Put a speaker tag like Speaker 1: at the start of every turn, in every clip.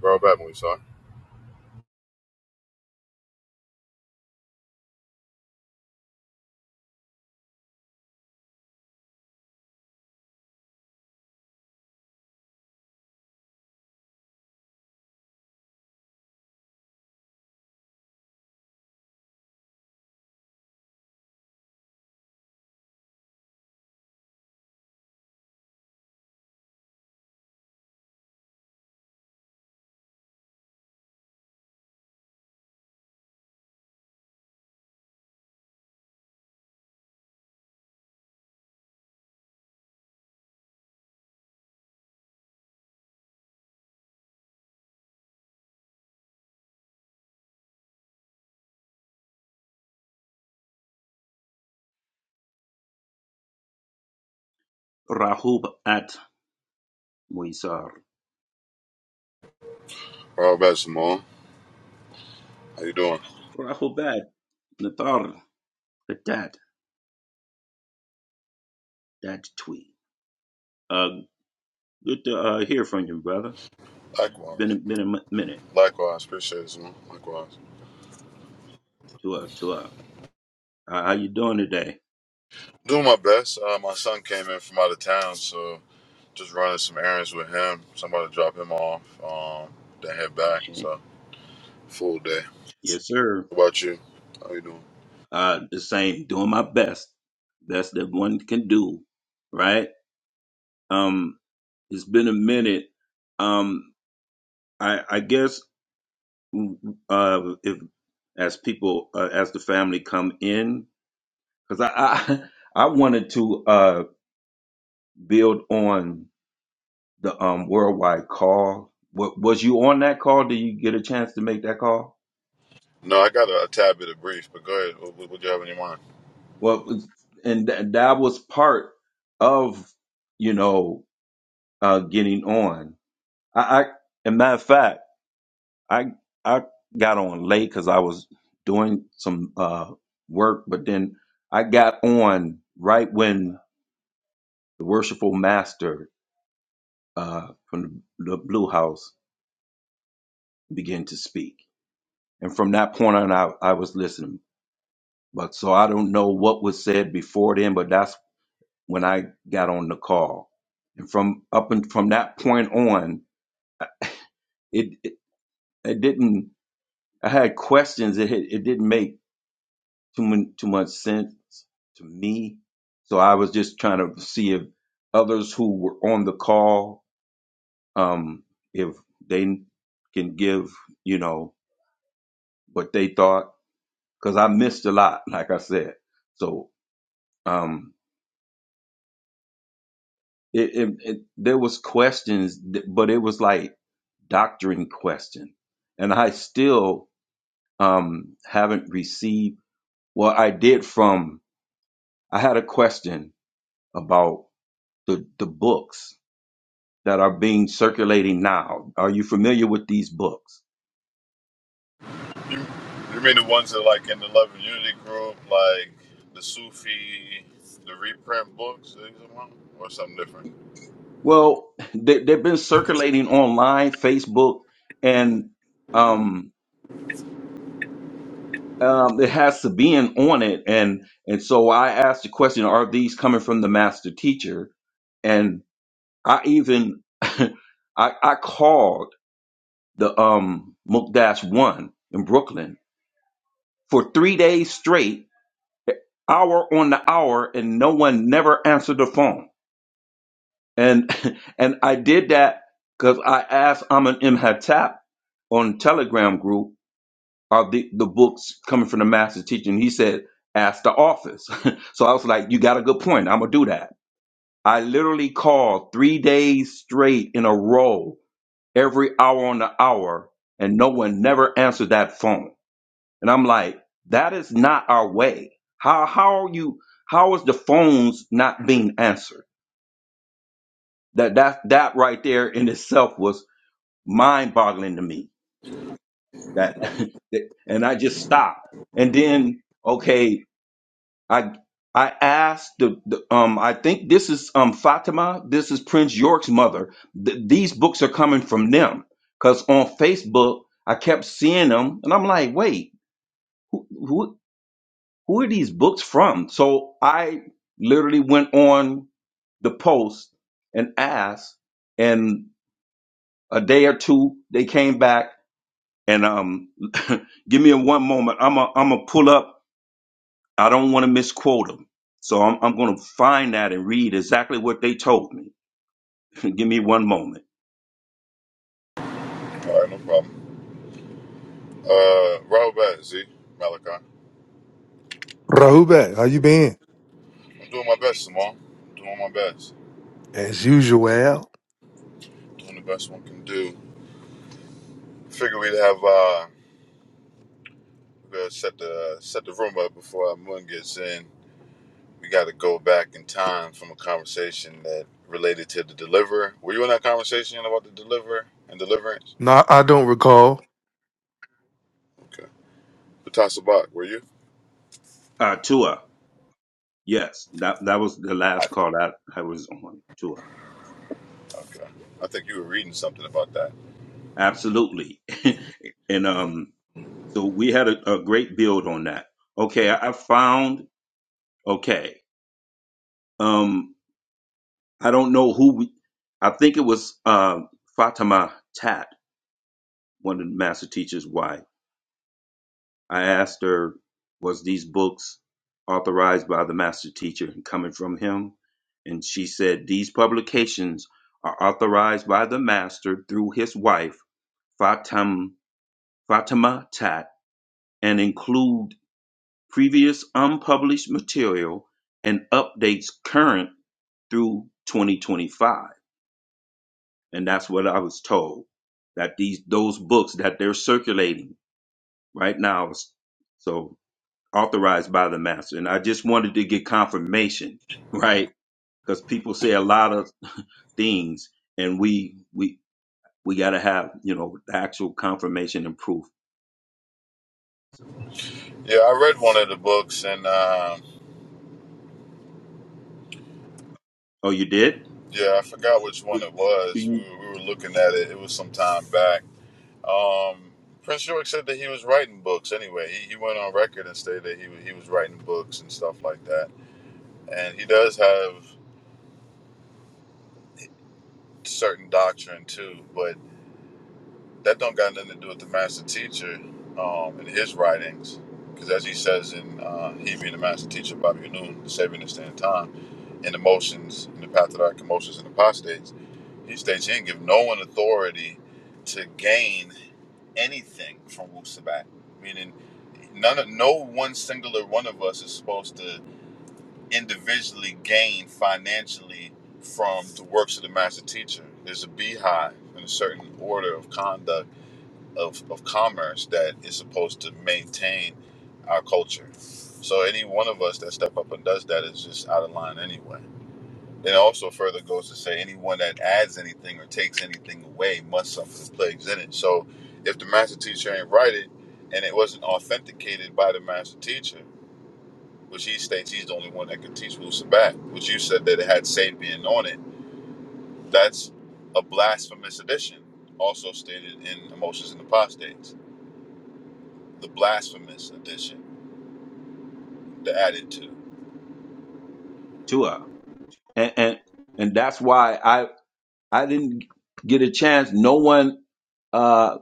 Speaker 1: Rob back, Moisar.
Speaker 2: رحوبات Moisar.
Speaker 1: Rob back, Simone. How you doing?
Speaker 2: Rahubat Nathar Adat Dat Tweet. Uh, good to uh, hear from you, brother. Been a,
Speaker 1: Likewise.
Speaker 2: been a mi- minute
Speaker 1: Likewise. Appreciate it, Simone. Likewise.
Speaker 2: to uh, to uh, how how you doing today?
Speaker 1: Doing my best. Uh, my son came in from out of town, so just running some errands with him. Somebody drop him off. Um, then head back.
Speaker 2: Okay.
Speaker 1: So full day.
Speaker 2: Yes, sir.
Speaker 1: What about you? How you doing?
Speaker 2: Uh, the same. Doing my best, best that one can do. Right. Um, it's been a minute. Um, I I guess mm, uh, if as people uh, as the family come in, because I, I I wanted to. uh. build on the um, worldwide call. What, was you on that call? Did you get a chance to make that call?
Speaker 1: No, I got a, a tad bit of brief, but go ahead. What, what, what do you have in your mind?
Speaker 2: Well, it's- and th- that was part of you know uh, getting on. I, I and matter of fact, I I got on late because I was doing some uh, work, but then I got on right when the worshipful master uh, from the, the Blue House began to speak, and from that point on, I, I was listening But so I don't know what was said before then, but that's when I got on the call. And from up and from that point on, it it, it didn't. I had questions. It had- it didn't make too much too much sense to me. So I was just trying to see if others who were on the call, um, if they can give you know what they thought, because I missed a lot, like I said. So um, it, it, it there was questions th- but it was like doctrine question and i still um haven't received well i did from i had a question about the the books that are being circulating now are you familiar with these books
Speaker 1: You, you mean the ones that like in the Love and Unity group, like the Sufi, the reprint books, things like that? or something different?
Speaker 2: well they, they've been circulating online facebook and um um, it has Sabian on it, and and so I asked the question: Are these coming from the master teacher? I even I I called the um Mukdash one in Brooklyn for three days straight, hour on the hour, and no one never answered the phone. And and I did that because I asked Amin Imhatap on Telegram group are the, the books coming from the master teacher, and he said, ask the office. so I was like, you got a good point. I'm gonna do that. I literally called three days straight in a row every hour on the hour and no one never answered that phone. And I'm like, that is not our way. How how are you how is the phones not being answered? That that that right there in itself was mind boggling to me. That and I just stopped. And then okay, I I asked the, the um I think this is um Fatima, this is Prince York's mother. Th- these books are coming from them cuz on Facebook I kept seeing them and I'm like, "Wait, who who who are these books from?" So I literally went on the post and asked and a day or two they came back and um give me a one moment. I'm a, I'm gonna pull up I don't want to misquote them. So I'm, I'm going to find that and read exactly what they told me. Give me one moment.
Speaker 1: All right, no problem. Uh, Robert Bat, Z, Malachi. I,
Speaker 3: Rahubet, how you been?
Speaker 1: I'm doing my best, Simone. I'm doing my best.
Speaker 3: As usual.
Speaker 1: Doing the best one can do. Figure we'd have uh, we to set the set the room up before our moon gets in. We got to go back in time from a conversation that related to the deliverer. Were you in that conversation about the deliverer and deliverance?
Speaker 3: No, I don't recall.
Speaker 1: Okay. Patasa Bach, were you?
Speaker 2: Uh, Tua. Yes, that that was the
Speaker 1: I,
Speaker 2: last call that I was on Tua.
Speaker 1: okay. I think you were reading something about that.
Speaker 2: Absolutely. and um, so we had a, a great build on that. Okay, I, I found. Okay, um, I don't know who. We, I think it was uh, Fatima Tat, one of the master teacher's wife. I asked her, was these books authorized by the master teacher and coming from him? And she said, these publications are authorized by the master through his wife, Fatim, Fatima Tat, and include previous unpublished material and updates current through 2025 and that's what i was told that these those books that they're circulating right now so authorized by the master. And I just wanted to get confirmation, right? Because people say a lot of things, and we we we got to have you know the actual confirmation and proof. So,
Speaker 1: Yeah, I read one of the books and. Um,
Speaker 2: oh, you did?
Speaker 1: Yeah, I forgot which one
Speaker 2: What
Speaker 1: it
Speaker 2: do
Speaker 1: was.
Speaker 2: you
Speaker 1: We were, we were looking at it. It was some time back. Um, Prince York said that he was writing books anyway. He, he went on record and stated that he, wa- he was writing books and stuff like that. And he does have certain doctrine too, but that don't got nothing to do with the master teacher um, and his writings. Because as he says in uh, He being the master teacher, Bobby Noon, the saving and stand time, in the motions, in the path of our commotions and apostates, he states he didn't give no one authority to gain anything from Wusabat, meaning none of, no one singular one of us is supposed to individually gain financially from the works of the master teacher. There's a beehive and a certain order of conduct of, of commerce that is supposed to maintain our culture. So any one of us that step up and does that is just out of line anyway. It also further goes to say anyone that adds anything or takes anything away must suffer the plagues in it. So if the master teacher ain't write it and it wasn't authenticated by the master teacher, which he states he's the only one that can teach Wu Sabat, which you said that it had Sapien on it, that's a blasphemous edition, also stated in Emotions and Apostates. The blasphemous edition, the added to.
Speaker 2: Tua? And and and that's why I I didn't get a chance. No one, uh,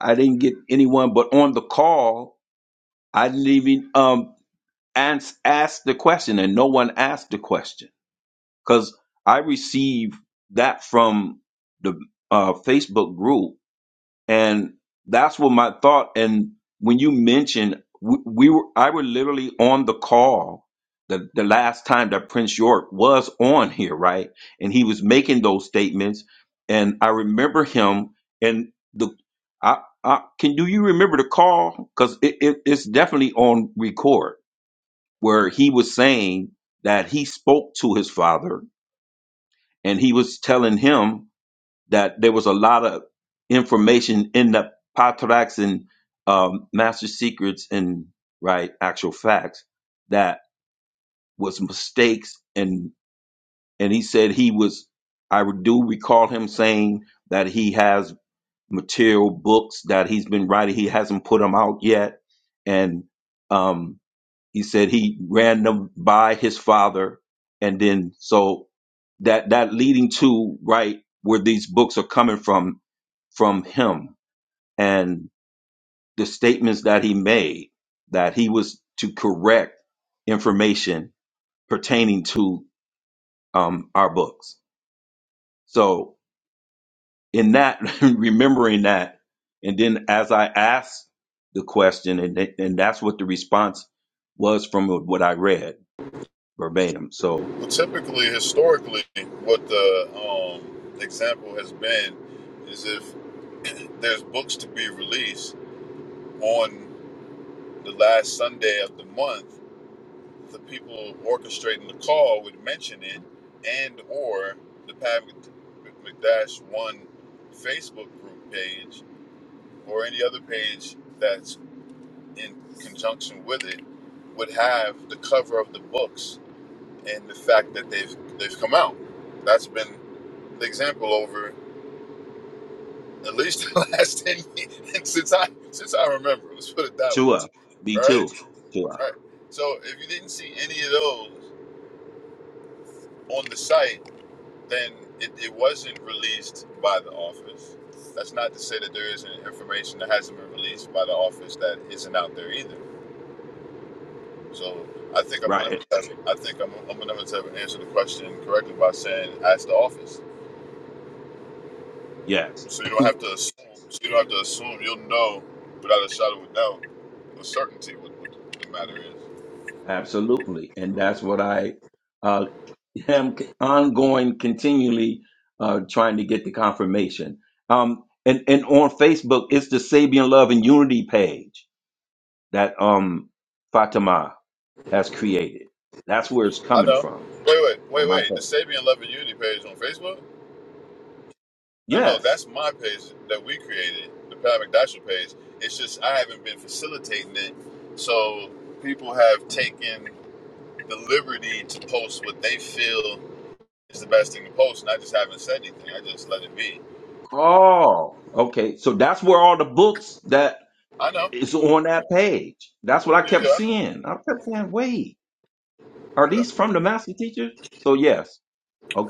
Speaker 2: I didn't get anyone, but on the call, I didn't even um ask ask the question, and no one asked the question. because I receive that from the uh, Facebook group, and that's what my thought. And when you mentioned we, we were, I were literally on the call the the last time that Prince York was on here, right? And he was making those statements, and I remember him and the. I, I, can do you remember the call? Because it, it, it's definitely on record where he was saying that he spoke to his father and he was telling him that there was a lot of information in the Patrax and um, Master Secrets and right actual facts that was mistakes and and he said he was I do recall him saying that he has material books that he's been writing he hasn't put them out yet and um, he said he ran them by his father and then so that that leading to right where these books are coming from from him and the statements that he made that he was to correct information pertaining to um, our books so in that remembering that and then as i asked the question and, and that's what the response was from what i read verbatim so
Speaker 1: Well, typically, historically, what the um, example has been is if there's books to be released on the last Sunday of the month, the people orchestrating the call would mention it, and or the Pat McDash One Facebook group page or any other page that's in conjunction with it would have the cover of the books and the fact that they've they've come out. That's been the example over at least the last ten years since I since I remember. Let's put it that way,
Speaker 2: Tua. Me
Speaker 1: right?
Speaker 2: two, Tua.
Speaker 1: Right. So if you didn't see any of those on the site, then it, it wasn't released by the office. That's not to say that there isn't information that hasn't been released by the office that isn't out there either. So I think I'm gonna
Speaker 2: Right.
Speaker 1: I think I'm I'm gonna answer the question correctly by saying ask the office.
Speaker 2: Yes.
Speaker 1: So you don't have to assume. So you don't have to assume. You'll know without a shadow of a doubt, with certainty, what, what the matter is.
Speaker 2: Absolutely. And that's what I uh, am c- ongoing, continually uh, trying to get the confirmation. Um, and, and on Facebook, it's the Sabian Love and Unity page that um, Fatima has created. That's where it's
Speaker 1: I
Speaker 2: coming
Speaker 1: know.
Speaker 2: from
Speaker 1: Wait, wait,
Speaker 2: on
Speaker 1: wait,
Speaker 2: my
Speaker 1: wait. The
Speaker 2: page.
Speaker 1: Sabian Love and Unity page on Facebook? No, no,
Speaker 2: Yes.
Speaker 1: that's my page that we created, the Pat McDasher page. It's just I haven't been facilitating it, so people have taken the liberty to post what they feel is the best thing to post, and I just haven't said anything. I just let it be.
Speaker 2: Oh, okay. So that's where all the books that
Speaker 1: I know.
Speaker 2: is on that page. That's what I
Speaker 1: Yeah, yeah,
Speaker 2: kept
Speaker 1: I know.
Speaker 2: seeing. I kept saying, wait. Are
Speaker 1: Yeah.
Speaker 2: these from the master teacher? So yes.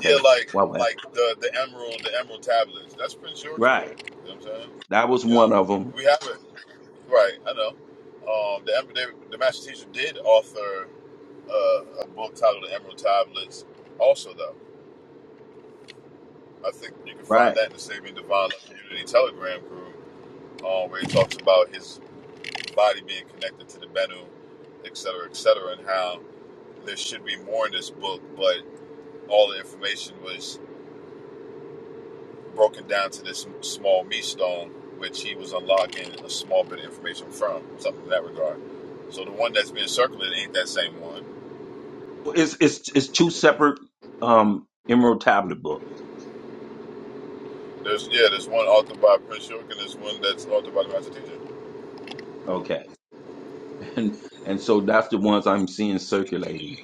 Speaker 1: Yeah, like
Speaker 2: Wow. wow.
Speaker 1: like the the emerald, the emerald tablets. That's Prince George boy.
Speaker 2: Right.
Speaker 1: You know what I'm saying?
Speaker 2: That was
Speaker 1: You
Speaker 2: one
Speaker 1: know,
Speaker 2: of them.
Speaker 1: we have it right. I know. Um, the Emer- they, the master teacher did author uh, a book titled "The Emerald Tablets." Also, though, I think you can find
Speaker 2: Right.
Speaker 1: that in the Saving Divine Love Community Telegram group, uh, where he talks about his body being connected to the Benu, et cetera, et cetera, and how there should be more in this book, but all the information was broken down to this small meat stone, which he was unlocking a small bit of information from, something in that regard. So the one that's being circulated ain't that same one.
Speaker 2: It's it's it's two separate um Emerald Tablet books.
Speaker 1: There's yeah, there's one authored by Prince York and there's one that's authored by the Master Teacher.
Speaker 2: Okay. And and so that's the ones I'm seeing circulating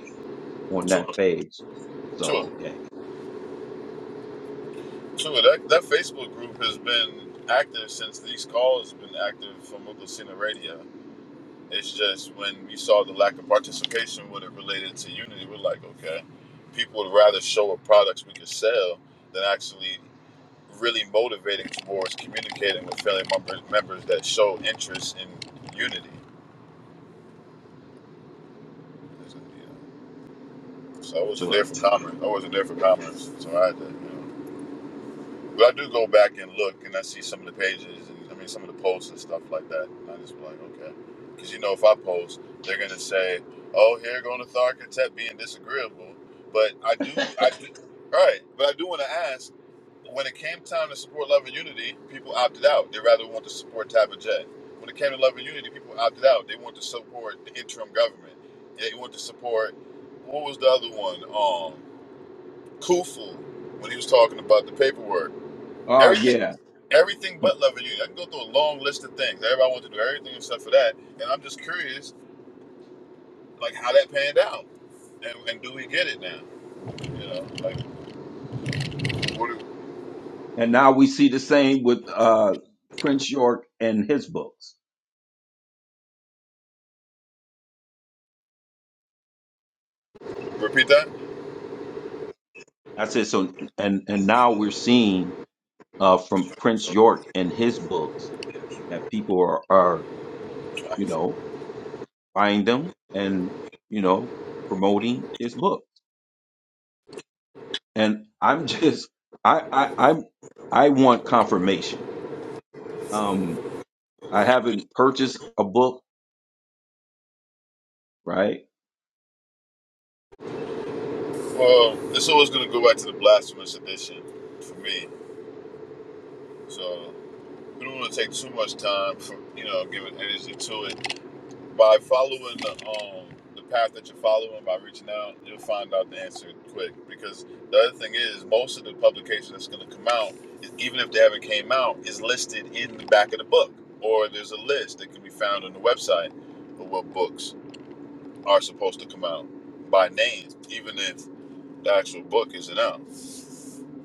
Speaker 2: on
Speaker 1: Two,
Speaker 2: that page. So
Speaker 1: two,
Speaker 2: okay.
Speaker 1: two. That that Facebook group has been active since these calls have been active from Oklahoma Radio. It's just when we saw the lack of participation when it related to unity, we're like, okay, people would rather show up products we could sell than actually really motivating towards communicating with family members, that show interest in unity. So I wasn't
Speaker 2: To uh,
Speaker 1: there for comments. I wasn't there for comments. So I had to. You know. But I do go back and look, and I see some of the pages, and I mean some of the posts and stuff like that. And I just be like, okay, because you know, if I post, they're gonna say, "Oh, here going the architect being disagreeable." But I do, I do, right? But I do want to ask. When it came time to support Love and Unity, people opted out. They rather want to support Tabitha Jet. When it came to Love and Unity, people opted out. They want to support the interim government. They want to support what was the other one? Um, Kufu when he was talking about the paperwork.
Speaker 2: oh
Speaker 1: Every
Speaker 2: yeah.
Speaker 1: everything but loving you. I can go through a long list of things. Everybody wants to do everything except for that. And I'm just curious, like how that panned out, and, and do we get it now? You know, like what, do-
Speaker 2: And now we see the same with uh Prince York and his books.
Speaker 1: repeat that.
Speaker 2: I said So and and now we're seeing uh from Prince York and his books that people are are you know buying them and you know promoting his book and i'm just i i i'm i want confirmation um i haven't purchased a book right
Speaker 1: Well, it's always going to go back to the blasphemous edition for me. So we don't want to take too much time from you know giving energy to it by following the, um, the path that you're following by reaching out you'll find out the answer quick because the other thing is most of the publication that's going to come out even if they haven't came out is listed in the back of the book or there's a list that can be found on the website of what books are supposed to come out by names, even if the actual book isn't out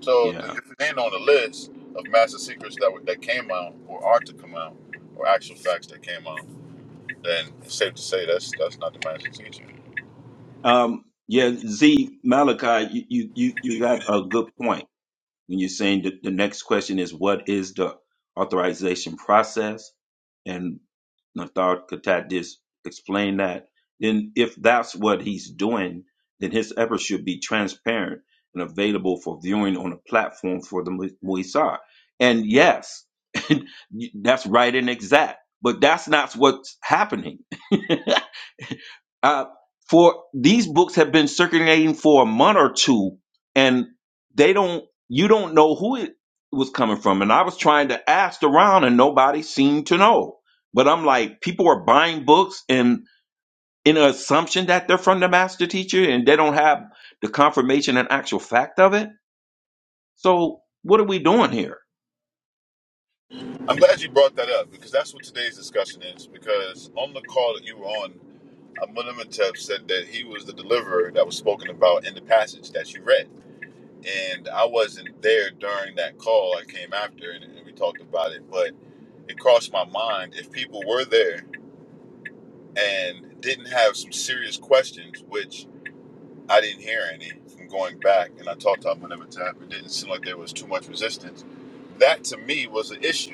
Speaker 1: so if
Speaker 2: yeah
Speaker 1: it ain't on the list of master secrets that, were- that came out or are to come out or actual facts that came out then it's safe to say that's that's not the master secret
Speaker 2: um yeah z malachi you you you you got a good point when you're saying that the next question is what is the authorization process and Nathar Katat just explained that then if that's what he's doing then his efforts should be transparent and available for viewing on a platform for the Mu- Muisar. And yes, that's right and exact, but that's not what's happening. uh, for these books have been circulating for a month or two and they don't you don't know who it was coming from and i was trying to ask around and nobody seemed to know but i'm like people are buying books and in an assumption that they're from the master teacher and they don't have the confirmation and actual fact of it so what are we doing here
Speaker 1: I'm glad you brought that up because that's what today's discussion is. Because on the call that you were on, Amunimatep said that he was the deliverer that was spoken about in the passage that you read. And I wasn't there during that call. I came after and, and we talked about it. But it crossed my mind if people were there and didn't have some serious questions, which I didn't hear any from going back, and I talked to Amunimatep, it didn't seem like there was too much resistance. That to me was an issue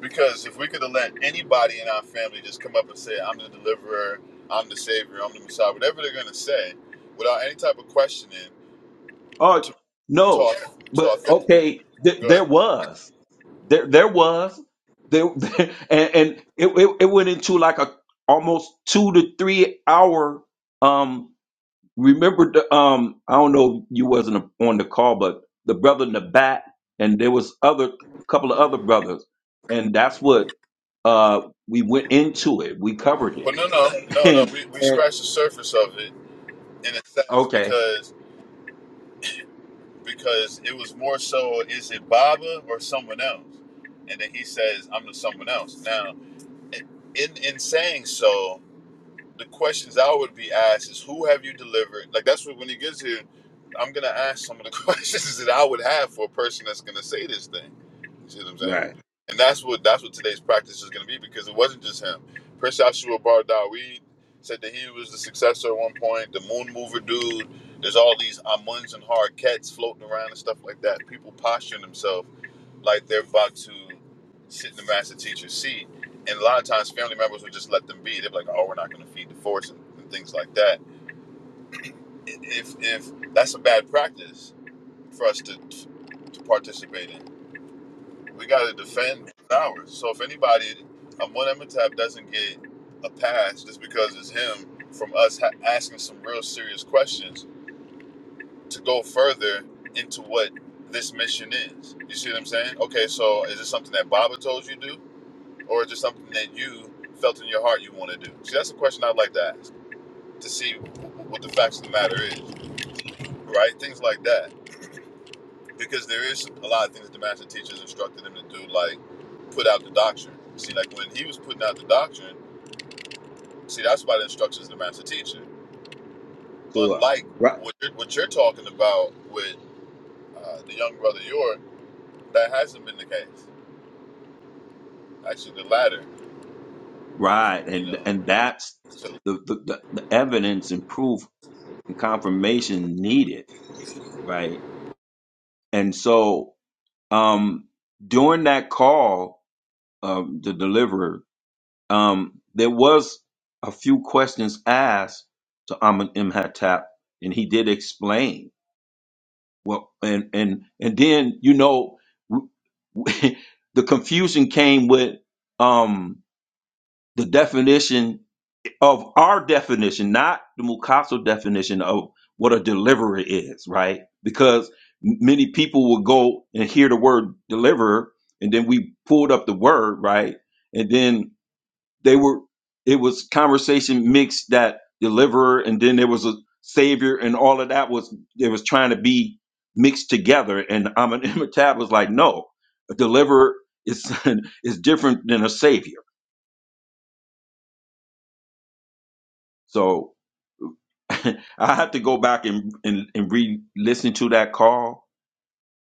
Speaker 1: because if we could have let anybody in our family just come up and say, I'm the deliverer, I'm the savior, I'm the Messiah, whatever they're going to say, without any type of questioning,
Speaker 2: Oh
Speaker 1: to, talk,
Speaker 2: no,
Speaker 1: auth- to
Speaker 2: but
Speaker 1: authentic.
Speaker 2: okay, th-
Speaker 1: Go
Speaker 2: there
Speaker 1: ahead.
Speaker 2: was, there there was, there, and, and it, it it went into like a almost two to three hour. Um, remember the um, I don't know, you wasn't on the call, but the brother Nabat, and there was other couple of other brothers, and that's what uh we went into it. We covered
Speaker 1: Well,
Speaker 2: it,
Speaker 1: no, no, no, no.
Speaker 2: and
Speaker 1: We, we
Speaker 2: and
Speaker 1: scratched the surface of it in a sense
Speaker 2: okay,
Speaker 1: because because it was more so is it Baba or someone else? And then he says, I'm the someone else. Now, in, in saying so, the questions I would be asked is who have you delivered? Like that's what when he gets here, I'm gonna ask some of the questions that I would have for a person that's gonna say this thing. You see what I'm saying?
Speaker 2: right,
Speaker 1: And that's what that's what today's practice is gonna be because it wasn't just him. Prince Joshua Bar Dawid said that he was the successor at one point, the moon mover dude. There's all these Amuns and hard cats floating around and stuff like that. People posturing themselves like they're about to sit in the master teacher's seat and a lot of times family members would just let them be. They're like, "Oh, we're not going to feed the force and, and things like that." And If if that's a bad practice for us to to participate in, we got to defend ours. So if anybody, um, one Emitab doesn't get a pass just because it's him from us ha- asking some real serious questions to go further into what this mission is. You see what I'm saying? Okay, so is this something that Baba told you to do, or is it something that you felt in your heart you want to do? See, that's a question I'd like to ask. to see what the facts of the matter is, right? Things like that. Because there is a lot of things that the master teachers instructed him to do, like put out the doctrine. See, like when he was putting out the doctrine, see, that's by the instructions of the master teacher.
Speaker 2: sure,
Speaker 1: Unlike what you're, what you're talking about with uh, the young brother York, that hasn't been the case. Actually, the latter is,
Speaker 2: Right,
Speaker 1: you
Speaker 2: and
Speaker 1: know.
Speaker 2: and that's
Speaker 1: so
Speaker 2: the, the the the evidence and proof and confirmation needed, right? And so, um, during that call, um, the deliverer, um, there was a few questions asked to Amun Imhatap, and he did explain. Well, and and and then you know, the confusion came with um the definition of our definition, not the Mukaso definition of what a deliverer is, right? Because m- many people will go and hear the word deliverer, and then we pulled up the word, right? And then they were, it was conversation mixed that deliverer, and then there was a savior, and all of that was, it was trying to be mixed together. And Amin Imhotep was like, no, a deliverer is, is different than a savior. So, I have to go back and and, and re listen to that call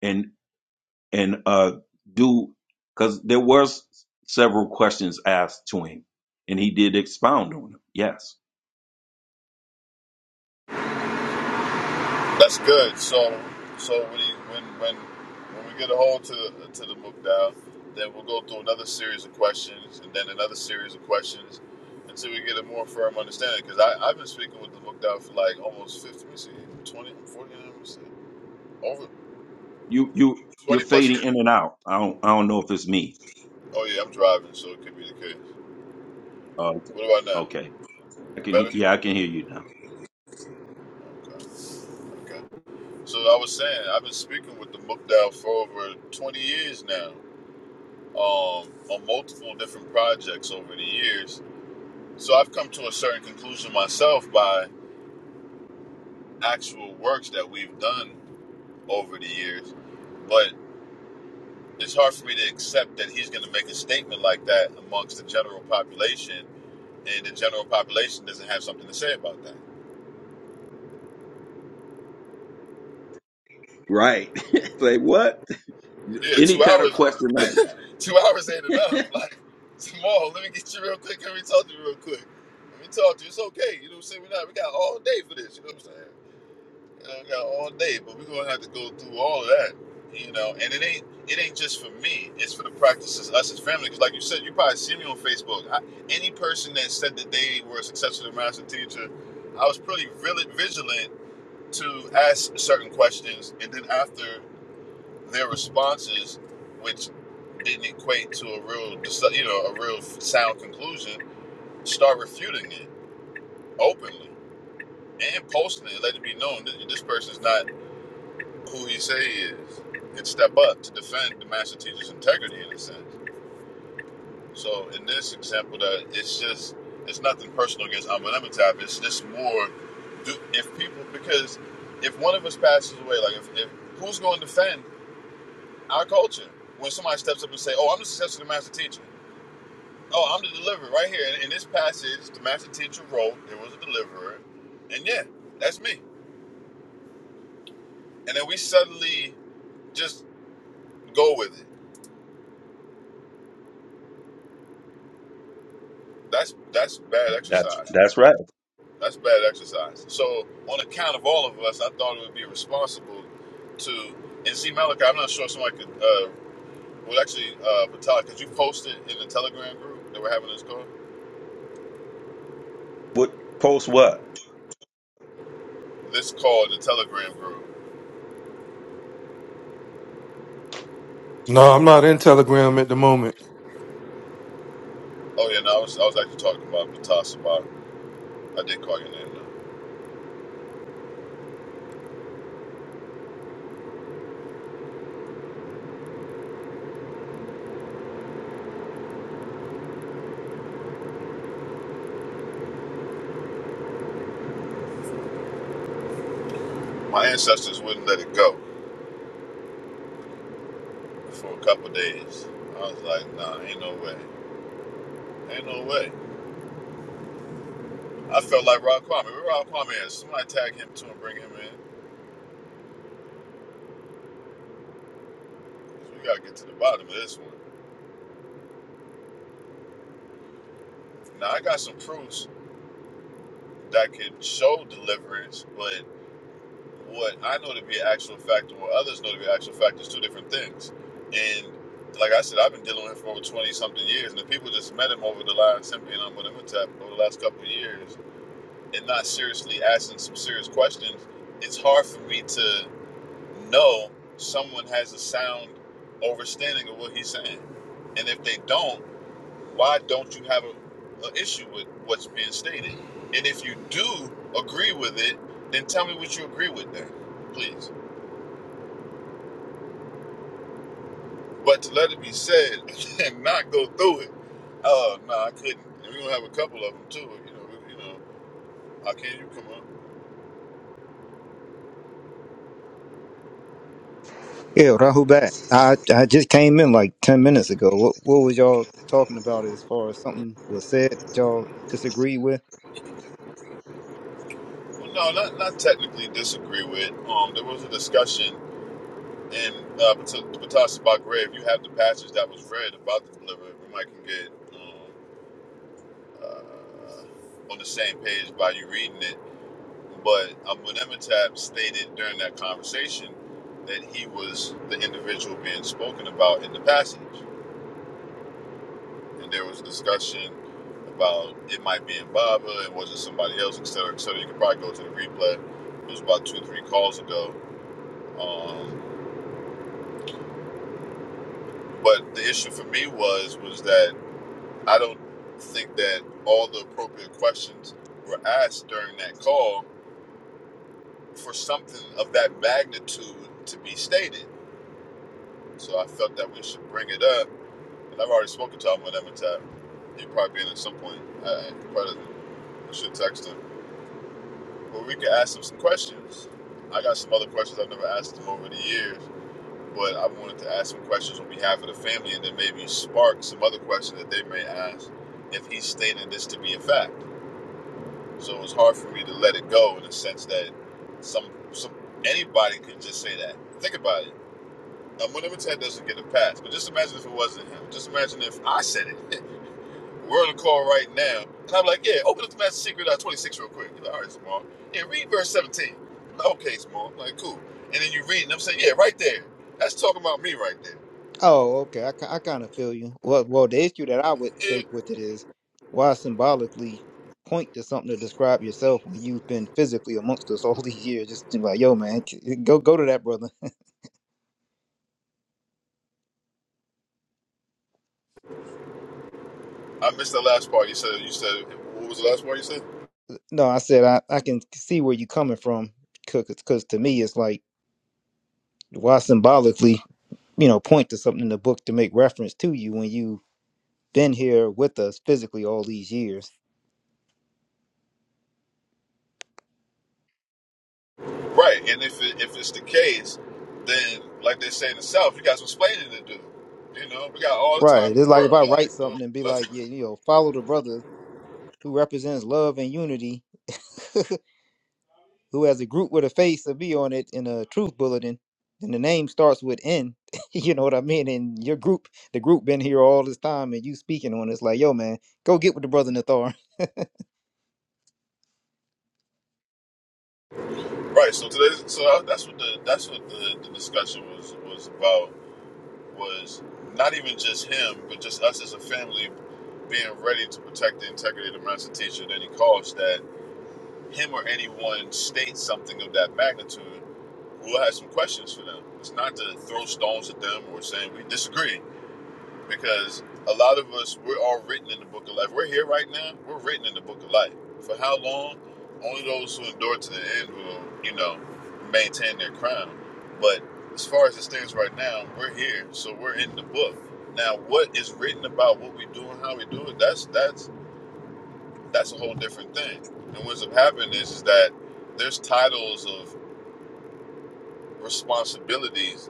Speaker 2: and and uh do because there was several questions asked to him and he did expound on them. Yes,
Speaker 1: That's good. So, so when you, when when when we get a hold to the, to the book then we'll go through another series of questions, and then another series of questions, until we get a more firm understanding. Because I I've been speaking with the book for like almost fifty, let me see, 20, forty, let me see, over
Speaker 2: you you you're
Speaker 1: twenty plus
Speaker 2: fading
Speaker 1: years.
Speaker 2: in and out. I don't I don't know if it's me.
Speaker 1: Oh yeah, I'm driving, so it could be the case.
Speaker 2: Uh, okay,
Speaker 1: What about now?
Speaker 2: okay, I can
Speaker 1: Better.
Speaker 2: he- yeah I can hear you now.
Speaker 1: Okay. Okay. So I was saying I've been speaking with the book for over twenty years now. um, on multiple different projects over the years. So I've come to a certain conclusion myself by actual works that we've done over the years. But it's hard for me to accept that he's going to make a statement like that amongst the general population, and the general population doesn't have something to say about that.
Speaker 2: Right, like what?
Speaker 1: Yeah,
Speaker 2: Any
Speaker 1: two
Speaker 2: kind of
Speaker 1: hours,
Speaker 2: question like
Speaker 1: two hours ain't enough. Like, tomorrow, let me get you real quick. Let me talk to you real quick. Let me talk to you. It's okay. You know what I'm saying? We, not, we got all day for this. You know what I'm saying? I got all day, but we're gonna have to go through all of that, you know. And it ain't it ain't just for me; it's for the practices, us as family. Because, like you said, you probably see me on Facebook. I, any person that said that they were a successful master teacher, I was pretty really vigilant to ask certain questions, and then after their responses, which didn't equate to a real, you know, a real sound conclusion, start refuting it openly and posting it, letting it be known that this person's not who he say he is and step up to defend the master teacher's integrity in a sense. So in this example, that it's just it's nothing personal against Amenemhotep. It's just more do if people because if one of us passes away, like if, if who's going to defend our culture when somebody steps up and say, "Oh, I'm the successor to the master teacher." Oh, I'm the deliverer right here. In, in this passage, the master teacher wrote there was a deliverer, and yeah, that's me. And then we suddenly just go with it. That's that's bad
Speaker 2: that's
Speaker 1: exercise.
Speaker 2: that's right.
Speaker 1: That's bad exercise. So, on account of all of us, I thought it would be responsible to. And see, Malachi, I'm not sure if somebody could. Uh, well, actually, uh, Vitalik, could you post it in the Telegram group that we're having this call?
Speaker 2: What post what?
Speaker 1: This call in the Telegram group.
Speaker 3: No, I'm not in Telegram at the moment.
Speaker 1: Oh, yeah, no, I was, I was actually talking about Vitas Sabah. I did call your name, though. My ancestors wouldn't let it go for a couple of days. I was like, nah, ain't no way. Ain't no way. I felt like Rod Kwame. Where Rod Kwame is? Somebody tag him too and bring him in. We got to get to the bottom of this one. Now I got some proofs that can show deliverance, but what I know to be an actual fact and what others know to be an actual fact is two different things. And like I said, I've been dealing with him for over twenty something years, and the people just met him over the line simply and Amunimutap over the last couple of years, and not seriously asking some serious questions. It's hard for me to know someone has a sound understanding of what he's saying, and if they don't. why don't you have a, issue with what's being stated? And if you do agree with it, then tell me what you agree with then, please. But to let it be said and not go through it, oh uh, no, I couldn't. And we're gonna have a couple of them too. You know, you know, how can you come up?
Speaker 4: Yeah, Rahubat. I I just came in like ten minutes ago. What what was y'all talking about as far as something was said that y'all disagreed with?
Speaker 1: Well, no, not not technically disagree with. Um, there was a discussion in uh, Batas about grave. You have the passage that was read about the deliver. We might can get um, uh, on the same page by you reading it But Abu Nematap stated during that conversation that he was the individual being spoken about in the passage. And there was discussion about it might be in Baba and was it somebody else, et cetera, et cetera. You could probably go to the replay. It was about two, or three calls ago. Um, but the issue for me was was that I don't think that all the appropriate questions were asked during that call for something of that magnitude to be stated So I felt that we should bring it up. And I've already spoken to him on Emitab. He'd probably be in at some point. I probably should text him. But we could ask him some questions. I got some other questions I've never asked him over the years, but I wanted to ask some questions on behalf of the family and then maybe spark some other questions that they may ask if he's stating this to be a fact. So it was hard for me to let it go in the sense that some some anybody could just say that. Think about it Um, well, let doesn't get a pass. But just imagine if it wasn't him. Just imagine if I said it. We're on a call right now, and I'm like, "Yeah, open up the Master Secret uh, 26 real quick." You're like, "All right, Small. Yeah, read verse 17." I'm like, "Okay, Small. I'm like, cool." And then you read, and I'm saying, "Yeah, right there. That's talking about me right there."
Speaker 4: Oh, okay. I, ki- I kind of feel you. Well, well, the issue that I would
Speaker 1: It,
Speaker 4: take with it is why symbolically point to something to describe yourself when you've been physically amongst us all these years. Just be like, yo, man, c- go go to that brother.
Speaker 1: I missed the last part. You said. You said. What was the last part you said?
Speaker 4: No, I said I I can see where you are coming from because to me it's like why symbolically you know point to something in the book to make reference to you when you been here with us physically all these years.
Speaker 1: Right. And if it, if it's the case, then like they say in the South, you got some explaining to do. You know, we got all the time
Speaker 4: Right.
Speaker 1: in the
Speaker 4: It's like if I
Speaker 1: world. Like,
Speaker 4: write
Speaker 1: do it.
Speaker 4: something and be
Speaker 1: Let's
Speaker 4: like, yeah, you know, follow the brother who represents love and unity, who has a group with a face of V on it in a truth bulletin, and the name starts with N. you know what I mean? And your group, the group been here all this time and you speaking on it. It's like, yo, man, go get with the brother Nathar.
Speaker 1: Right. So today, so that's what the that's what the, the discussion was was about was not even just him, but just us as a family being ready to protect the integrity of the master teacher at any cost. That him or anyone states something of that magnitude, we'll have some questions for them. It's not to throw stones at them or saying we disagree because a lot of us we're all written in the book of life. We're here right now. We're written in the book of life. For how long? Only those who endure to the end will, you know, maintain their crown. But as far as it stands right now, we're here, so we're in the book. Now, what is written about what we do and how we do it? That's that's that's a whole different thing. And what's up happening is, is that there's titles of responsibilities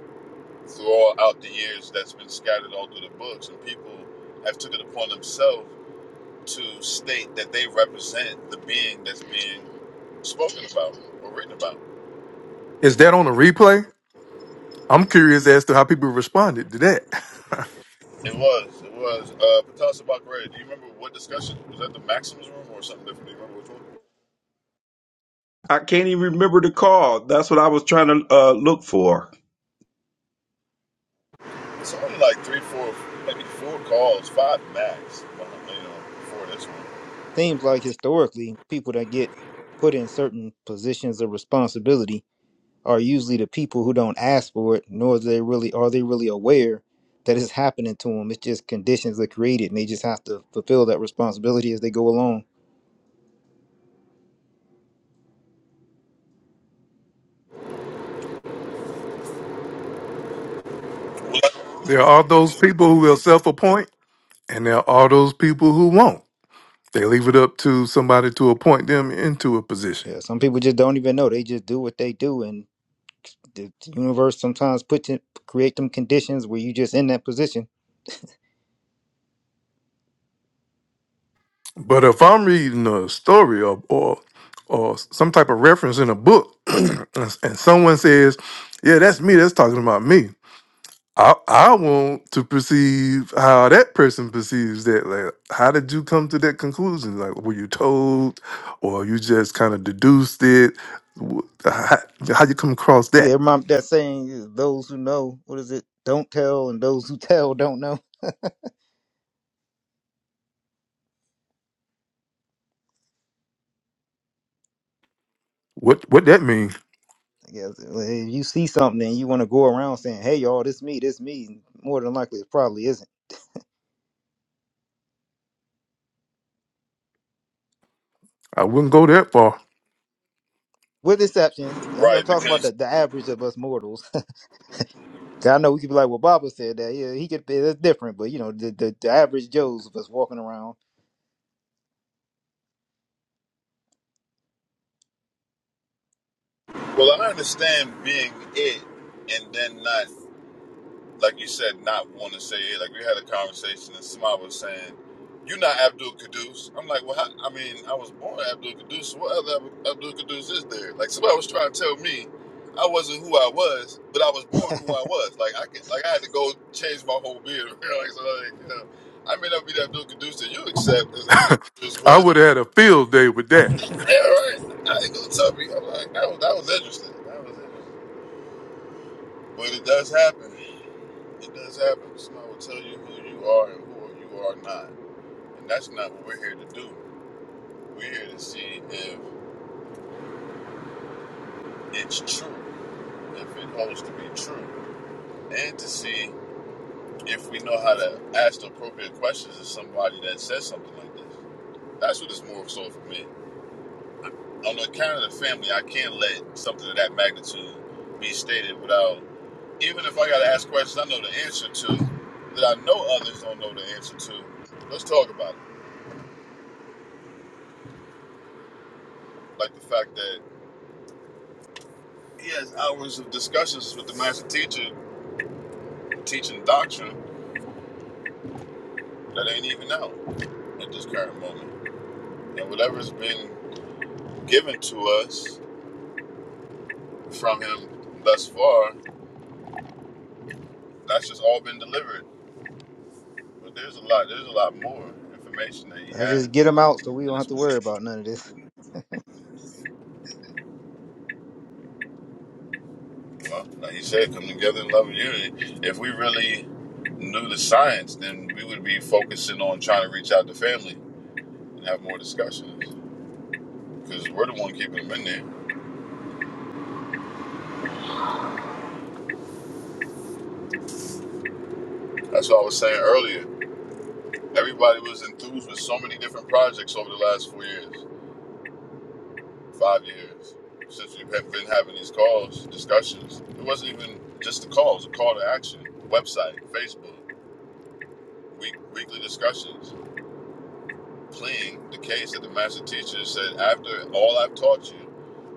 Speaker 1: throughout the years that's been scattered all through the books, and people have took it upon themselves to state that they represent the being that's being spoken about or written about.
Speaker 3: Is that on a replay? I'm curious as to how people responded to that.
Speaker 1: It was, it was. Uh, Patas Abakare, do you remember what discussion? Was that the Maxims room or something different? Do you remember which one?
Speaker 2: I can't even remember the call. That's what I was trying to uh, look for.
Speaker 1: It's only like three, four, maybe four calls, five max, uh, you know, before this one.
Speaker 4: Seems like historically, people that get put in certain positions of responsibility are usually the people who don't ask for it, nor is they really are they really aware that it's happening to them. It's just conditions that are created, and they just have to fulfill that responsibility as they go along.
Speaker 3: there are those people who will self appoint, and there are those people who won't. They leave it up to somebody to appoint them into a position.
Speaker 4: Yeah, some people just don't even know. They just do what they do, and the universe sometimes put it, create them conditions where you just in that position.
Speaker 3: But if I'm reading a story or, or, or some type of reference in a book, and and someone says, Yeah, that's me, that's talking about me I I want to perceive how that person perceives that. Like, how did you come to that conclusion? Like, were you told, or you just kind of deduced it? Wh- How, how you come across that?
Speaker 4: Yeah, my, that saying is those who know, what is it? Don't tell, and those who tell don't know.
Speaker 3: What what that mean?
Speaker 4: I guess well, if you see something and you want to go around saying, "Hey, y'all, this me, this me," more than likely it probably isn't.
Speaker 3: I wouldn't go that far.
Speaker 4: with exceptions. I'm,
Speaker 1: Right,
Speaker 4: I'm talking about
Speaker 1: because,
Speaker 4: the, the average of us mortals. 'Cause I know we could be like, well, Baba said that. Yeah, he could. It's different, but you know, the, the, the average Joes of us walking around.
Speaker 1: well, I understand being it and then not like you said, not want to say it. Like we had a conversation and somebody was saying, "You're not Abdul Qaddus." I'm like, "Well, how, I mean, I was born Abdul Qaddus. So what other Abdul Qaddus is there?" Like somebody was trying to tell me I wasn't who I was, but I was born who I was. Like I can, like I had to go change my whole beard. like, so like, you know, I may not be the Abdul Qaddus that you accept as Abdul Qaddus,
Speaker 3: I
Speaker 1: but
Speaker 3: would have had a field day with that.
Speaker 1: yeah, all
Speaker 4: I
Speaker 1: right, I ain't gonna tell me. I'm like, that was that was interesting. That was interesting. But it does happen. It does happen. Somebody will tell you who you are and who you are not. And that's not what we're here to do. We're here to see if it's true, if it holds to be true, and to see if we know how to ask the appropriate questions to somebody that says something like this. That's what it's more so for me. On the account of the family, I can't let something of that magnitude be stated without, even if I got to ask questions I know the answer to, that I know others don't know the answer to. Let's talk about it. Like the fact that he has hours of discussions with the master teacher teaching doctrine that ain't even out at this current moment. And whatever's been given to us from him thus far, that's just all been delivered. But there's a lot, there's a lot more information that he
Speaker 4: just get
Speaker 1: has.
Speaker 4: them out so we
Speaker 1: And
Speaker 4: don't have
Speaker 1: it's,
Speaker 4: to worry about none of this.
Speaker 1: well, like he said, come together in love and unity. If we really knew the science, then we would be focusing on trying to reach out to family and have more discussions because we're the one keeping them in there. That's what I was saying earlier. Everybody was enthused with so many different projects over the last four years, five years, since we've had- been having these calls, discussions. It wasn't even just the calls, a call to action, website, Facebook, week, weekly discussions, pleading the case that the master teacher said, after all I've taught you,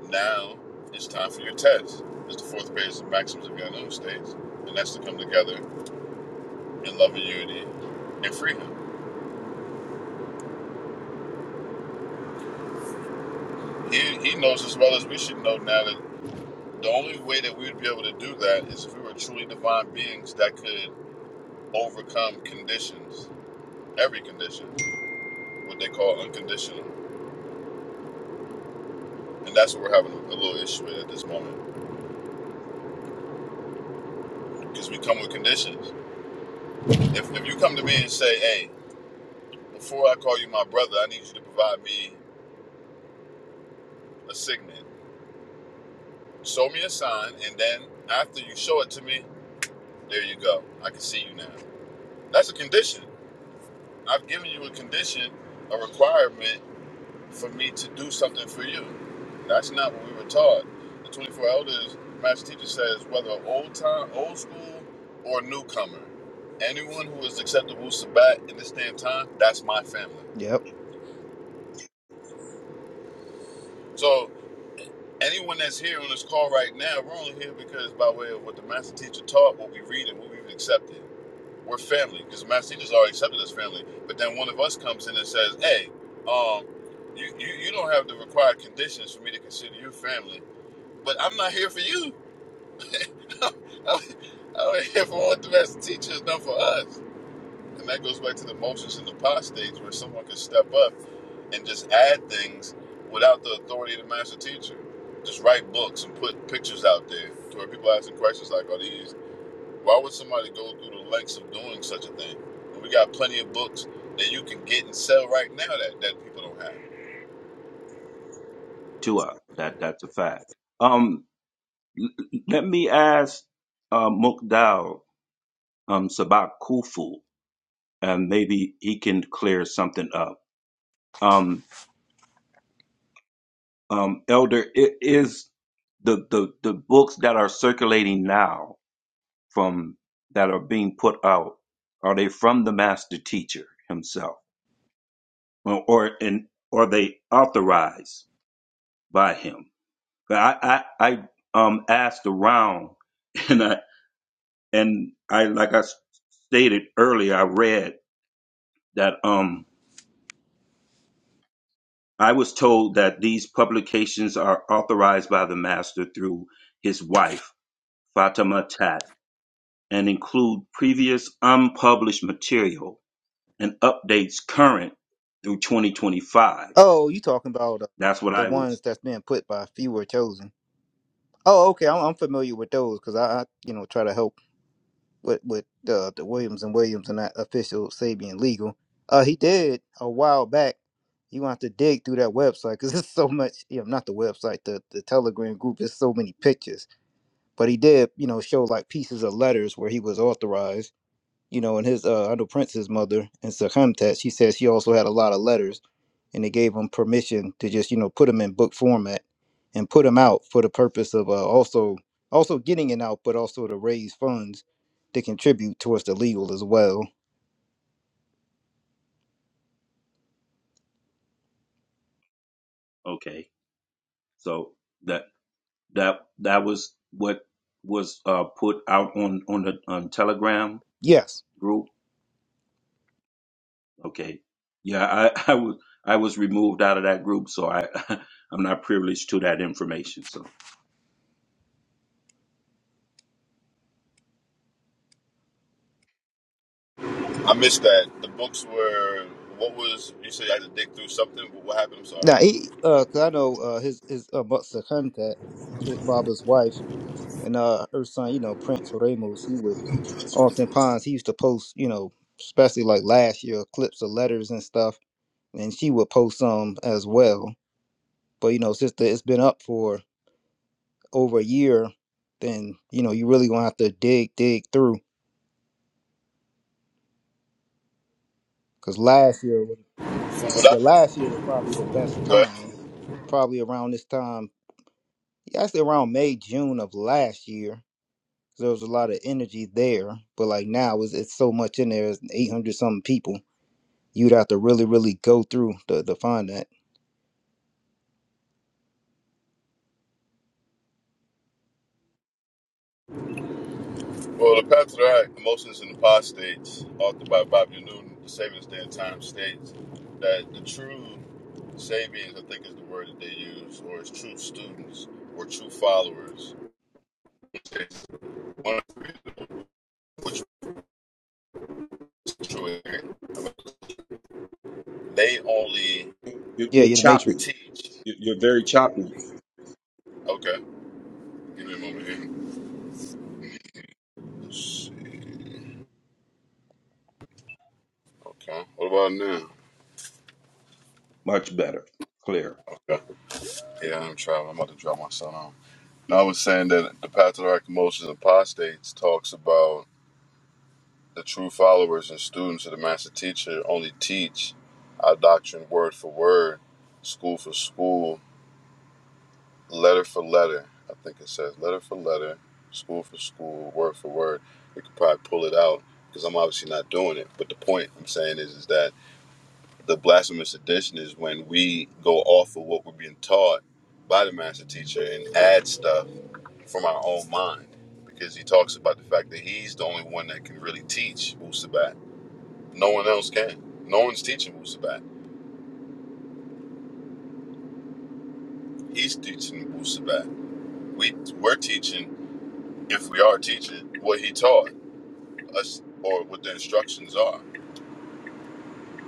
Speaker 1: now it's time for your test. It's the fourth page of Maxims of the Unknown States, and that's to come together in love and unity and freedom. He, he knows as well as we should know now that. The only way that we would be able to do that is if we were truly divine beings that could overcome conditions, every condition, what they call unconditional. And that's what we're having a little issue with at this moment because we come with conditions. If, if you come to me and say, hey, before I call you my brother, I need you to provide me a signet. Show me a sign, and then after you show it to me, there you go. I can see you now. That's a condition. I've given you a condition, a requirement for me to do something for you. That's not what we were taught. The 24 elders, Master Teacher says, whether old time, old school, or newcomer, anyone who is acceptable accepted Wu in this damn time, that's my family.
Speaker 4: Yep.
Speaker 1: So anyone that's here on this call right now, we're only here because by way of what the Master Teacher taught, what we read, and what we've accepted. We're family because the Master Teacher's already accepted us family. But then one of us comes in and says, hey, um, you, you, you don't have the required conditions for me to consider you family But I'm not here for you. I'm I'm here for what the master teacher has done for us. And that goes back to the motions and the pod stage where someone can step up and just add things without the authority of the master teacher. Just write books and put pictures out there to where people asking questions like, are these, why would somebody go through the lengths of doing such a thing? And we got plenty of books that you can get and sell right now that, that people don't have.
Speaker 2: Tua. That that's a fact. Um, l- l- let me ask uh, Mukdal um, Sabak Kufu, and maybe he can clear something up. Um, um, Elder, i- is the, the the books that are circulating now from that are being put out are they from the master teacher himself, or, or and are they authorized by him? But I I, I um, asked around, and I and I like I stated earlier, I read that um I was told that these publications are authorized by the master through his wife Fatima Tat and include previous unpublished material and updates current through 2025.
Speaker 4: Oh, you talking about uh,
Speaker 2: That's what
Speaker 4: the
Speaker 2: I was
Speaker 4: ones that's been put by few or chosen? Oh, okay. I'm, I'm familiar with those because I, I, you know, try to help. with with uh, the Williams and Williams and that official Sabian legal. Uh, he did a while back. You gonna have to dig through that website because there's so much. You know, not the website, the the Telegram group. There's so many pictures. But he did, you know, show like pieces of letters where he was authorized you know, and his uh, I know Prince's mother and Sakamtat, she says she also had a lot of letters, and they gave him permission to just you know put them in book format and put them out for the purpose of uh, also also getting it out, but also to raise funds to contribute towards the legal as well.
Speaker 2: okay. So that that that was what was uh, put out on on the on Telegram
Speaker 4: Yes.
Speaker 2: group Okay. Yeah, I, I was I was removed out of that group, so I I'm not privileged to that information. So
Speaker 1: I missed that. The books were, what was, you said you had to dig through something, but what happened? I'm sorry.
Speaker 4: Now he, uh, 'cause I know uh, his his uh, but Sakamtat, his- Baba's wife, and uh, her son, you know, Prince Ramos, he would oftentimes he used to post, you know, especially like last year clips of letters and stuff and she would post some as well. But you know, since the- it's been up for over a year, then you know you really gonna have to dig dig through. Cause last year, was,
Speaker 1: From what
Speaker 4: yeah,
Speaker 1: I read.
Speaker 4: last year was probably the best
Speaker 1: But-
Speaker 4: time. Probably around this time, yeah, actually around May June of last year. There was a lot of energy there, but like now, it's, it's so much in there. It's eight hundred something people. You'd have to really, really go through to, to find that.
Speaker 1: Well, the paths are right. Emotions in the Pod States, authored by Bobby Newton, the Sabians Day and Time states that the true Sabians, I think is the word that they use, or as true students or true followers, one of which was true, they only
Speaker 2: You're,
Speaker 4: Yeah,
Speaker 2: you're
Speaker 4: you're the
Speaker 2: choppy.
Speaker 4: Matrix.
Speaker 1: teach.
Speaker 2: You're, you're very choppy.
Speaker 1: Okay, give me a moment here. Let's see. Okay, what about now?
Speaker 2: much better, clear.
Speaker 1: Okay. Yeah, I'm traveling. I'm about to drop my son off. Now, I was saying that the path of the right emotions and apostates talks about The true followers and students of the Master Teacher only teach our doctrine word for word, school for school, letter for letter. I think it says letter for letter, school for school, word for word. We could probably pull it out because I'm obviously not doing it. But the point I'm saying is, is that the blasphemous edition is when we go off of what we're being taught by the Master Teacher and add stuff from our own mind because he talks about the fact that he's the only one that can really teach Wusabat. No one else can. No one's teaching Wusabat. He's teaching Wusabat. We we're teaching, if we are teaching, what he taught us or what the instructions are.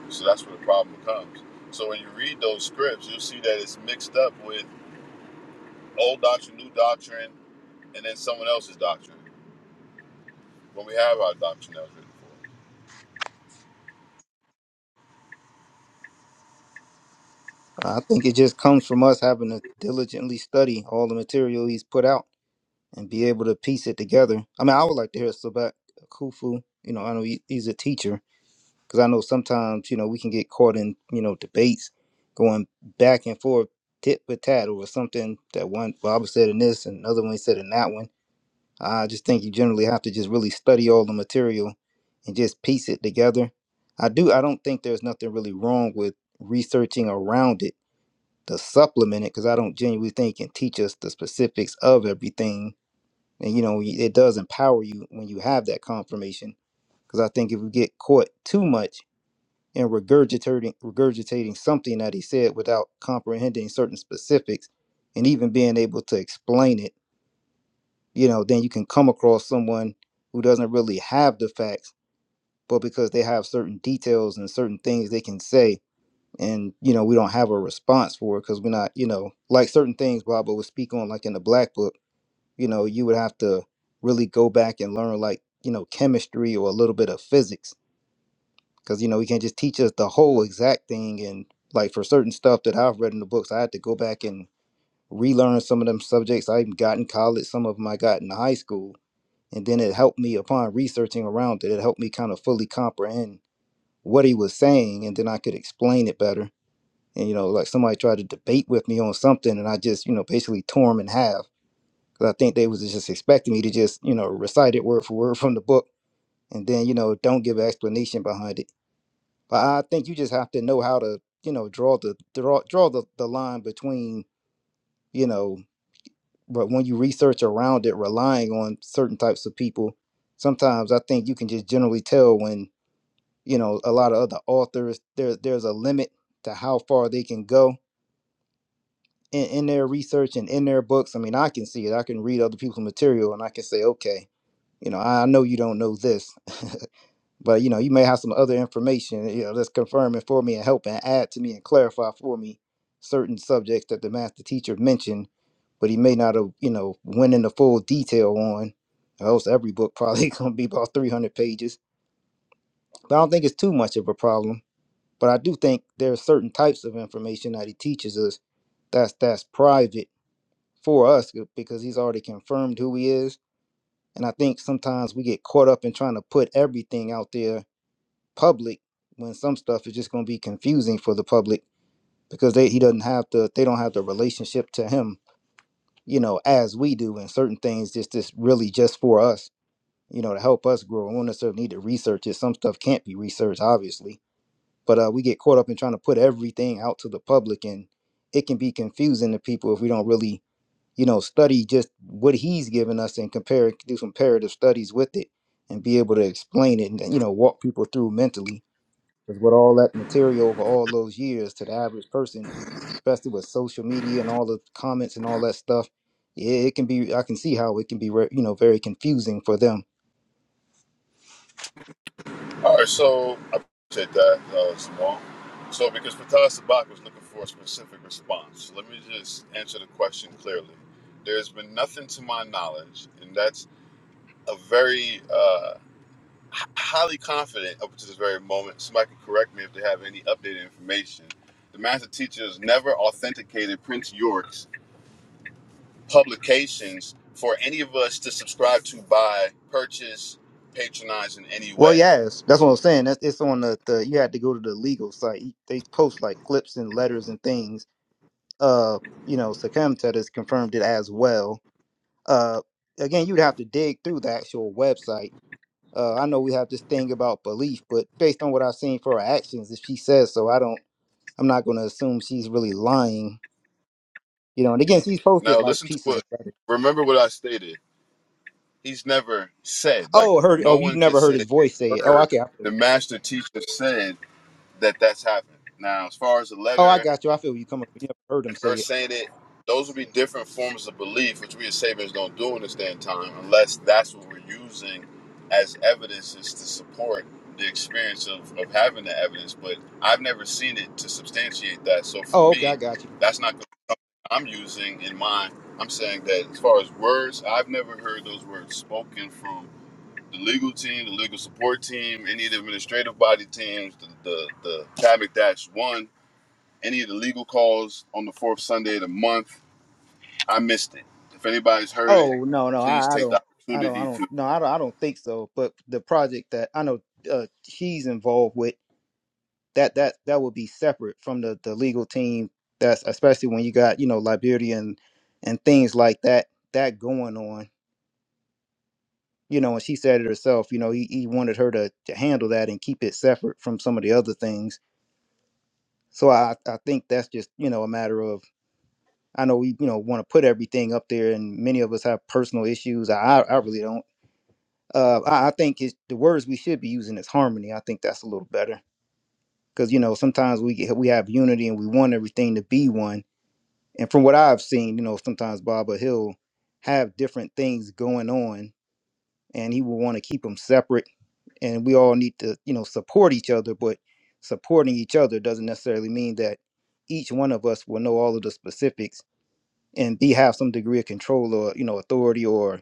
Speaker 1: So that's where the problem comes. So when you read those scripts, you'll see that it's mixed up with old doctrine, new doctrine, and then someone else's doctrine. When we have our doctrine that was written for. us.
Speaker 4: I think it just comes from us having to diligently study all the material he's put out. and be able to piece it together. I mean, I would like to hear Sabat Kufu. You know, I know he, he's a teacher because I know sometimes you know we can get caught in you know debates going back and forth tit for tat over something that one Bob said in this and another one he said in that one. I just think you generally have to just really study all the material and just piece it together. I do. I don't think there's nothing really wrong with researching around it to supplement it because I don't genuinely think it can teach us the specifics of everything and you know it does empower you when you have that confirmation because i think if we get caught too much in regurgitating regurgitating something that he said without comprehending certain specifics and even being able to explain it you know then you can come across someone who doesn't really have the facts but because they have certain details and certain things they can say and you know we don't have a response for it because we're not you know like certain things Baba would speak on like in the black book you know, you would have to really go back and learn like, you know, chemistry or a little bit of physics. Cause, you know, he can't just teach us the whole exact thing. And like for certain stuff that I've read in the books, I had to go back and relearn some of them subjects I even got in college, some of them I got in high school. And then it helped me upon researching around it, it helped me kind of fully comprehend what he was saying. And then I could explain it better. And, you know, like somebody tried to debate with me on something and I just, you know, basically tore him in half because I think they was just expecting me to just you know recite it word for word from the book, and then you know don't give an explanation behind it. But I think you just have to know how to you know draw the draw draw the, the line between you know but when you research around it, relying on certain types of people. Sometimes I think you can just generally tell when you know a lot of other authors there there's a limit to how far they can go in, in their research and in their books. I mean, I can see it. I can read other people's material and I can say, okay You know, I know you don't know this, but you know, you may have some other information, you know, that's confirming for me and help and add to me and clarify for me certain subjects that the master teacher mentioned, but he may not have, you know, went into full detail on. Or else every book probably gonna be about 300 pages. But I don't think it's too much of a problem. But I do think there are certain types of information that he teaches us that's that's private for us uh, because he's already confirmed who he is and I think sometimes we get caught up in trying to put everything out there public when some stuff is just going to be confusing for the public because they he doesn't have the they don't have the relationship to him, you know, as we do and certain things just just really just for us, you know, to help us grow. We don't necessarily need to research it. Some stuff can't be researched, obviously. But uh, we get caught up in trying to put everything out to the public and it can be confusing to people if we don't really you know, study just what he's given us and compare, do some comparative studies with it and be able to explain it and, you know, walk people through mentally. Because with all that material over all those years to the average person, especially with social media and all the comments and all that stuff, yeah, it can be, I can see how it can be, re- you know, very confusing for them.
Speaker 1: All right, so I appreciate that, uh, Simone. So, because Fatah Sabak was looking for a specific response, let me just answer the question clearly. There's been nothing to my knowledge, and that's a very uh, h- highly confident up to this very moment. Somebody can correct me if they have any updated information. The master teachers never authenticated Prince York's publications for any of us to subscribe to, buy, purchase, patronize in any
Speaker 4: Well,
Speaker 1: way.
Speaker 4: yes, that's what I'm saying. That's it's on the, the you had to go to the legal site. They post like clips and letters and things. Uh, you know, Sakam has confirmed it as well Uh, again, you'd have to dig through the actual website. Uh, I know we have this thing about belief, but based on what I've seen for her actions, if she says so, I don't. I'm not going to assume she's really lying. You know, and again, she's posted
Speaker 1: Now
Speaker 4: like
Speaker 1: listen to
Speaker 4: pieces
Speaker 1: what.
Speaker 4: of letters.
Speaker 1: Remember what I stated. He's never said like
Speaker 4: Oh, heard.
Speaker 1: no
Speaker 4: Oh, you've
Speaker 1: one can
Speaker 4: never
Speaker 1: say
Speaker 4: heard his
Speaker 1: that
Speaker 4: voice
Speaker 1: they
Speaker 4: say it. Oh,
Speaker 1: heard
Speaker 4: okay. I feel
Speaker 1: the
Speaker 4: you.
Speaker 1: master teacher said that that's happened. Now, as far as the
Speaker 4: Oh, I
Speaker 1: letter
Speaker 4: got you. I feel you come up. You never heard him
Speaker 1: and her
Speaker 4: say it.
Speaker 1: saying it, those would be different forms of belief, which we as Sabians don't do in this day and time, unless that's what we're using as evidences to support the experience of, of having the evidence. But I've never seen it to substantiate that. So for
Speaker 4: Oh, okay. I
Speaker 1: me,
Speaker 4: got you.
Speaker 1: that's not I'm using in mine, I'm saying that as far as words, I've never heard those words spoken from the legal team, the legal support team, any of the administrative body teams, the the, the traffic dash one, any of the legal calls on the fourth Sunday of the month. I missed it. If anybody's heard
Speaker 4: Oh,
Speaker 1: it,
Speaker 4: no, no.
Speaker 1: please
Speaker 4: I, I
Speaker 1: take
Speaker 4: don't.
Speaker 1: the
Speaker 4: I don't. I
Speaker 1: opportunity
Speaker 4: don't.
Speaker 1: to.
Speaker 4: No, I don't. I don't think so. But the project that I know uh, she's involved with that that that would be separate from the the legal team that's especially when you got you know liberty and and things like that that going on you know and she said it herself you know he, he wanted her to, to handle that and keep it separate from some of the other things so i i think that's just you know a matter of i know we you know want to put everything up there and many of us have personal issues i i really don't uh i, I think it's the words we should be using is harmony i think that's a little better because you know sometimes we get, we have unity and we want everything to be one and from what I've seen, you know, sometimes Baba he'll have different things going on, and he will want to keep them separate. And we all need to, you know, support each other. But supporting each other doesn't necessarily mean that each one of us will know all of the specifics and be have some degree of control or you know authority or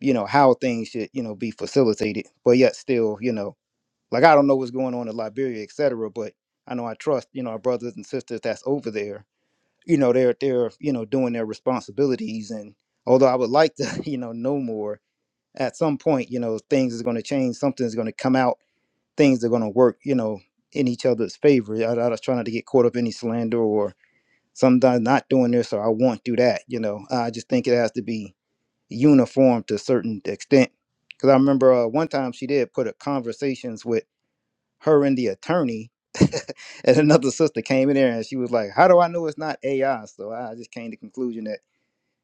Speaker 4: you know how things should you know be facilitated. But yet still, you know, like I don't know what's going on in Liberia, et cetera. But I know I trust you know our brothers and sisters that's over there you know they're they're you know doing their responsibilities and although i would like to you know know more at some point you know things is going to change something's going to come out things are going to work you know in each other's favor I, I was trying not to get caught up in any slander or sometimes not doing this or i won't do that you know i just think it has to be uniform to a certain extent because i remember uh, one time she did put a conversations with her and the attorney and another sister came in there and she was like, How do I know it's not AI? So I just came to the conclusion that,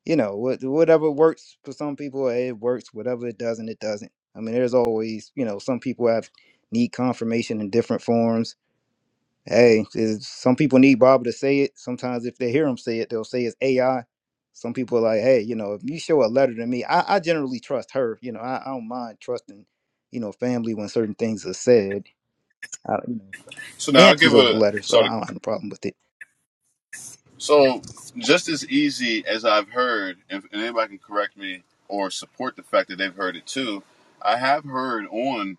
Speaker 4: you know, what whatever works for some people, eh, it works. Whatever it doesn't, it doesn't. I mean, there's always, you know, some people have need confirmation in different forms. Hey, is- some people need Baba to say it. Sometimes if they hear him say it, they'll say it's AI. Some people are like, hey, you know, if you show a letter to me, I, I generally trust her. You know, I, I don't mind trusting, you know, family when certain things are said. I, You know
Speaker 1: So now I'll
Speaker 4: and she
Speaker 1: give
Speaker 4: owes a
Speaker 1: a
Speaker 4: letter, so
Speaker 1: sort of
Speaker 4: I don't have a problem with it.
Speaker 1: so just as easy as I've heard, if, and anybody can correct me or support the fact that they've heard it too. I have heard on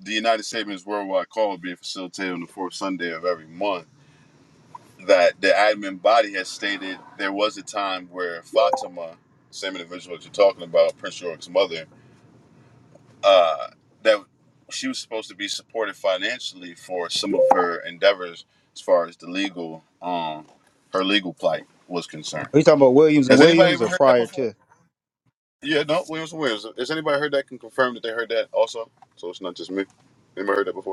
Speaker 1: the United Savings Worldwide Call being facilitated on the fourth Sunday of every month, that the admin body has stated there was a time where Fatima, same individual that you're talking about, Prince York's mother, uh, that she was supposed to be supported financially for some of her endeavors as far as the legal, um, her legal plight was concerned.
Speaker 4: Are you talking about Williams and
Speaker 1: Has anybody
Speaker 4: Williams
Speaker 1: ever
Speaker 4: or
Speaker 1: heard that
Speaker 4: prior
Speaker 1: before?
Speaker 4: to?
Speaker 1: Yeah, no, Williams and Williams. Has anybody heard that can confirm that they heard that also? So it's not just me. Anybody heard that before?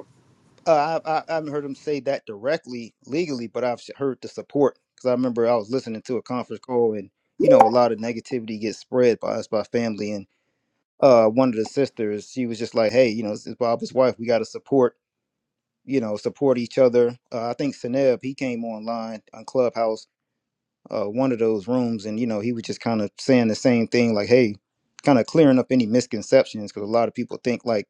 Speaker 4: Uh, I, I I haven't heard him say that directly legally, but I've heard the support because I remember I was listening to a conference call and you know a lot of negativity gets spread by us by family and uh one of the sisters she was just like, hey, you know this is Bob's wife, we got to support you know support each other. Uh, I think Seneb he came online on Clubhouse uh, one of those rooms, and you know, he was just kind of saying the same thing, like, "Hey, kind of clearing up any misconceptions," because a lot of people think like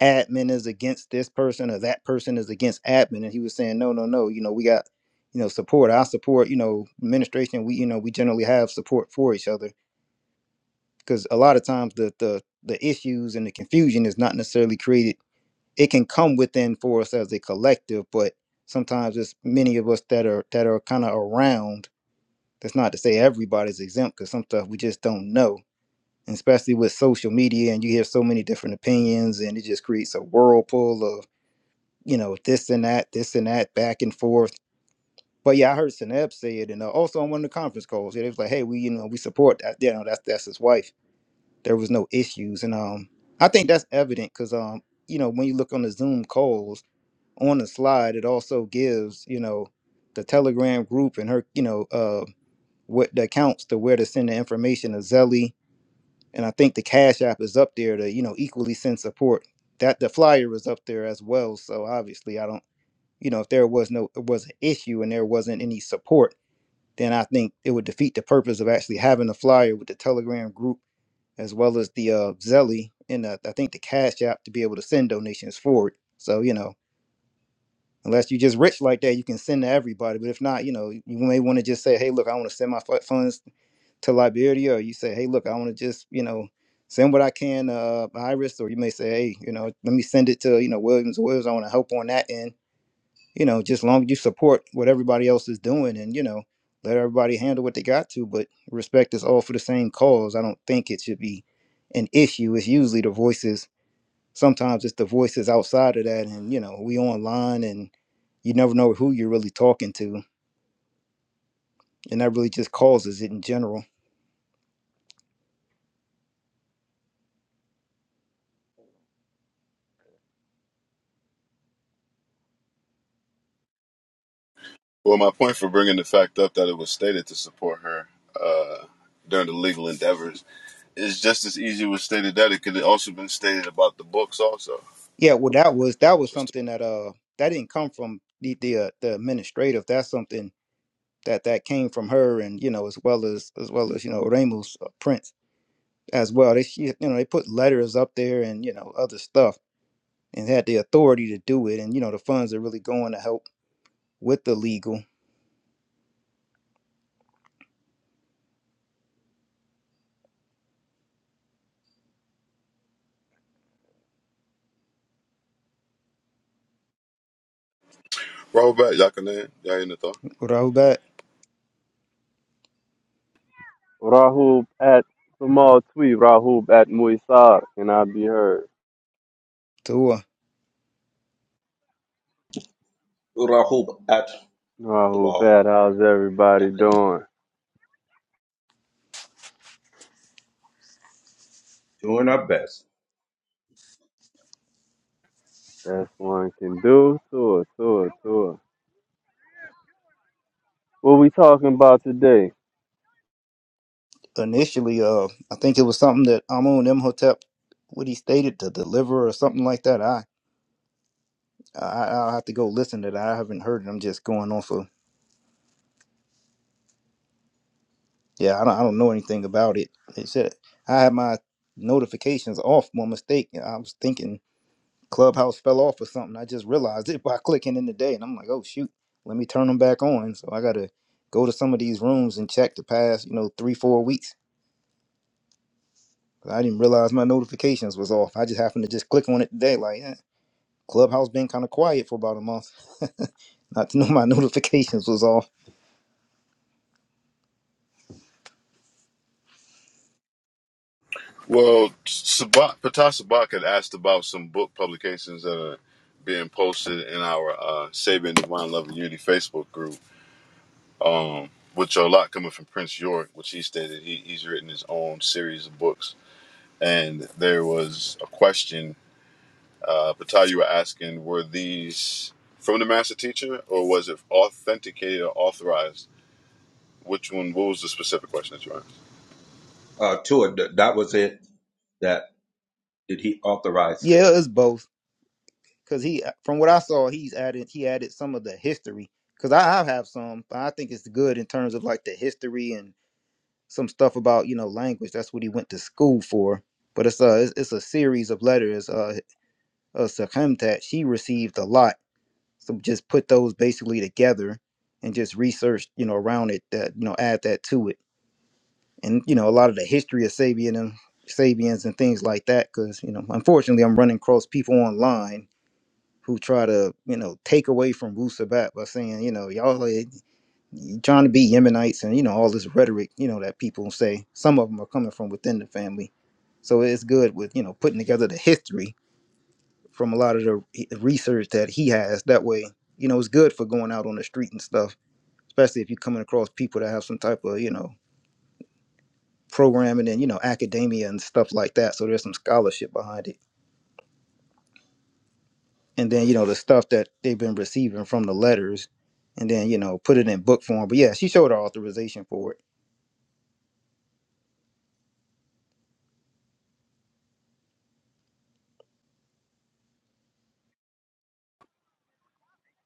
Speaker 4: admin is against this person or that person is against admin, and he was saying, "No, no, no. You know, we got, you know, support. I support. You know, administration. We, you know, we generally have support for each other because a lot of times the the the issues and the confusion is not necessarily created. It can come within for us as a collective, but sometimes it's many of us that are that are kind of around That's not to say everybody's exempt because some stuff we just don't know. And especially with social media and you hear so many different opinions and it just creates a whirlpool of, you know, this and that, this and that, back and forth. But yeah, I heard Seneb say it and uh, also on one of the conference calls. Yeah, they was like, hey, we, you know, we support that. You know, that's that's his wife. There was no issues. And um I think that's evident because um, you know, when you look on the Zoom calls on the slide, it also gives, you know, the Telegram group and her, you know, uh what the accounts to where to send the information to Zelly, and I think the Cash App is up there to you know equally send support. That the flyer was up there as well. So obviously, I don't you know if there was no it was an issue and there wasn't any support, then I think it would defeat the purpose of actually having a flyer with the Telegram group as well as the uh, Zelly and uh, I think the Cash App to be able to send donations forward. So you know unless you're just rich like that, you can send to everybody. But if not, you know, you may want to just say, hey, look, I want to send my fu- funds to Liberia, or you say, hey, look, I want to just, you know, send what I can uh Iris, or you may say, hey, you know, let me send it to, you know, Williams Williams. I want to help on that end. You know, just long as you support what everybody else is doing and, you know, let everybody handle what they got to, but respect is all for the same cause. I don't think it should be an issue. It's usually the voices sometimes it's the voices outside of that and you know we online and you never know who you're really talking to and that really just causes it in general
Speaker 1: Well, my point for bringing the fact up that it was stated to support her uh, during the legal endeavors is just as easy was stated that it could have also been stated about the books also.
Speaker 4: yeah well that was that was
Speaker 1: Just to
Speaker 4: something that uh that didn't come from the the, uh, the administrative that's something that that came from her and you know as well as as well as you know Ramus uh, Prince as well they she, you know they put letters up there and you know other stuff and had the authority to do it and you know the funds are really going to help with the legal
Speaker 1: roll back, y'all can name, y'all in the thought.
Speaker 4: Rahubat
Speaker 5: Rahub at Samal Tweet, Rahub at Muisar, can i be heard.
Speaker 4: Tua.
Speaker 2: Rahub at the
Speaker 5: Rahub
Speaker 2: law.
Speaker 5: at, how's everybody
Speaker 2: Yakin.
Speaker 5: doing?
Speaker 2: Doing our best.
Speaker 5: That's one can do. Tour, tour, tour. What we talking about today?
Speaker 4: initially, uh, I think it was something that Amun Imhotep, what he stated to deliver or something like that. I, I I'll have to go listen to that. I haven't heard it. I'm just going off of yeah. I don't I don't know anything about it. It said I had my notifications off by mistake. I was thinking Clubhouse fell off or something. I just realized it by clicking in the day, and I'm like, oh shoot, let me turn them back on. So I gotta go to some of these rooms and check the past, you know, three four weeks. I didn't realize my notifications was off. I just happened to just click on it today, like. Eh. Clubhouse been kind of quiet for about a month. Not to know my notifications was off.
Speaker 1: Well, Sabak, Patah Sabak had asked about some book publications that are being posted in our uh, Sabian Divine Love and Unity Facebook group, which are a lot coming from Prince York, which he stated he, he's written his own series of books. And there was a question Uh, Patai, you were asking, were these from the master teacher or was it authenticated or authorized? Which one? What was the specific question that you asked?
Speaker 2: Uh, Tua, th- that was it. That did he authorize them?
Speaker 4: Yeah, it's both. Cause he, uh, from what I saw, he's added he added some of the history. Cause I, I have some, but I think it's good in terms of like the history and some stuff about you know language. That's what he went to school for. But it's a it's, it's a series of letters. Uh, uh Sakhemtat, she received a lot. So just put those basically together and just research you know around it that you know add that to it and you know a lot of the history of Sabian and Sabians and things like that. Because you know, unfortunately, I'm running across people online who try to you know take away from Wu Sabat by saying you know y'all are you trying to be Yemenites and you know all this rhetoric you know that people say. Some of them are coming from within the family, so it's good with you know putting together the history from a lot of the he- research that he has. That way, you know, it's good for going out on the street and stuff. Especially if you're coming across people that have some type of, you know, programming and you know academia and stuff like that so there's some scholarship behind it and then you know the stuff that they've been receiving from the letters and then you know put it in book form but yeah she showed her authorization for it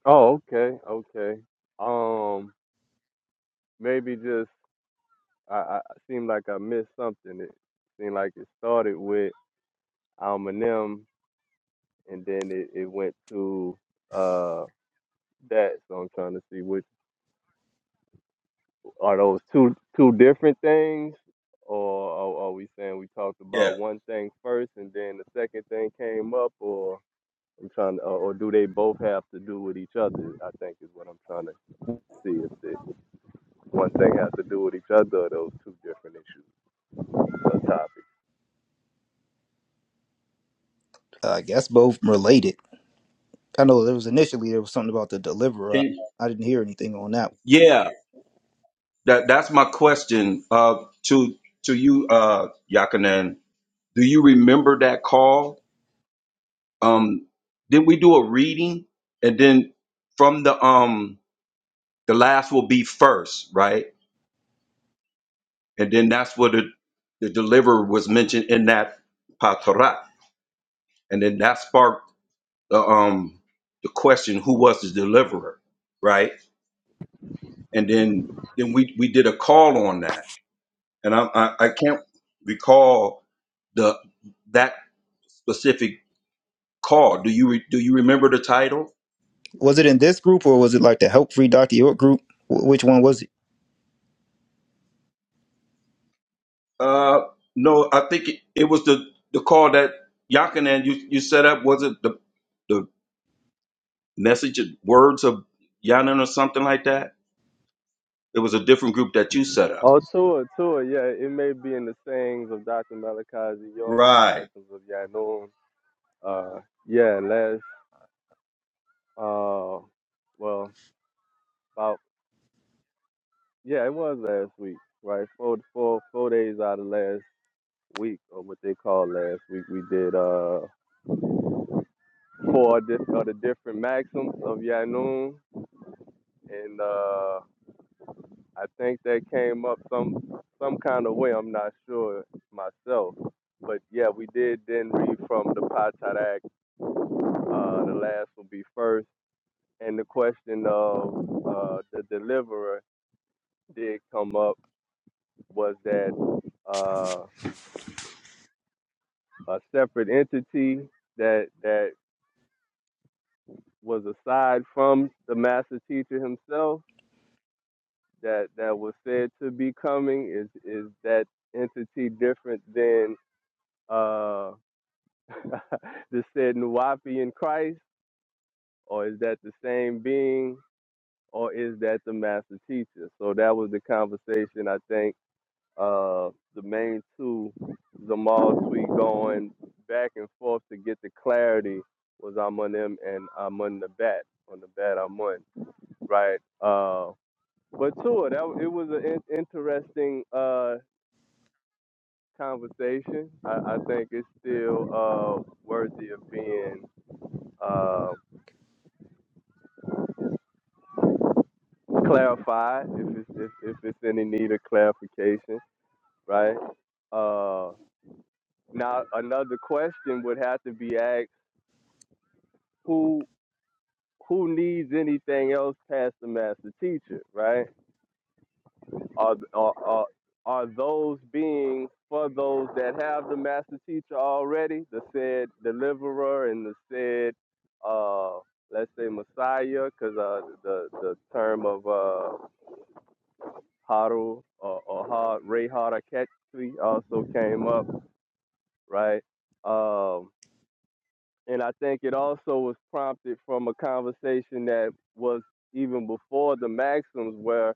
Speaker 5: Oh, okay, okay. Um, maybe just I, I I seem like I missed something. It seemed like it started with Almanem, and then it, it went to uh that. So I'm trying to see which Are those two two different things, or are, are we saying we talked about
Speaker 2: Yeah.
Speaker 5: one thing first and then the second thing came up, or I'm trying to, or, or do they both have to do with each other? I think is what I'm trying to see if the one thing has to do with each other, or those two different issues or topics.
Speaker 4: i guess both related i know there was initially there was something about the deliverer
Speaker 2: Can,
Speaker 4: i, I didn't hear anything on that
Speaker 2: yeah. That that's my question. Uh, to to you, uh, Yakanan. Do you remember that call? Um, then we do a reading, and then from the um the last will be first, right? And then that's where the the deliverer was mentioned in that patarak, and then that sparked the um the question who was the deliverer, right? And then then we we did a call on that, and I I, I can't recall the that specific call. Do you re, do you remember the title?
Speaker 4: was it in this group or was it like the help free dr york group Wh- which one was it
Speaker 2: Uh, no, I think it, it was the, the call that Yakinen you you set up. Was it the the message and words of Yanan or something like that? It was a different group that you set up.
Speaker 5: Oh, Tua, Tua, yeah, it may be in the sayings of Dr. Malachi Z. York, the
Speaker 2: Right.
Speaker 5: maxims of Yanun. Uh, yeah, last, uh, well, about. Yeah, it was last week, right? Four, four, four days out of last week, or what they call last week, we did uh four di- of the different maxims of Yanun, and uh I think that came up some some kind of way. I'm not sure myself, but yeah, we did then read from the Patarak. Uh, the last will be first, and the question of uh the deliverer did come up. Was that uh. a separate entity that that was aside from the master teacher himself that that was said to be coming is is that entity different than uh the said Nuwapi in Christ or is that the same being or is that the master teacher so that was the conversation I think Uh, the main two, Zamal Tweet going back and forth to get the clarity was I'm on them and I'm on the bat on the bat I'm on right. Uh, but Tua, that it was an in- interesting uh conversation. I, I think it's still uh worthy of being uh clarified if it's if, if it's any need of clarification, right? Uh, now another question would have to be asked: Who who needs anything else past the master teacher, right? Are, are, are, are those beings for those that have the master teacher already, the said deliverer and the said, uh, let's say Messiah, because uh, the, the term of uh, Haru or, or Ha, Ray Haraketri also came up, right? Um. And I think it also was prompted from a conversation that was even before the Maxims, where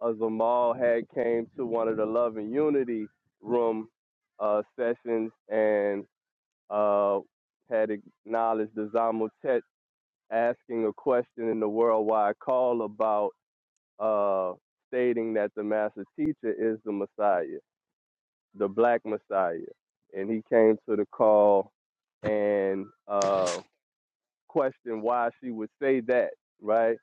Speaker 5: uh, Zamal had came to one of the Love and Unity room uh, sessions and uh, had acknowledged the Zamotet asking a question in the worldwide call about uh, stating that the Master Teacher is the Messiah, the Black Messiah. And he came to the call and. uh, question why she would say that, right?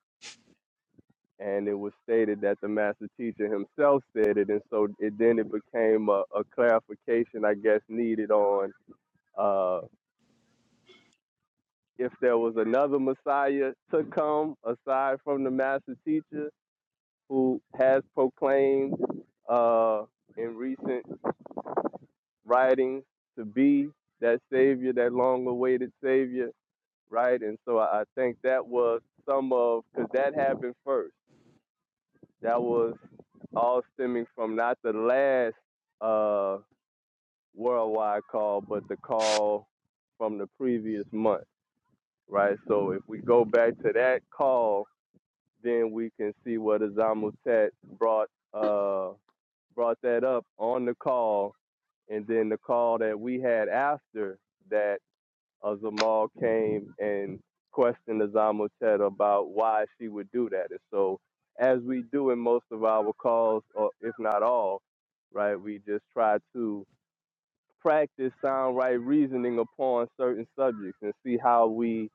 Speaker 5: And it was stated that the master teacher himself said it, and so it then it became a, a clarification, I guess, needed on uh, if there was another Messiah to come aside from the master teacher who has proclaimed uh, in recent writings to be that savior, that long-awaited savior, right? And so I, I think that was some of because that happened first That was all stemming from not the last uh, worldwide call, but the call from the previous month, right? So if we go back to that call, then we can see what Azamutet brought uh, brought that up on the call, and then the call that we had after that Azamal came and questioned Azamotet about why she would do that. And so, as we do in most of our calls, or if not all, right, we just try to practice sound right reasoning upon certain subjects and see how we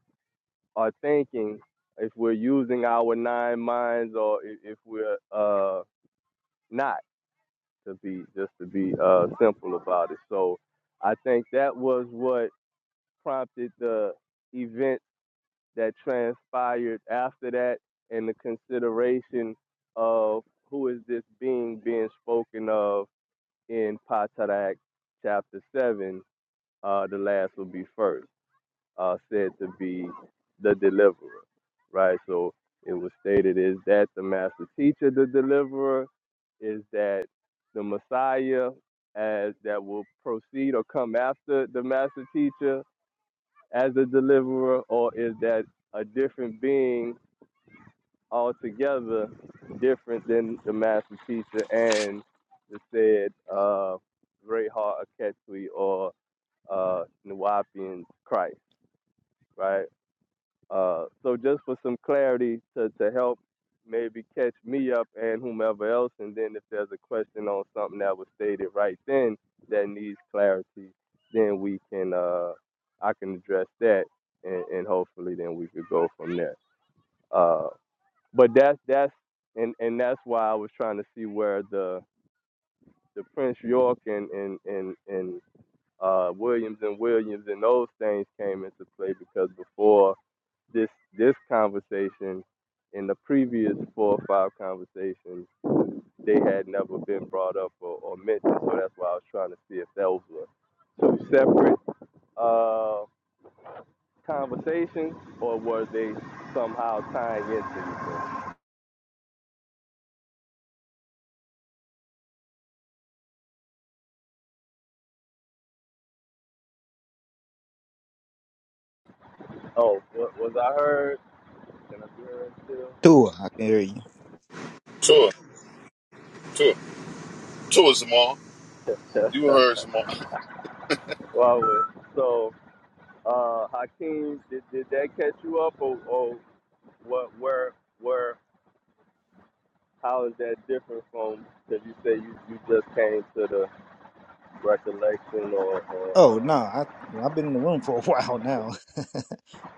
Speaker 5: are thinking if we're using our nine minds or i- if we're uh, not to be just to be uh, simple about it. So I think that was what prompted the event that transpired after that and the consideration of who is this being being spoken of in Patarak chapter 7, uh, the last will be first, uh, said to be the deliverer, right? So it was stated is that the master teacher, the deliverer, is that the Messiah as that will proceed or come after the master teacher as a deliverer, or is that a different being altogether different than the master teacher and the said uh, Great Heart of Ketui or uh, Nawapian Christ, right? Uh, so just for some clarity to, to help maybe catch me up and whomever else, and then if there's a question on something that was stated right then that needs clarity, then we can uh, I can address that, and, and hopefully then we could go from there. Uh, but that's that's and and that's why I was trying to see where the the Prince York and and and and uh, Williams and Williams and those things came into play because before this this conversation in the previous four or five conversations they had never been brought up or, or mentioned so that's why I was trying to see if those were two separate uh, conversations or were they somehow tying into each other. Oh, was I heard? Can I be heard
Speaker 4: Tua, i can hear you
Speaker 1: Tour, tour, tour, Zamal.
Speaker 5: still?
Speaker 1: You heard Zamal.
Speaker 5: wow. well, So, uh, Hakeem, did, did that catch you up, or, or what? Where? Where? How is that different from? Because you say you, you just came to the recollection or, or
Speaker 4: oh no
Speaker 5: uh,
Speaker 4: i well, i've been in the room for a while
Speaker 5: the
Speaker 4: now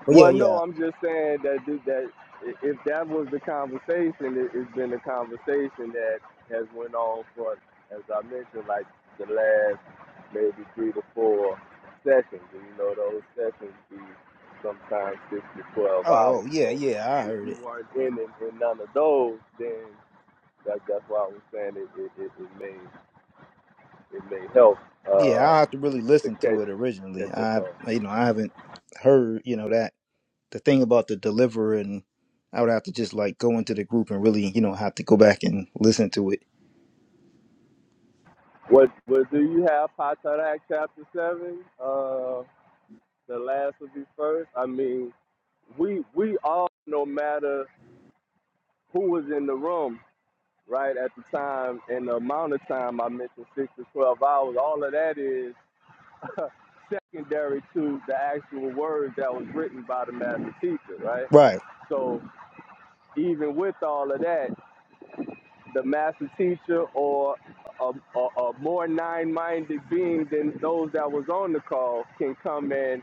Speaker 4: but yeah
Speaker 5: Well, no,
Speaker 4: yeah
Speaker 5: I'm just saying that th- that i- if that was the conversation, it, it's been a conversation that has went on for, as I mentioned, like the last maybe three to four sessions, and you know those sessions be sometimes six to twelve
Speaker 4: oh
Speaker 5: hours.
Speaker 4: oh yeah
Speaker 5: So
Speaker 4: yeah i
Speaker 5: if
Speaker 4: heard
Speaker 5: you
Speaker 4: it
Speaker 5: weren't in in, in none of those, then that, that's why I was saying it it, it, it may it may help
Speaker 4: Yeah,
Speaker 5: uh,
Speaker 4: I have to really
Speaker 5: to
Speaker 4: listen
Speaker 5: catch
Speaker 4: to it originally.
Speaker 5: catch us
Speaker 4: I,
Speaker 5: up.
Speaker 4: you know, I haven't heard, you know, that the thing about the deliverer, and I would have to just like go into the group and really, you know, have to go back and listen to it.
Speaker 5: What what do you have Potter chapter seven? Uh the last will be first. I mean, we we all no matter who was in the room, right, at the time and the amount of time I mentioned six to twelve hours, all of that is secondary to the actual words that was written by the master teacher, right?
Speaker 4: Right.
Speaker 5: So even with all of that. the master teacher or a, a, a more nine-minded being than those that was on the call can come and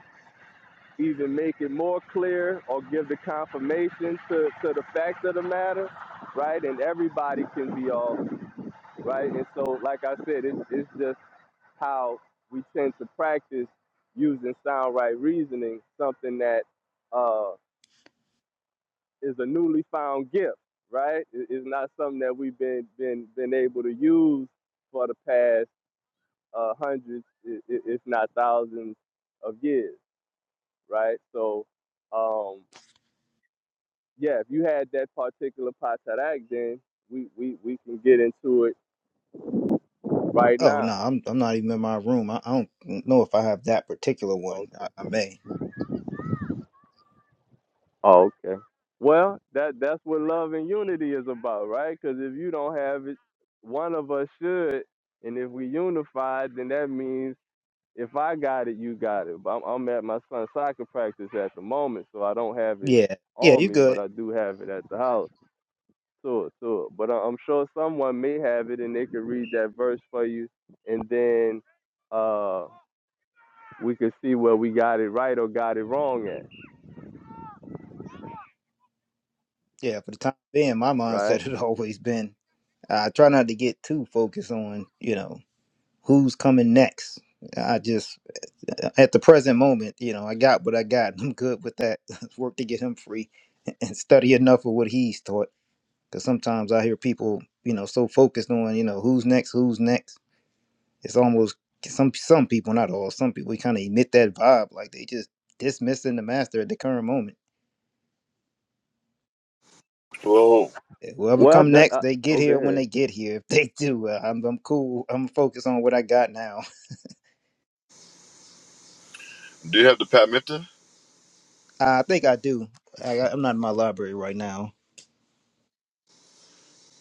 Speaker 5: either make it more clear or give the confirmation to, to the fact of the matter, right? And everybody can be off, right? And so, like I said, it's, it's just how we tend to practice using sound right reasoning, something that uh, is a newly found gift, right? It- It's not something that we've been been been able to use for the past uh, hundreds, i- i- if not thousands, of years, right? So, um, yeah, if you had that particular patarak, then we, we we can get into it right
Speaker 4: Oh no,
Speaker 5: now.
Speaker 4: I'm I'm not even in my room. I, I don't know if I have that particular one.
Speaker 5: Okay.
Speaker 4: I, I may.
Speaker 5: Oh, okay. Well, that that's what love and unity is about, right? Because if you don't have it, one of us should, and if we unify, then that means if I got it, you got it. But I'm, I'm at my son's soccer practice at the moment, so I don't have it
Speaker 4: Yeah. Yeah,
Speaker 5: on
Speaker 4: you
Speaker 5: me, but
Speaker 4: good.
Speaker 5: I do have it at the house. So, so, but I- I'm sure someone may have it, and they could read that verse for you, and then uh, we could see where we got it right or got it wrong at,
Speaker 4: Yeah, for the time being, my
Speaker 5: right?
Speaker 4: mindset had always been I try not to get too focused on, you know, who's coming next. I just at the present moment, you know, I got what I got. And I'm good with that. Let's Work to get him free and study enough of what he's taught. Because sometimes I hear people, you know, so focused on, you know, who's next, who's next. It's almost some some people, not all, some people kind of emit that vibe, like they just dismissing the master at the current moment.
Speaker 1: Whoa.
Speaker 4: Eh, Whoever
Speaker 5: Well,
Speaker 4: come
Speaker 5: that,
Speaker 4: next,
Speaker 5: uh,
Speaker 4: they get
Speaker 5: oh, go
Speaker 4: here when
Speaker 5: ahead.
Speaker 4: they get here. If they do, uh, I'm I'm cool. I'm focused on what I got now.
Speaker 1: Do you have the Pat Mifta?
Speaker 4: I think I do. I, I'm not in my library right now.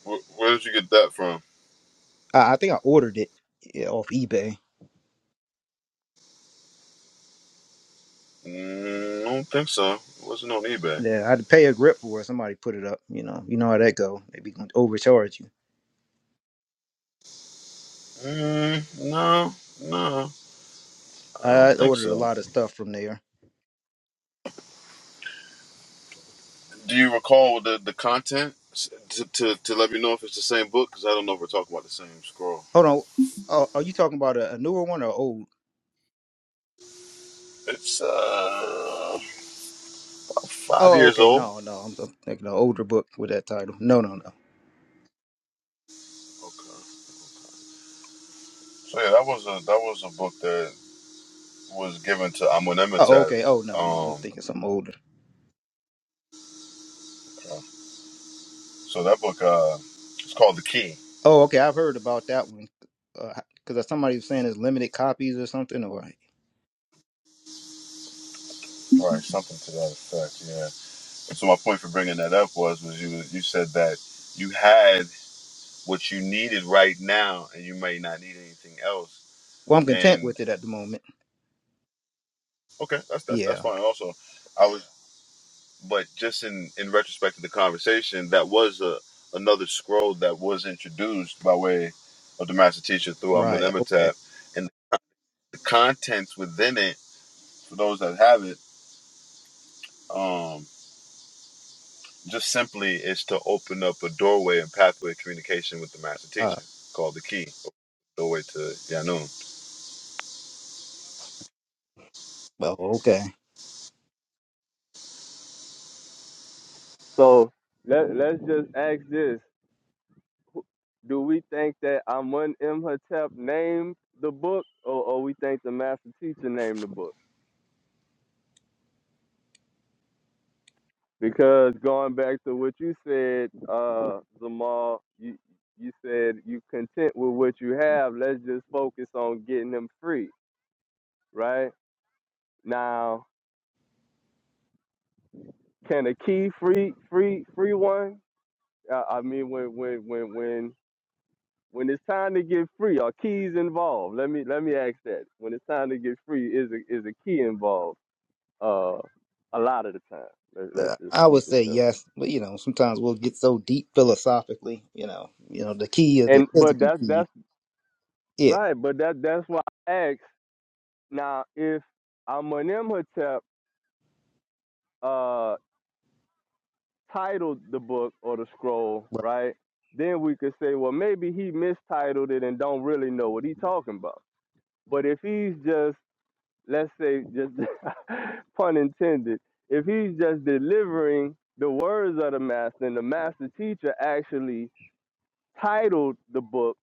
Speaker 1: Where, where did you get that from?
Speaker 4: I, I think I ordered it yeah, off eBay
Speaker 1: Mm, I don't think so. It wasn't on eBay.
Speaker 4: Yeah, I had to pay a grip for it. Somebody put it up. You know, you know how that go. They be gonna overcharge you.
Speaker 1: Mm, no, no, I don't
Speaker 4: I
Speaker 1: think
Speaker 4: ordered a
Speaker 1: so.
Speaker 4: lot of stuff from there.
Speaker 1: Do you recall the, the content S- to, to, to let me know if it's the same book? Because I don't know if we're talking about the same scroll.
Speaker 4: Hold on. Oh, are you talking about a, a newer one or old?
Speaker 1: It's uh, Five
Speaker 4: Oh,
Speaker 1: years
Speaker 4: okay.
Speaker 1: old.
Speaker 4: No, no. I'm, I'm thinking an older book with that title. No, no, no.
Speaker 1: Okay. So yeah, that was a that was a book that was given to Amun
Speaker 4: Oh,
Speaker 1: Emitat.
Speaker 4: okay. Oh, no, no. I'm
Speaker 1: Um,
Speaker 4: thinking something older.
Speaker 1: okay. so that book uh, it's called The Key,
Speaker 4: Oh, okay. I've heard about that one because somebody was saying it's limited copies or something. Or like,
Speaker 1: right? Something to that effect. Yeah. And So my point for bringing that up was was you you said that you had what you needed right now, and you may not need anything else.
Speaker 4: well, I'm content
Speaker 1: And
Speaker 4: with it at the moment.
Speaker 1: okay, that's that's that's
Speaker 4: Yeah.
Speaker 1: fine. Also, I was but just in in retrospect of the conversation, that was a another scroll that was introduced by way of the master teacher through Amun
Speaker 4: Right. Okay.
Speaker 1: Emetap, and the contents within it for those that have it, um, just simply is to open up a doorway and pathway of communication with the master
Speaker 4: Uh,
Speaker 1: teacher called the key doorway to Yanun.
Speaker 4: well, okay.
Speaker 5: So let let's just ask this: Do we think that Amun Imhotep named the book, or, or we think the master teacher named the book? Because going back to what you said, uh, Zamal, you you said you content with what you have. Let's just focus on getting them free, right? Now, can a key free free free one? Uh, I mean, when when when when when it's time to get free, are keys involved? Let me let me ask that. When it's time to get free, is a, is a key involved? Uh, a lot of the time. Let, let's
Speaker 4: Uh,
Speaker 5: just
Speaker 4: I
Speaker 5: keep
Speaker 4: would
Speaker 5: it
Speaker 4: say
Speaker 5: simple.
Speaker 4: yes, but you know, sometimes we'll get so deep philosophically. You know, you know, the key is the
Speaker 5: And but
Speaker 4: physical
Speaker 5: that's
Speaker 4: key.
Speaker 5: that's
Speaker 4: Yeah,
Speaker 5: right. But that that's why I asked Now, if Amenemhotep uh, titled the book or the scroll,
Speaker 4: right.
Speaker 5: right, then we could say, well, maybe he mistitled it and don't really know what he's talking about. But if he's just, let's say, just pun intended, if he's just delivering the words of the master and the master teacher actually titled the book,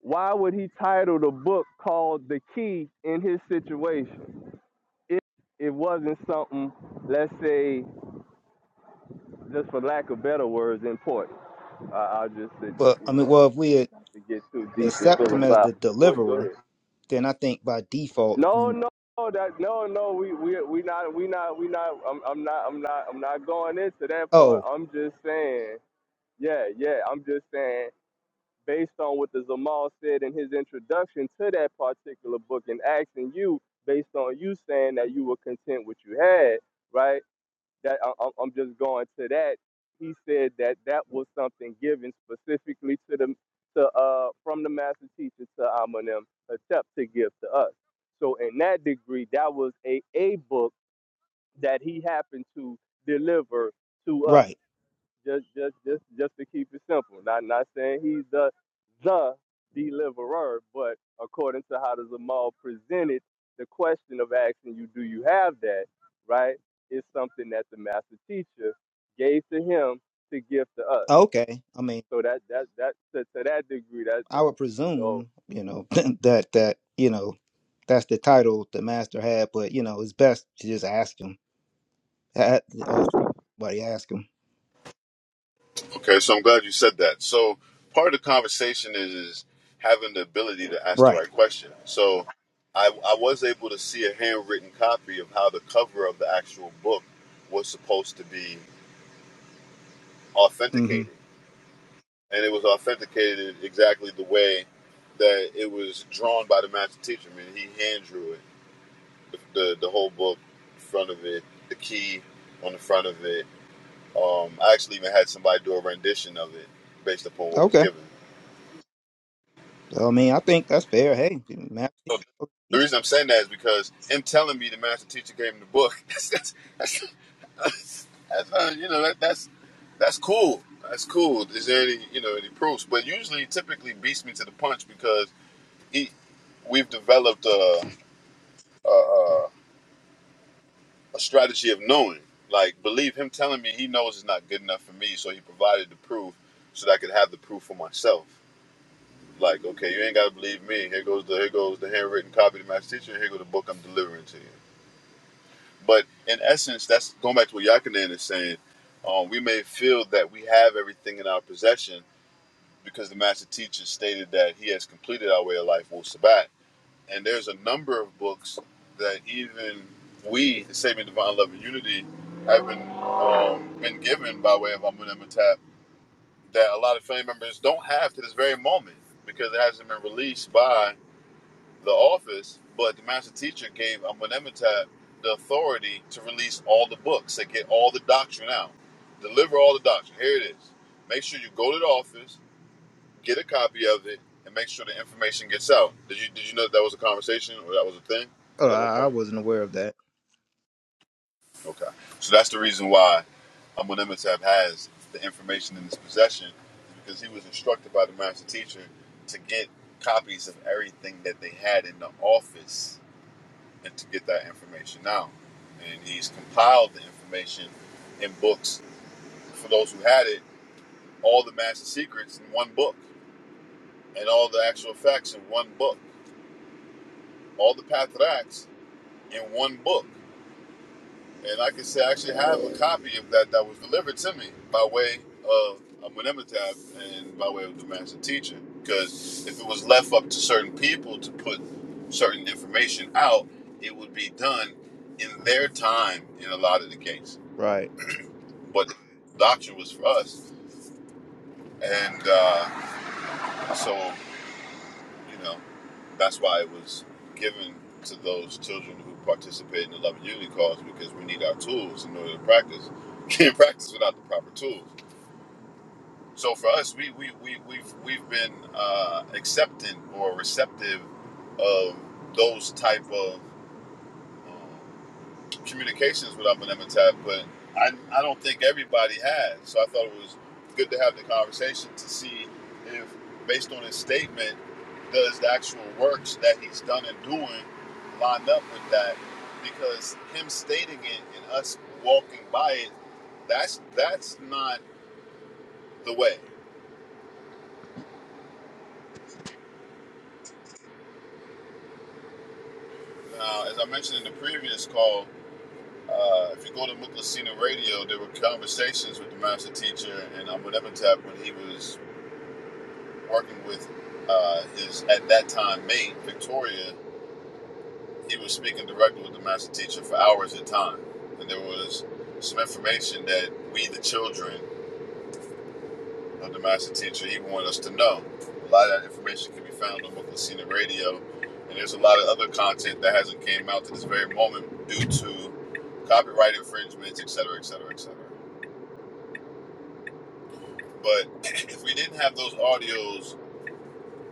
Speaker 5: why would he title the book called The Key in his situation? If it wasn't something, let's say, just for lack of better words, important. I, I just said,
Speaker 4: Well, I
Speaker 5: you
Speaker 4: mean,
Speaker 5: know,
Speaker 4: well, if we
Speaker 5: to get too deep and
Speaker 4: accept him as the
Speaker 5: philosophical. Go, go
Speaker 4: deliverer,
Speaker 5: ahead.
Speaker 4: then I think by default,
Speaker 5: No,
Speaker 4: then
Speaker 5: no, that no, no. We we we not we not we not. I'm I'm not I'm not I'm not going into that part.
Speaker 4: oh,
Speaker 5: I'm just saying, yeah, yeah. I'm just saying, based on what the Zamal said in his introduction to that particular book, and asking you based on you saying that you were content with what you had, right? that I, I'm I'm just going to that. He said that that was something given specifically to the to uh from the master teacher to Amanim Hotep to give to us. So in that degree, that was a a book that he happened to deliver to us.
Speaker 4: right,
Speaker 5: Just, just, just, just to keep it simple. Not, not saying he's the, the deliverer, but according to how the Zamal presented the question of asking you, do you have that? Right, is something that the master teacher gave to him to give to us.
Speaker 4: okay. I mean,
Speaker 5: So that, that, that, to, to that degree, that's
Speaker 4: I
Speaker 5: that.
Speaker 4: would
Speaker 5: So.
Speaker 4: presume, you know, that that you
Speaker 5: mhm.
Speaker 4: know, that's the title the master had, but you know, it's best to just ask him. Ha- Or somebody ask him.
Speaker 1: Okay, so I'm glad you said that. So part of the conversation is, is having the ability to ask the
Speaker 4: Right.
Speaker 1: right question. So I, I was able to see a handwritten copy of how the cover of the actual book was supposed to be
Speaker 4: Mm-hmm.
Speaker 1: authenticated. And it was authenticated exactly the way that it was drawn by the master teacher. I mean, he hand drew it, the, the, the whole book, front of it, the key on the front of it. Um, I actually even had somebody do a rendition of it based upon what was
Speaker 4: Okay.
Speaker 1: given.
Speaker 4: So I mean, I think that's fair. Hey,
Speaker 1: So
Speaker 4: master.
Speaker 1: the reason I'm saying that is because him telling me the master teacher gave him the book. That's that's that's, that's, uh, you know that, that's that's cool. That's cool. Is there any you know any proofs? But usually, he typically beats me to the punch because he we've developed a, a strategy of knowing. Like believe him telling me he knows it's not good enough for me, so he provided the proof so that I could have the proof for myself. Like okay, you ain't gotta believe me. Here goes the here goes the handwritten copy to the master teacher. Here goes the book I'm delivering to you. But in essence, that's going back to what Yakanan is saying. Um, we may feel that we have everything in our possession because the master teacher stated that he has completed our way of life, Wu Sabat. And there's a number of books that even we, the Saving Divine Love and Unity, have been um, been given by way of Amun Amitab that a lot of family members don't have to this very moment because it hasn't been released by the office, but the master teacher gave Amenemhotep the authority to release all the books, to get all the doctrine out, deliver all the doctrine. Here it is. Make sure you go to the office, get a copy of it, and make sure the information gets out. Did you did you know that, that was a conversation or that was a thing
Speaker 4: Oh,
Speaker 1: at one
Speaker 4: I I
Speaker 1: point?
Speaker 4: wasn't aware of that.
Speaker 1: Okay, so that's the reason why Amenemhotep has the information in his possession, is because he was instructed by the master teacher to get copies of everything that they had in the office and to get that information out. And he's compiled the information in books for those who had it, all the master secrets in one book, and all the actual facts in one book, all the path of acts in one book. And like I said, I actually have a copy of that that was delivered to me by way of a Menemetab and by way of the master teacher. Because if it was left up to certain people to put certain information out, it would be done in their time in a lot of the cases.
Speaker 4: Right.
Speaker 1: But the doctrine was for us. And uh, so, you know, that's why it was given to those children who participate in the Love and Unity cause because we need our tools in order to practice. Can't practice without the proper tools. So for us, we, we, we, we've, we've been uh, accepting or receptive of those type of um, communications with Upper Nemetab, but I, I don't think everybody has. So I thought it was good to have the conversation to see if, based on his statement, does the actual works that he's done and doing line up with that? Because him stating it and us walking by it, that's that's not the way. Now, as I mentioned in the previous call, uh, if you go to Muklasina Radio, there were conversations with the master teacher and Abu Nemetab when he was working with uh, his at that time mate Victoria. He was speaking directly with the master teacher for hours at a time, and there was some information that we, the children of the master teacher, he wanted us to know. A lot of that information can be found on Brooklyn Senior Radio, and there's a lot of other content that hasn't came out to this very moment due to copyright infringements, et cetera, et cetera, et cetera. But if we didn't have those audios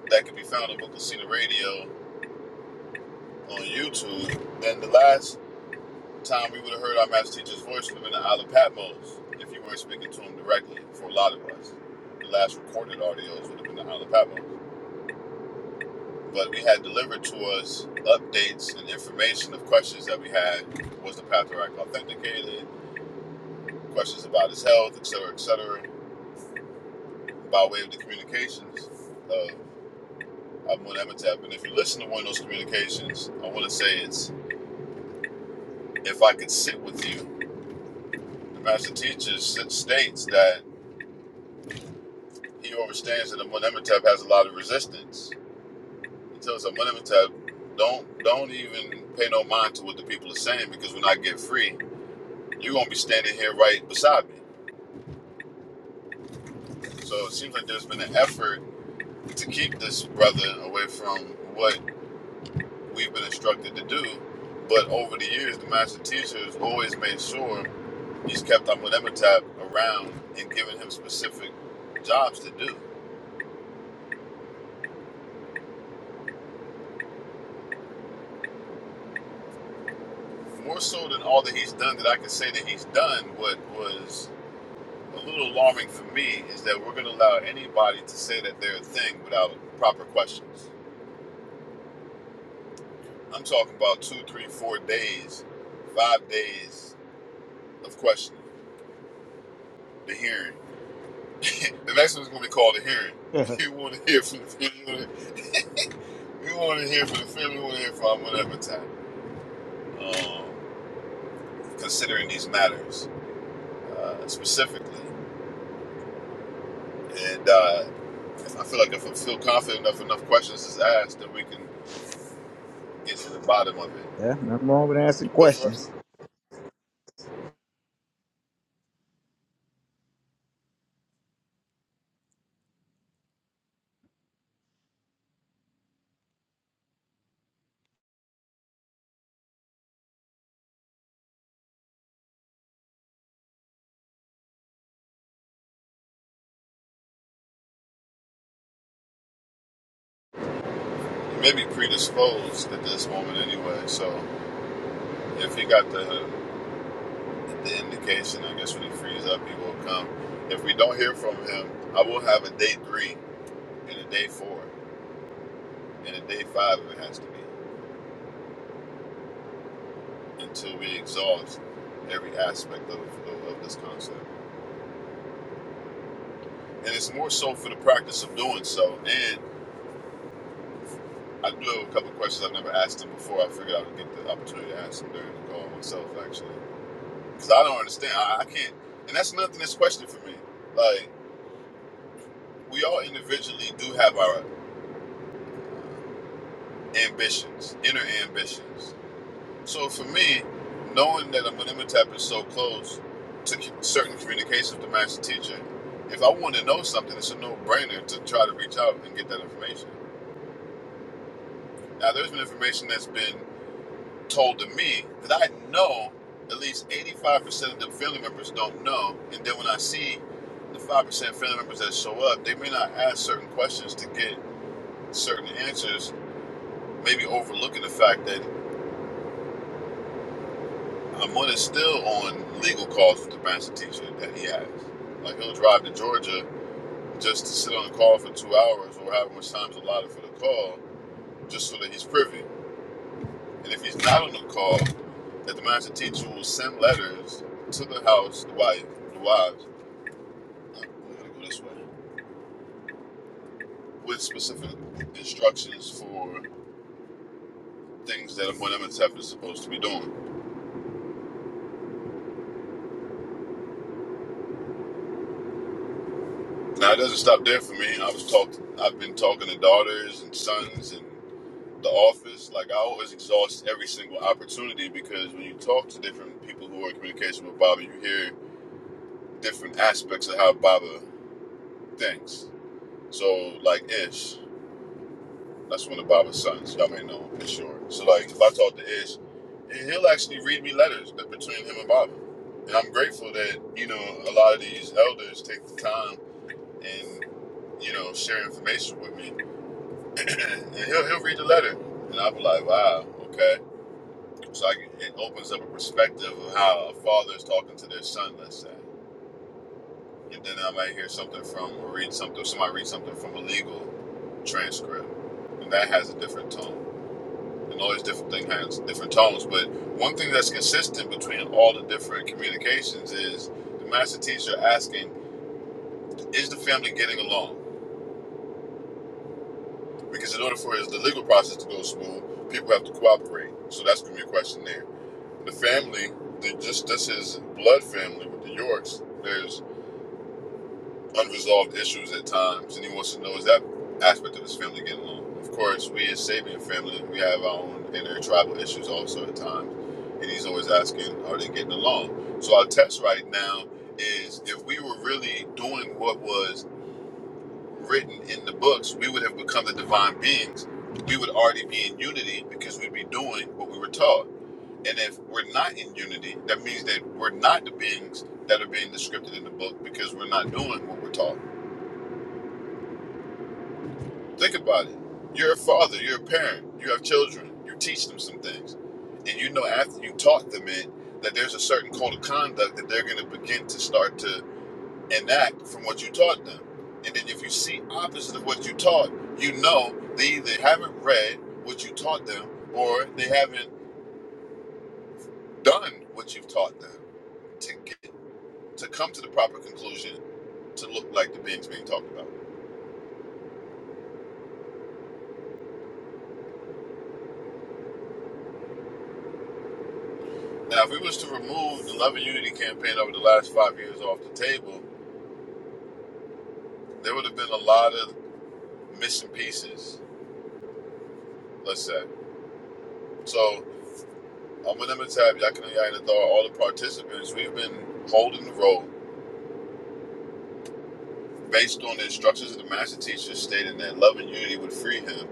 Speaker 1: that could be found on Brooklyn Senior Radio on YouTube, then the last time we would have heard our master teacher's voice from in the Isle of Patmos if you weren't speaking to him directly. For a lot of us, the last recorded audios would have been the Isle of Patmos. But we had delivered to us updates and information of questions that we had. Was the patriarch authenticated? Questions about his health, et cetera, et cetera, by way of the communications of Amun Amitab. And if you listen to one of those communications, I want to say it's if I could sit with you. The master teacher states that He overstands that Amenemhotep has a lot of resistance. He tells Amenemhotep, "Don't don't even pay no mind to what the people are saying because when I get free, you're gonna be standing here right beside me." So it seems like there's been an effort to keep this brother away from what we've been instructed to do. But over the years, the master teacher has always made sure he's kept Amenemhotep around and given him specific jobs to do. More so than all that he's done, that I can say that he's done what was a little alarming for me is that we're going to allow anybody to say that they're a thing without proper questions. I'm talking about two, three, four days, five days of questioning. The hearing. the next one's going to be called a hearing.
Speaker 4: yeah,
Speaker 1: You want to hear from the family. We want to hear from the family. We want to hear from whatever time. Um, considering these matters uh, specifically, and uh, I feel like if I feel confident enough, enough questions is asked, then we can get to the bottom of it.
Speaker 4: Yeah, nothing wrong with asking
Speaker 1: But first.
Speaker 4: questions.
Speaker 1: maybe predisposed at this moment anyway. So if he got the the indication, I guess when he frees up, he will come. If we don't hear from him, I will have a day three and a day four and a day five if it has to be until we exhaust every aspect of, of, of this concept. And it's more so for the practice of doing so. And I do have a couple of questions I've never asked him before. I figured I would get the opportunity to ask him during the call myself, actually. Because I don't understand. I, I can't. And that's nothing that's questioned for me. Like, we all individually do have our ambitions, inner ambitions. So for me, knowing that I'm an tap is so close to certain communications with the master teacher, if I want to know something, it's a no-brainer to try to reach out and get that information. Now, there's been information that's been told to me that I know at least 85% of the family members don't know, and then when I see the 5% family members that show up, they may not ask certain questions to get certain answers maybe overlooking the fact that Hamud is still on legal calls with the master teacher that he has. Like he'll drive to Georgia just to sit on the call for two hours or however much time's allotted for the call, just so that he's privy. And if he's not on the call, that the master teacher will send letters to the house, the wife, the wives. uh, We're gonna go this way with specific instructions for things that Amon Emetep is supposed to be doing. Now it doesn't stop there for me. I was talk I've been talking to daughters and sons and The Office. Like I always exhaust every single opportunity because when you talk to different people who are in communication with Baba, you hear different aspects of how Baba thinks. So like Ish, that's one of Baba's sons. Y'all may know him for sure. So like if I talk to Ish, he- will actually read me letters between him and Baba. And I'm grateful that, you know, a lot of these elders take the time and, you know, share information with me. and he'll, he'll read the letter. And I'll be like, wow, okay So I can, it opens up a perspective of how a father is talking to their son, let's say. And then I might hear something from, or read something, somebody read something from a legal transcript. And that has a different tone. And all these different things has different tones. But one thing that's consistent between all the different communications is the master teacher asking, is the family getting along? Because in order for the legal process to go smooth, people have to cooperate. So that's going to be a question there. The family, they just that's his blood family with the Yorks. There's unresolved issues at times, and he wants to know is that aspect of his family getting along. Of course, we as Sabian family, we have our own intertribal issues also at times, and he's always asking, are they getting along? So our test right now is if we were really doing what was written in the books, we would have become the divine beings. We would already be in unity because we'd be doing what we were taught and if we're not in unity, that means that we're not the beings that are being described in the book because we're not doing what we're taught. Think about it. You're a father, you're a parent, you have children, you teach them some things. And you know after you taught them it, that there's a certain code of conduct that they're going to begin to start to enact from what you taught them. And then if you see opposite of what you taught, you know they either haven't read what you taught them or they haven't done what you've taught them to get to come to the proper conclusion to look like the beings being talked about. Now, if we was to remove the Love and Unity campaign over the last five years off the table, there would have been a lot of missing pieces, let's say. So, I'm with Tab, Yakanaya, and Adar, all the participants, we've been holding the role based on the instructions of the master teacher stating that love and unity would free him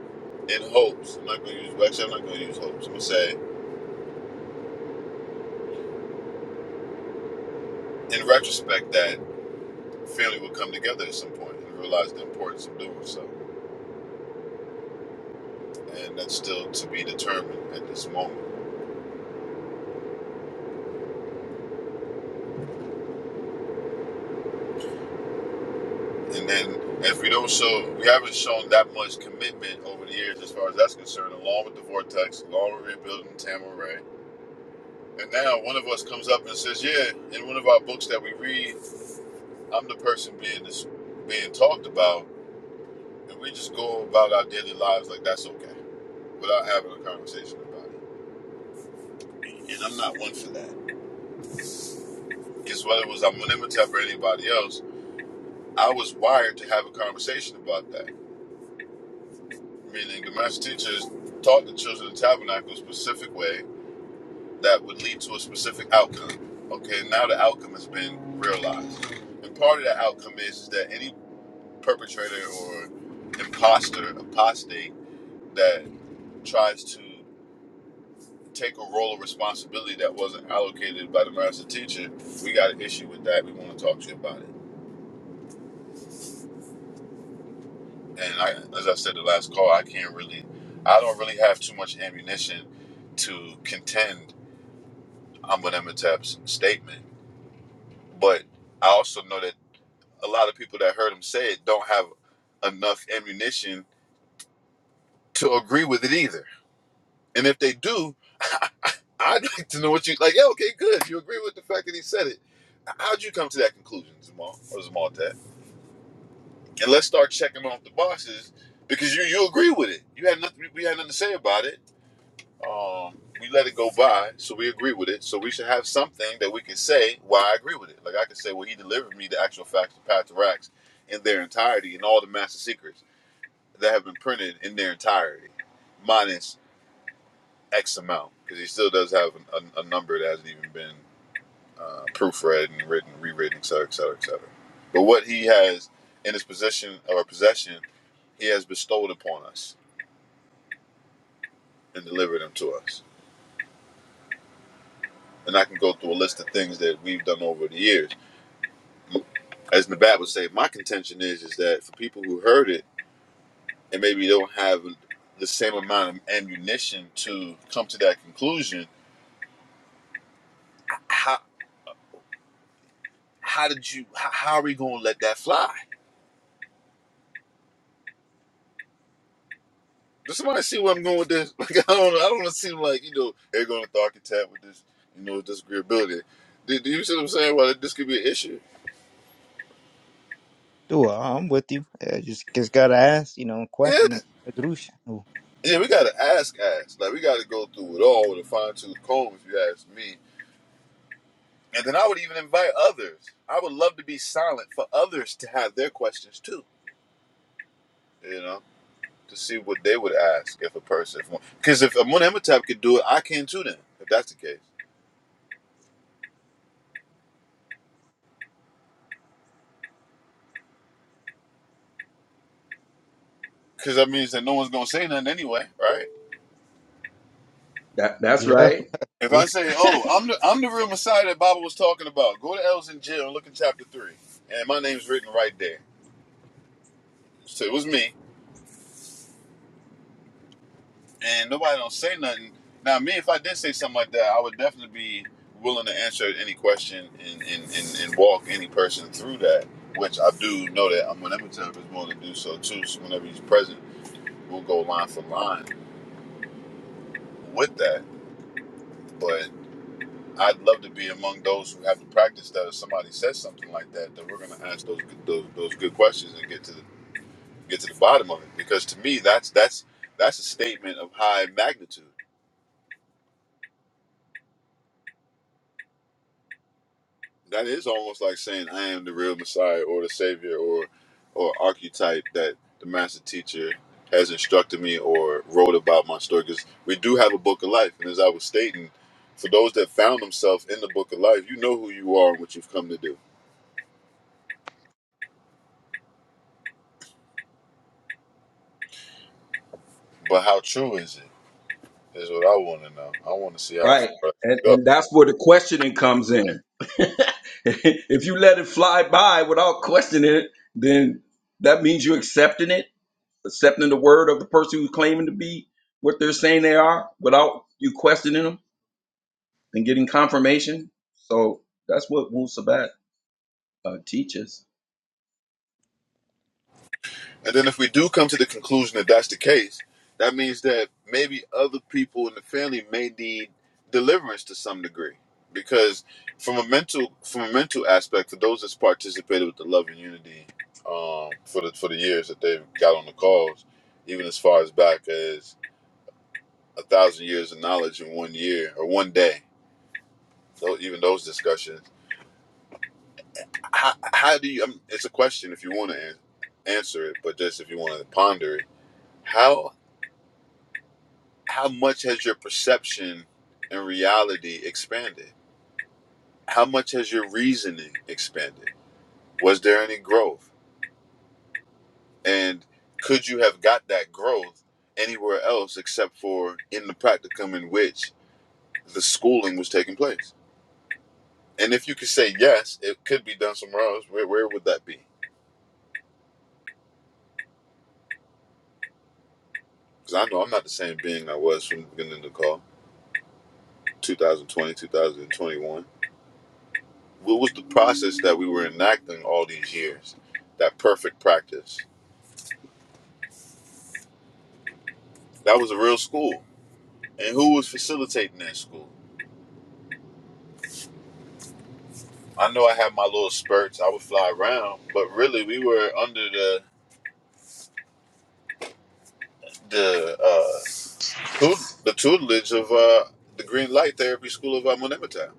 Speaker 1: in hopes. I'm not going to use, actually, I'm not going to use hopes. I'm going to say, in retrospect, that family would come together at some point and realize the importance of doing so. and that's still to be determined at this moment. And then if we don't show, we haven't shown that much commitment over the years as far as that's concerned, along with the Vortex, along with rebuilding Tamaray. And now one of us comes up and says, yeah, in one of our books that we read, I'm the person being this, being talked about, and we just go about our daily lives like that's okay, without having a conversation about it. And I'm not one for that. Because whether it was Amenemhotep or anybody else, I was wired to have a conversation about that meaning the master teachers taught the children of the tabernacle a specific way that would lead to a specific outcome. Okay, now the outcome has been realized. And part of that outcome is, is that any perpetrator or imposter, apostate that tries to take a role of responsibility that wasn't allocated by the master teacher, we got an issue with that. We want to talk to you about it. And I, as I said the last call, I can't really, I don't really have too much ammunition to contend I'm with Amenhotep's statement. But I also know that a lot of people that heard him say it don't have enough ammunition to agree with it either. And if they do, I'd like to know what you like. Yeah, okay, good. You agree with the fact that he said it. How'd you come to that conclusion, Zamal or Zamal And let's start checking off the boxes because you you agree with it. You had nothing. We had nothing to say about it. Um, we let it go by, so we agree with it. So we should have something that we can say why I agree with it. Like I can say, well, he delivered me the actual facts of Path to Racks in their entirety and all the master secrets that have been printed in their entirety, minus X amount, because he still does have a, a, a number that hasn't even been uh, proofread and written, rewritten, et cetera, et cetera, et cetera. But what he has in his possession or possession, he has bestowed upon us and delivered them to us. And I can go through a list of things that we've done over the years as Nabat would say, my contention is is that for people who heard it and maybe don't have the same amount of ammunition to come to that conclusion, how how did you how, how are we going to let that fly? Does somebody see where I'm going with this? Like I don't I don't want to seem like you know they're going to the architect with this you know disagreeability. Do, do you see what I'm saying? Well, this could be an issue.
Speaker 4: Sure, I'm with you. I just just gotta ask, you know, and
Speaker 1: Yeah,
Speaker 4: question them. Adrush. Oh,
Speaker 1: yeah, we got to ask, ask. Like we got to go through it all with a fine tooth comb. If you ask me, And then I would even invite others. I would love to be silent for others to have their questions too, you know, to see what they would ask if a person, because if, one- 'cause if could do it, I can too then, if that's the case. Because that means that no one's going to say nothing anyway, right?
Speaker 2: That that's
Speaker 4: Yeah,
Speaker 2: right.
Speaker 1: If I
Speaker 4: true.
Speaker 1: say, oh, I'm the, I'm the real Messiah that Baba was talking about, go to Els in jail and look in chapter 3. And my name's written right there. So it was me. and nobody don't say nothing. Now, me, if I did say something like that, I would definitely be willing to answer any question and, and, and, and walk any person through that, which I do know that I'm whenever therapist is willing to do so too. So whenever he's present, we'll go line for line with that. But I'd love to be among those who have to practice that. If somebody says something like that, that we're going to ask those, those those good questions and get to the get to the bottom of it. Because to me, that's that's that's a statement of high magnitude. that is almost like saying I am the real Messiah or the Savior or or archetype that the master teacher has instructed me or wrote about my story. Because we do have a book of life, and as I was stating, for those that found themselves in the book of life, you know who you are and what you've come to do. But how true is it? Is what I want to know. I want to see how far
Speaker 2: Right.
Speaker 1: I
Speaker 2: And
Speaker 1: can go.
Speaker 2: and that's where the questioning comes in. if you let it fly by without questioning it, then that means you're accepting it, accepting the word of the person who's claiming to be what they're saying they are without you questioning them and getting confirmation. So that's what Wu Sabat uh, teaches.
Speaker 1: And then if we do come to the conclusion that that's the case, that means that maybe other people in the family may need deliverance to some degree. Because from a mental from a mental aspect, for those that's participated with the love and unity um, for the for the years that they've got on the calls, even as far as back as a thousand years of knowledge in one year or one day, tho- even those discussions. How, how do you? I mean, it's a question if you want to an- answer it, but just if you want to ponder it, how how much has your perception and reality expanded? How much has your reasoning expanded? Was there any growth? And could you have got that growth anywhere else except for in the practicum in which the schooling was taking place? And if you could say yes, it could be done somewhere else, where, where would that be? Because I know I'm not the same being I was from the beginning of the call, 2020, 2021. What was the process that we were enacting all these years? That perfect practice That was a real school. And who was facilitating that school? I know I had my little spurts. I would fly around, but really we were under the the uh, tut- the tutelage of uh, the Green Light Therapy School of Amunimatab.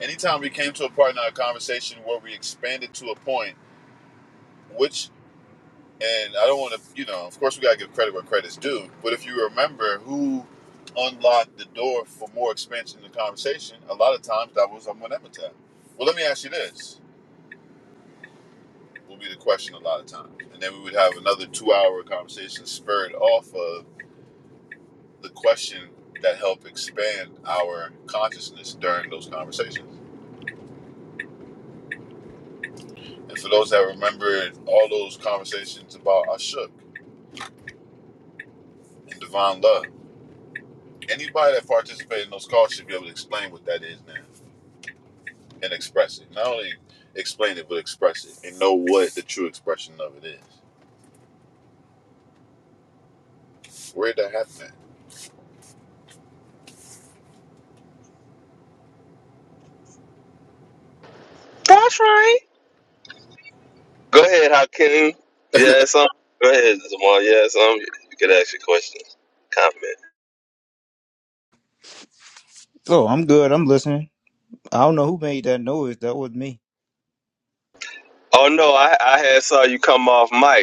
Speaker 1: Anytime we came to a part in our conversation where we expanded to a point, which and I don't want to, you know, of course we gotta give credit where credit's due. But if you remember who unlocked the door for more expansion in the conversation, a lot of times that was Amunimatab. Well, let me ask you this will be the question a lot of times. And then we would have another two hour conversation spurred off of the question that helped expand our consciousness during those conversations. And for those that remember all those conversations about Ashuk and divine love, anybody that participated in those calls should be able to explain what that is now and express it. Not only explain it, but express it and know what the true expression of it is. Where did that happen at?
Speaker 5: Go ahead, Hakeem. Yeah, some. Go ahead, Jamal. Yeah, some. You ask your question. Comment.
Speaker 4: Oh, I'm good. I'm listening. I don't know who made that noise. That was me.
Speaker 5: Oh no, I I had saw you come off mic.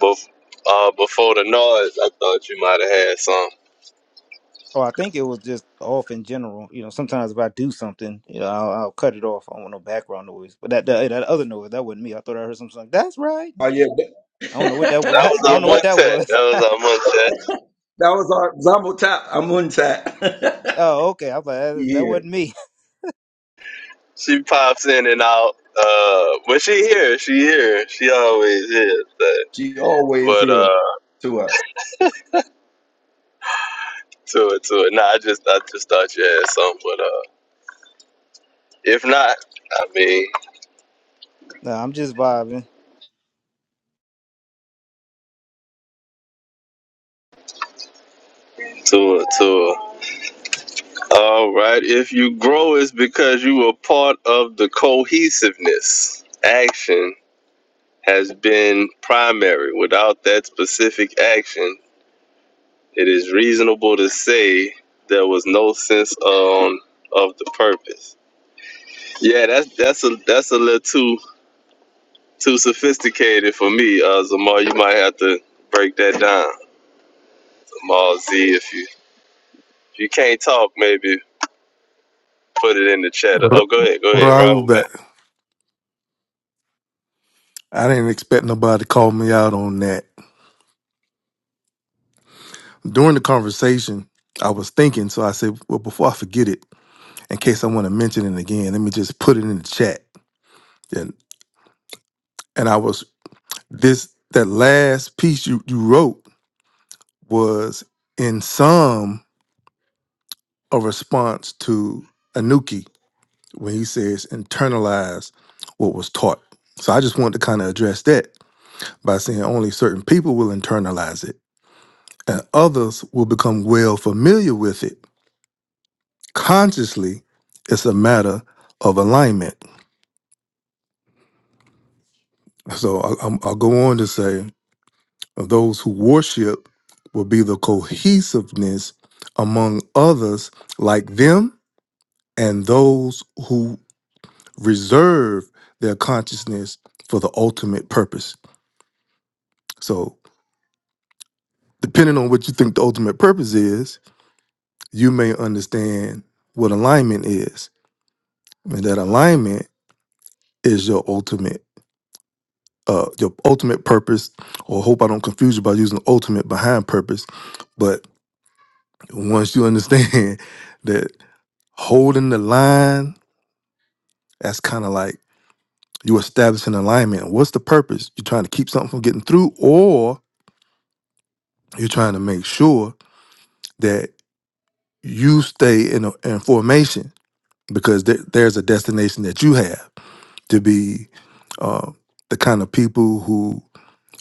Speaker 5: Bef- uh, before the noise, I thought you might have had some.
Speaker 4: Oh, I think it was just off in general. You know, sometimes if I do something, you know, I'll, I'll cut it off. I don't want no background noise. But that, that hey, that other noise, that wasn't me. I thought I heard something like, "That's right."
Speaker 2: Oh yeah, that,
Speaker 4: I don't know what that
Speaker 2: yeah,
Speaker 4: was.
Speaker 5: That was
Speaker 4: I
Speaker 5: our
Speaker 4: don't know what
Speaker 2: that,
Speaker 4: that
Speaker 5: Montet.
Speaker 4: was.
Speaker 5: That was our Montet.
Speaker 2: that was our Zamo Tap. Amun Tap.
Speaker 4: Oh, okay. I'm like, that that
Speaker 2: here.
Speaker 4: wasn't me.
Speaker 5: She pops in and out. Uh, when she here, she here. She always is. But,
Speaker 2: She always
Speaker 5: but
Speaker 2: here
Speaker 5: uh,
Speaker 2: to us.
Speaker 5: to it, to it. Nah, I just, I just thought you had some. But uh, if not, I mean,
Speaker 4: No, I'm just vibing.
Speaker 5: to it, to it. All right. If you grow, it's because you were part of the cohesiveness. Action has been primary. Without that specific action It is reasonable to say there was no sense um of the purpose. Yeah, that's that's a that's a little too too sophisticated for me, uh Zamar. You might have to break that down. Zamar Z if you if you can't talk maybe put it in the chat.
Speaker 3: Ra-
Speaker 5: Oh go ahead, go ahead,
Speaker 3: Raul,
Speaker 5: Raul
Speaker 3: but
Speaker 5: back.
Speaker 3: I didn't expect nobody to call me out on that during the conversation. I was thinking, so I said, well, before I forget it, in case I want to mention it again, let me just put it in the chat. And and I was This that last piece you, you wrote was in some a response to Anuki when he says internalize what was taught. So I just wanted to kind of address that by saying only certain people will internalize it and others will become well familiar with it consciously. It's a matter of alignment. So I, I'm- I'll go on to say of those who worship will be the cohesiveness among others like them and those who reserve their consciousness for the ultimate purpose. So, depending on what you think the ultimate purpose is, you may understand what alignment is. And that alignment is your ultimate uh your ultimate purpose or hope I don't confuse you by using ultimate behind purpose, but once you understand that holding the line, that's kind of like you establishing alignment. What's the purpose? You're trying to keep something from getting through, or you're trying to make sure that you stay in, a, in formation because there, there's a destination that you have to be uh, the kind of people who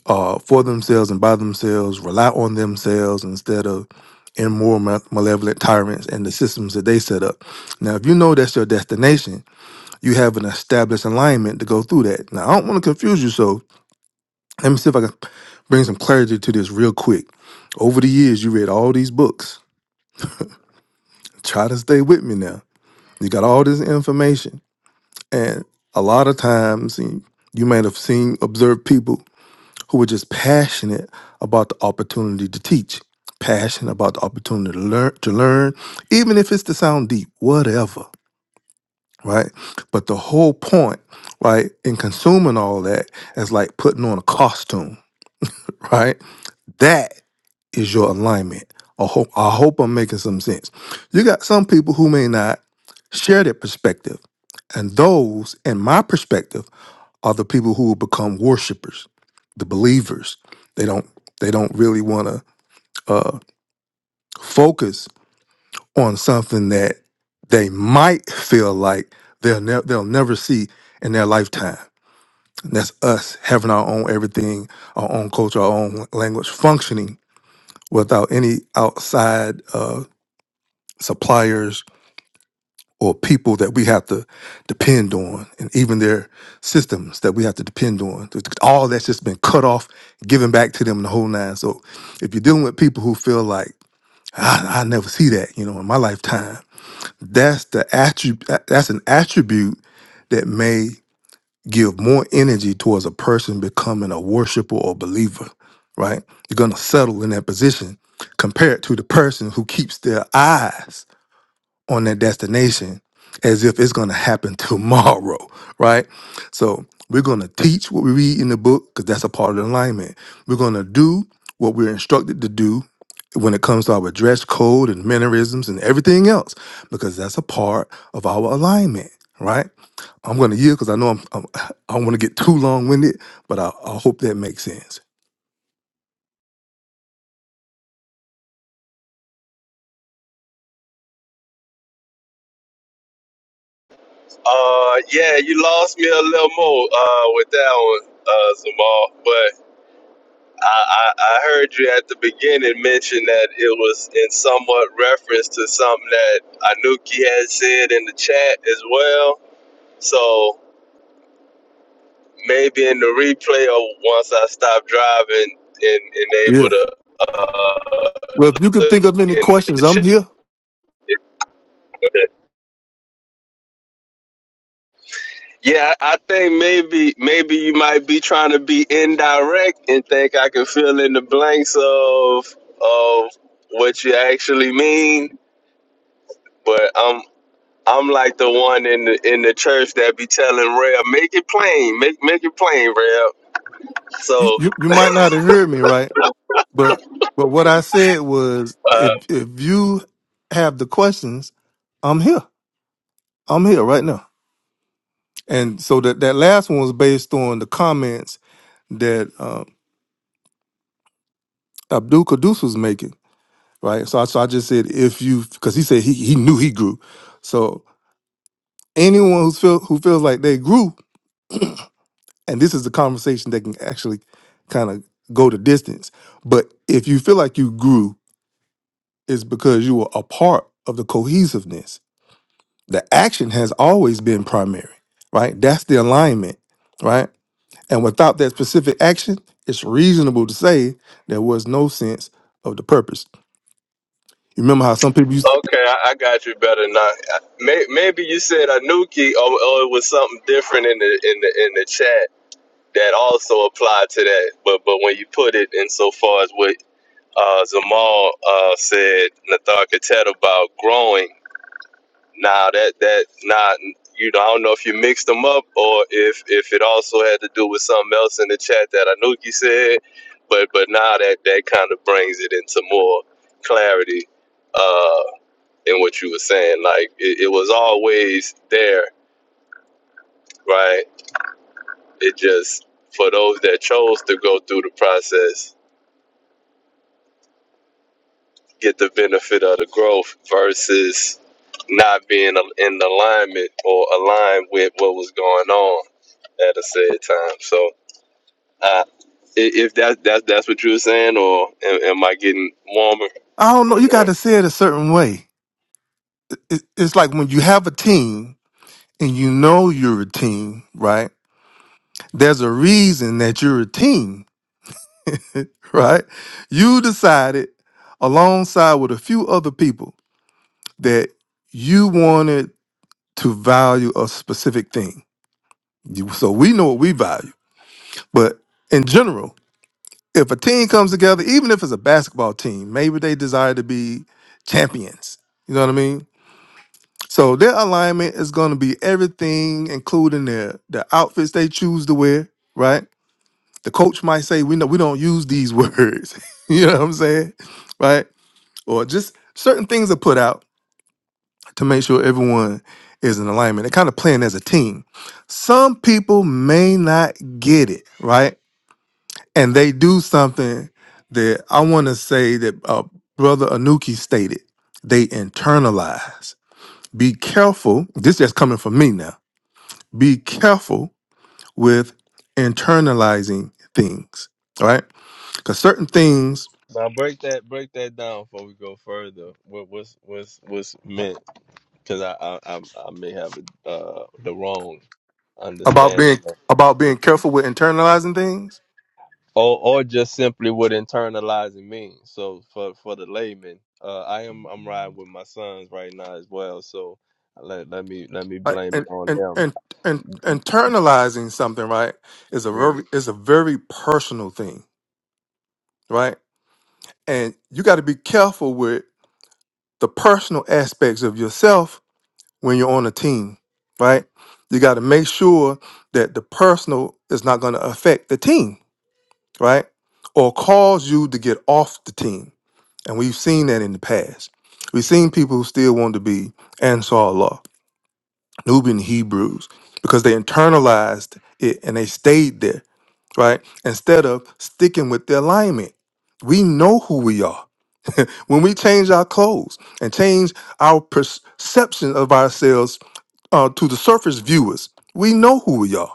Speaker 3: are for themselves and by themselves, rely on themselves instead of immoral, ma- malevolent tyrants and the systems that they set up. Now, if you know that's your destination, you have an established alignment to go through that. Now, I don't want to confuse you, so let me see if I can bring some clarity to this real quick. Over the years, you read all these books. Try to stay with me now. You got all this information, and a lot of times you might have seen, observed people who were just passionate about the opportunity to teach, passionate about the opportunity to learn, to learn, even if it's to sound deep, whatever. right? But the whole point, right, in consuming all that is like putting on a costume, right? That is your alignment. I hope I hope I'm making some sense. You got some people who may not share their perspective, and those, in my perspective, are the people who will become worshipers, the believers. They don't they don't really want to uh, focus on something that they might feel like they'll ne- they'll never see in their lifetime And that's us having our own everything, our own culture, our own language, functioning without any outside uh, suppliers or people that we have to depend on, and even their systems that we have to depend on. All that's just been cut off, given back to them the whole nine. So if you're dealing with people who feel like, I, I never see that, you know, in my lifetime. That's the attribute. That's an attribute that may give more energy towards a person becoming a worshiper or believer, right? You're going to settle in that position compared to the person who keeps their eyes on that destination as if it's going to happen tomorrow, right? So we're going to teach what we read in the book because that's a part of the alignment. We're going to do what we're instructed to do when it comes to our dress code and mannerisms and everything else, because that's a part of our alignment, right? I'm going to yield because I know I'm, I'm I don't want to get too long winded, but I, I hope that makes sense.
Speaker 5: Uh yeah, you lost me a little more uh with that one, uh Zamar. But I, I I heard you at the beginning mention that it was in somewhat reference to something that Anuki had said in the chat as well. So maybe in the replay or once I stop driving and, and
Speaker 3: Yeah.
Speaker 5: able to uh,
Speaker 3: Well, if you could think of any
Speaker 5: in the
Speaker 3: questions, I'm
Speaker 5: chat.
Speaker 3: here.
Speaker 5: Yeah, I I think maybe maybe you might be trying to be indirect and think I can fill in the blanks of of what you actually mean. But I'm I'm like the one in the in the church that be telling Rev, make it plain, make make it plain, Rev.
Speaker 3: You
Speaker 5: So
Speaker 3: you, you might not have heard me right, but but what I said was if
Speaker 5: uh,
Speaker 3: if you have the questions, I'm here. I'm here right now. And so that that last one was based on the comments that uh, Abdul Caduce was making. right? So I, so I just said if you because he said he he knew he grew. So anyone who's feel who feels like they grew, and this is a conversation that can actually kind of go the distance. But if you feel like you grew, it's because you were a part of the cohesiveness. The action has always been primary, right? That's the alignment, right? And without that specific action, it's reasonable to say there was no sense of the purpose. You remember how some people used,
Speaker 5: okay, I, I got you better now. May, maybe you said Anuki, or, or it was something different in the in the in the chat that also applied to that. But but when you put it in so far as what uh, Zamal uh, said, Nathar Katet about growing. Nah, that that nah. You know, I don't know if you mixed them up or if if it also had to do with something else in the chat that Anuki said, but but now that that kind of brings it into more clarity uh, in what you were saying. Like it, it was always there, right? It just for those that chose to go through the process, get the benefit of the growth versus not being in alignment or aligned with what was going on at a said time. So, uh, if that that's that's what you were saying, or am, am I getting warmer
Speaker 3: I don't know,
Speaker 5: on
Speaker 3: you got
Speaker 5: that?
Speaker 3: to say it a certain way it- it's like when you have a team and you know you're a team, right? There's a reason that you're a team, right? You decided alongside with a few other people that you wanted to value a specific thing. You, so we know what we value. But in general, if a team comes together, even if it's a basketball team, maybe they desire to be champions. You know what I mean? So their alignment is going to be everything, including their the outfits they choose to wear. Right? The coach might say, "We know we don't use these words." you know what I'm saying? Right? Or just certain things are put out to make sure everyone is in alignment. They're kind of playing as a team. Some people may not get it right, and they do something that I want to say that uh, Brother Anuki stated. They internalize. Be careful. This is coming from me now be careful with internalizing things, all right? Because certain things
Speaker 5: Now break that break that down before we go further. What what's what's what's meant? Because I, I I I may have uh, the wrong
Speaker 3: about
Speaker 5: understanding.
Speaker 3: being about being careful with internalizing things,
Speaker 5: or or just simply what internalizing means. So for for the layman, uh, I am I'm riding with my sons right now as well. So let let me let me
Speaker 3: uh,
Speaker 5: blame it
Speaker 3: and
Speaker 5: on
Speaker 3: and
Speaker 5: them.
Speaker 3: and and internalizing something, right, is a very is a very personal thing, right? And you got to be careful with the personal aspects of yourself when you're on a team, right? You got to make sure that the personal is not going to affect the team right? Or cause you to get off the team. And we've seen that in the past. We've seen people who still want to be Ansar Allah, Nubian Hebrews, because they internalized it and they stayed there, right? Instead of sticking with their alignment. We know who we are. When we change our clothes and change our perception of ourselves uh, to the surface viewers, we know who we are.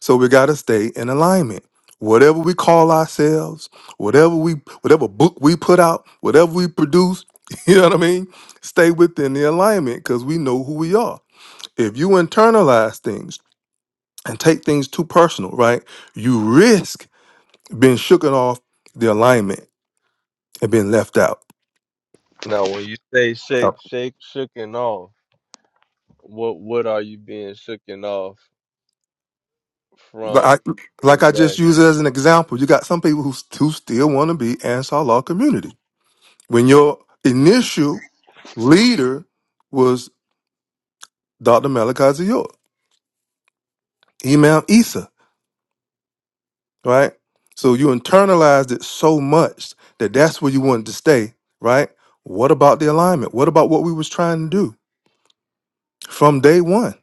Speaker 3: So we got to stay in alignment. Whatever we call ourselves, whatever we whatever book we put out, whatever we produce, you know what I mean? Stay within the alignment cuz we know who we are. If you internalize things and take things too personal, right? You risk being shooken off the alignment and being left out.
Speaker 5: Now, when you say
Speaker 3: Yep.
Speaker 5: shake shake shooken off, what what are you being shooken off
Speaker 3: Like
Speaker 5: from
Speaker 3: I, like I just
Speaker 5: exactly?
Speaker 3: used it as an example, you got some people who, who still want to be Ansar Law community. When your initial leader was. Dr. Malachi York, Imam Isa, right? So you internalized it so much that that's where you wanted to stay, right? What about the alignment? What about what we was trying to do from day one?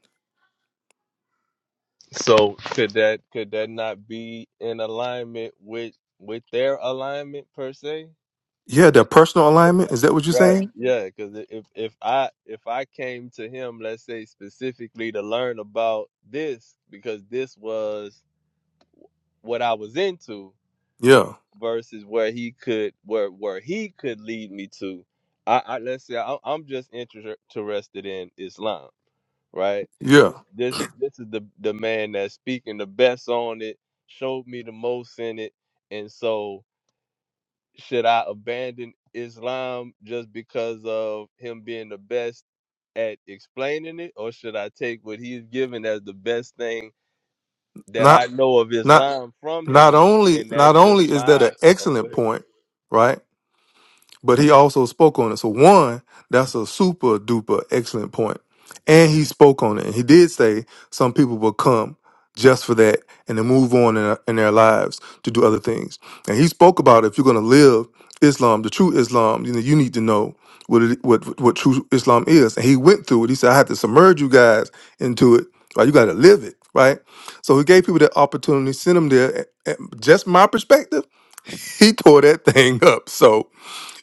Speaker 5: So could that could that not be in alignment with with their alignment per se?
Speaker 3: Yeah, the personal alignment. Is that what you're
Speaker 5: Right.
Speaker 3: saying?
Speaker 5: Yeah, because if if I if I came to him, let's say specifically to learn about this, because this was what I was into,
Speaker 3: Yeah,
Speaker 5: versus where he could where where he could lead me to. I, I let's say I, I'm just inter- interested in Islam, right?
Speaker 3: yeah.
Speaker 5: This this this is the the man that's speaking the best on it, showed me the most in it, and so should I abandon Islam just because of him being the best? at explaining it, or should I take what he's given as the best thing that
Speaker 3: Not,
Speaker 5: I know of
Speaker 3: not,
Speaker 5: Islam from
Speaker 3: not
Speaker 5: him,
Speaker 3: only,
Speaker 5: and that's
Speaker 3: not
Speaker 5: just
Speaker 3: only is that an
Speaker 5: my oh, go
Speaker 3: excellent
Speaker 5: ahead.
Speaker 3: point, right? but he also spoke on it. So one, that's a super duper excellent point. And he spoke on it. And he did say some people will come just for that and to move on in, in their lives to do other things. And he spoke about if you're going to live Islam, the true Islam, you know, you need to know what it, what what true Islam is. And he went through it. He said, I had to submerge you guys into it. Right? You got to live it. Right? So he gave people that opportunity, sent them there. And- and Just my perspective, he tore that thing up. So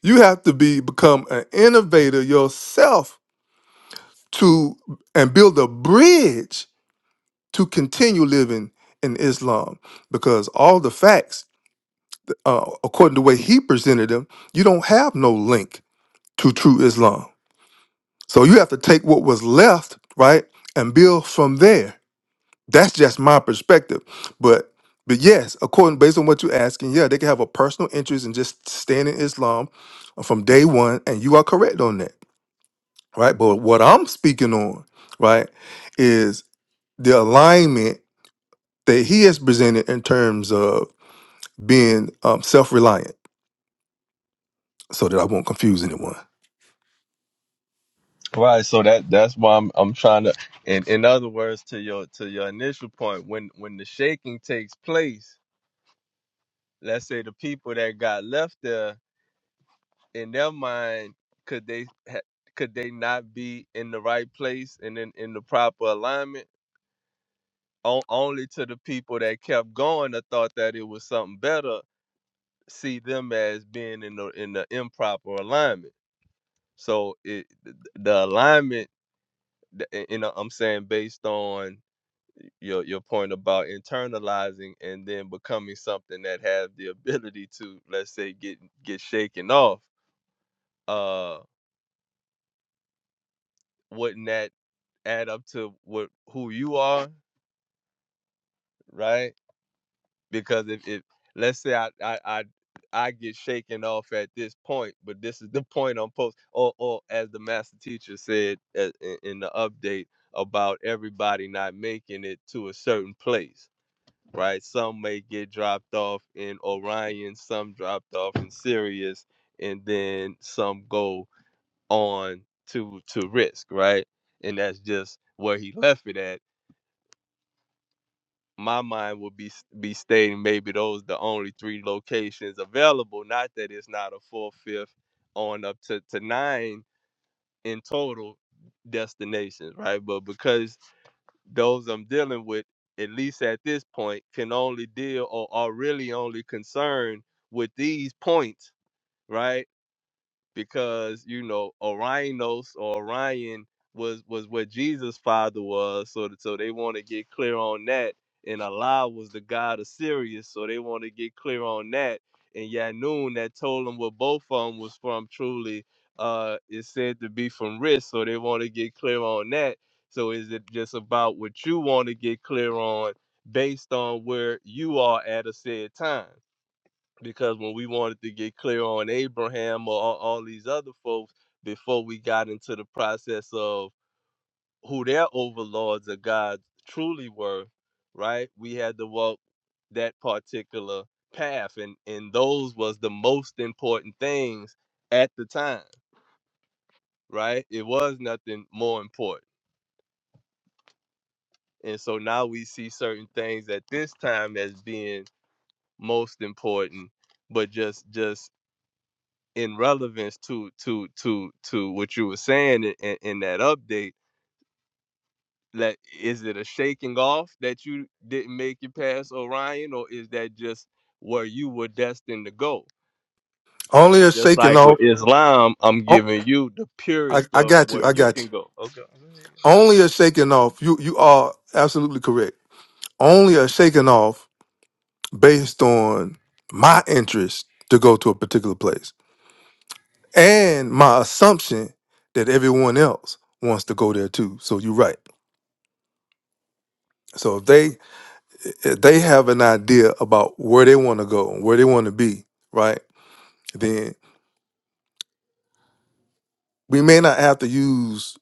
Speaker 3: you have to be become an innovator yourself to and build a bridge to continue living in Islam because all the facts, uh, according to the way he presented them, you don't have no link to true Islam. So you have to take what was left, right, and build from there. That's just my perspective, but but yes, according based on what you're asking, yeah, they can have a personal interest in just staying in Islam from day one, and you are correct on that. right? But what I'm speaking on, right, is the alignment that he has presented in terms of being um, self-reliant, so that I won't confuse anyone.
Speaker 5: right. So that that's why I'm I'm trying to. In in other words, to your to your initial point, when when the shaking takes place, let's say the people that got left there in their mind, could they ha- could they not be in the right place and in in the proper alignment? on, only to the people that kept going that thought that it was something better see them as being in the in the improper alignment. So it the alignment, you know, I'm saying based on your your point about internalizing and then becoming something that has the ability to, let's say, get get shaken off. Uh, wouldn't that add up to what who you are, right? because if, if let's say I, I I I get shaken off at this point, but this is the point I'm post or or as the master teacher said uh, in, in the update about everybody not making it to a certain place, right? Some may get dropped off in Orion, some dropped off in Sirius, and then some go on to to risk, right? And that's just where he left it at my mind would be be stating maybe those the only three locations available. Not that it's not a four, fifth, on up to to nine in total destinations, right? But because those I'm dealing with, at least at this point, can only deal or are really only concerned with these points, right? because you know Orionos or Orion was was what Jesus' father was. So th- so they want to get clear on that. And Allah was the god of Sirius, so they want to get clear on that. And Yanun that told them where both of them was from truly uh is said to be from Risk, so they want to get clear on that. So is it just about what you want to get clear on based on where you are at a said time? because when we wanted to get clear on Abraham or all, all these other folks before we got into the process of who their overlords of God truly were, right? We had to walk that particular path and and those was the most important things at the time, right? It was nothing more important. And so now we see certain things at this time as being most important, but just just in relevance to to to to what you were saying in, in, in that update like is it a shaking off that you didn't make it past orion or is that just where you were destined to go
Speaker 3: Only a
Speaker 5: just
Speaker 3: shaking
Speaker 5: like with
Speaker 3: off.
Speaker 5: islam i'm
Speaker 3: Oh,
Speaker 5: giving you the
Speaker 3: I,
Speaker 5: purest
Speaker 3: I
Speaker 5: of
Speaker 3: got you.
Speaker 5: where
Speaker 3: I
Speaker 5: you
Speaker 3: got you.
Speaker 5: can go okay
Speaker 3: Only a shaking off. You you are absolutely correct. Only a shaking off based on my interest to go to a particular place and my assumption that everyone else wants to go there too. So you're right. So if they eh, they have an idea about where they want to go and where they want to be, right? Then we may not have to use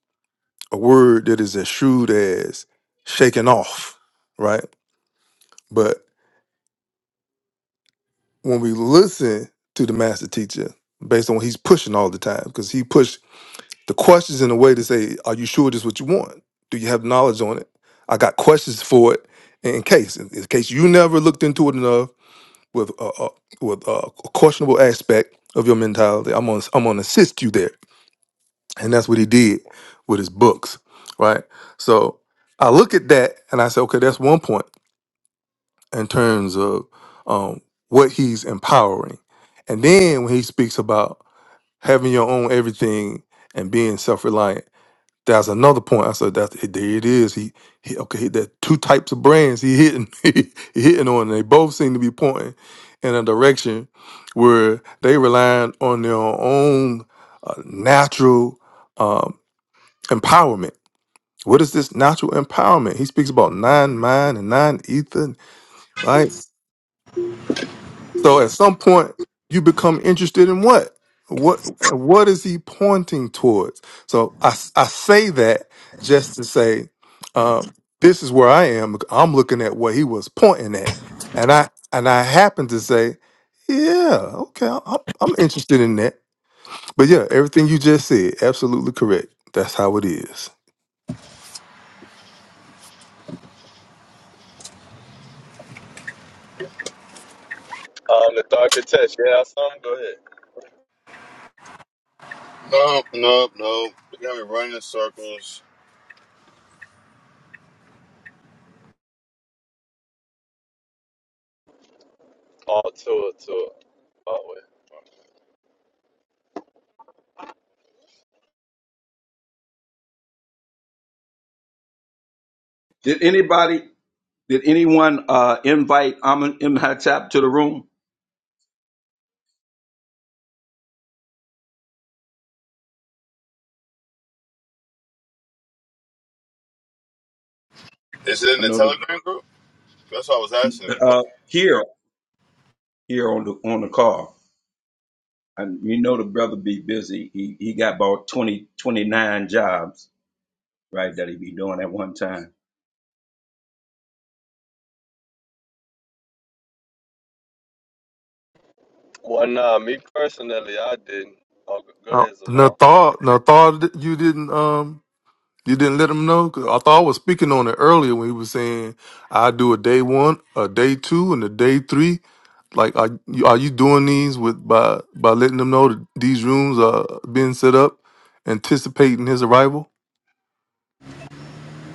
Speaker 3: a word that is as shrewd as shaking off, right? But when we listen to the master teacher, based on what he's pushing all the time, because he pushed the questions in a way to say, Are you sure this is what you want? Do you have knowledge on it? I got questions for it in case, in in case you never looked into it enough with a, a with a questionable aspect of your mentality. I'm gonna I'm gonna assist you there, and that's what he did with his books, right? So I look at that and I say, okay, that's one point in terms of um, what he's empowering, and then when he speaks about having your own everything and being self reliant that's another point. I said that there it is. He, he okay. That two types of brands he hitting he hitting on. They both seem to be pointing in a direction where they relying on their own uh, natural um, empowerment. What is this natural empowerment? He speaks about nine mind and nine ether, right? So at some point, you become interested in what? What what is he pointing towards? So I, I say that just to say, uh, this is where I am. I'm looking at what he was pointing at, and I and I happen to say, yeah, okay, I'm, I'm interested in that. But yeah, everything you just said, absolutely correct. That's how it is.
Speaker 5: Um, the darker test, yeah, some go ahead.
Speaker 1: Nope, nope, nope. They got me running in circles.
Speaker 5: All to it, to it. All way.
Speaker 2: did anybody, did anyone uh, invite Amun Imhatap to the room?
Speaker 1: Is it in
Speaker 2: I
Speaker 1: the
Speaker 2: know the
Speaker 1: Telegram group? That's why I was asking him. You put-
Speaker 2: uh, here here on the on the call. And you know the brother be busy. He he got about 20 29 jobs, right, that he be doing at one time.
Speaker 5: Well, nah, me personally, I didn't. Oh, go go
Speaker 3: Uh,
Speaker 5: ahead, Zamal.
Speaker 3: Nathal, Nathal, you didn't. um. You didn't let them know? 'Cause I thought I was speaking on it earlier when he was saying I do a day one, a day two, and a day three. Like, are you, are you doing these with by by letting them know that these rooms are being set up, anticipating his arrival?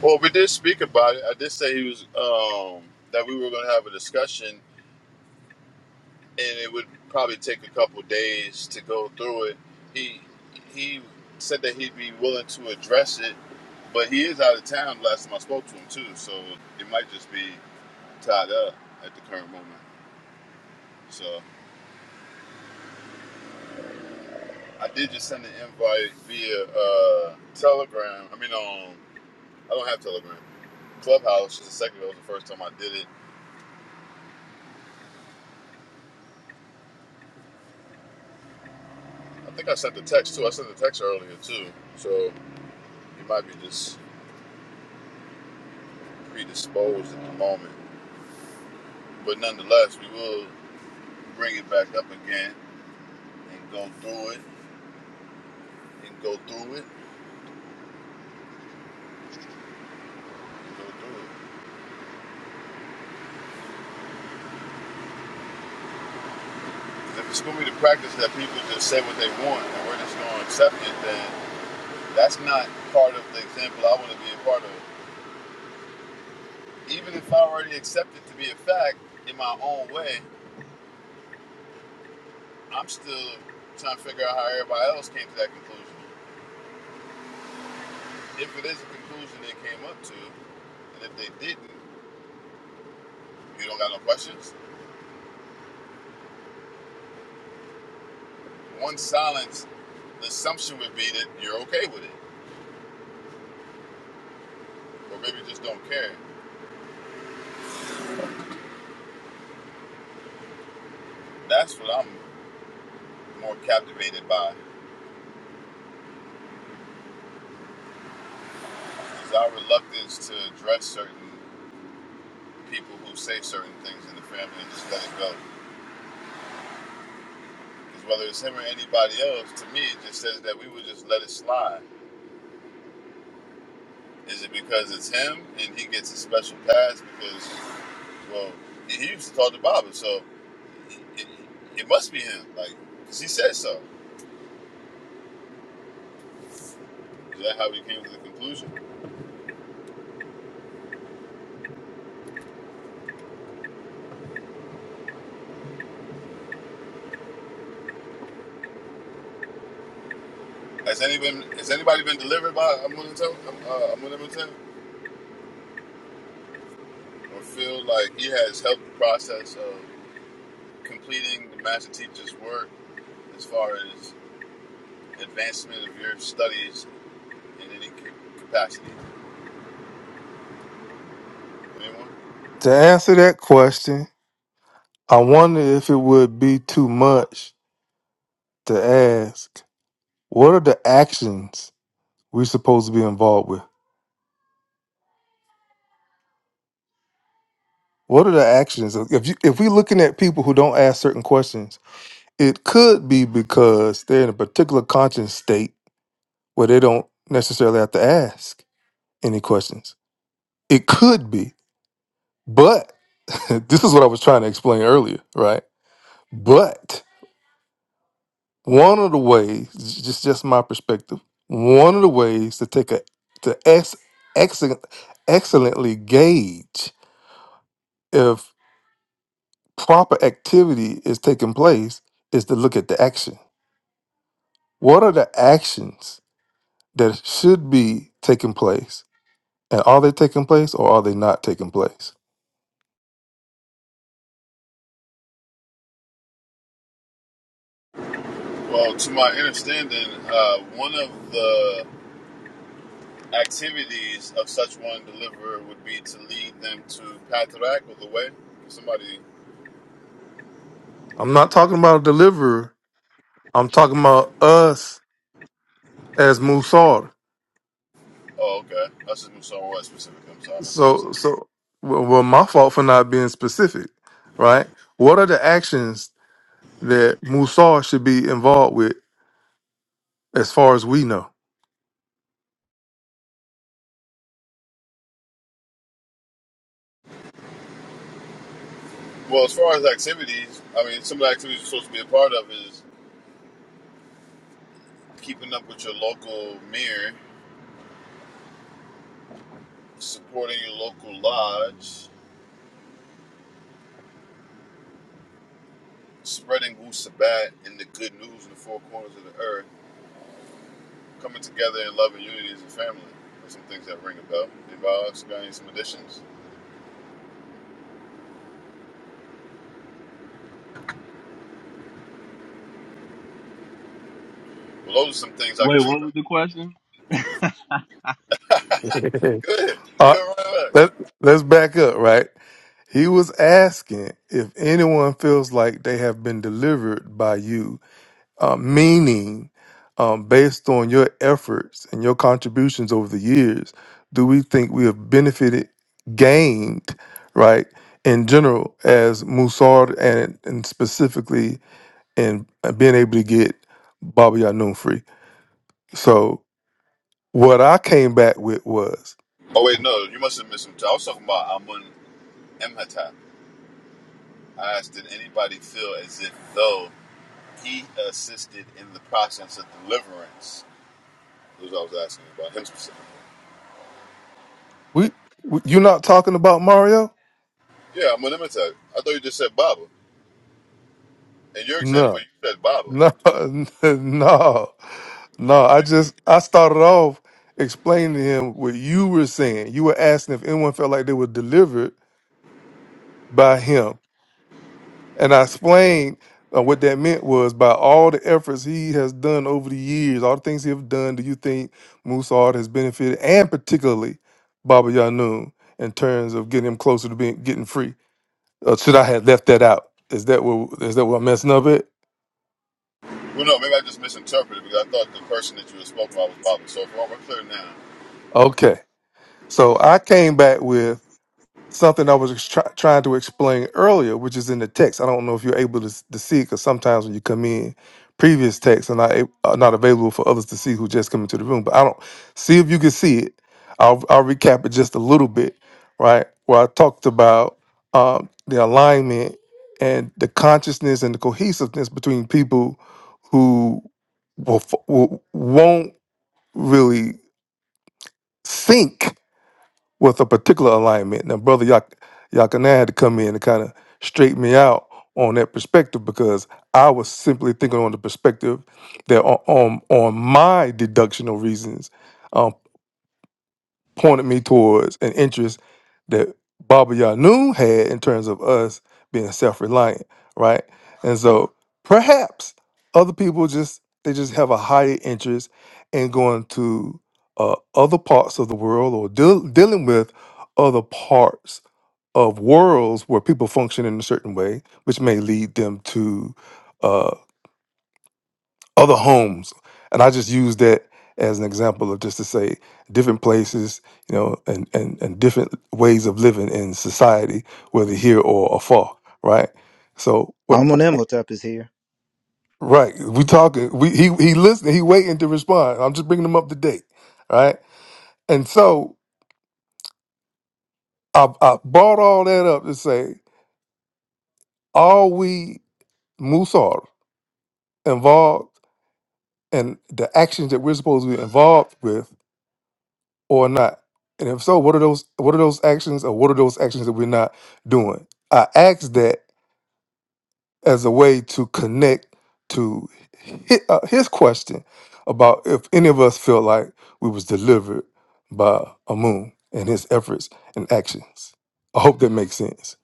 Speaker 1: Well, we did speak about it. I did say he was um, that we were going to have a discussion, and it would probably take a couple days to go through it. He he said that he'd be willing to address it, but he is out of town. Last time I spoke to him too, so it might just be tied up at the current moment. So I did just send an invite via uh, Telegram. I mean, um, I don't have Telegram. Clubhouse just a second ago was the first time I did it I think I sent the text too. I sent the text earlier too. So you might be just predisposed at the moment. But nonetheless, we will bring it back up again and go through it and go through it and go through it. 'Cause if it's going to be the practice that people just say what they want and we're just going to accept it, then that's not part of the example I want to be a part of. Even if I already accept it to be a fact in my own way, I'm still trying to figure out how everybody else came to that conclusion. If it is a conclusion they came up to, And if they didn't, you don't got no questions. One silence, the assumption would be that you're okay with it, or maybe just don't care. That's what I'm more captivated by is our reluctance to address certain people who say certain things in the family and just let it go. Because whether it's him or anybody else, to me it just says that we would just let it slide. Is it because it's him and he gets a special pass because, well, he used to talk to Baba, so it, it, it must be him. Like, because he said so. Is that how we came to the conclusion? Has anybody has anybody been delivered by Amunimutep uh, Amunimutep or feel like he has helped the process of completing the master teacher's work as far as advancement of your studies in any capacity? Anyone?
Speaker 3: To answer that question, I wonder if it would be too much to ask. What are the actions we're supposed to be involved with? What are the actions? If you, if we're looking at people who don't ask certain questions, It could be because they're in a particular conscious state where they don't necessarily have to ask any questions. It could be. But this is what I was trying to explain earlier, right? But one of the ways, j- just just my perspective, one of the ways to take a to ex, excellent, excellently gauge if proper activity is taking place is to look at the action. What are the actions that should be taking place? And are they taking place or are they not taking place?
Speaker 1: Well, to my understanding, uh, one of the activities of such one deliverer would be to lead them to Patrak or the way. Somebody.
Speaker 3: I'm not talking about a deliverer. I'm talking about us as Musar.
Speaker 1: Oh, okay. That's just Musawa specific. I'm sorry, I must have missed
Speaker 3: So,
Speaker 1: something.
Speaker 3: so well, well, my fault for not being specific, right? What are the actions that Musar should be involved with, as far as we know?
Speaker 1: Well, as far as activities, I mean, some of the activities you're supposed to be a part of is keeping up with your local mayor, supporting your local lodge, spreading Wu Sabat and the good news in the four corners of the earth, coming together in love and unity as a family. There's some things that ring a bell. Anybody else got any some additions? Well, those are some things I can
Speaker 5: wait
Speaker 1: see.
Speaker 5: what was the question
Speaker 1: Good. Good.
Speaker 3: Uh,
Speaker 1: right.
Speaker 3: let, let's back up, right? He was asking if anyone feels like they have been delivered by you uh, meaning um, based on your efforts and your contributions over the years do we think we have benefited gained right in general as musard and, and specifically in uh, being able to get bobby Yanun free so what i came back with was
Speaker 1: Oh, wait, no, you must have missed some. time. I was talking about Amun Emhata. I asked, did anybody feel as if though he assisted in the process of deliverance? That's what I was asking about him specifically.
Speaker 3: we, we you're not talking about mario
Speaker 1: Yeah, I'm an imitate. I thought you just said Baba. In your
Speaker 3: No.
Speaker 1: example, you said Baba.
Speaker 3: No, no, no. I
Speaker 1: You,
Speaker 3: just I started off explaining to him what you were saying. You were asking if anyone felt like they were delivered by him, and I explained uh, what that meant was by all the efforts he has done over the years, all the things he have done. Do you think Musard has benefited, and particularly Baba Yanun, in terms of getting him closer to being getting free? Uh, should I have left that out? Is that what is that what I'm messing up at?
Speaker 1: well, no, maybe I just misinterpreted because I thought the person that you were spoken about was Baba. So if we're clear now.
Speaker 3: Okay, so I came back with. something I was try- trying to explain earlier, which is in the text. I don't know if you're able to, s- to see because sometimes when you come in, previous texts are not a- are not available for others to see who just come into the room. But I don't see if you can see it. I'll I'll recap it just a little bit, right? Where I talked about um, the alignment and the consciousness and the cohesiveness between people who will, f- will, won't really think with a particular alignment. Now, brother Yak- Yakanan had to come in and kind of straighten me out on that perspective because I was simply thinking on the perspective that on on, on my deductional reasons. um, pointed me towards an interest that Baba Yanun had in terms of us being self-reliant, right? And so perhaps other people just they just have a higher interest in going to uh, other parts of the world or deal dealing with other parts of worlds where people function in a certain way, which may lead them to uh, other homes. And I just use that as an example of just to say different places, you know, and, and, and different ways of living in society, whether here or afar, right? So, what,
Speaker 4: I'm on Imhotep is here.
Speaker 3: right, we talking, we, he, he listening, he waiting to respond. I'm just bringing him up to date, right? And so I, I brought all that up to say, are we Musar involved in the actions that we're supposed to be involved with or not? And if so, what are those what are those actions or what are those actions that we're not doing? I asked that as a way to connect to his, uh, his question about if any of us felt like we was delivered by Amun and his efforts and actions. I hope that makes sense.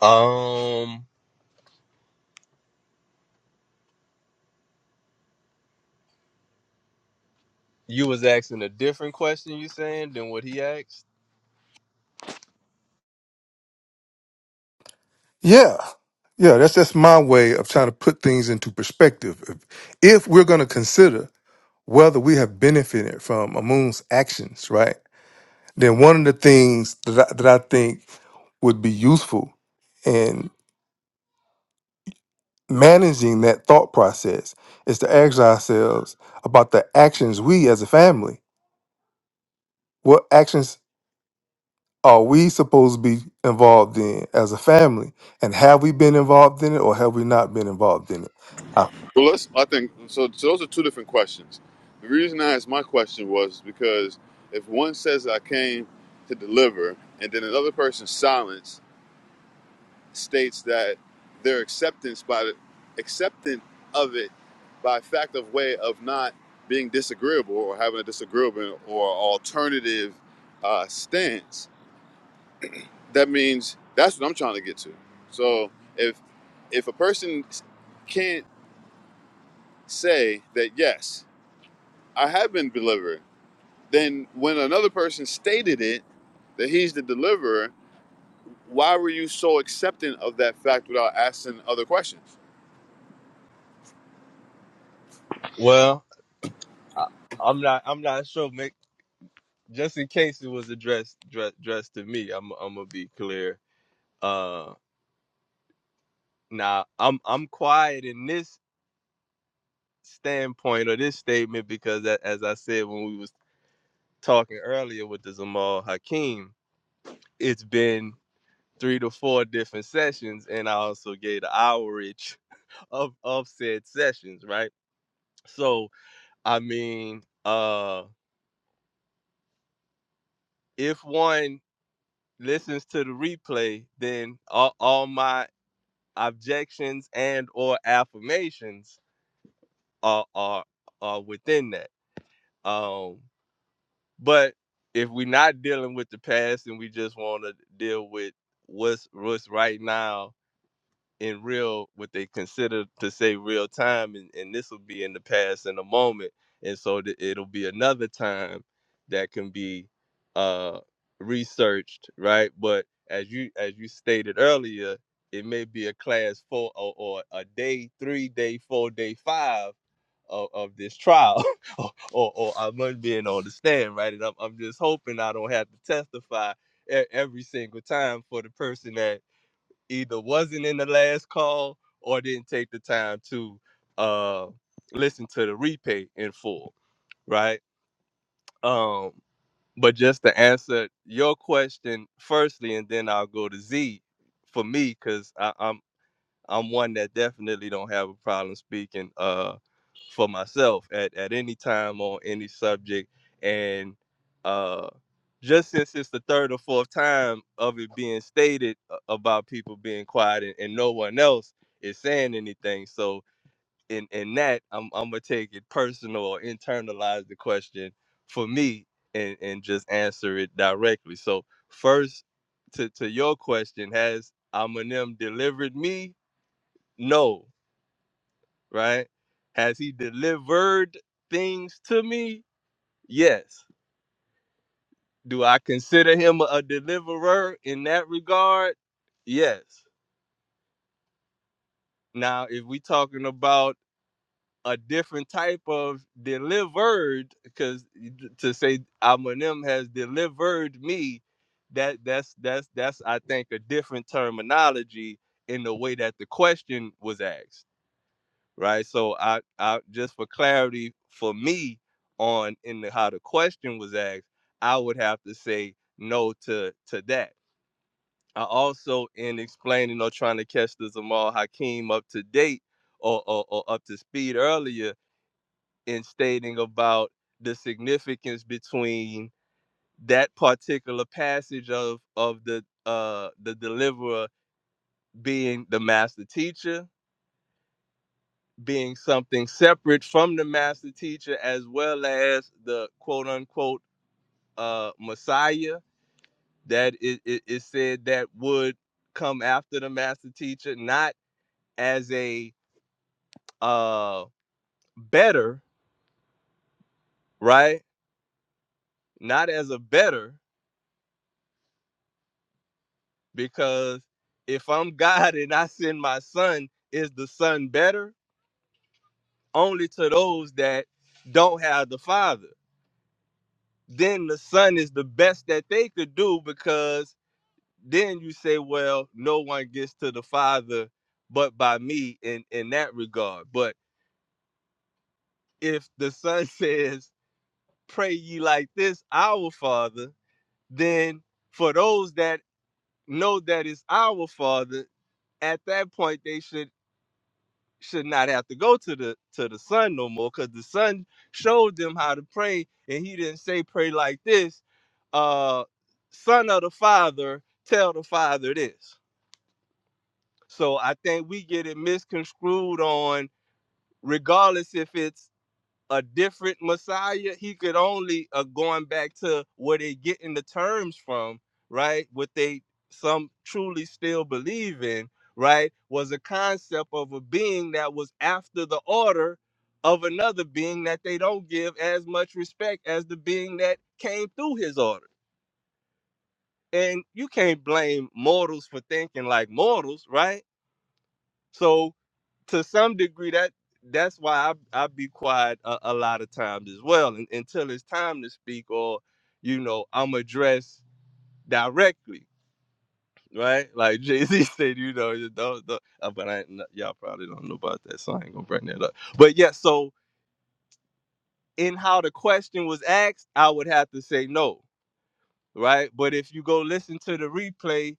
Speaker 5: um You was asking a different question, you saying, than what he asked?
Speaker 3: Yeah. Yeah, that's just my way of trying to put things into perspective. If, if we're going to consider whether we have benefited from Amun's actions, right? then one of the things that I, that I think would be useful in managing that thought process is to ask ourselves about the actions we as a family. What actions are we supposed to be involved in as a family? And have we been involved in it or have we not been involved in it? Uh,
Speaker 1: Well, let's, I think, so, so those are two different questions. The reason I asked my question was because if one says I came to deliver and then another person's silence states that their acceptance by the acceptance of it by fact of way of not being disagreeable or having a disagreeable or alternative uh, stance. That means that's what I'm trying to get to. So if if a person can't say that yes, I have been delivered, then when another person stated it that he's the deliverer, why were you so accepting of that fact without asking other questions?
Speaker 5: Well, I, I'm not. I'm not sure. Make just in case it was addressed dress, dressed to me. I'm. I'm gonna be clear. Uh, now I'm. I'm quiet in this standpoint or this statement because, a- as I said when we was talking earlier with the Zamal Hakeem, it's been three to four different sessions, and I also gave the average of of said sessions. Right. So I mean. uh. if one listens to the replay, then all, all my objections and or affirmations are are are within that. Um, but if we're not dealing with the past and we just want to deal with what's what's right now, in real what they consider to say real time and, and this will be in the past in a moment and so th- it'll be another time that can be uh researched right but as you as you stated earlier it may be a class four or, or a day three day four day five of, of this trial or, or or i'm not being on the stand right and I'm, I'm just hoping i don't have to testify e- every single time for the person that either wasn't in the last call or didn't take the time to uh listen to the replay in full, right? Um, but just to answer your question firstly, and then I'll go to Z for me because i I'm one that definitely don't have a problem speaking uh for myself at, at any time on any subject. And uh just since it's the third or fourth time of it being stated uh, about people being quiet and, and no one else is saying anything. So in in that I'm I'm gonna take it personal or internalize the question for me and, and just answer it directly. So first to, to your question, has Eminem delivered me no, right? Has he delivered things to me? Yes. Do I consider him a deliverer in that regard? Yes. Now, if we talking about a different type of delivered, because to say Eminem has delivered me, that that's that's that's I think a different terminology in the way that the question was asked right? So I, I just for clarity for me on in the, how the question was asked, I would have to say no to to that. I also in explaining or trying to catch the Zamal Hakeem up to date or, or or up to speed earlier in stating about the significance between that particular passage of of the uh the deliverer being the master teacher being something separate from the master teacher as well as the quote unquote uh messiah that it, it is said that would come after the master teacher not as a uh better right not as a better because if i'm god and i send my son is the son better only to those that don't have the father then the son is the best that they could do because then you say, well, no one gets to the Father but by me in, in that regard. But if the Son says, pray ye like this, our Father, then for those that know that it's our Father, at that point they should should not have to go to the to the Son no more, because the Son showed them how to pray, and he didn't say pray like this. Uh, son of the Father, tell the Father this. So I think we get it misconstrued on, regardless if it's a different Messiah, he could only uh, going back to where they getting the terms from, right? What they some truly still believe in, right? Was a concept of a being that was after the order of another being that they don't give as much respect as the being that came through his order. And you can't blame mortals for thinking like mortals, right? So to some degree that that's why I I be quiet a, a lot of times as well un- until it's time to speak or you know I'm addressed directly, right? Like Jay Z said, you know, you don't, don't- uh, but I ain't- y'all probably don't know about that, so I ain't gonna bring that up. But yeah, so in how the question was asked, I would have to say no, right? But if you go listen to the replay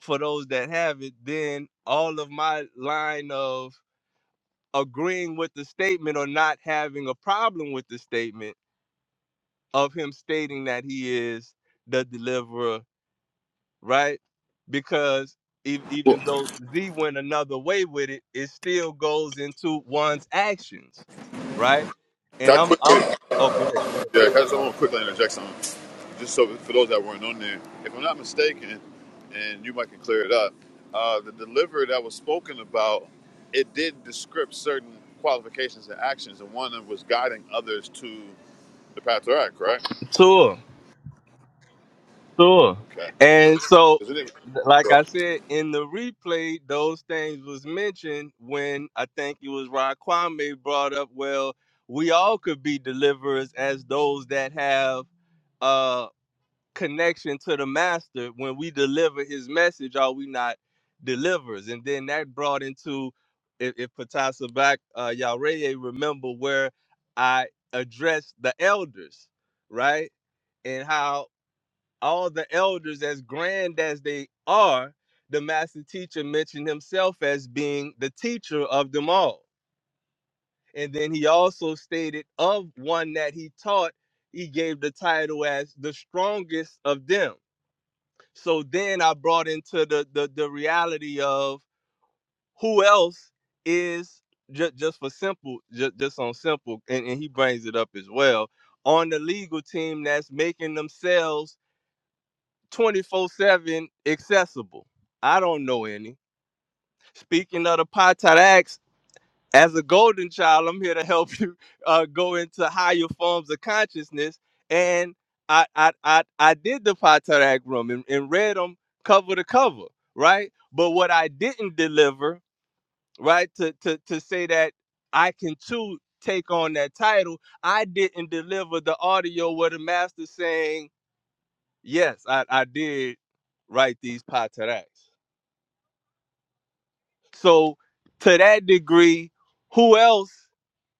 Speaker 5: for those that have it, then all of my line of agreeing with the statement or not having a problem with the statement of him stating that he is the deliverer, right? Because ev-
Speaker 1: Well,
Speaker 5: even though Z went another way with it, it still goes into one's actions, right? And
Speaker 1: that
Speaker 5: I'm
Speaker 1: quickly.
Speaker 5: I'm oh go ahead, go
Speaker 1: Yeah, I just
Speaker 5: ahead.
Speaker 1: want to quickly interject something. Just so for those that weren't on there, if I'm not mistaken, and you might can clear it up, uh, the deliverer that was spoken about, it did descript certain qualifications and actions, and one of them was guiding others to the path to act, right?
Speaker 5: Sure. Sure.
Speaker 1: Okay.
Speaker 5: And so,
Speaker 1: Is it-
Speaker 5: like I said, in the replay, those things was mentioned when I think it was Rod Kwame brought up, well, we all could be deliverers as those that have uh connection to the master. When we deliver his message, are we not deliverers? And then that brought into if, if Patasa back uh Yareye remember where I addressed the elders, right? and how all the elders, as grand as they are, the master teacher mentioned himself as being the teacher of them all. And then he also stated of one that he taught, he gave the title as the strongest of them. So then I brought into the the, the reality of who else is just, just for simple, just, just on simple, and, and he brings it up as well on the legal team that's making themselves 24 7 accessible. I don't know any. Speaking of the Potter Acts, as a golden child, I'm here to help you uh, go into higher forms of consciousness. And I I, I, I did the Potter Act room and, and read them cover to cover, right? But what I didn't deliver, right, to, to, to say that I can too take on that title, I didn't deliver the audio where the master saying, Yes, I, I did write these pateraks. So to that degree, who else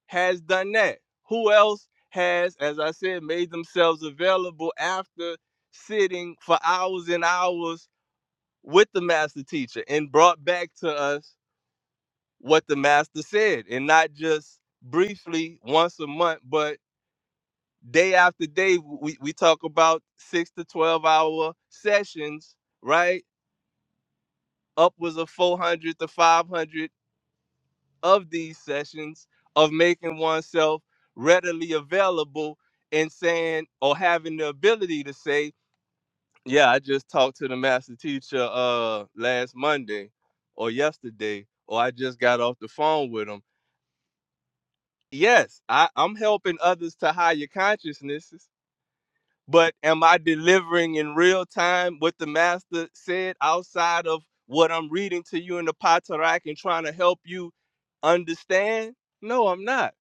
Speaker 5: has done that? Who else has, as I said, made themselves available after sitting for hours and hours with the master teacher and brought back to us what the master said and not just briefly once a month, but day after day we, we talk about six to twelve hour sessions, right? upwards of 400 to 500 of these sessions of making oneself readily available and saying or having the ability to say, yeah, I just talked to the master teacher uh last Monday or yesterday, or I just got off the phone with him. Yes, I, I'm helping others to higher consciousnesses but am I delivering in real time what the master said outside of what I'm reading to you in the Patarak and trying to help you understand? No, I'm not.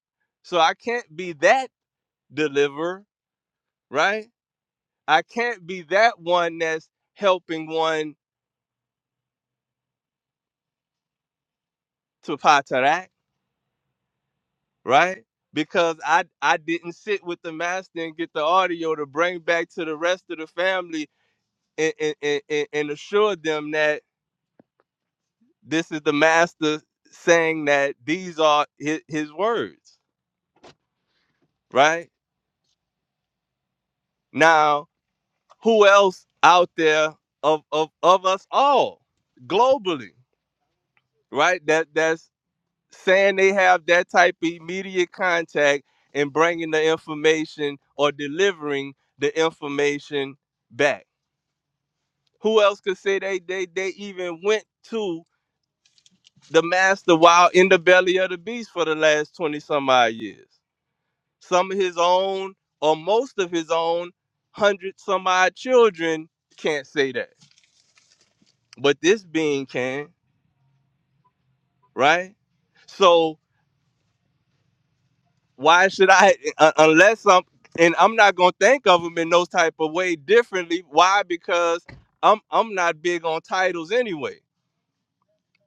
Speaker 5: So I can't be that deliverer, right? I can't be that one that's helping one to Patarak, right? Because I I didn't sit with the master and get the audio to bring back to the rest of the family and, and, and, and and assure them that this is the master saying that these are his, his words right now who else out there of, of of us all globally right that that's saying they have that type of immediate contact and bringing the information or delivering the information back who else could say they they they even went to the master while in the belly of the beast for the last 20 some odd years some of his own or most of his own hundred some odd children can't say that but this being can right so why should i uh, unless i'm and i'm not gonna think of them in those type of way differently why because i'm i'm not big on titles anyway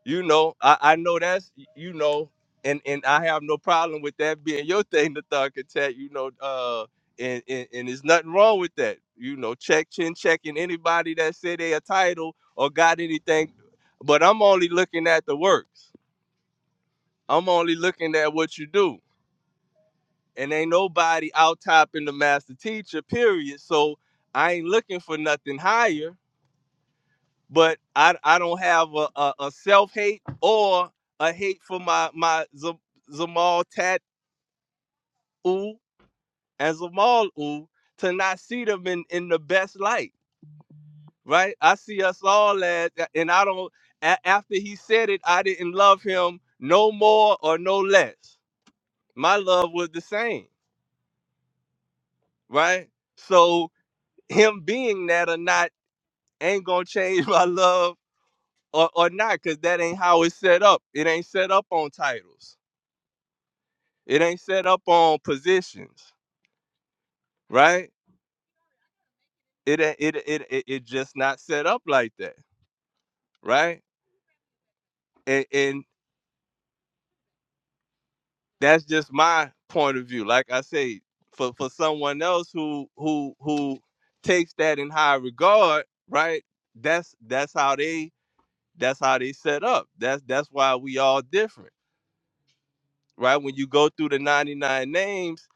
Speaker 5: You know, I, I know that's you know, and and I have no problem with that being your thing, the thug attack. You know, uh, and, and and there's nothing wrong with that. You know, check chin checking anybody that said they a title or got anything, but I'm only looking at the works. I'm only looking at what you do, and ain't nobody out topping the master teacher. Period. So I ain't looking for nothing higher. but I I don't have a, a, a self hate or a hate for my my Z- Zamal Tat oo and Zamal oo to not see them in in the best light, right? I see us all as, and I don't. A- after he said it, I didn't love him no more or no less. My love was the same, right? So him being that or not ain't gonna change my love or, or not, cause that ain't how it's set up. It ain't set up on titles It ain't set up on positions, right? It a- it it it, it just not set up like that, right? And and that's just my point of view. Like I say, for for someone else who who who takes that in high regard, right? That's that's how they that's how they set up. That's that's why we all different, right? When you go through the 99 names,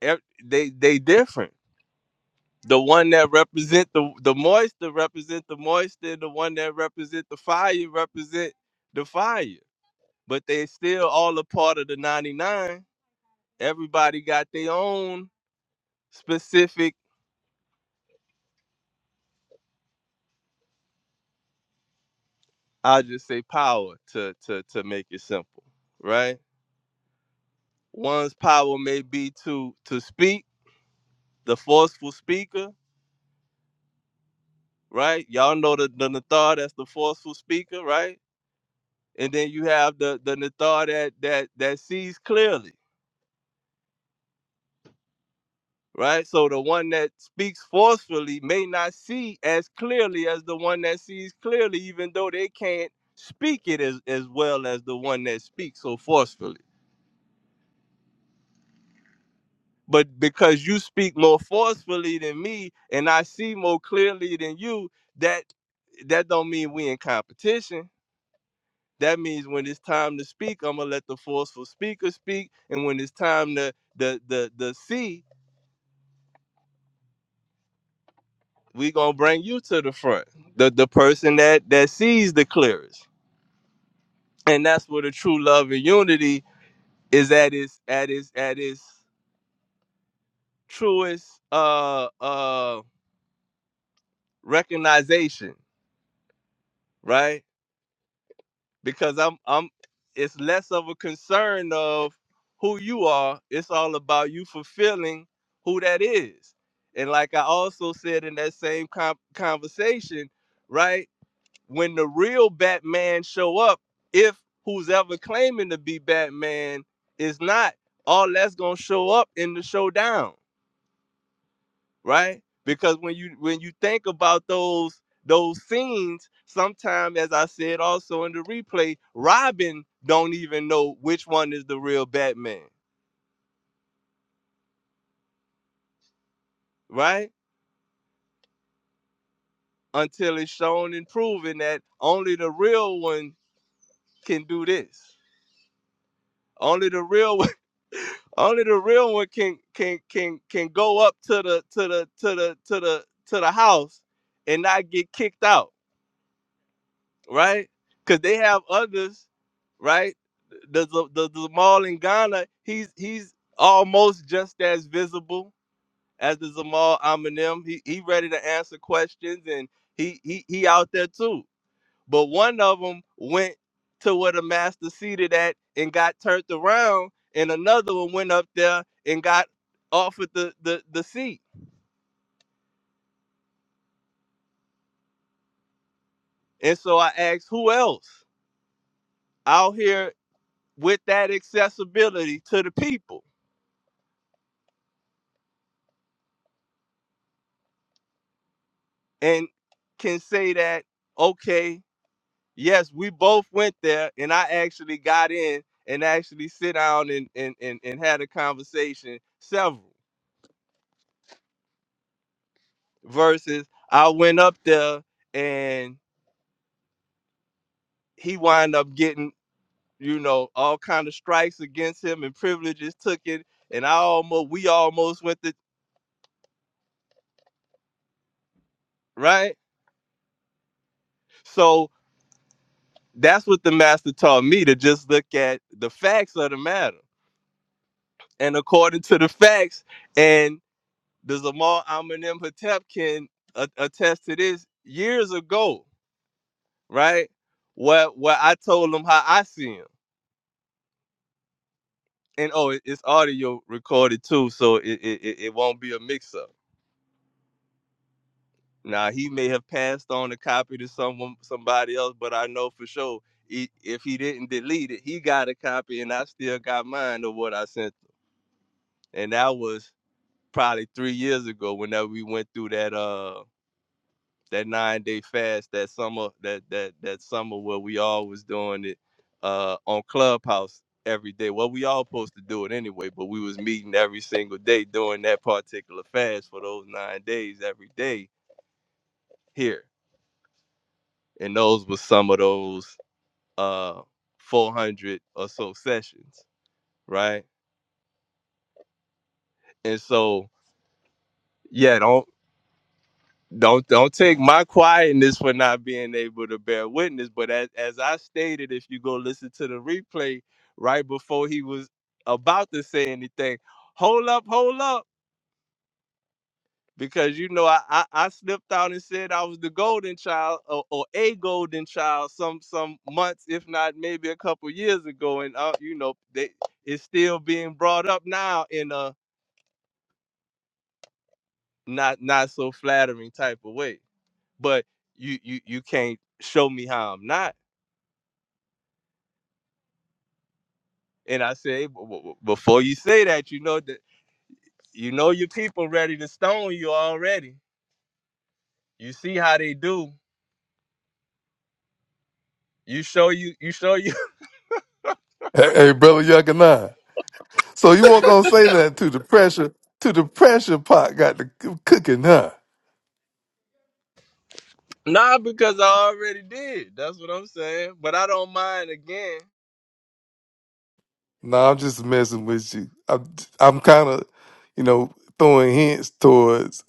Speaker 5: ev- they they different the one that represent the the moisture represent the moisture and the one that represent the fire represent the fire but they still all a part of the 99 everybody got their own specific i'll just say power to to to make it simple right one's power may be to to speak the forceful speaker right y'all know the the nathar that's the forceful speaker right and then you have the the nathar that that that sees clearly right? So the one that speaks forcefully may not see as clearly as the one that sees clearly, even though they can't speak it as, as well as the one that speaks so forcefully. But because you speak more forcefully than me and I see more clearly than you, that that don't mean we in competition. That means when it's time to speak, I'm gonna let the forceful speaker speak. And when it's time to the the the see, we gonna bring you to the front the the person that that sees the clearest and that's where the true love and unity is at its at its at its truest uh uh recognition right because i'm i'm it's less of a concern of who you are it's all about you fulfilling who that is and like i also said in that same com- conversation right when the real Batman show up, if who's ever claiming to be Batman is not, all that's gonna show up in the showdown, right? Because when you when you think about those those scenes, sometimes as I said also in the replay, Robin don't even know which one is the real Batman, right? Until it's shown and proven that only the real one can do this. Only the real Only the real one can can can can go up to the to the to the to the to the house and not get kicked out, right? Because they have others, right? The the the, the Zamal in Ghana, he's he's almost just as visible as the Zamal Eminem. He he ready to answer questions and he he he out there too but one of them went to where the master seated at and got turned around, and another one went up there and got offered the the, the seat. And so I asked, who else out here with that accessibility to the people and can say that, okay, yes, we both went there, and I actually got in and actually sit down and and and, and had a conversation several versus I went up there and. he wind up getting you know all kind of strikes against him and privileges took it and i almost we almost went to right so that's what the master taught me to just look at the facts of the matter and according to the facts and the zamal amanim hatep can a- attest to this years ago right where where i told him how i see him and oh it- it's audio recorded too so it, it, it it won't be a mix-up Now he may have passed on a copy to someone, somebody else, but I know for sure he, if he didn't delete it, he got a copy, and I still got mine of what I sent. him. And that was probably three years ago. Whenever we went through that uh that nine day fast that summer that that that summer where we all was doing it uh on Clubhouse every day. Well, we all supposed to do it anyway, but we was meeting every single day doing that particular fast for those nine days every day here and those were some of those. uh 400 or so sessions, right? And so, yeah, don't don't don't take my quietness for not being able to bear witness, but as as I stated if you go listen to the replay right before he was about to say anything, hold up, hold up because you know I, I I slipped out and said I was the golden child or, or a golden child some some months if not maybe a couple years ago and uh, you know they, it's still being brought up now in a not not so flattering type of way. But you you you can't show me how I'm not. And I say "B- b- b- before you say that, you know that you know your people ready to stone you already. You see how they do. You show you you show you
Speaker 3: Hey, hey brother Yuckanine. So you weren't gonna say nothing to the pressure, to the pressure pot got the c- cooking, huh?
Speaker 5: nah because I already did. That's what I'm saying. But I don't mind again.
Speaker 3: No, I'm just messing with you. I'm I'm kind of, you know, throwing hints towards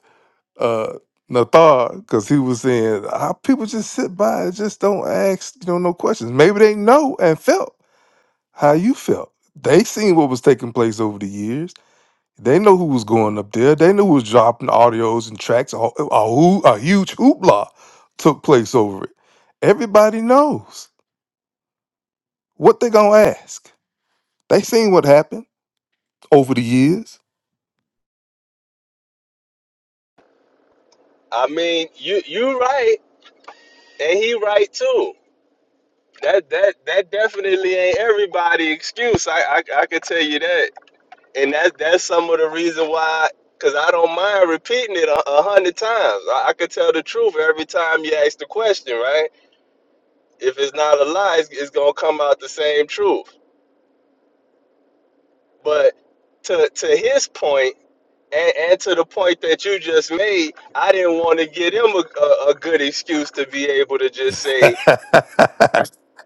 Speaker 3: uh Nathar because he was saying how people just sit by and just don't ask, you know, no questions. Maybe they know and felt how you felt. They seen what was taking place over the years. They know who was going up there. They knew who was dropping audios and tracks. A, ho- a, hoo- a huge hoopla took place over it. Everybody knows what they gonna ask. They seen what happened over the years.
Speaker 5: I mean, you you right, and he right too. That that that definitely ain't everybody excuse. I I, I could tell you that. and that's that's some of the reason why because i don't mind repeating it a, a hundred times I, I could tell the truth every time you ask the question right if it's not a lie it's, it's gonna come out the same truth but to to his point and, and to the point that you just made i didn't want to give him a, a, a good excuse to be able to just say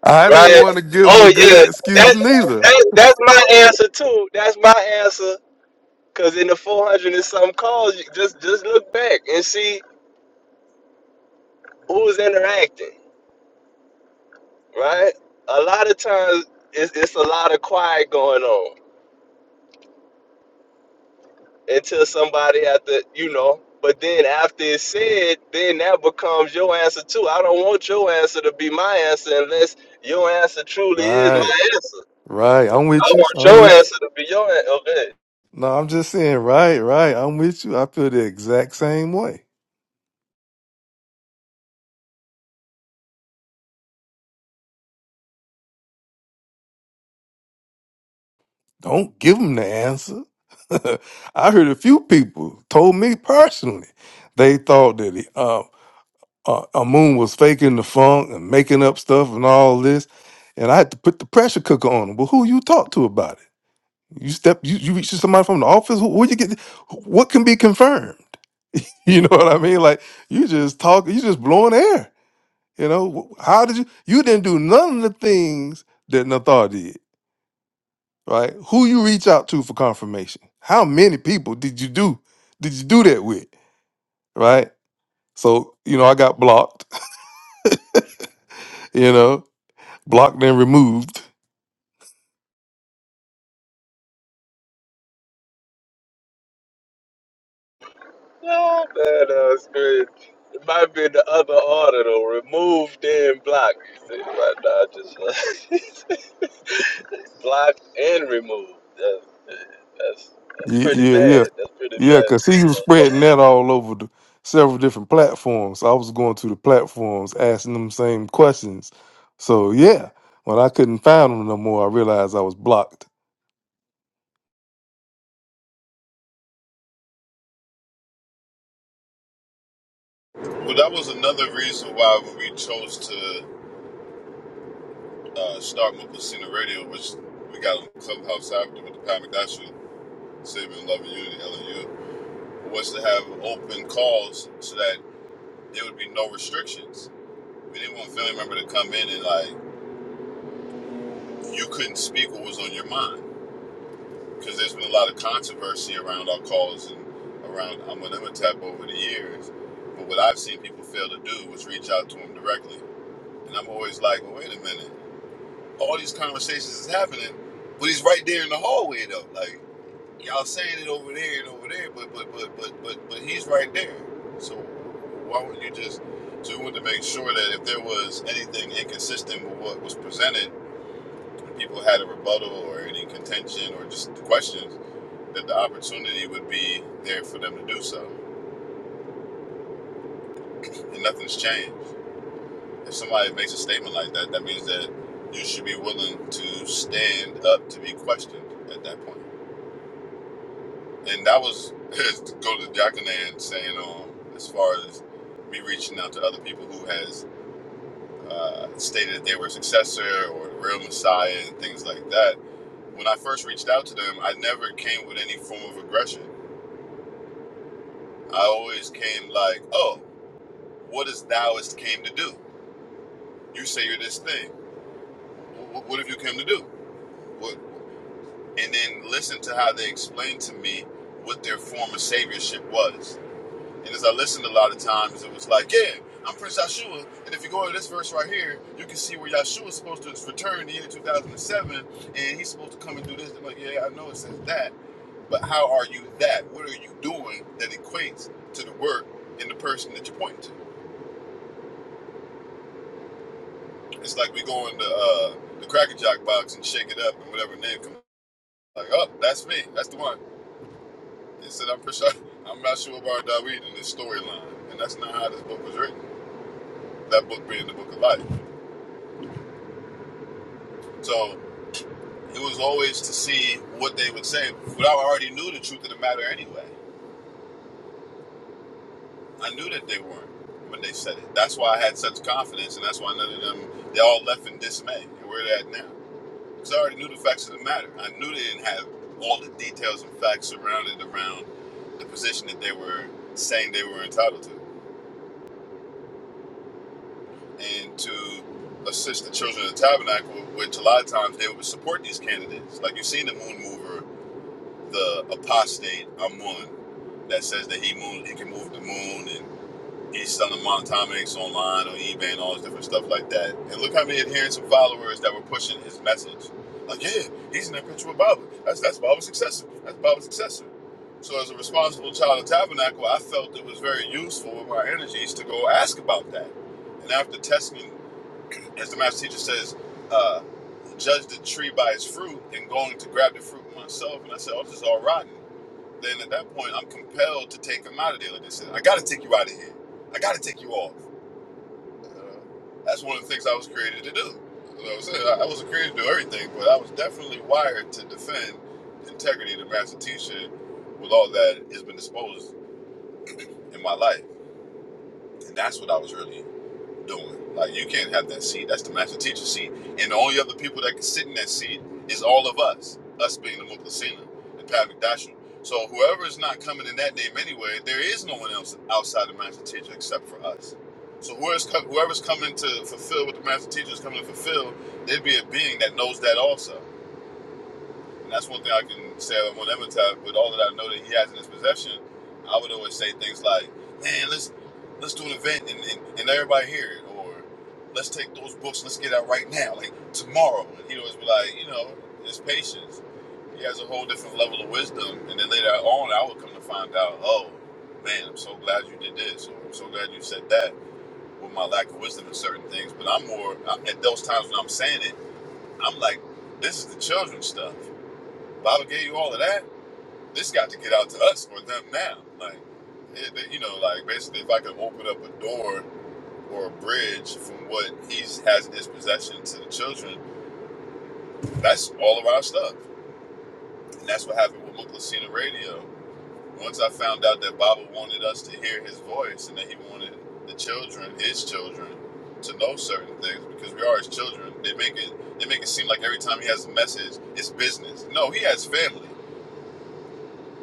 Speaker 3: I didn't
Speaker 5: right
Speaker 3: want to give him a
Speaker 5: oh
Speaker 3: good
Speaker 5: yeah
Speaker 3: excuse
Speaker 5: that,
Speaker 3: neither.
Speaker 5: that that's my answer too that's my answer because in the 400 and some calls, you just just look back and see who's interacting, right? A lot of times it's, it's a lot of quiet going on until somebody at the, you know, but then after it's said, then that becomes your answer too. I don't want your answer to be my answer unless your answer truly is
Speaker 3: Right,
Speaker 5: my answer.
Speaker 3: right. I'm
Speaker 5: I
Speaker 3: with you.
Speaker 5: want
Speaker 3: I'm
Speaker 5: your
Speaker 3: with
Speaker 5: answer to be your answer. Okay.
Speaker 3: you. No, I'm just saying, right, right. I'm with you. I feel the exact same way. Don't give him the answer. I heard a few people told me personally they thought that he, uh, uh, Amun was faking the funk and making up stuff and all this, and I had to put the pressure cooker on him. Well, who you talk to about it? You step, you, you reach to somebody from the office. Who, who you get? What can be confirmed? You know what I mean? Like you just talk, you just blowing air. You know how did you? You didn't do none of the things that Nathar did, right? Who you reach out to for confirmation? How many people did you do? Did you do that with, right? So you know, I got blocked. You know, blocked and removed.
Speaker 5: Oh, man, that's good. It might be in the other order though. Remove, then block. You See, right now, I just Blocked and removed. That's, that's, that's
Speaker 3: Yeah,
Speaker 5: pretty
Speaker 3: yeah, yeah.
Speaker 5: bad. That's pretty
Speaker 3: Yeah,
Speaker 5: bad.
Speaker 3: because he was spreading that all over the several different platforms. I was going to the platforms asking them same questions. So yeah, when I couldn't find them no more, I realized I was blocked.
Speaker 1: Well, that was another reason why we chose to uh, start Mopasina Radio, which we got on Clubhouse after with the Pat McDashman, Saving Love and Unity, LU, was to have open calls so that there would be no restrictions. We didn't want a family member to come in and like you couldn't speak what was on your mind because there's been a lot of controversy around our calls and around Amunimhotep over the years. But what I've seen people fail to do was reach out to him directly, and I'm always like, well, wait a minute, all these conversations is happening, but he's right there in the hallway though, like. Y'all saying it over there and over there, but but but but but but he's right there. So why would you just? So we wanted to make sure that if there was anything inconsistent with what was presented, people had a rebuttal or any contention or just questions, that the opportunity would be there for them to do so. And nothing's changed. If somebody makes a statement like that, that means that you should be willing to stand up to be questioned at that point. and that was to go to Jacqueline saying um as far as me reaching out to other people who has uh, stated that they were a successor or the real messiah and things like that. When I first reached out to them, I never came with any form of aggression. I always came like, "Oh, what is thouist came to do? You say you're this thing. What, what have you come to do?" What? And then listen to how they explained to me what their form of saviorship was And as I listened a lot of times, it was like, yeah, I'm Prince Yahshua. And if you go to this verse right here, you can see where Yahshua is supposed to return in the year 2007, and he's supposed to come and do this. I'm like, yeah, I know it says that, but how are you that? What are you doing that equates to the work and the person that you're pointing to? It's like we go in the, uh, the Cracker Jack box and shake it up, and whatever name comes like, oh, that's me. That's the one. It said, I'm Prince Yah- I'm Yahshua Bar Dawid in this storyline. And that's not how this book was written, that book being the book of life. So, It was always to see what they would say. But I already knew the truth of the matter anyway. I knew that they weren't when they said it. That's why I had such confidence, and that's why none of them, they all left in dismay. And where they at now? Because I already knew the facts of the matter. I knew they didn't have all the details and facts surrounded around the position that they were saying they were entitled to. And to assist the children of the tabernacle, which a lot of times they would support these candidates. Like you've seen the moon mover the apostate Amun that says that he moon he can move the moon and he's selling monatomics online on eBay and all this different stuff like that. And look how many adherents and followers that were pushing his message. Like, yeah, he's an perpetual Baba. That's that's Baba's successor. That's Baba's successor. So as a responsible child of tabernacle, I felt it was very useful with my energies to go ask about that. And after testing, as the master teacher says, uh, judge the tree by its fruit and going to grab the fruit myself. And I said, oh, this is all rotten then at that point, I'm compelled to take him out of there. Like I said, I got to take you out of here. I got to take you off. Uh, that's one of the things I was created to do. You know what I'm saying? I wasn't created to do everything, but I was definitely wired to defend the integrity of the master teacher with all that has been disposed in my life. And that's what I was really doing. Like you can't have that seat. That's the master teacher seat. And the only other people that can sit in that seat is all of us. Us being the Muklesina the Pat Dashu. So whoever is not coming in that name anyway, there is no one else outside the master teacher except for us. So whoever's, whoever's coming to fulfill what the master teacher is coming to fulfill, there'd be a being that knows that also. And that's one thing I can say that won't ever tell. With all that I know that he has in his possession, I would always say things like, "Man, let's let's do an event and, and, and everybody hear it," or "Let's take those books, let's get out right now, like tomorrow." And he'd always be like, "You know, it's patience." He has a whole different level of wisdom, and then later on, I would come to find out, "Oh, man, I'm so glad you did this," or "I'm so glad you said that." With my lack of wisdom in certain things, but I'm more at those times when I'm saying it, I'm like, "This is the children's stuff." Bible gave you all of that. This got to get out to us or them now. Like, it, it- you know, like basically, if I could open up a door or a bridge from what he has in his possession to the children, that's all of our stuff. And that's what happened with Muklasina Radio. Once I found out that Baba wanted us to hear his voice and that he wanted the children, his children, to know certain things because we are his children. They make it they make it seem like every time he has a message, it's business. No, he has family.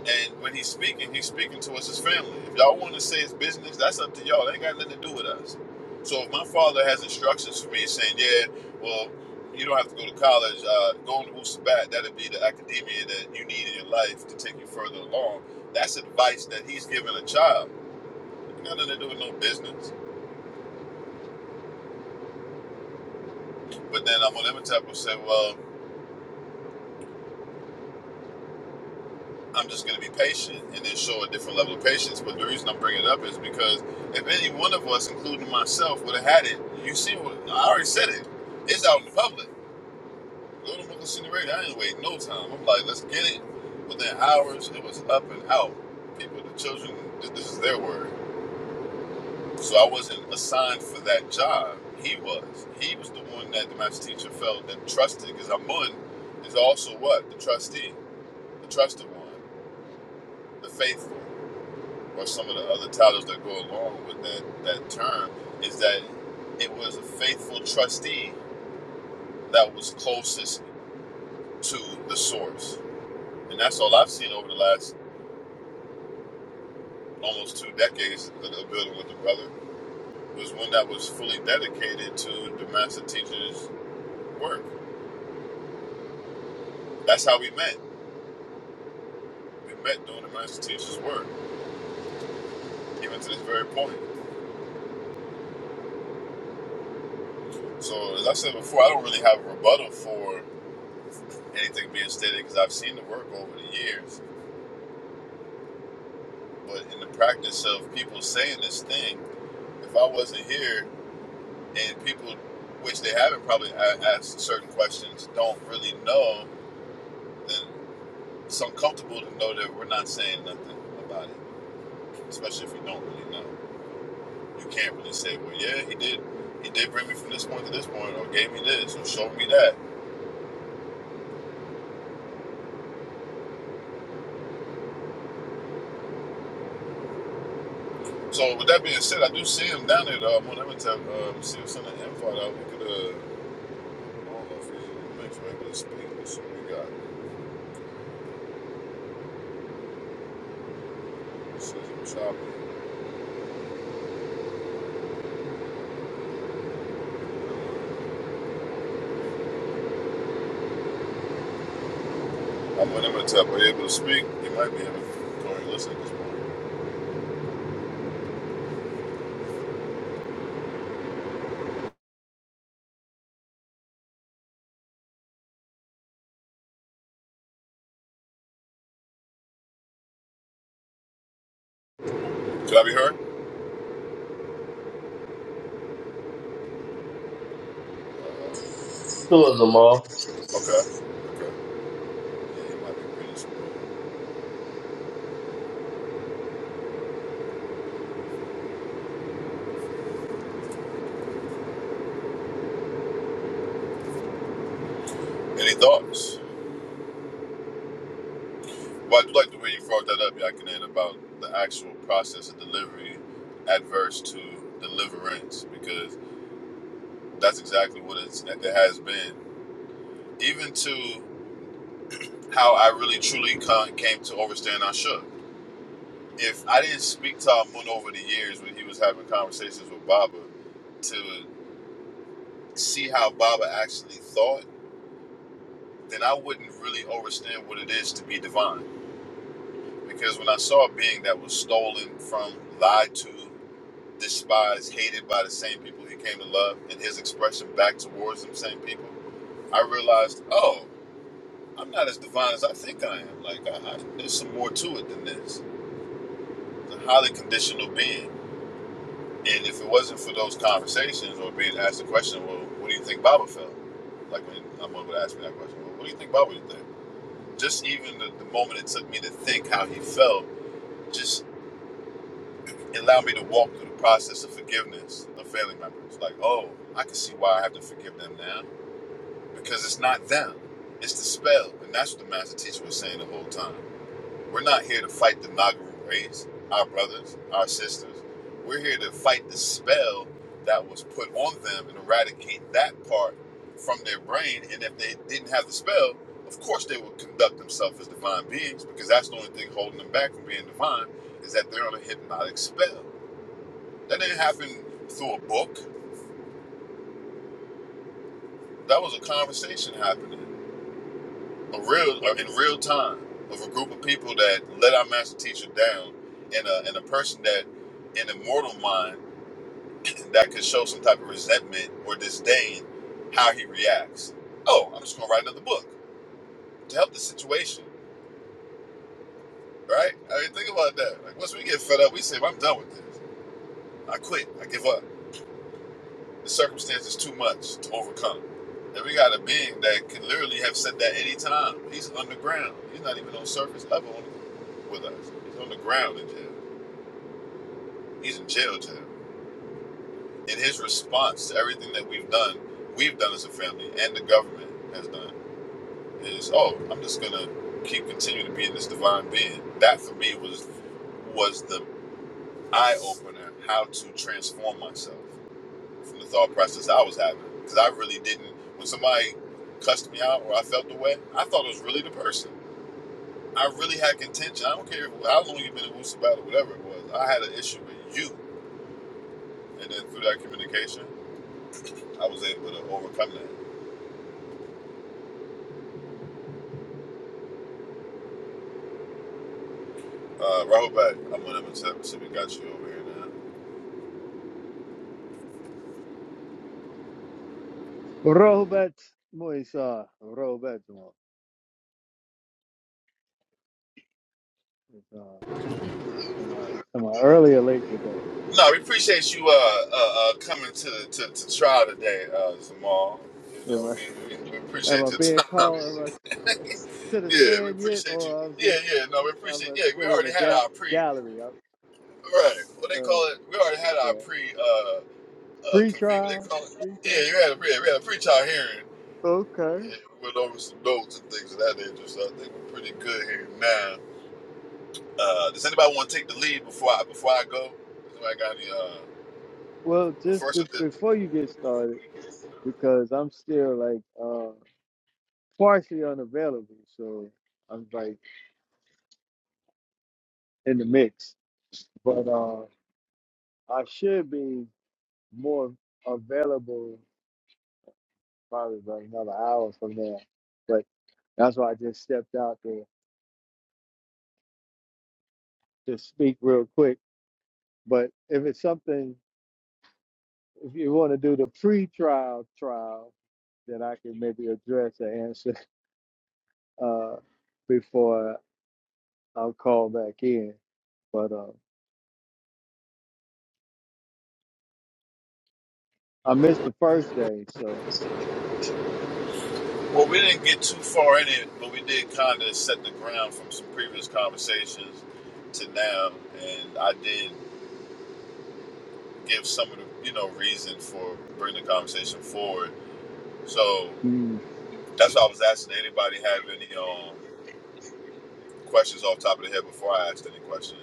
Speaker 1: And when he's speaking, he's speaking towards his family. If y'all want to say it's business, that's up to y'all. That ain't got nothing to do with us. So if my father has instructions for me saying, yeah, well, you don't have to go to college, uh, going to Wusabat, that'd be the academia that you need in your life to take you further along. That's advice that he's giving a child. It ain't got nothing to do with no business. But then I'm on Imhotep will say, well, I'm just going to be patient and then show a different level of patience. But the reason I'm bringing it up is because if any one of us, including myself, would have had it, you see what I already said it. It's out in the public. Go to Brooklyn City Radio. I ain't wait no time. I'm like, let's get it. Within hours, it was up and out. People, the children, th- this is their word. So I wasn't assigned for that job. He was. He was the one that the math teacher felt that trusted because Amun is also what? The trustee, the trusted one, the faithful. or some of the other titles that go along with that, that term is that it was a faithful trustee that was closest to the source. And that's all I've seen over the last almost two decades of building with the brother was one that was fully dedicated to the master teacher's work. That's how we met. We met doing the master teacher's work, even to this very point. So as I said before, I don't really have a rebuttal for anything being stated because I've seen the work over the years But in the practice of people saying this thing, if I wasn't here and people, which they haven't probably a- asked certain questions, don't really know, then it's uncomfortable to know that we're not saying nothing about it, especially if you don't really know. You can't really say, well, yeah, he did. He did bring me from this point to this point, or gave me this, or showed me that. So, with that being said, I do see him down there. Though. I'm on Emitab. Um, see what's on the invite. out. We could, uh, I don't know if he's in the mix. Maybe speak. Let's see what we got. Sizzle chopper. I'm with to and tap. Are you able to speak? You might be able to Corey, listen at this point. Should I be heard?
Speaker 5: Who was Jamal?
Speaker 1: Okay. Okay. Yeah, you might be pretty smooth. Any thoughts? Well, I do like the way you brought that up, Yakinan, about the actual process of delivery adverse to deliverance, because that's exactly what it's, it has been. Even to how I really truly con- came to understand Ashok. If I didn't speak to Amun over the years when he was having conversations with Baba, to. see how Baba actually thought, then I wouldn't really understand what it is to be divine. Because when I saw a being that was stolen from, lied to, despised, hated by the same people he came to love, and his expression back towards them same people, I realized, oh, I'm not as divine as I think I am. Like, I, I, there's some more to it than this. It's a highly conditional being. And if it wasn't for those conversations or being asked the question, well, what do you think Baba felt? Like when someone would ask me that question, well, what do you think Baba would think? Just even the, the moment it took me to think how he felt, just allowed me to walk through the process of forgiveness of family members. Like, oh, I can see why I have to forgive them now because it's not them, it's the spell, and that's what the master teacher was saying the whole time. We're not here to fight the Nagaru race, our brothers, our sisters. We're here to fight the spell that was put on them and eradicate that part from their brain. And if they didn't have the spell, of course they would conduct themselves as divine beings because that's the only thing holding them back from being divine is that they're on a hypnotic spell. That didn't happen through a book. That was a conversation happening. a real uh, in real time of a group of people that let our master teacher down and a, and a person that in a mortal mind that could show some type of resentment or disdain how he reacts oh i'm just going to write another book to help the situation right i mean think about that like once we get fed up we say "Well, i'm done with this i quit i give up The circumstance is too much to overcome. And we got a being that can literally have said that any time. He's underground. He's not even on surface level with us. He's on the ground in jail. He's in jail, jail. And his response to everything that we've done, we've done as a family, and the government has done, is, oh, I'm just gonna keep continuing to be in this divine being. That for me was was the eye opener how to transform myself. from the thought process I was having. Because I really didn't, when somebody cussed me out or I felt the way, I thought it was really the person. I really had contention. I don't care how long you've been in Woosa battle, whatever it was. I had an issue with you. And then through that communication, I was able to overcome that. Uh, Rahul back, I'm going to accept see we got you over here now.
Speaker 6: Robert Moisa. Robert Moisa. Am I am I early or late today?
Speaker 1: No, we appreciate you uh, uh, uh, coming to, to, to trial today, uh, Zamal. You know,
Speaker 6: Am I
Speaker 1: we, we, we
Speaker 6: am
Speaker 1: appreciate
Speaker 6: I
Speaker 1: your
Speaker 6: being
Speaker 1: time.
Speaker 6: called? Am I to the
Speaker 1: Yeah, we
Speaker 6: stand yet,
Speaker 1: appreciate you.
Speaker 6: or I'm
Speaker 1: Yeah,
Speaker 6: just
Speaker 1: yeah, no, we
Speaker 6: I'm
Speaker 1: appreciate.
Speaker 6: uh,
Speaker 1: Yeah, we
Speaker 6: still in the
Speaker 1: already had
Speaker 6: ga-
Speaker 1: our pre
Speaker 6: gallery? I'm,
Speaker 1: Right. What they
Speaker 6: uh,
Speaker 1: call it? We already had our
Speaker 6: okay.
Speaker 1: pre uh uh convene. What they
Speaker 6: Pre-trial,
Speaker 1: call it? Yeah,
Speaker 6: pre-trial.
Speaker 1: you had a pre. We had a pre-trial hearing.
Speaker 6: Okay.
Speaker 1: Yeah, we went over some notes and things of that nature. So I think we're pretty good here now. Uh, does anybody want to take the lead before I before I go? Does anybody got any? Uh,
Speaker 6: Well,
Speaker 1: but
Speaker 6: just
Speaker 1: first,
Speaker 6: be-
Speaker 1: with this-
Speaker 6: before you get started, because I'm still like uh, partially unavailable, so I'm like in the mix, but uh, I should be. more available probably about another hour from now. But that's why I just stepped out to to speak real quick. But if it's something, if you want to do the pre-trial trial, then I can maybe address the answer uh, before i will call back in. But uh, I missed the first day, so
Speaker 1: well, we didn't get too far in it, but we did kind of set the ground from some previous conversations to now, and I did give some of the you know reason for bringing the conversation forward. So.
Speaker 6: mm,
Speaker 1: That's why I was asking. Anybody have any um, questions off the top of the head before I asked any questions?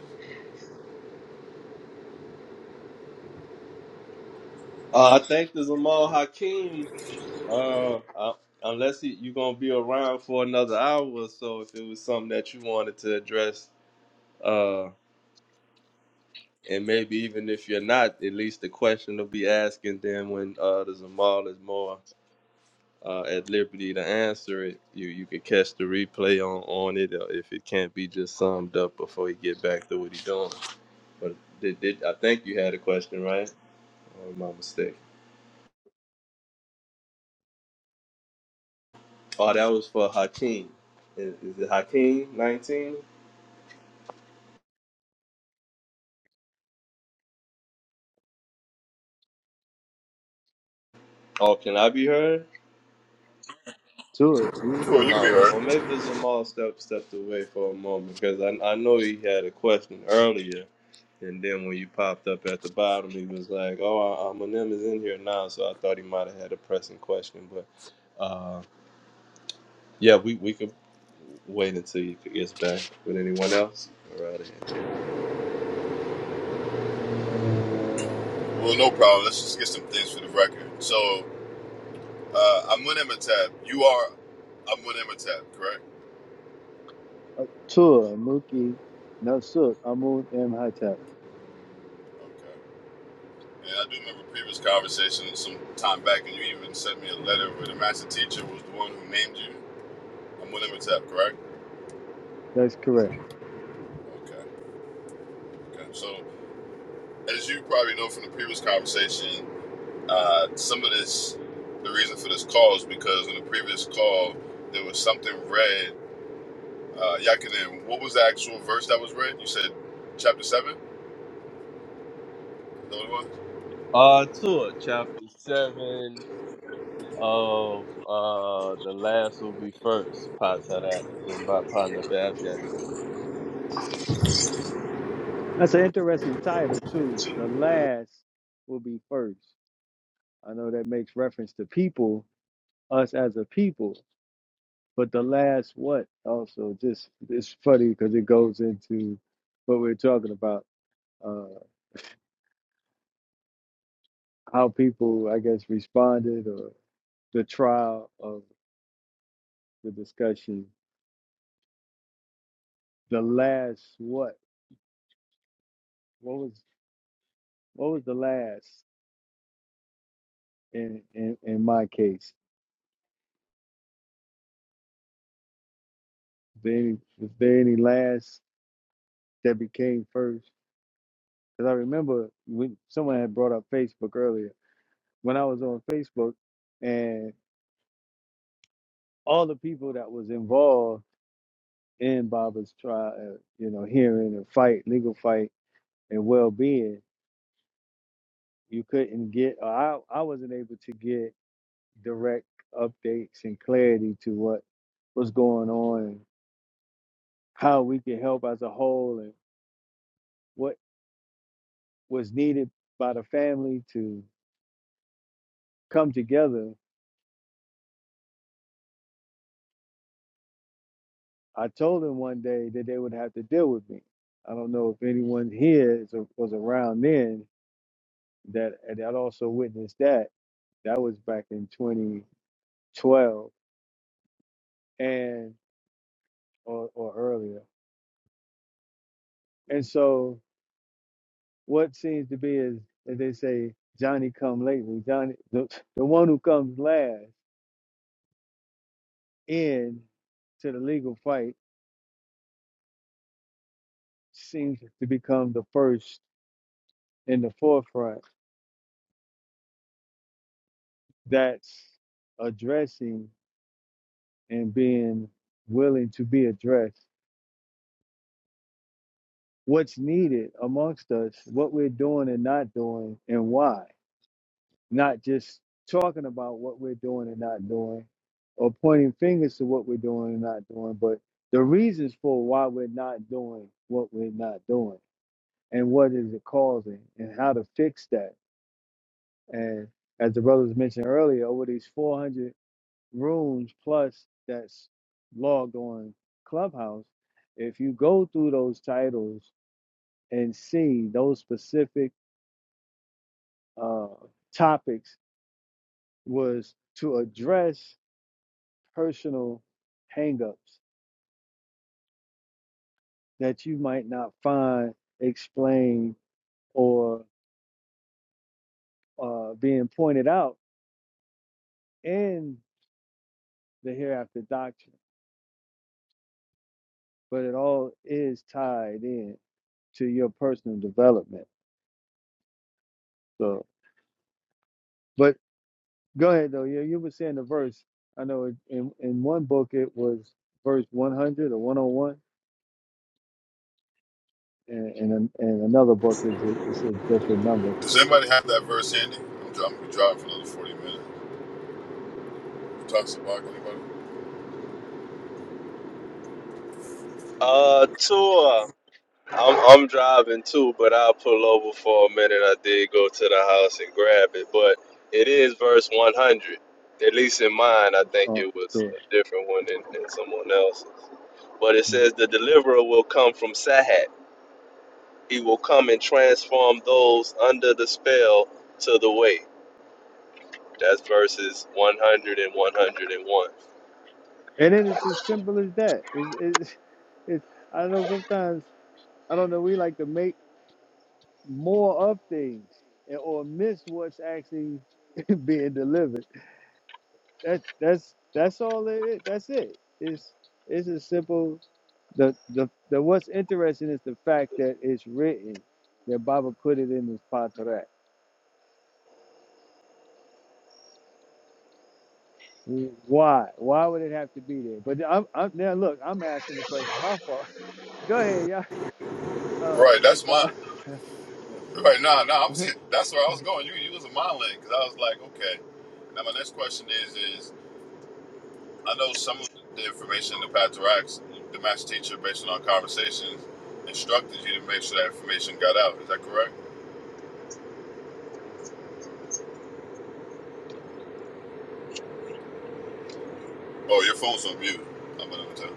Speaker 5: Uh, I think the Jamal Hakeem, uh, uh, unless he, you're going to be around for another hour or so, if it was something that you wanted to address, uh, and maybe even if you're not, at least the question will be asking them when uh, the Jamal is more uh, at liberty to answer it. You you could catch the replay on, on it uh, if it can't be just summed up before he get back to what he doing. But did, did I think you had a question, right? Or my mistake. Oh, that was for Hakeem. Is, is it Hakeem nineteen? Oh, can I be heard?
Speaker 6: Tua, you was
Speaker 1: Sure, you
Speaker 6: hurt.
Speaker 1: can be
Speaker 5: Oh,
Speaker 1: heard.
Speaker 5: well, maybe the Zamal step stepped away for a moment because I I know he had a question earlier, and then when you popped up at the bottom, he was like, "Oh, uh, uh, Eminem is in here now," so I thought he might have had a pressing question. But uh, yeah, we we could wait until he gets back with anyone else. All right.
Speaker 1: Well, no problem. Let's just get some things for the record. So, uh, I'm with Imhotep. You are, I'm with Imhotep, correct?
Speaker 6: Uh, Tua, Nuki, Nasuk, Amun, M. Hatap.
Speaker 1: Okay. And I do remember previous conversation some time back, and you even sent me a letter where the master teacher was the one who named you. I'm with Imhotep, correct?
Speaker 6: That's correct.
Speaker 1: Okay. Okay. So, as you probably know from the previous conversation, Uh, some of this, the reason for this call is because in the previous call, there was something read. Uh, Yakinen, what was the actual verse that was read? You said chapter 7? Is that what it was?
Speaker 5: Uh, tour chapter seven. of uh the last will be first part of that by partner Bab Yanni.
Speaker 6: That's an interesting title too. The last will be first. I know that makes reference to people, us as a people, but the last what also just it's funny because it goes into what we're talking about, uh, how people I guess responded or the trial of the discussion. The last what? What was what was the last in in, in my case? Is there any, was there any last that became first? Because I remember when someone had brought up Facebook earlier, when I was on Facebook and all the people that was involved in Baba's trial, uh, you know, hearing and fight, legal fight and well-being, you couldn't get, or I, I wasn't able to get direct updates and clarity to what was going on and how we could help as a whole and what was needed by the family to come together I told them one day that they would have to deal with me. I don't know if anyone here is, was around then that that also witnessed that. That was back in 2012 and or, or earlier. And so what seems to be is as they say, Johnny come lately. Johnny, the, the one who comes last in to the legal fight seems to become the first in the forefront. That's addressing and being willing to be addressed. What's needed amongst us, what we're doing and not doing, and why. Not just talking about what we're doing and not doing, or pointing fingers to what we're doing and not doing, but the reasons for why we're not doing what we're not doing, and what is it causing, and how to fix that. And as the brothers mentioned earlier, over these 400 rooms plus that's logged on Clubhouse, if you go through those titles and see those specific uh, topics was to address personal hangups that you might not find explained or uh, being pointed out in the hereafter doctrine, but it all is tied in to your personal development. So, but. Go ahead though. Yeah, you were saying the verse. I know it, in in one book it was verse one hundred or one hundred one, and and an- and another book is a, it's a different number.
Speaker 1: Does anybody have that verse handy? I'm, dri- I'm gonna be driving for another 40 minutes. Talks about anybody?
Speaker 5: Uh tour. I'm I'm driving too, but I'll pull over for a minute. I did go to the house and grab it, but it is verse one hundred. At least in mine, I think
Speaker 6: Uh,
Speaker 5: it
Speaker 6: to
Speaker 5: was
Speaker 6: it.
Speaker 5: a different one than, than someone else's. But it says the deliverer will come from Sahat. He will come and transform those under the spell to the way. That's verses one hundred and one hundred and one.
Speaker 6: And then it's as simple as that. It's, it's it's I know sometimes I don't know we like to make more of things and- or miss what's actually being delivered. that that's that's all it is. that's it it's it's as simple the the the what's interesting is the fact that it's written that Baba put it in his Patarak. Why? Why would it have to be there? But I'm, I'm now look, I'm asking the question. My fault. Go ahead, y'all. Uh,
Speaker 1: Right, that's my.
Speaker 6: Nathar.
Speaker 1: Right, nah, nah, I was, that's where I was going. You, you was a mind lane because I was like, okay. Now, my next question is, is, I know some of the information in the Path to Racks, the master teacher, based on our conversations, instructed you to make sure that information got out. Is that correct? Oh, your phone's on mute. I'm gonna tell.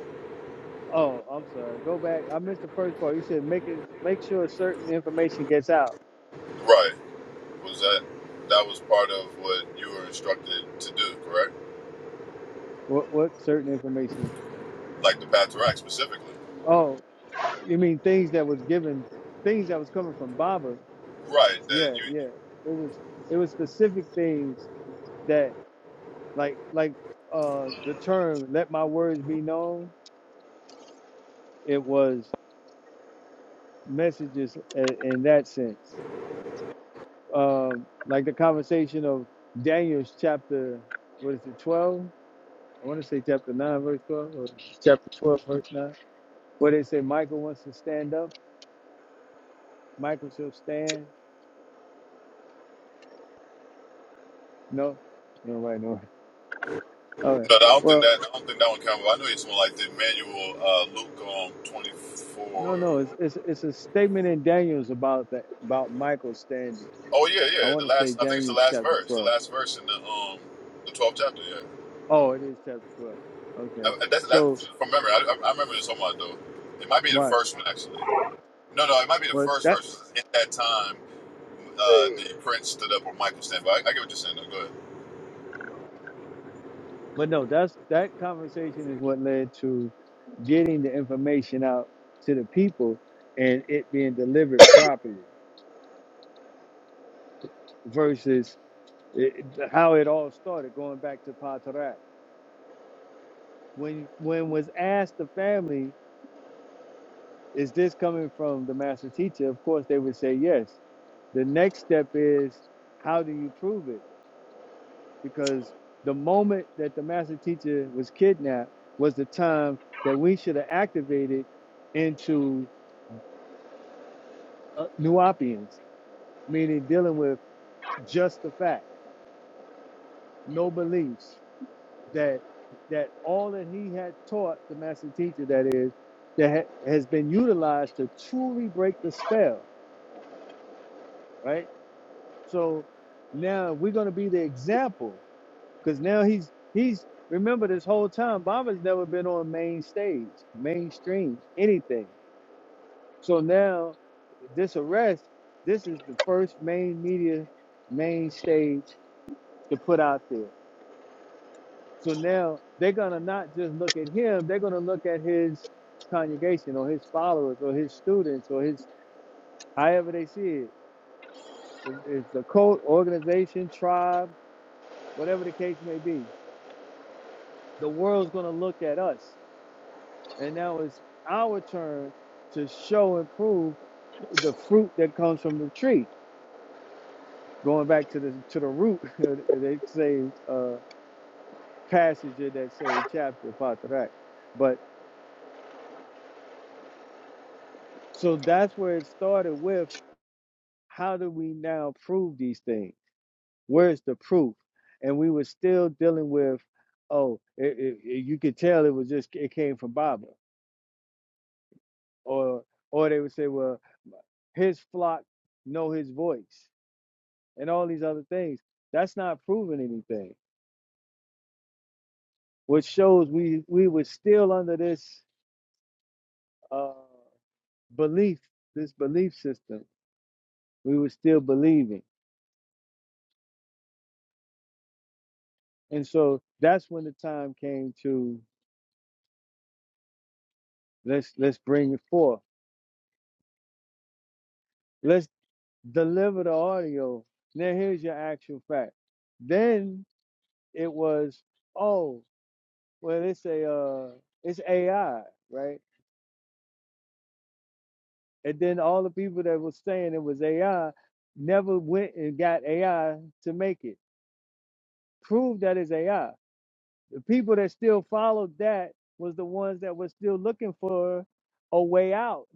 Speaker 6: oh, I'm sorry. Go back. I missed the first part. You said make it make sure certain information gets out.
Speaker 1: Right. Was that that was part of what you were instructed to do? Correct.
Speaker 6: What what certain information?
Speaker 1: Like the Path to Racks specifically.
Speaker 6: oh. You mean things that was given, things that was coming from Baba?
Speaker 1: Right. That
Speaker 6: Yeah,
Speaker 1: you.
Speaker 6: yeah. It was it was specific things that like like uh the term "let my words be known." It was messages in, in that sense, um, like the conversation of Daniel's chapter. What is it? Twelve. I want to say chapter nine, verse twelve, or chapter twelve, verse nine. Where they say Michael wants to stand up, Michael shall stand. No, no, right, no. All right.
Speaker 1: No, I don't think
Speaker 6: Well,
Speaker 1: that. I don't think that one counted. I know it's more like the manual uh, Luke um,
Speaker 6: No,
Speaker 1: 24.
Speaker 6: no, it's it's it's a statement in Daniel's about that about Michael's standing.
Speaker 1: Oh yeah,
Speaker 6: I
Speaker 1: yeah. The
Speaker 6: want to say
Speaker 1: last. I think it's the
Speaker 6: Daniel's
Speaker 1: last
Speaker 6: chapter
Speaker 1: verse. The
Speaker 6: twelve.
Speaker 1: last verse in the um the 12th chapter. Yeah.
Speaker 6: Oh, it is chapter twelve.
Speaker 1: I,
Speaker 6: Okay,
Speaker 1: that's,
Speaker 6: so
Speaker 1: that's from memory. I, I remember this one though. It might be the
Speaker 6: right,
Speaker 1: first one actually. No, no, it might be the
Speaker 6: but
Speaker 1: first
Speaker 6: that,
Speaker 1: verse. In that time, uh, the prince stood up on Michael stand. I, I get what you're saying. Though. Go
Speaker 6: but no, that's that conversation is what led to getting the information out to the people and it being delivered properly versus it, how it all started going back to Patarak. When when was asked the family, is this coming from the master teacher? Of course, they would say yes The next step is how do you prove it? Because the moment that the master teacher was kidnapped was the time that we should have activated into uh, nuopians, meaning dealing with just the fact, no beliefs that that all that he had taught the master teacher that is that ha- has been utilized to truly break the spell, right? So now we're going to be the example Because now he's he's remember this whole time Baba's never been on main stage, mainstream, anything. So now this arrest, this is the first main media, main stage to put out there. So now they're gonna not just look at him, they're gonna look at his congregation or his followers or his students or his however they see it. If it's a cult, organization, tribe, whatever the case may be, the world's gonna look at us And now it's our turn to show and prove the fruit that comes from the tree. Going back to the to the root, they say uh, passage in that same chapter, Patarak. But so that's where it started with how do we now prove these things? Where's the proof? And we were still dealing with, oh, it, it, it- you could tell it was just it came from Baba, or or they would say, well, his flock know his voice and all these other things. That's not proving anything, which shows we we were still under this uh, belief, this belief system. We were still believing, and so that's when the time came to let's let's bring it forth. Let's deliver the audio. Now here's your actual fact. Then it was oh well it's a uh, it's AI right And then all the people that was saying it was AI never went and got AI to make it. Prove that it's AI. The people that still followed that was the ones that were still looking for a way out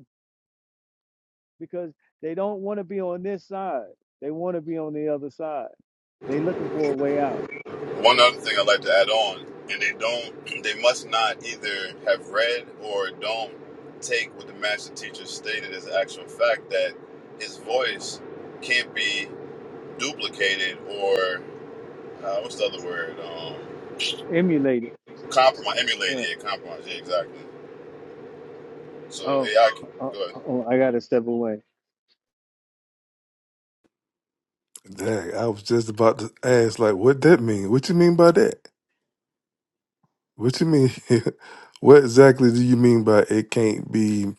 Speaker 6: because they don't want to be on this side. They want to be on the other side. They looking for a way out.
Speaker 1: ahead. One other thing I'd like to add on, and they don't, they must not either have read or don't take what the master teacher stated as actual fact that his voice can't be duplicated or uh, what's the other word? Um,
Speaker 6: Emulate it.
Speaker 1: compromise, emulated,
Speaker 6: Right.
Speaker 1: yeah, compromise. Yeah, exactly. So
Speaker 6: Oh,
Speaker 1: AI,
Speaker 6: oh,
Speaker 1: go ahead.
Speaker 6: oh, I gotta step away.
Speaker 3: Dang, I was just about to ask, like, what that mean? What you mean by that? What you mean? what exactly do you mean by it can't be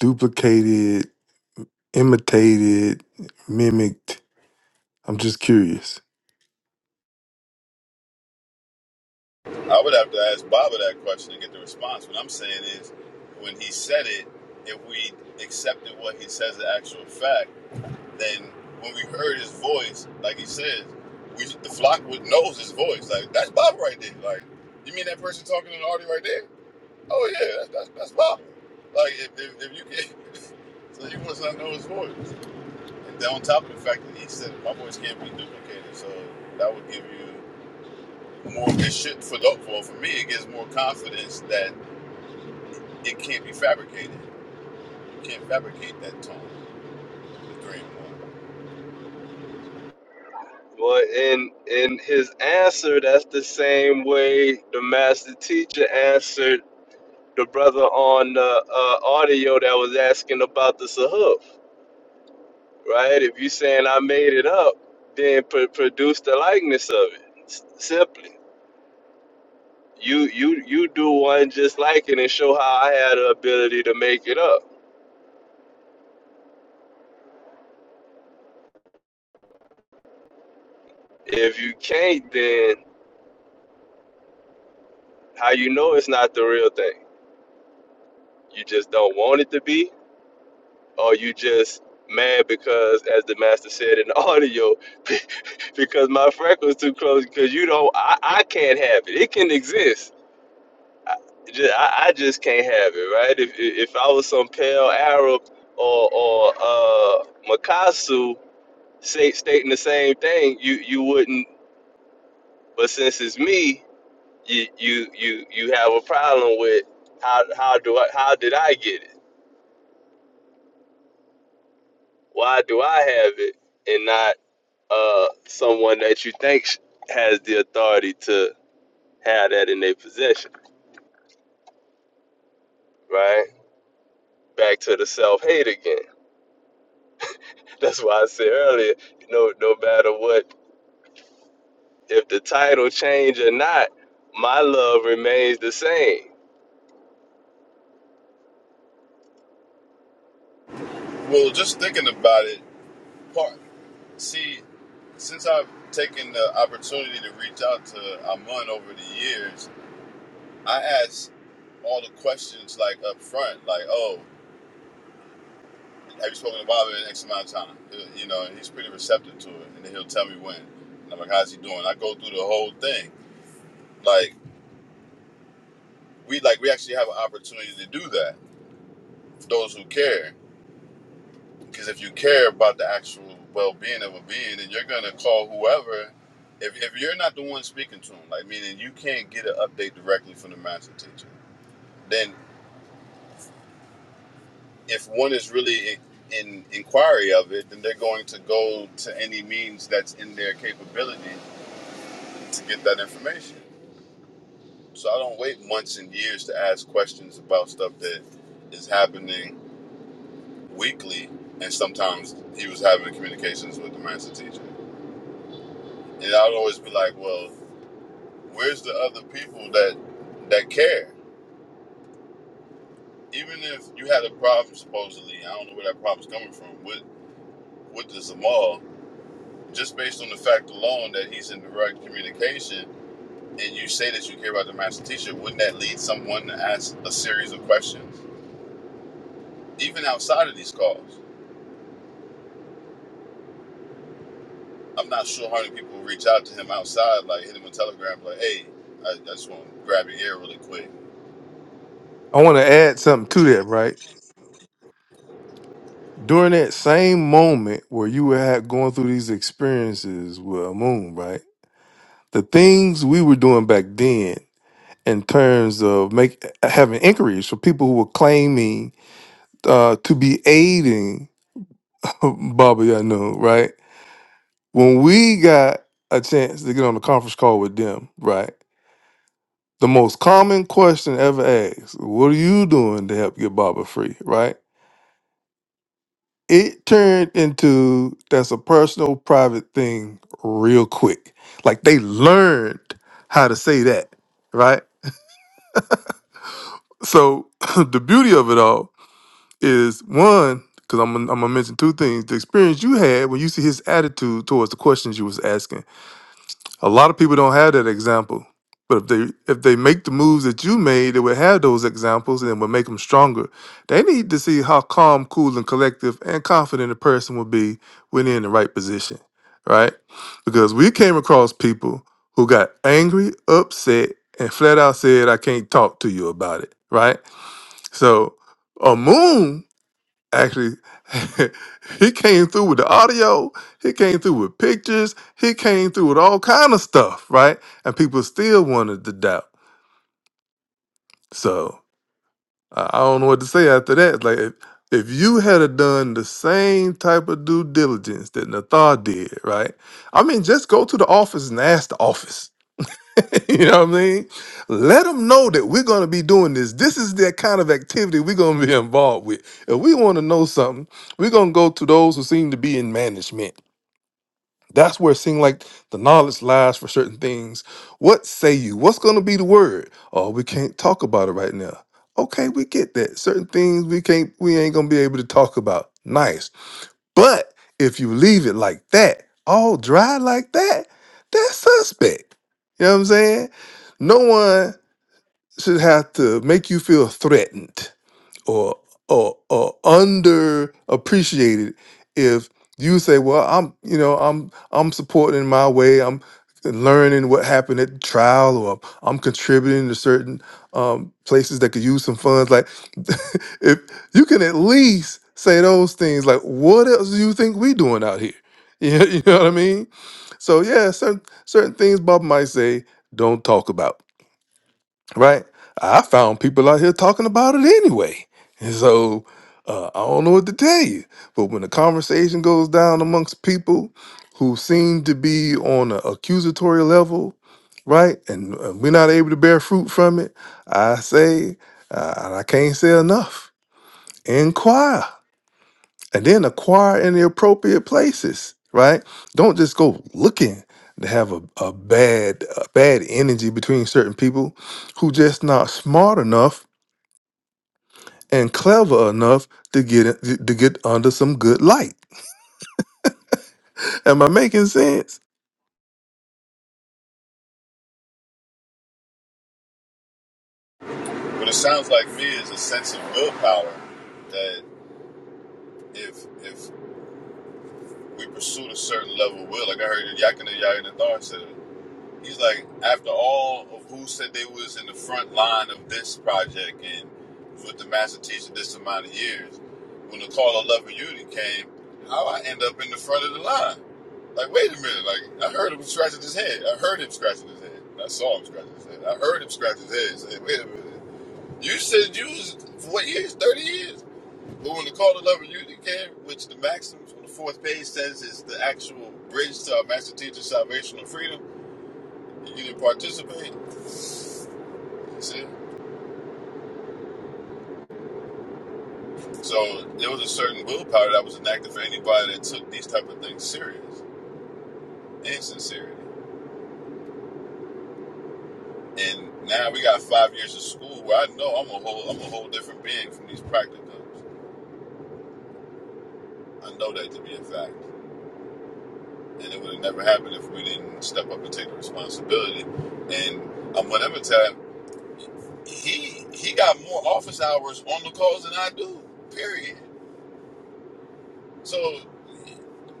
Speaker 3: duplicated, imitated, mimicked? I'm just curious.
Speaker 1: I would have to ask Baba that question to get the response. What I'm saying is, when he said it, if we accepted what he says as actual fact, then when we heard his voice, like he says, we the flock would knows his voice. Like that's Baba right there. Like you mean that person talking to the audio right there? Oh yeah, that's that's, that's Baba. Like if, if, if you can, so you must not know his voice. And then on top of the fact that he said my voice can't be duplicated, so that would give you more. It should for for for me, it gives more confidence that it can't be fabricated. You can't fabricate that tone, the three in one.
Speaker 5: Well, in in his answer, that's the same way the master teacher answered the brother on the uh, audio that was asking about the sahuf, right? If you saying I made it up, then pr- produce the likeness of it. S- simply, you you you do one just like it and show how I had the ability to make it up. If you can't, then how you know it's not the real thing? You just don't want it to be, Or you just mad because, as the master said in the audio, because my freckles too close? Because you don't, I, I can't have it. It can exist. I just, I, I just can't have it, right? If if I was some pale Arab or or uh, Makasu say, stating the same thing, you you wouldn't. But since it's me, you you you you have a problem with how how do I how did I get it? Why do I have it and not? uh, someone that you think sh- has the authority to have that in their possession, right? Back to the self hate again. That's why I said earlier, no, no matter what, if the title change or not, my love remains the same.
Speaker 1: Well, just thinking about it, part see, since I've taken the opportunity to reach out to Amun over the years, I ask all the questions like up front, like, oh, have you spoken to Bob in X amount of time? You know, and he's pretty receptive to it, and then he'll tell me when. And I'm like, how's he doing? I go through the whole thing. Like we like we actually have an opportunity to do that. For those who care, Because if you care about the actual well being of a being, then you're gonna call whoever. If, if you're not the one speaking to them, like meaning you can't get an update directly from the master teacher, then if one is really in, in inquiry of it, then they're going to go to any means that's in their capability to get that information. So I don't wait months and years to ask questions about stuff that is happening weekly. And sometimes he was having communications with the master teacher. And I'd always be like, well, Where's the other people that that care? Even if you had a problem supposedly, I don't know where that problem's coming from with with the Zamal, just based on the fact alone that he's in direct communication and you say that you care about the master teacher, wouldn't that lead someone to ask a series of questions? Even outside of these calls. I'm not sure how many people reach out to him outside, like hit him a telegram, like, hey, I, I just want to grab your ear really quick.
Speaker 3: I want to add something to that, right? During that same moment where you were had going through these experiences with a moon, right? The things we were doing back then in terms of make having inquiries for people who were claiming uh, to be aiding Baba Yanu, right? When we got a chance to get on a conference call with them, right? The most common question ever asked, what are you doing to help get Baba free, right? it turned into that's a personal private thing real quick like they learned how to say that right so the beauty of it all is one because I'm, gonna- I'm gonna mention two things the experience you had when you see his attitude towards the questions you was asking A lot of people don't have that example, but if they if they make the moves that you made, they would have those examples and it would make them stronger. They need to see how calm, cool, and collective and confident a person will be when they're in the right position, right? Because we came across people who got angry, upset, and flat out said, "I can't talk to you about it," right? So, a moon actually he came through with the audio he came through with pictures he came through with all kind of stuff right and people still wanted to doubt so i I don't know what to say after that like if, if you had a done the same type of due diligence that nathar did right i mean just go to the office and ask the office you know what I mean? Let them know that we're going to be doing this. This is the kind of activity we're going to be involved with. If we want to know something, we're going to go to those who seem to be in management. That's where it seems like the knowledge lies for certain things. What say you? What's going to be the word? Oh, we can't talk about it right now. Okay, we get that. Certain things we can't, we ain't going to be able to talk about. Nice. But if you leave it like that, all dry like that, that's suspect. You know what I'm saying? No one should have to make you feel threatened or or, or underappreciated if you say, "Well, I'm you know I'm I'm supporting in my way. I'm learning what happened at the trial, or I'm contributing to certain um, places that could use some funds." Like, if you can at least say those things, like, "What else do you think we doing out here?" You know, you know what I mean? So yeah, certain certain things Bob might say, don't talk about right? I found people out here talking about it anyway. And so uh, I don't know what to tell you. But when the conversation goes down amongst people who seem to be on an accusatory level, right? And uh, we're not able to bear fruit from it, I say, uh, and I can't say enough. Inquire and then acquire in the appropriate places right don't just go looking to have a, a bad a bad energy between certain people who just not smart enough and clever enough to get in- to get under some good light am i making sense
Speaker 1: What it sounds like me is a sense of willpower that if if we pursued a certain level of will. Like I heard Yakin and Yakin and Thar said it. He's like, after all of who said they was in the front line of this project and was with the master teacher this amount of years, when the call of love and unity came, how I end up in the front of the line? Like, wait a minute, like I heard him scratching his head. I heard him scratching his head. I saw him scratching his head. I heard him scratching his head. Say, wait a minute. You said you was for what years? Thirty years? Well, when the call to love and unity came, which the maxim from the fourth page says is the actual bridge to our master teacher salvation and freedom, you didn't participate. You see, so there was a certain willpower that was enacted for anybody that took these type of things serious and sincerity. And now we got five years of school where I know I'm a whole I'm a whole different being from these practicums. I know that to be a fact, and it would have never happened if we didn't step up and take the responsibility. And I'm whatever time. He he got more office hours on the calls than I do. Period. So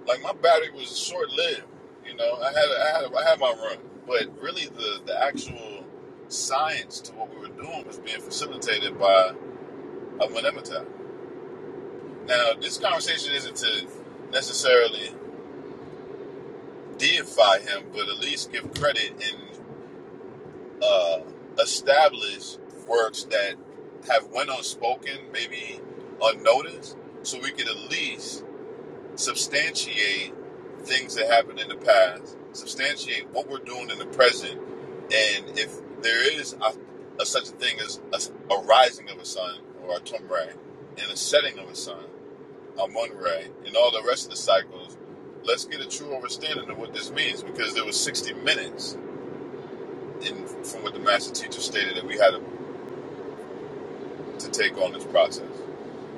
Speaker 1: like my battery was short lived. You know, I had I had I had my run, but really the the actual science to what we were doing was being facilitated by a Manemata. Now, this conversation isn't to necessarily deify him, but at least give credit in. uh, establish works that have went unspoken, maybe unnoticed, so we could at least substantiate things that happened in the past, substantiate what we're doing in the present, and if there is a, a such a thing as a, a rising of a sun or a tumray and a setting of a sun, a moonray, and all the rest of the cycles, let's get a true understanding of what this means because there was 60 minutes and from what the master teacher stated that we had to, take on this process.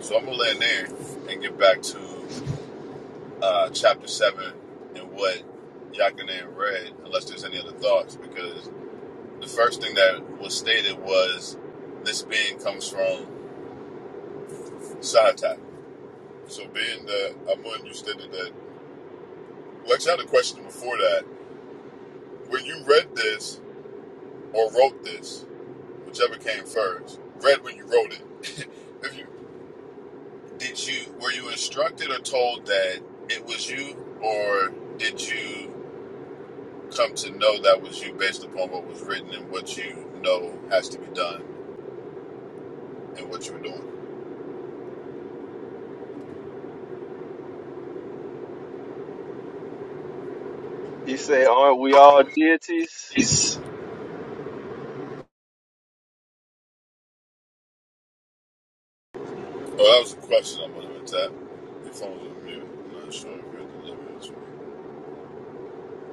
Speaker 1: So I'm gonna land there and get back to uh, chapter seven and what Yakinen read, unless there's any other thoughts, because the first thing that was stated was this being comes from Sahatak. So being that Amun, you stated that. Well, actually, I had a question before that. When you read this or wrote this, whichever came first, read when you wrote it. if you Did you were you instructed or told that it was you, or did you come to know that was you based upon what was written and what you know has to be done and what you were doing?
Speaker 5: He said, aren't we all deities?
Speaker 1: Peace. Oh, that was a question I'm gonna tap. Your phone's on mute. I'm not sure if you're delivering this one.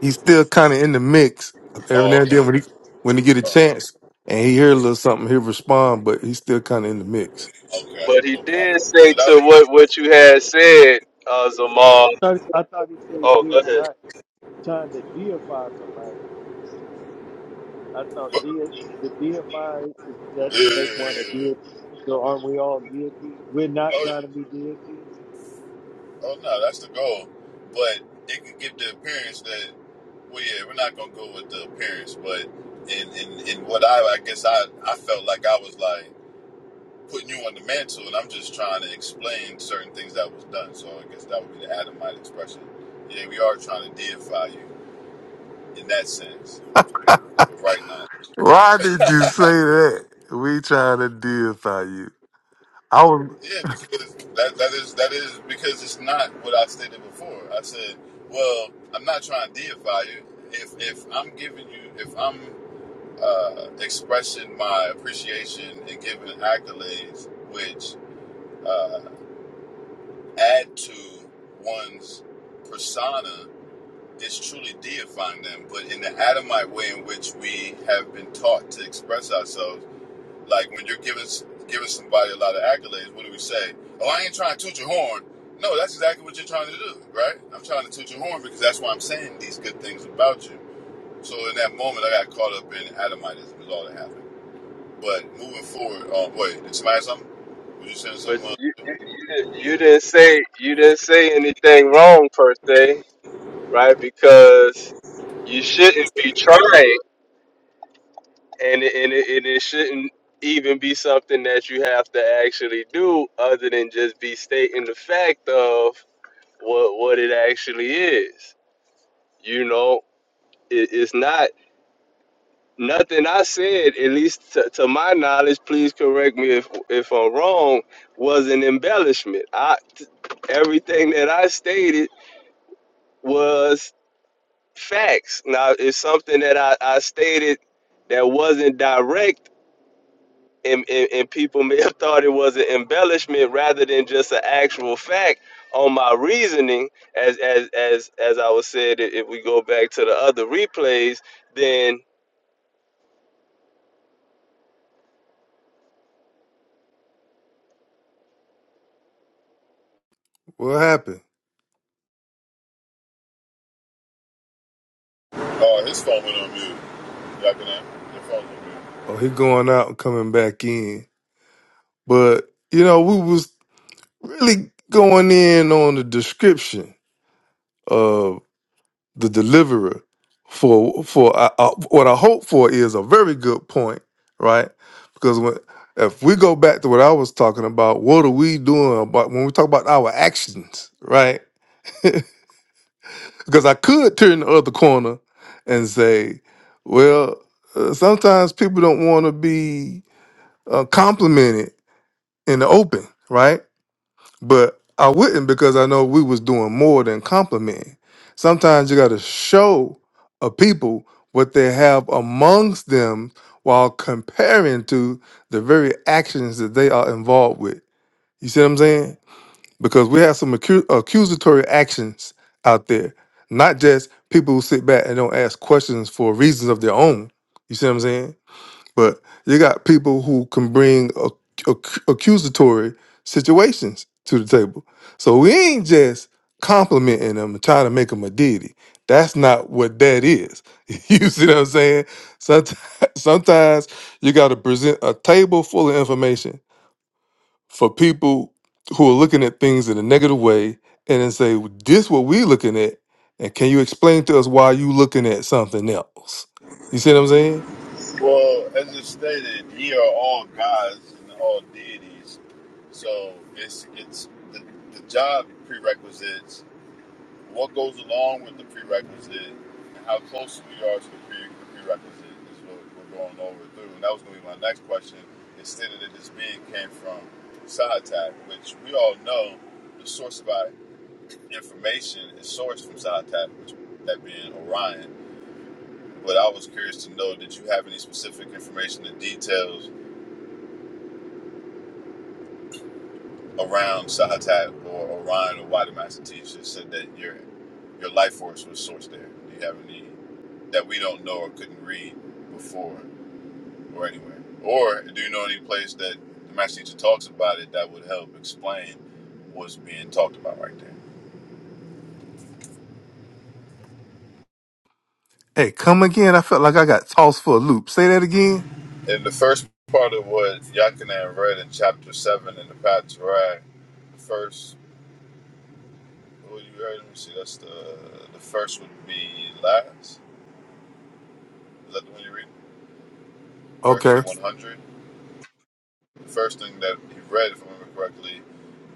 Speaker 3: he's still kind of in the mix every
Speaker 1: Oh,
Speaker 3: now and
Speaker 1: okay.
Speaker 3: then when he when he get a
Speaker 1: Oh,
Speaker 3: chance and he hear a little something he'll respond but he's still kind of in the mix
Speaker 1: okay,
Speaker 5: But he
Speaker 1: no problem.
Speaker 5: did
Speaker 1: So
Speaker 5: say
Speaker 1: that
Speaker 5: to
Speaker 1: was.
Speaker 5: what what you had said, uh, Zamal.
Speaker 6: I Thought- I thought he said
Speaker 5: Oh,
Speaker 6: we
Speaker 5: go
Speaker 6: are
Speaker 5: ahead.
Speaker 6: not trying to deify somebody. I thought dei the deified is that
Speaker 1: Yeah,
Speaker 6: to make
Speaker 1: yeah,
Speaker 6: one a
Speaker 1: yeah, yeah.
Speaker 6: deity. So aren't we all deities? We're
Speaker 1: That
Speaker 6: not
Speaker 1: was
Speaker 6: trying to be deities.
Speaker 1: Oh no, that's the goal. But it could give the appearance that well yeah, we're not gonna go with the appearance, but in in, in what I I guess I, I felt like I was like putting you on the mantle and I'm just trying to explain certain things that was done. So I guess that would be the Adamite expression. Yeah, we are trying to deify you in that sense. But right now.
Speaker 3: why did you say that we trying to deify you i was
Speaker 1: yeah, because that that is that is because it's not what I stated before. I said, Well, I'm not trying to deify you. If if I'm giving you if I'm uh, expressing my appreciation and giving accolades, which uh, add to one's persona, is truly deifying them. But in the Adamite way in which we have been taught to express ourselves, like when you're giving giving somebody a lot of accolades, what do we say? Oh, I ain't trying to toot your horn. No, that's exactly what you're trying to do, right? I'm trying to toot your horn because that's why I'm saying these good things about you. So in that moment, I got caught up in Adamitism. Is all that happened. But moving forward, um, wait, did somebody have something? Were you saying something?
Speaker 5: But
Speaker 1: Uh,
Speaker 5: you, you, you, didn't, you didn't say you didn't say anything wrong per se right? Because you shouldn't be trying, and it, and it, and it shouldn't even be something that you have to actually do, other than just be stating the fact of what what it actually is. You know, it, it's not nothing I said, at least to, to my knowledge. Please correct me if if I'm wrong. Was an embellishment. I t- everything that I stated was Facts. Now, it's something that I, I stated that wasn't direct, and, and, and people may have thought it was an embellishment rather than just an actual fact on my reasoning. As as as as I was said, i- if we go back to the other replays, then
Speaker 3: what happened
Speaker 1: oh, his phone went on mute. Y'all can have your phone on mute.
Speaker 3: Oh, he going out and coming back in. But, you know, we was really going in on the description of the deliverer for for uh, uh, what I hope for is a very good point, right? Because when if we go back to what I was talking about, what are we doing about when we talk about our actions, right? Because I could turn the other corner and say, well, uh, sometimes people don't want to be uh, complimented in the open, right? but I wouldn't because I know we was doing more than complimenting. Sometimes you got to show a people what they have amongst them while comparing to the very actions that they are involved with. You see what I'm saying? Because we have some accu- accusatory actions out there, not just people who sit back and don't ask questions for reasons of their own. You see what I'm saying? But you got people who can bring ac- ac- accusatory situations to the table. So we ain't just complimenting them and trying to make them a deity. That's not what that is. you see what I'm saying? Sometimes, sometimes you got to present a table full of information for people who are looking at things in a negative way and then say, "Well, this what we looking at, and can you explain to us why you looking at something else? You see what I'm saying?
Speaker 1: Well, as it stated, ye are all gods and all deities. So it's it's the, the job prerequisites, what goes along with the prerequisite, and how close we are to the, pre, the prerequisite is what we're going over through. And that was going to be my next question. Instead of that this being came from Sahatak, which we all know the source of our information is sourced from SciTap, which that being Orion. But I was curious to know did you have any specific information and details around SciTap or Orion or why the Master Teacher said that your your life force was sourced there? Do you have any that we don't know or couldn't read before or anywhere? Or do you know any place that the Master Teacher talks about it that would help explain what's being talked about right there?
Speaker 3: Hey, come again. I felt like I got tossed for a loop. Say that again.
Speaker 1: in the first part of what Yakinan read in chapter seven in the Patriarch, the first who you heard, let me see, that's the the first would be last. Is that the one you read?
Speaker 3: Okay.
Speaker 1: Verse one hundred. The first thing that he read, if I remember correctly,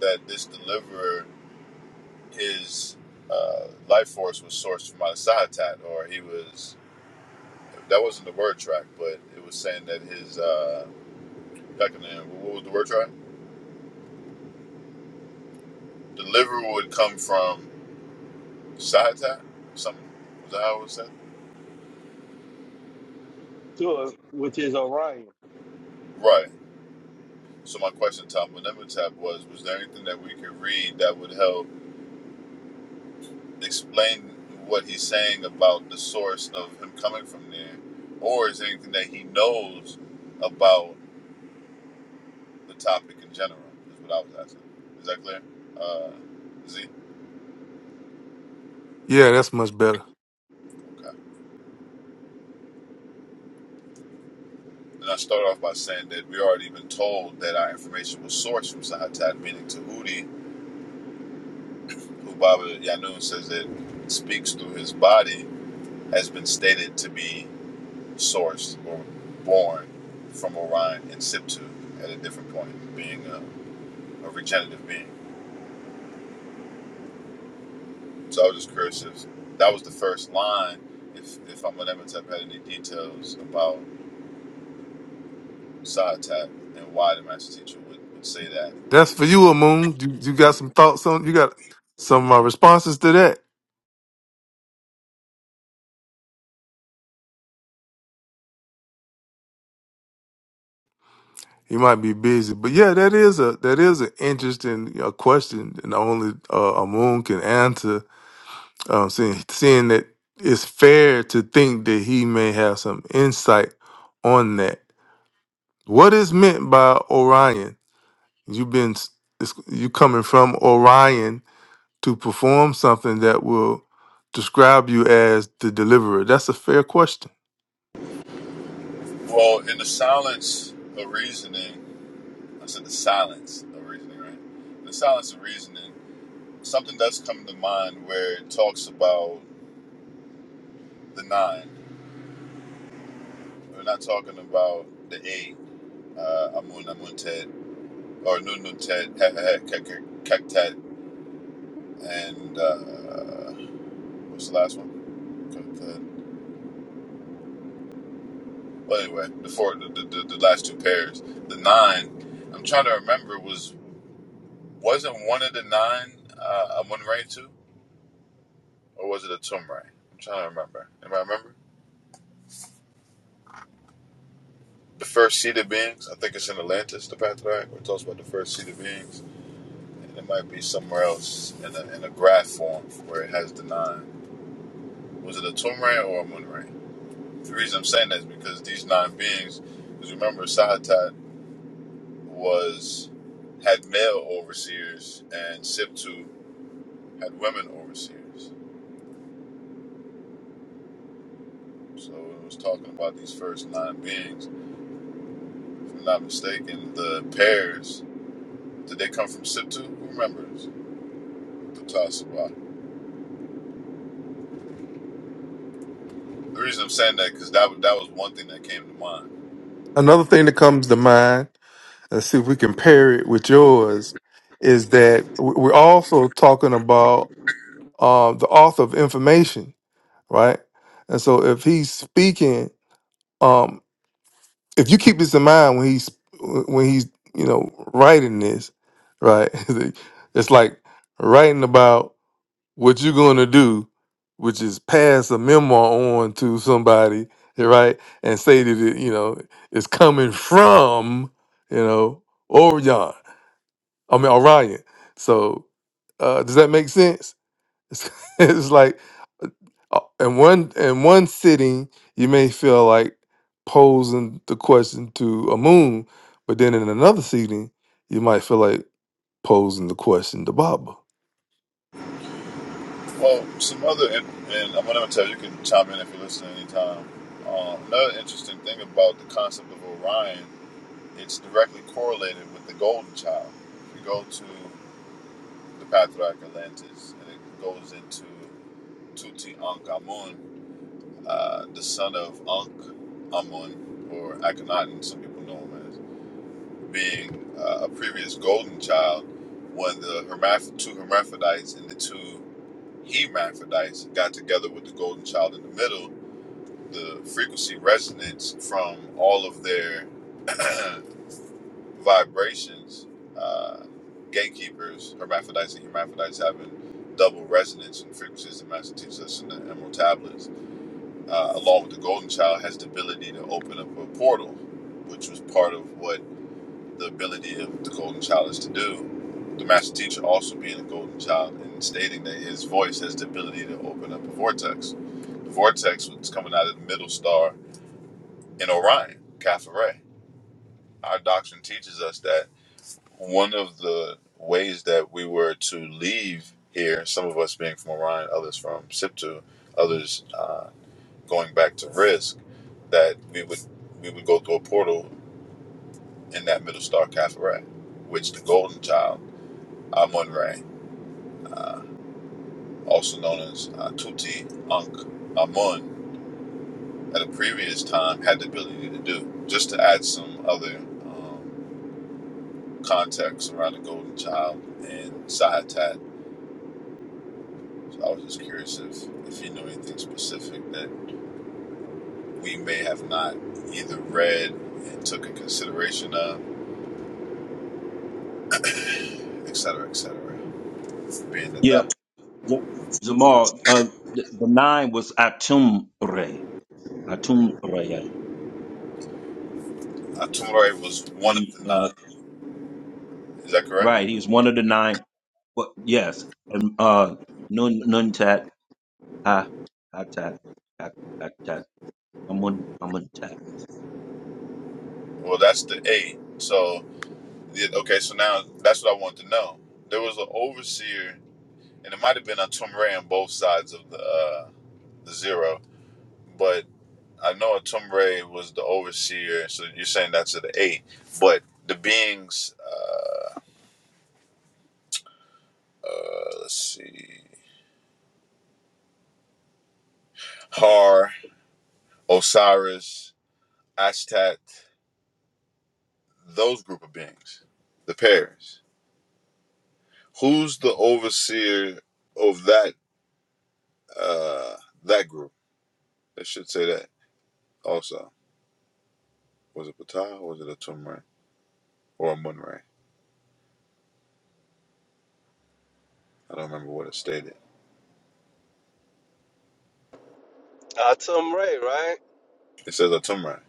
Speaker 1: that this deliverer, his uh, life force was sourced from out Sahatat, or he was that wasn't the word track, but it was saying that his uh Yakinan, what was the word track? Deliverer would come from Side tap? Something? Was that how it was said?
Speaker 6: Sure, which is Orion.
Speaker 1: Right. So my question, Tom Tap, was: Was there anything that we could read that would help explain what he's saying about the source of him coming from there, or is there anything that he knows about the topic in general? Is what I was asking. Is that clear? Uh, Z.
Speaker 3: Yeah, that's much better.
Speaker 1: Okay. And I start off by saying that we already been told that our information was sourced from Sahatat, meaning Tahuti, who Baba Yanun says that speaks through his body has been stated to be sourced or born from Orion and Siptu at a different point, being a, a regenerative being. So I was just curious if that was the first line, if, if Amunemetep had any details about Sahatat and why the master teacher would, would say that.
Speaker 3: That's for you, Moon. You, you got some thoughts on? You got some uh, responses to that? You might be busy, but yeah, that is a that is an interesting you know, question, and only uh, Moon can answer. Um, seeing seeing that it's fair to think that he may have some insight on that. What is meant by Orion? You've been s- it's, you coming from Orion to perform something that will describe you as the deliverer. That's a fair question.
Speaker 1: Well, in the silence of reasoning, I said the silence of reasoning, right? In the silence of reasoning, something that's come to mind where it talks about the nine. We're not talking about the A, uh, Amun Amunted, or Nununted, Kektet, and uh, what's the last one? Kektet. Well, anyway, the four, the, the, the, last two pairs. The nine, I'm trying to remember, was wasn't one of the nine uh, Amun Ray too? Or was it a Tumray? I'm trying to remember. Anybody remember? The first seed of beings, I think it's in Atlantis, the Patriarch, where it talks about the first seed of beings. and it might be somewhere else in a, in a graph form where it has the nine. Was it a twin or a moon The reason I'm saying that is because these nine beings, because remember, Sahatat was had male overseers and Siptu had women overseers. So it was talking about these first nine beings. If I'm not mistaken, the pairs did they come from Siptu? Who remembers? Ptah Sabat. The reason I'm saying that because that that was one thing that came to mind
Speaker 3: another thing that comes to mind, let's see if we can pair it with yours, is that w- we're also talking about uh, the author of information, right? And so if he's speaking, um, if you keep this in mind when he's when he's you know writing this, right? It's like writing about what you're going to do, which is pass a memo on to somebody, right, and say that it, you know it's coming from you know Orion. I mean Orion. So uh, does that make sense? It's, it's like uh, in one in one sitting, you may feel like posing the question to a moon, but then in another sitting, you might feel like posing the question to Baba.
Speaker 1: Well, some other, and, and I'm going to tell you, you can chime in if you listen anytime. Um, another interesting thing about the concept of Orion, it's directly correlated with the Golden Child. If you go to the Patriarch Atlantis, and it goes into Tuti Ankh uh, the son of Ankh Amun, or Akhenaten, some people know him as, being uh, a previous Golden Child, when the hermaph- two hermaphrodites and the two he Hermaphrodites got together with the golden child in the middle, the frequency resonance from all of their vibrations, uh, gatekeepers, hermaphrodites and hermaphrodites having double resonance and frequencies that Master teaches us in the Emerald Tablets, uh, along with the golden child, has the ability to open up a portal, which was part of what the ability of the golden child is to do. The master teacher also being a golden child and stating that his voice has the ability to open up a vortex the vortex was coming out of the middle star in Orion, Caffrey. Our doctrine teaches us that one of the ways that we were to leave here, some of us being from Orion, others from Siptu, others uh, going back to Risk, that we would we would go through a portal in that middle star Caffrey, which the golden child Amun Re, also known as uh, Tuti Ankh Amun, at a previous time had the ability to do. Just to add some other um, context around the Golden Child and Side Tat. So I was just curious if, if you knew anything specific that we may have not either read and took in consideration of, et cetera, et cetera. Being that
Speaker 2: Yeah.
Speaker 1: that
Speaker 2: J- Jamal, uh, the, the nine was Atumre, Atumre,
Speaker 1: Atumare was one of
Speaker 2: and
Speaker 1: the
Speaker 2: uh,
Speaker 1: nine. Is that correct?
Speaker 2: right, he was one of the nine. But yes, and uh, Nun Nuntat Ha Hatat Ha Hatat Amun Amuntat.
Speaker 1: Well, that's the eight. So, the- okay, so now that's what I want to know. There was an overseer, and it might have been Atumare on both sides of the, uh, the zero, I know Atumbre was the overseer, so you're saying that's of the eight. But the beings, uh, uh, let's see, Har, Osiris, Ashtat, those group of beings, the pairs. Who's the overseer of that uh, that group? It should say that also. Was it Ptah or was it Atumre or Amunre? I don't remember what it stated.
Speaker 5: I told them right, right.
Speaker 1: It says Atumre.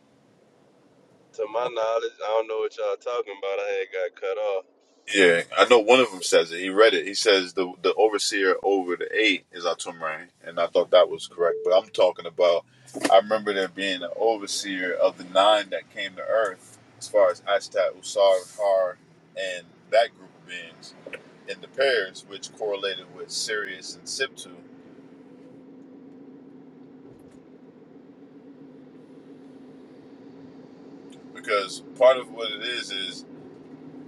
Speaker 5: To my knowledge, I don't know what y'all talking about. I had got cut off,
Speaker 1: Yeah, I know one of them says it. He read it. He says the the overseer over the eight is Atumran, and I thought that was correct. But I'm talking about. I remember there being an overseer of the nine that came to Earth, as far as Ashtat, Usar, Har, and that group of beings in the pairs, which correlated with Sirius and Siptu, because part of what it is is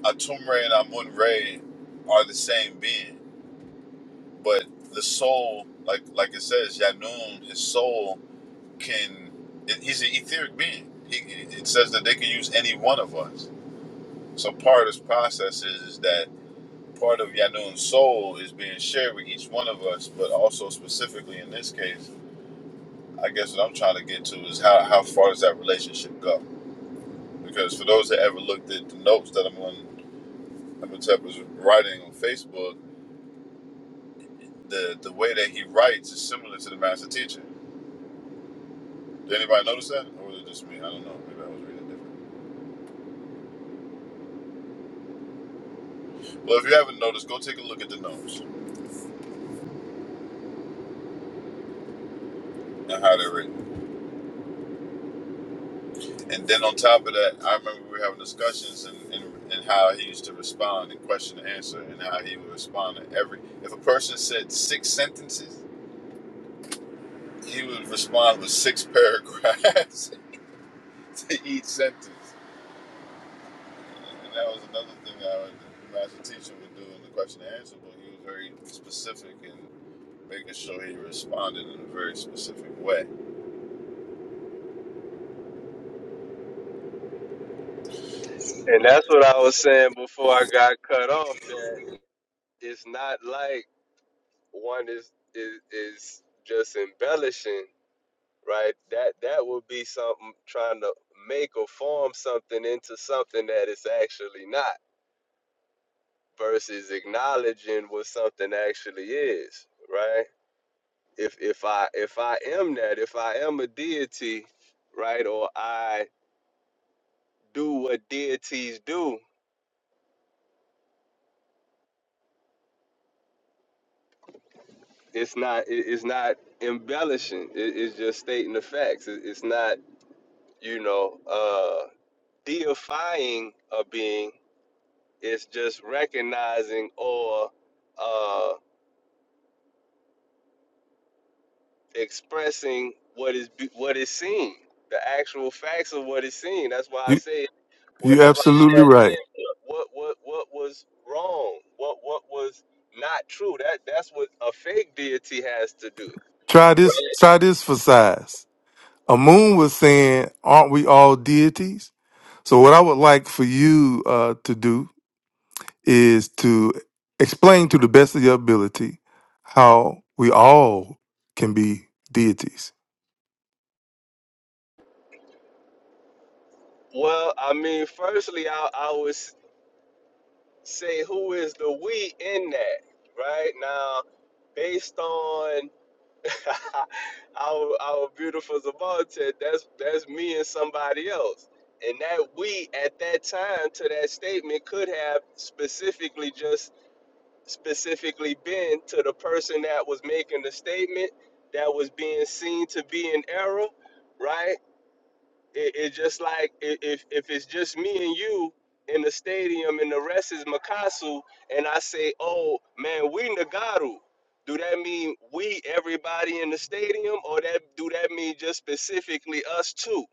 Speaker 1: Atumre and Amun Re are the same being, but the soul, like like it says, Yanun, his soul can it- he's an etheric being he, it says that they can use any one of us so part of this process is, is that part of yanun's soul is being shared with each one of us but also specifically in this case i guess what i'm trying to get to is how, how far does that relationship go because for those that ever looked at the notes that i'm on Amenhotep was writing on facebook the, the way that he writes is similar to the master teacher did anybody notice that or was it just me i don't know maybe i was reading it different well if you haven't noticed go take a look at the notes and how they're written. And then on top of that, I remember we were having discussions and, and, and how he used to respond and question and answer and how he would respond to every. If a person said six sentences, he would respond with six paragraphs to each sentence. And that was another thing that I, the master teacher would do in the question and answer book. He was very specific in making sure he responded in a very specific way.
Speaker 5: and that's what I was saying before I got cut off. That it's not like one is is is just embellishing right? That that would be something trying to make or form something into something that it's actually not versus acknowledging what something actually is, right? If if I if I am that, if I am a deity, right, or I do what deities do, it's not it- it's not embellishing. It, it's just stating the facts. It, it's not you know uh deifying a being It's just recognizing or uh, expressing what is be- what is seen, the actual facts of what is seen. That's why I
Speaker 3: You
Speaker 5: say
Speaker 3: you
Speaker 5: whatever
Speaker 3: absolutely right.
Speaker 5: what what what was wrong, what what was not true. That that's what a fake deity has to do.
Speaker 3: Try this. Try this for size. A moon was saying, "Aren't we all deities?" So, what I would like for you uh, to do is to explain to the best of your ability how we all can be deities.
Speaker 5: Well, I mean, firstly, I I would s- say who is the we in that, right now, based on our our beautiful Zavaltech, that's that's me and somebody else. And that we at that time to that statement could have specifically just specifically been to the person that was making the statement that was being seen to be in error, right? it, it's just like i- if if it's just me and you in the stadium and the rest is Makasu, and I say, "Oh man, we Nagaru." Do that mean we everybody in the stadium, or that do that mean just specifically us two?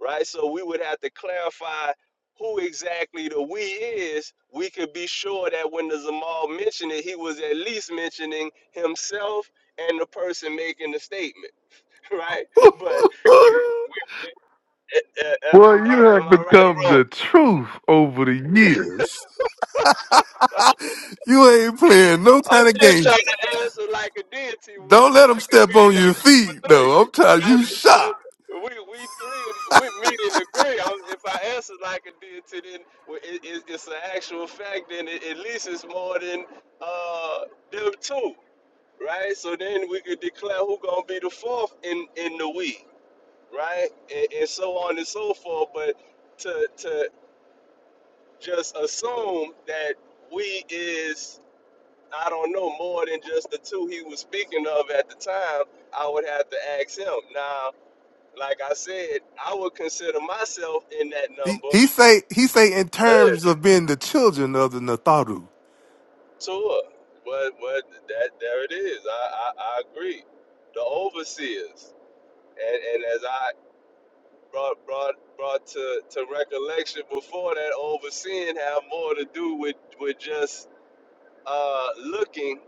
Speaker 5: Right. So we would have to clarify who exactly the we is. We could be sure that when the Zamal mentioned it, he was at least mentioning himself and the person making the statement, right? But uh, uh,
Speaker 3: Boy, you
Speaker 5: uh, am
Speaker 3: have
Speaker 5: I right
Speaker 3: become
Speaker 5: or wrong?
Speaker 3: the truth over the years. you ain't playing no
Speaker 5: I'm
Speaker 3: kind of
Speaker 5: just
Speaker 3: games.
Speaker 5: trying to answer like a deity would,
Speaker 3: Don't
Speaker 5: so
Speaker 3: let
Speaker 5: I
Speaker 3: them
Speaker 5: could be
Speaker 3: step
Speaker 5: in
Speaker 3: on
Speaker 5: that
Speaker 3: your
Speaker 5: group
Speaker 3: feet,
Speaker 5: of three,
Speaker 3: though. I'm tired.
Speaker 5: right?
Speaker 3: You
Speaker 5: So
Speaker 3: shot.
Speaker 5: we we three we meet and agree. i if I answer like a deity, then well, it, it, it's an actual fact, Then it, at least it's more than uh, them two, right? So then we could declare who gonna be the fourth in in the we, right? And, and so on and so forth. But to to just assume that we is I don't know more than just the two he was speaking of at the time. I would have to ask him. Now, like I said, I would consider myself in that
Speaker 3: He,
Speaker 5: number.
Speaker 3: he say he say in
Speaker 5: Hey.
Speaker 3: terms of being the children of the Natharu.
Speaker 5: Sure, but but that there it is. I I, I agree. The overseers, and and as I brought brought brought to to recollection before that, overseeing have more to do with with just uh looking,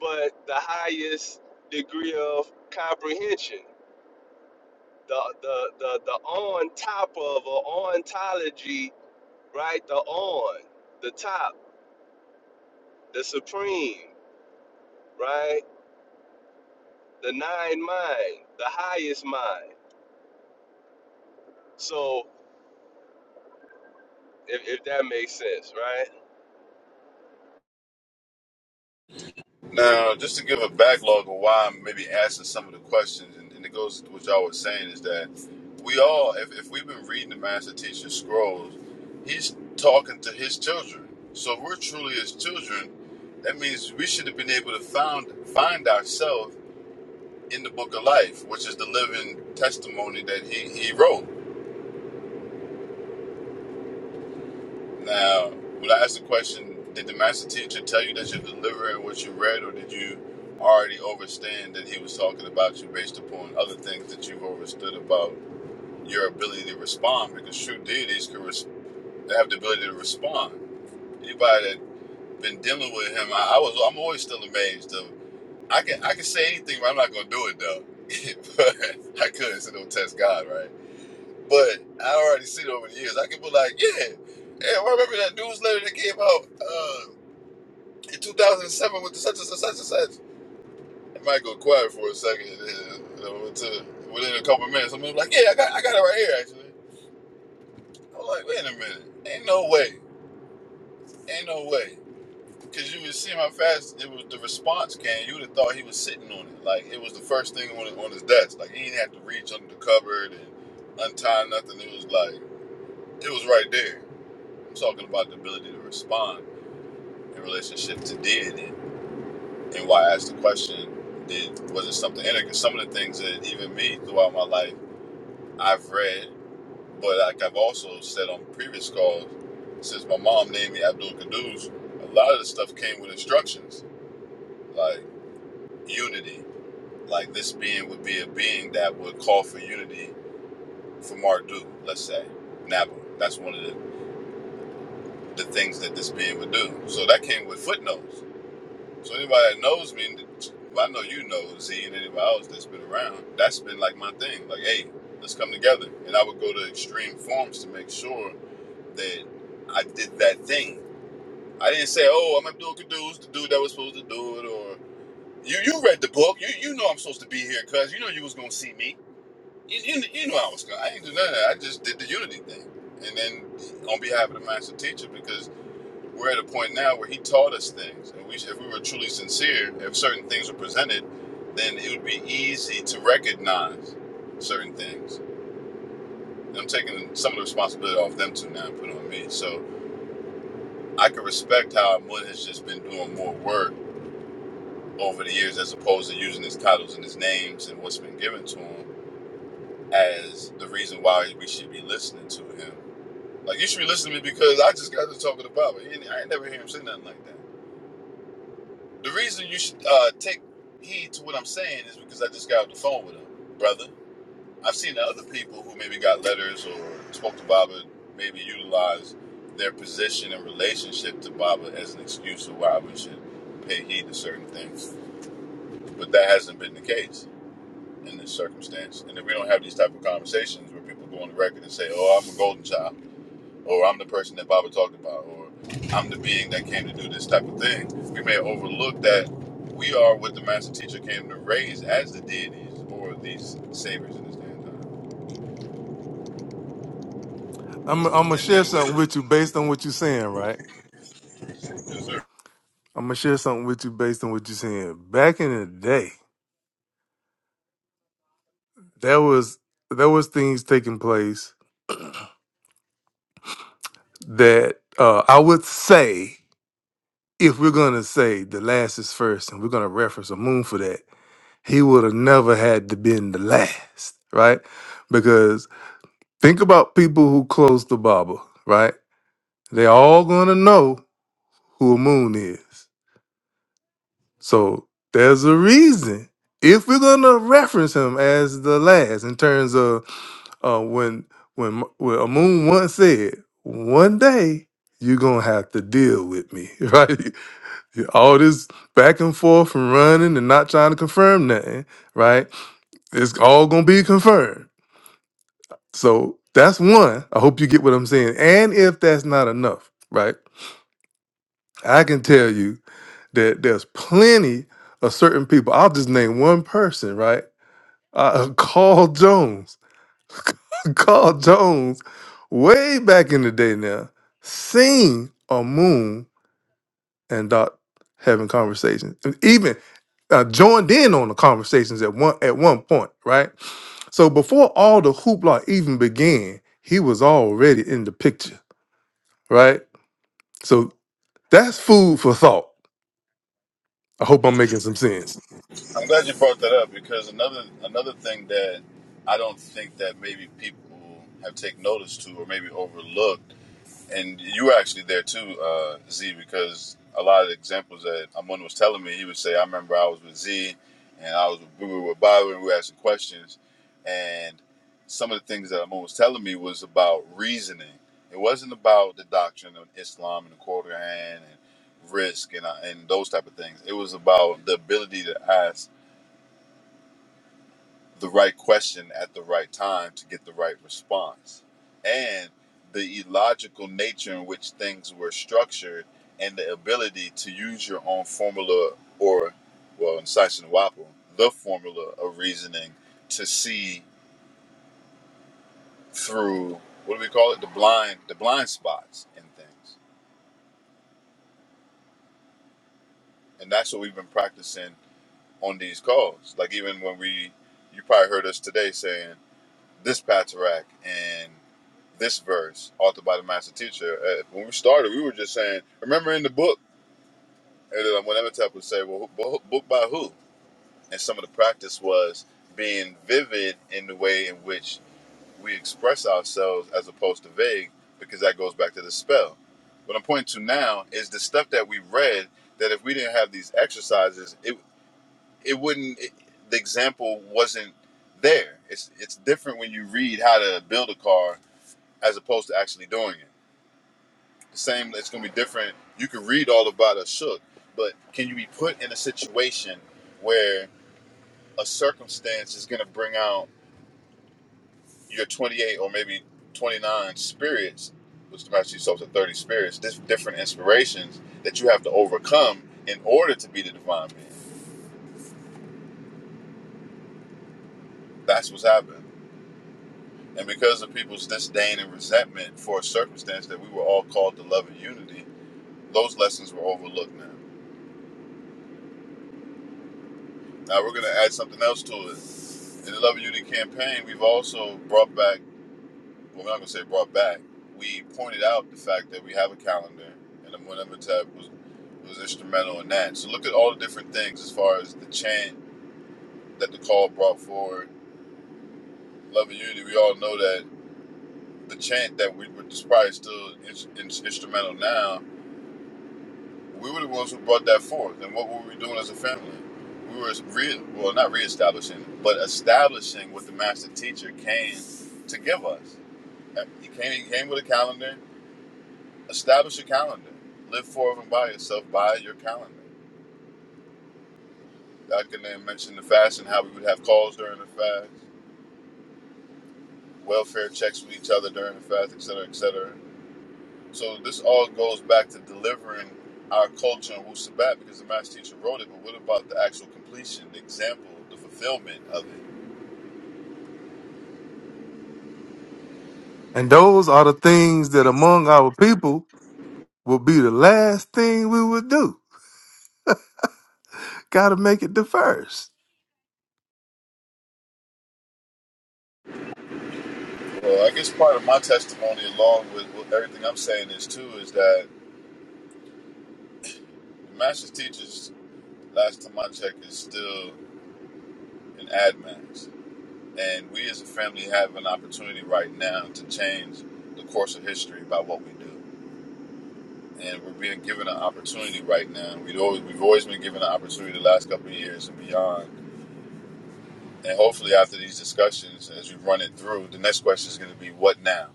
Speaker 5: but the highest degree of comprehension the the the the on top of or ontology, right? The on, the top, the supreme, right? The nine mind, the highest mind. So if, if that makes sense, right?
Speaker 1: Now, just to give a backlog of why I'm maybe asking some of the questions, and, and it goes to what y'all were saying, is that we all, if, if we've been reading the Master Teacher Scrolls, he's talking to his children. So if we're truly his children, that means we should have been able to found, find ourselves in the book of life, which is the living testimony that he, he wrote. Now, when I asked the question, did the master teacher tell you that you're delivering what you read, or did you already understand that he was talking about you based upon other things that you've understood about your ability to respond? Because true deities can res- they have the ability to respond. Anybody that has been dealing with him, I, I was I'm always still amazed of I can I can say anything, but I'm not gonna do it though. but I couldn't, so don't test God, right? But I already seen over the years. I could be like, yeah, yeah. well, I remember that newsletter that came out uh, in 2007 with the such and such and such. It might go quiet for a second. and then, You know, until within a couple of minutes, I'm like, yeah, I got, I got it right here. Actually, I'm like, wait a minute, ain't no way, ain't no way. Cause you would see how fast it was. The response came. You would have thought he was sitting on it. Like it was the first thing on his, on his desk. Like he didn't have to reach under the cupboard and untie nothing. It was like it was right there. I'm talking about the ability to respond in relationship to did and, and why I asked the question, did was it something in it? Because some of the things that even me throughout my life I've read, but like I've also said on previous calls, since my mom named me Abdul Kaduz, a lot of the stuff came with instructions, like unity. Like this being would be a being that would call for unity for Marduk, let's say. Naba. That's one of the, the things that this being would do. So that came with footnotes So anybody that knows me, well, I know you know Z and anybody else that's been around. That's been like my thing. Like, hey, let's come together. And I would go to extreme forms to make sure that I did that thing. I didn't say, oh, I'm Abdul Kadoos, the dude that was supposed to do it, or you. You read the book. You you know I'm supposed to be here, cuz you know you was gonna see me. You, you, you know I was. gonna- I didn't do none of that. I just did the unity thing, and then on behalf of the master teacher, because. We're at a point now where he taught us things, and we, if we were truly sincere, if certain things were presented, then it would be easy to recognize certain things. And I'm taking some of the responsibility off them two now and put it on me. So I can respect how Mun has just been doing more work over the years as opposed to using his titles and his names and what's been given to him as the reason why we should be listening to him. Like, you should be listening to me because I just got to talking to Baba. You I ain't never hear him say nothing like that. The reason you should uh, take heed to what I'm saying is because I just got off the phone with him, brother. I've seen other people who maybe got letters or spoke to Baba, maybe utilized their position and relationship to Baba as an excuse of why we should pay heed to certain things. But that hasn't been the case in this circumstance. And if we don't have these type of conversations where people go on the record and say, oh, I'm a golden child, or I'm the person that Baba talked about, or I'm the being that came to do this type of thing. We may overlook that we are what the master teacher came to raise as the deities or these saviors in this day and time.
Speaker 3: I'm I'm gonna
Speaker 1: And
Speaker 3: share
Speaker 1: then
Speaker 3: something
Speaker 1: with
Speaker 3: with you based on what you're saying, right?
Speaker 1: yes,
Speaker 3: I'm gonna share something with you based on what you're saying. Back in the day, there was there was things taking place that uh, I would say if we're gonna say the last is first, and we're gonna reference a moon for that, he would have never had to been the last, right? Because think about people who close the Bible, right? They're all gonna know who a moon is. So there's a reason. If we're gonna reference him as the last in terms of uh, when when when a moon once said, one day you're gonna have to deal with me, right? All this back and forth and running and not trying to confirm nothing, right? It's all gonna be confirmed. So that's one. I hope you get what I'm saying. And if that's not enough, right? I can tell you that there's plenty of certain people. I'll just name one person, right? Uh, Carl Jones. Carl Jones, way back in the day now, seen a moon and Doc having conversations, and even uh, joined in on the conversations at one at one point, right? So before all the hoopla even began, he was already in the picture, right? So that's food for thought. I hope I'm making some sense.
Speaker 1: I'm glad you brought that up because another another thing that I don't think that maybe people have taken notice to or maybe overlooked and you were actually there too, uh, Z, because a lot of the examples that Amun was telling me, he would say, I remember I was with Z and I was with, we were with Bobby and we were asking questions. And some of the things that Amun was telling me was about reasoning. It wasn't about the doctrine of Islam and the Quran and risk and, uh, and those type of things. It was about the ability to ask the right question at the right time to get the right response. And the illogical nature in which things were structured and the ability to use your own formula or, well, in Sison Wapo, the formula of reasoning to see through, what do we call it? The blind, the blind spots in things. And that's what we've been practicing on these calls. Like even when we, you probably heard us today saying, this Paterack and this verse, authored by the master teacher. Uh, when we started, we were just saying, remember in the book, and then when Amenhotep would say, well, who, bo- book by who? And some of the practice was being vivid in the way in which we express ourselves as opposed to vague, because that goes back to the spell. What I'm pointing to now is the stuff that we read that if we didn't have these exercises, it, it wouldn't, it, the example wasn't there. It's, it's different when you read how to build a car as opposed to actually doing it. The same, it's going to be different. You can read all about a shook, but can you be put in a situation where a circumstance is going to bring out your 28 or maybe 29 spirits, which matches yourself to 30 spirits, different inspirations that you have to overcome in order to be the divine being? That's what's happened. And because of people's disdain and resentment for a circumstance that we were all called to love and unity, those lessons were overlooked now. Now we're going to add something else to it In the Love and Unity campaign, we've also brought back, well, we're not going to say brought back, we pointed out the fact that we have a calendar, and the Monument was, was instrumental in that. So look at all the different things as far as the chant that the call brought forward. Love and Unity, we all know that the chant that we were probably still in, in, instrumental now, we were the ones who brought that forth. And what were we doing as a family? We were re, well, not reestablishing, but establishing what the master teacher came to give us. He came, he came with a calendar. Establish a calendar. Live for and by yourself by your calendar. Dr. Then mentioned the fast and how we would have calls during the fast, welfare checks with each other during the fast, et cetera, et cetera. So this all goes back to delivering our culture in Wu Sabat because the master teacher wrote it, but what about the actual completion, the example, the fulfillment of it?
Speaker 3: And those are the things that among our people will be the last thing we would do. Gotta make it the first.
Speaker 1: Well, I guess part of my testimony along with with everything I'm saying is too is that the master's teachers, last time I checked, is still in admins And we as a family have an opportunity right now to change the course of history by what we do. And we're being given an opportunity right now. We'd always, we've always been given an opportunity the last couple of years and beyond. And hopefully, after these discussions, as we run it through, the next question is going to be what now?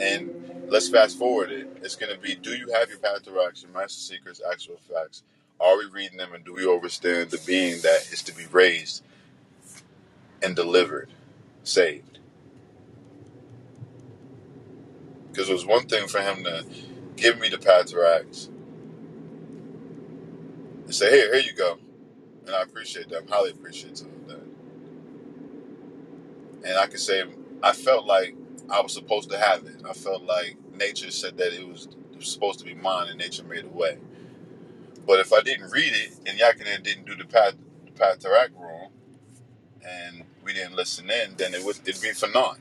Speaker 1: And let's fast forward it. It's going to be do you have your path to action, master secrets, actual facts? Are we reading them and do we understand the being that is to be raised and delivered, saved? Because it was one thing for him to give me the pad to rags and say, "Here, here you go," and I appreciate that. I'm highly appreciative of that. And I could say I felt like I was supposed to have it. I felt like nature said that it was, it was supposed to be mine, and nature made a way. But if I didn't read it and Yakinen didn't do the pad the pad to rack wrong, and we didn't listen in, then it would it'd be for naught.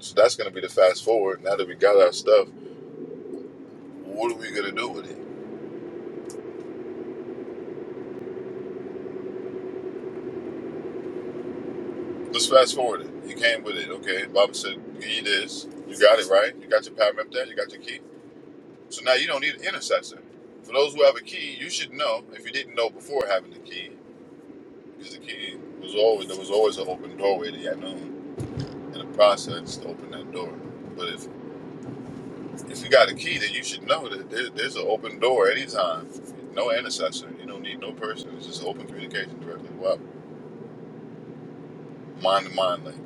Speaker 1: So that's gonna be the fast forward. Now that we got our stuff, what are we gonna do with it? Let's fast forward it. You came with it, okay? Baba said, "Give you this. You got it right. You got your power map there. You got your key. So now you don't need an intercessor. For those who have a key, you should know. If you didn't know before having the key, because the key was always there was always an open doorway to Yanun and a process to open that door. But if if you got a key, then you should know that there, there's an open door anytime. No intercessor. You don't need no person. It's just open communication directly. Wow, mind to mind link.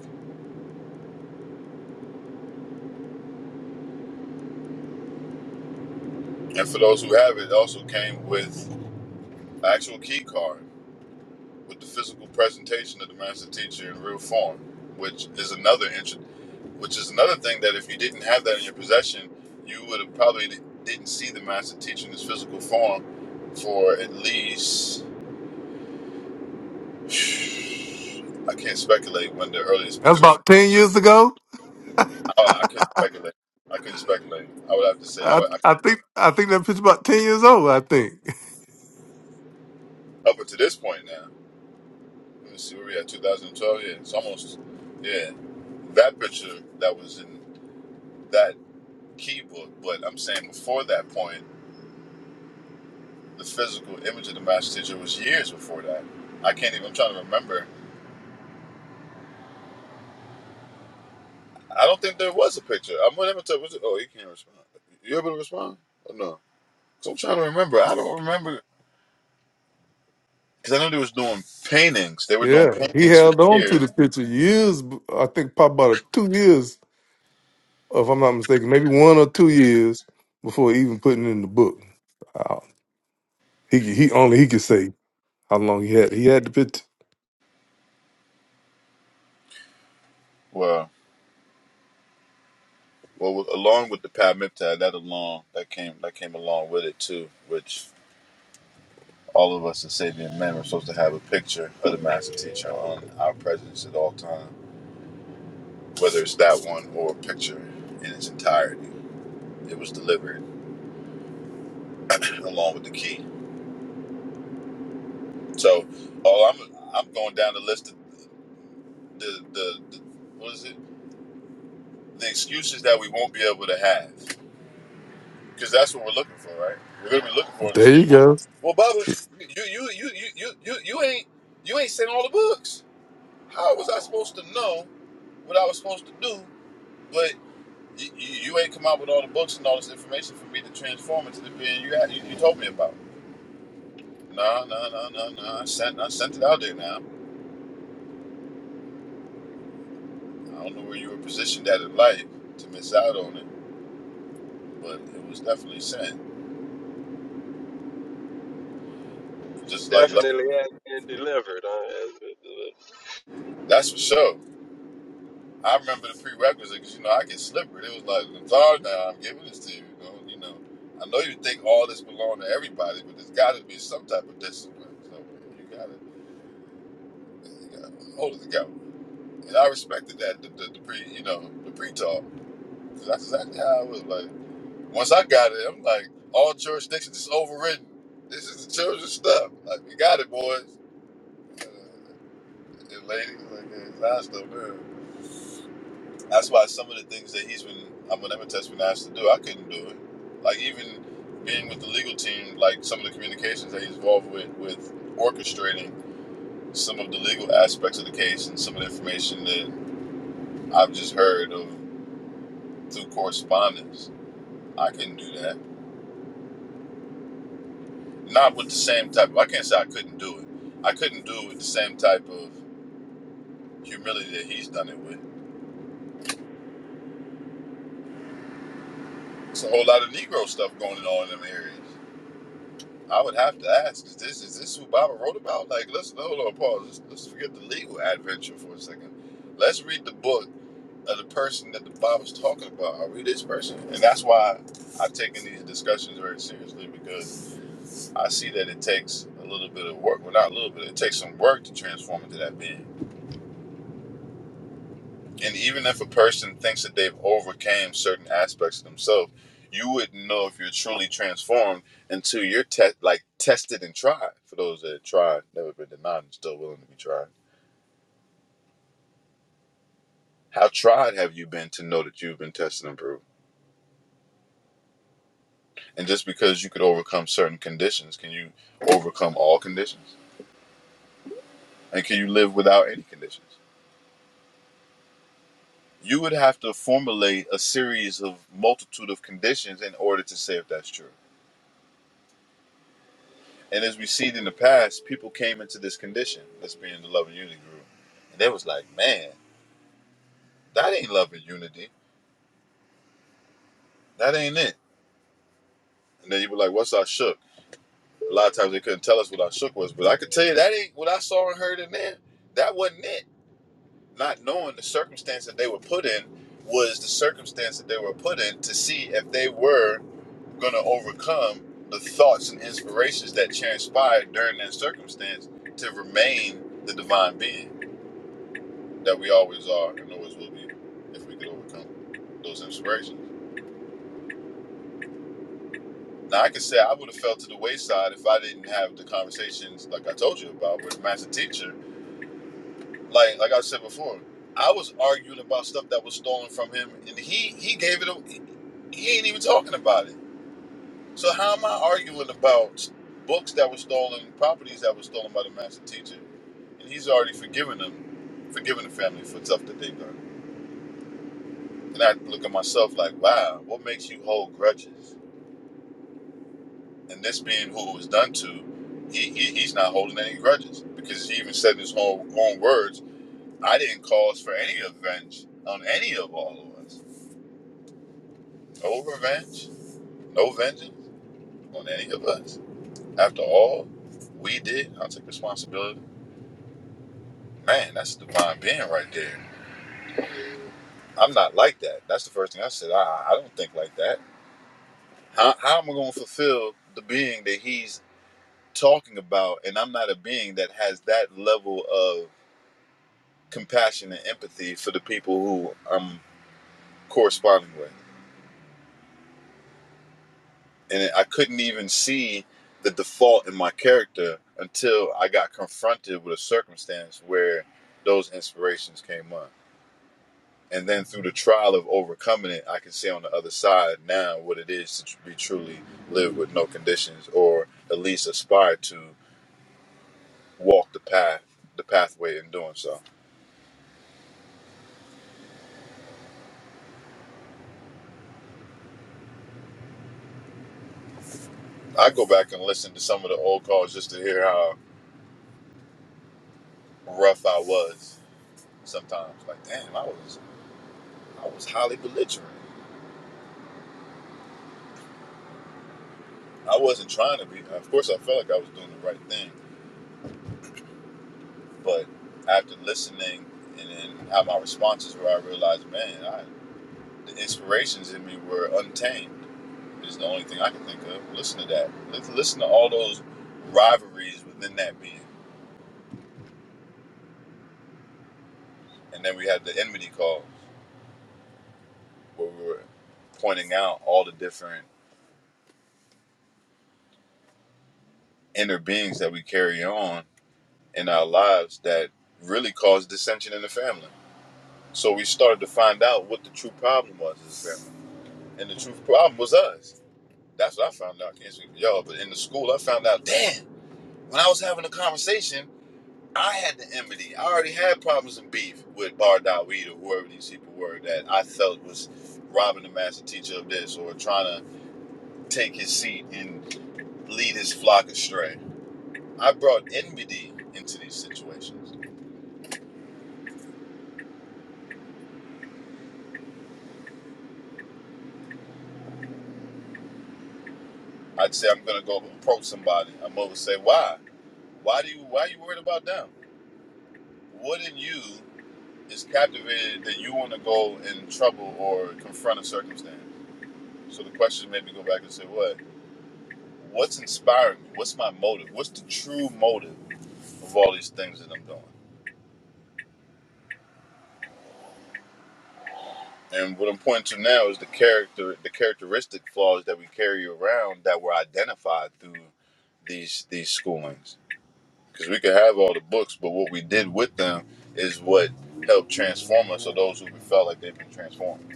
Speaker 1: And for those who have it, it also came with an actual key card. with the physical presentation of the master teacher in real form, which is another int- which is another thing that if you didn't have that in your possession, you would have probably di- didn't see the master teacher in his physical form for at least I can't speculate when the earliest
Speaker 3: That's
Speaker 1: picture.
Speaker 3: about ten years ago.
Speaker 1: I, I couldn't speculate. I couldn't speculate. I would have to say I
Speaker 3: I,
Speaker 1: would, I,
Speaker 3: I think I think that picture about ten years old. I think.
Speaker 1: up until this point now. Let's see where we at. 2012. Yeah, it's almost yeah. That picture that was in that key book, but I'm saying before that point, the physical image of the master teacher was years before that. I can't even. I'm trying to remember. I don't think there was a picture. I'm gonna tell to. tell, was it- Oh, he can't respond. You able to respond? Or no. So I'm trying to remember. I don't remember because I know they was doing paintings. They were doing
Speaker 3: Yeah, he
Speaker 1: paintings for
Speaker 3: held on to
Speaker 1: years.
Speaker 3: the picture years. b- I think probably about two years, if I'm not mistaken, maybe one or two years before even putting it in the book. Wow. He he only he could say how long he had. He had the picture.
Speaker 1: Well, well, with- along with the Padmiptad, that along that came that came along with it too, which. All of us as Sabian men were supposed to have a picture of the master teacher on our presence at all times. whether it's that one or a picture in its entirety. It was delivered along with the key. So, oh, I'm I'm going down the list of the the, the what is it? The excuses that we won't be able to have, because that's what we're looking for, right? We're gonna be looking for an
Speaker 3: There you
Speaker 1: excuse.
Speaker 3: go.
Speaker 1: Well, Bubba, you you you you you you, you ain't you ain't sent all the books. How was I supposed to know what I was supposed to do? But you, you, you ain't come out with all the books and all this information for me to transform into the being you, had- you you told me about. No, no, no, no, no. I sent, I sent it out there now. I don't know where you were positioned at in life to miss out on it, but it was definitely sent. Just like, like
Speaker 5: Definitely has been delivered. Uh,
Speaker 1: that's for sure. I remember the prerequisite because you know I get slippery. It was like, I'm sorry now, I'm giving this to you. You know, you know. I know you think all this belong to everybody, but there's got to be some type of discipline. So you got to hold it together. And I respected that the, the, the pre, you know, the pre-talk because that's exactly how I was like. Once I got it, I'm like, all jurisdictions is overridden. This is the children's stuff. Like, you got it, boys uh, and ladies. Like, yeah, it's our stuff, man. That's why some of the things that he's been, I'm an test been asked to do, I couldn't do it. Like, even being with the legal team, like some of the communications that he's involved with, with orchestrating some of the legal aspects of the case and some of the information that I've just heard of through correspondence. I couldn't do that. Not with the same type. of, I can't say I couldn't do it. I couldn't do it with the same type of humility that he's done it with. It's a whole lot of Negro stuff going on in them areas. I would have to ask: Is this is this who Bible wrote about? Like, let's hold on, Paul. Let's, let's forget the legal adventure for a second. Let's read the book of the person that the Bible's talking about. I read this person? And that's why I've taken these discussions very seriously because I see that it takes a little bit of work. Well, not a little bit. It takes some work to transform into that being. And even if a person thinks that they've overcame certain aspects of themselves, you wouldn't know if you're truly transformed until you're te- like tested and tried. For those that have tried, never been denied, and still willing to be tried. How tried have you been to know that you've been tested and proved? And just because you could overcome certain conditions, can you overcome all conditions? And can you live without any conditions? You would have to formulate a series of multitude of conditions in order to say if that's true. And as we see in the past, people came into this condition. Let's be in the love and unity group. And they was like, man, that ain't love and unity. That ain't it. And then you were like, what's our shook? A lot of times they couldn't tell us what our shook was, but I could tell you that ain't what I saw and heard in there. That wasn't it. Not knowing the circumstance that they were put in was the circumstance that they were put in to see if they were going to overcome the thoughts and inspirations that transpired during that circumstance to remain the divine being that we always are and always will be if we could overcome those inspirations. Now, I could say I would have fell to the wayside if I didn't have the conversations like I told you about with master teacher. Like like I said before, I was arguing about stuff that was stolen from him, and he he gave it. A, he ain't even talking about it. So how am I arguing about books that were stolen, properties that were stolen by the master teacher, and he's already forgiven them, forgiven the family for stuff that they've done? And I look at myself like, wow, what makes you hold grudges? And this being who it was done to, he, he he's not holding any grudges because he even said in his own, own words, I didn't cause for any revenge on any of all of us. No revenge, no vengeance on any of us. After all we did, I'll take responsibility. Man, that's a divine being right there. I'm not like that. That's the first thing I said. I, I don't think like that. How, how am I going to fulfill the being that he's talking about and i'm not a being that has that level of compassion and empathy for the people who i'm corresponding with and i couldn't even see the default in my character until i got confronted with a circumstance where those inspirations came up and then through the trial of overcoming it i can see on the other side now what it is to be truly live with no conditions or at least aspire to walk the path the pathway in doing so I go back and listen to some of the old calls just to hear how rough I was sometimes. Like, damn, I was I was highly belligerent. I wasn't trying to be. Of course, I felt like I was doing the right thing, but after listening and then how my responses were, I realized, man, I, the inspirations in me were untamed. Is the only thing I can think of. Listen to that. Listen, to all those rivalries within that being, and then we had the enmity call where we were pointing out all the different inner beings that we carry on in our lives that really cause dissension in the family. So we started to find out what the true problem was as a family. And the true problem was us. That's what I found out. I Can't speak for y'all, but in the school I found out, damn, when I was having a conversation, I had the enmity. I already had problems and beef with Bar Dawid or whoever these people were that I felt was robbing the master teacher of this or trying to take his seat and lead his flock astray. I brought enmity into these situations I'd say I'm gonna go approach somebody. I'm gonna say, why? Why do you why are you worried about them? What in you is captivated that you want to go in trouble or confront a circumstance? So the question made me go back and say, what? What's inspiring me? What's my motive? What's the true motive of all these things that I'm doing? And what I'm pointing to now is the character, the characteristic flaws that we carry around that were identified through these these schoolings because we could have all the books, but what we did with them is what helped transform us, or those who felt like they've been transformed.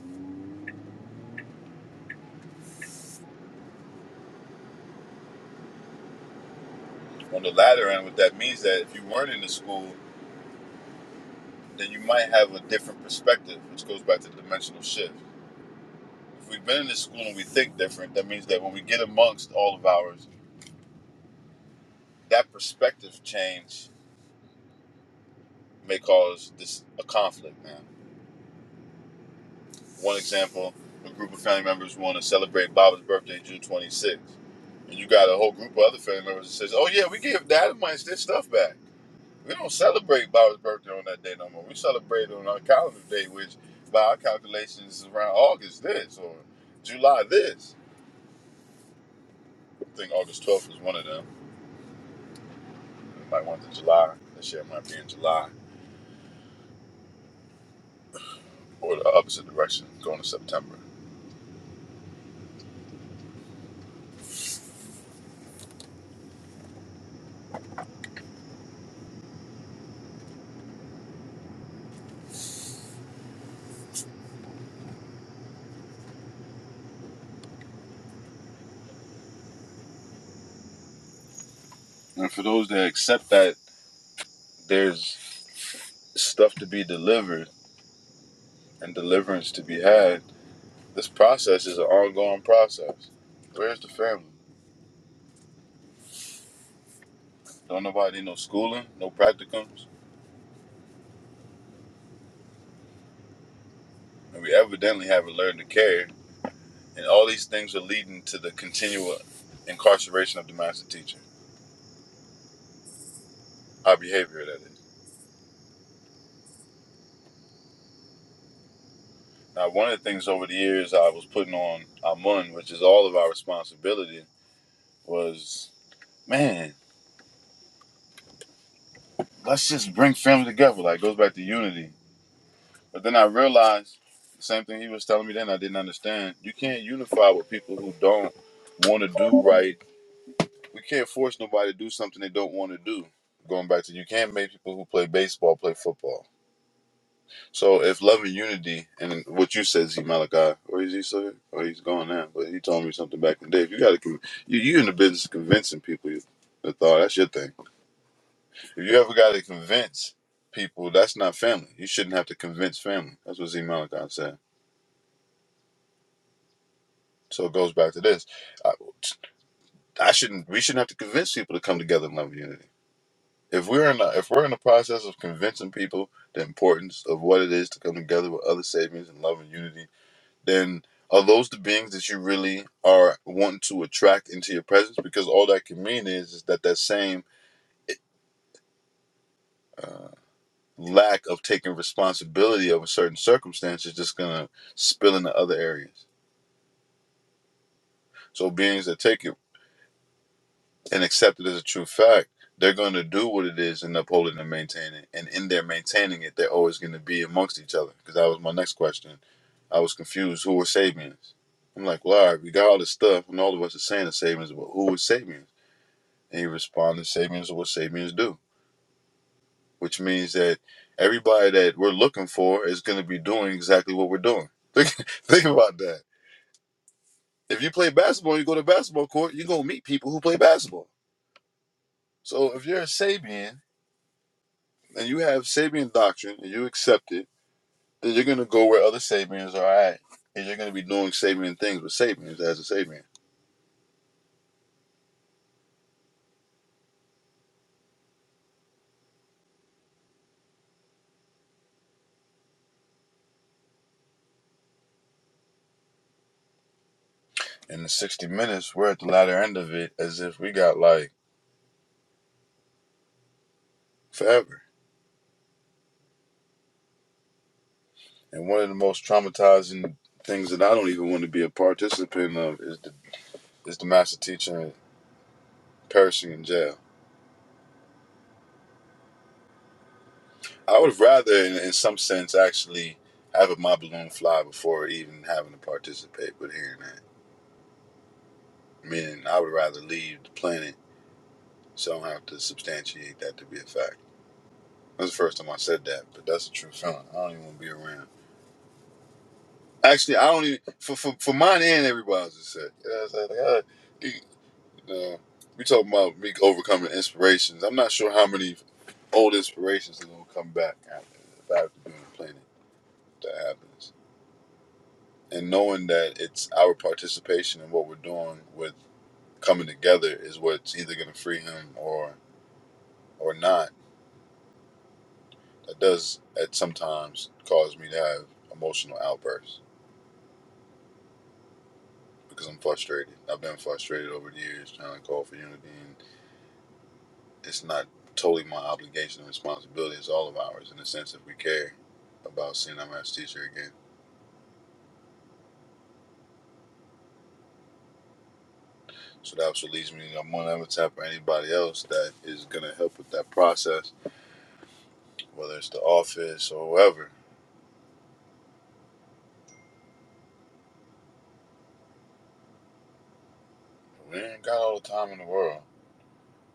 Speaker 1: On the latter end, what that means that if you weren't in the school, then you might have a different perspective, which goes back to the dimensional shift. If we've been in the school and we think different, that means that when we get amongst all of ours, that perspective change may cause this a conflict. now. One example, a group of family members want to celebrate Baba's birthday June 26th. And you got a whole group of other family members that says, oh, yeah, we give Dynamite their stuff back. We don't celebrate Baba's birthday on that day no more. We celebrate on our calendar day, which by our calculations is around August this or July this. I think August 12th is one of them. It might want to July. This year it might be in July or the opposite direction, going to September. And for those that accept that there's stuff to be delivered and deliverance to be had, This process is an ongoing process. Where's the family? Don't nobody need no schooling, no practicums, and we evidently haven't learned to care. And all these things are leading to the continual incarceration of the master teacher, our behavior that is. Now, one of the things over the years I was putting on Amun, which is all of our responsibility, was man, let's just bring family together. Like, it goes back to unity But then I realized the same thing he was telling me then I didn't understand. You can't unify with people who don't want to do right. We can't force nobody to do something they don't want to do. Going back to you can't make people who play baseball play football. So if love and unity and what you said, Z Malachi, or is he still here? Or he's gone now, but he told me something back in the day. If you got to, con- you you in the business of convincing people you, the thought that's your thing. If you ever got to convince people, that's not family. You shouldn't have to convince family. That's what Z Malachi said. So it goes back to this. I, I shouldn't. We shouldn't have to convince people to come together in love and unity. If we're in, a, if we're in the process of convincing people the importance of what it is to come together with other saviors in love and unity, then are those the beings that you really are wanting to attract into your presence? Because all that can mean is, is that that same uh, lack of taking responsibility over certain circumstances is just gonna spill into other areas. So beings that take and accept it as a true fact, they're going to do what it is and uphold it and maintain it. And in their maintaining it, they're always going to be amongst each other. Because that was my next question. I was confused. Who were Sabians? I'm like, well, all right, we got all this stuff, and all of us are saying the Sabians, but who was Sabians? And he responded, Sabians are what Sabians do, which means that everybody that we're looking for is going to be doing exactly what we're doing. Think, think about that. If you play basketball, you go to basketball court, you're going to meet people who play basketball. So if you're a Sabian, and you have Sabian doctrine and you accept it, then you're gonna go where other Sabians are at, and you're gonna be doing Sabian things with Sabians as a Sabian. In the 60 minutes, we're at the latter end of it as if we got like forever. And one of the most traumatizing things that I don't even want to be a participant of is the is the master teacher perishing in jail. I would rather, in, in some sense, actually have a my balloon fly before even having to participate. But hearing that, meaning I would rather leave the planet So I don't have to substantiate that to be a fact. That's the first time I said that, but that's a true feeling. I don't even want to be around. Actually, I don't even for for, for mine and everybody else just said. You know what I'm saying? Like, I, you know, we talking about me overcoming inspirations. I'm not sure how many old inspirations are gonna come back after if I have to be on the planet. If that happens, and knowing that it's our participation in what we're doing with coming together is what's either gonna free him or or not That does at sometimes cause me to have emotional outbursts because I'm frustrated. I've been frustrated over the years trying to call for unity, and it's not totally my obligation and responsibility. It's all of ours in the sense if we care about seeing our math teacher again. So that also leads me to I'm one avatar for anybody else that is gonna help with that process, whether it's the office or whoever. We ain't got all the time in the world.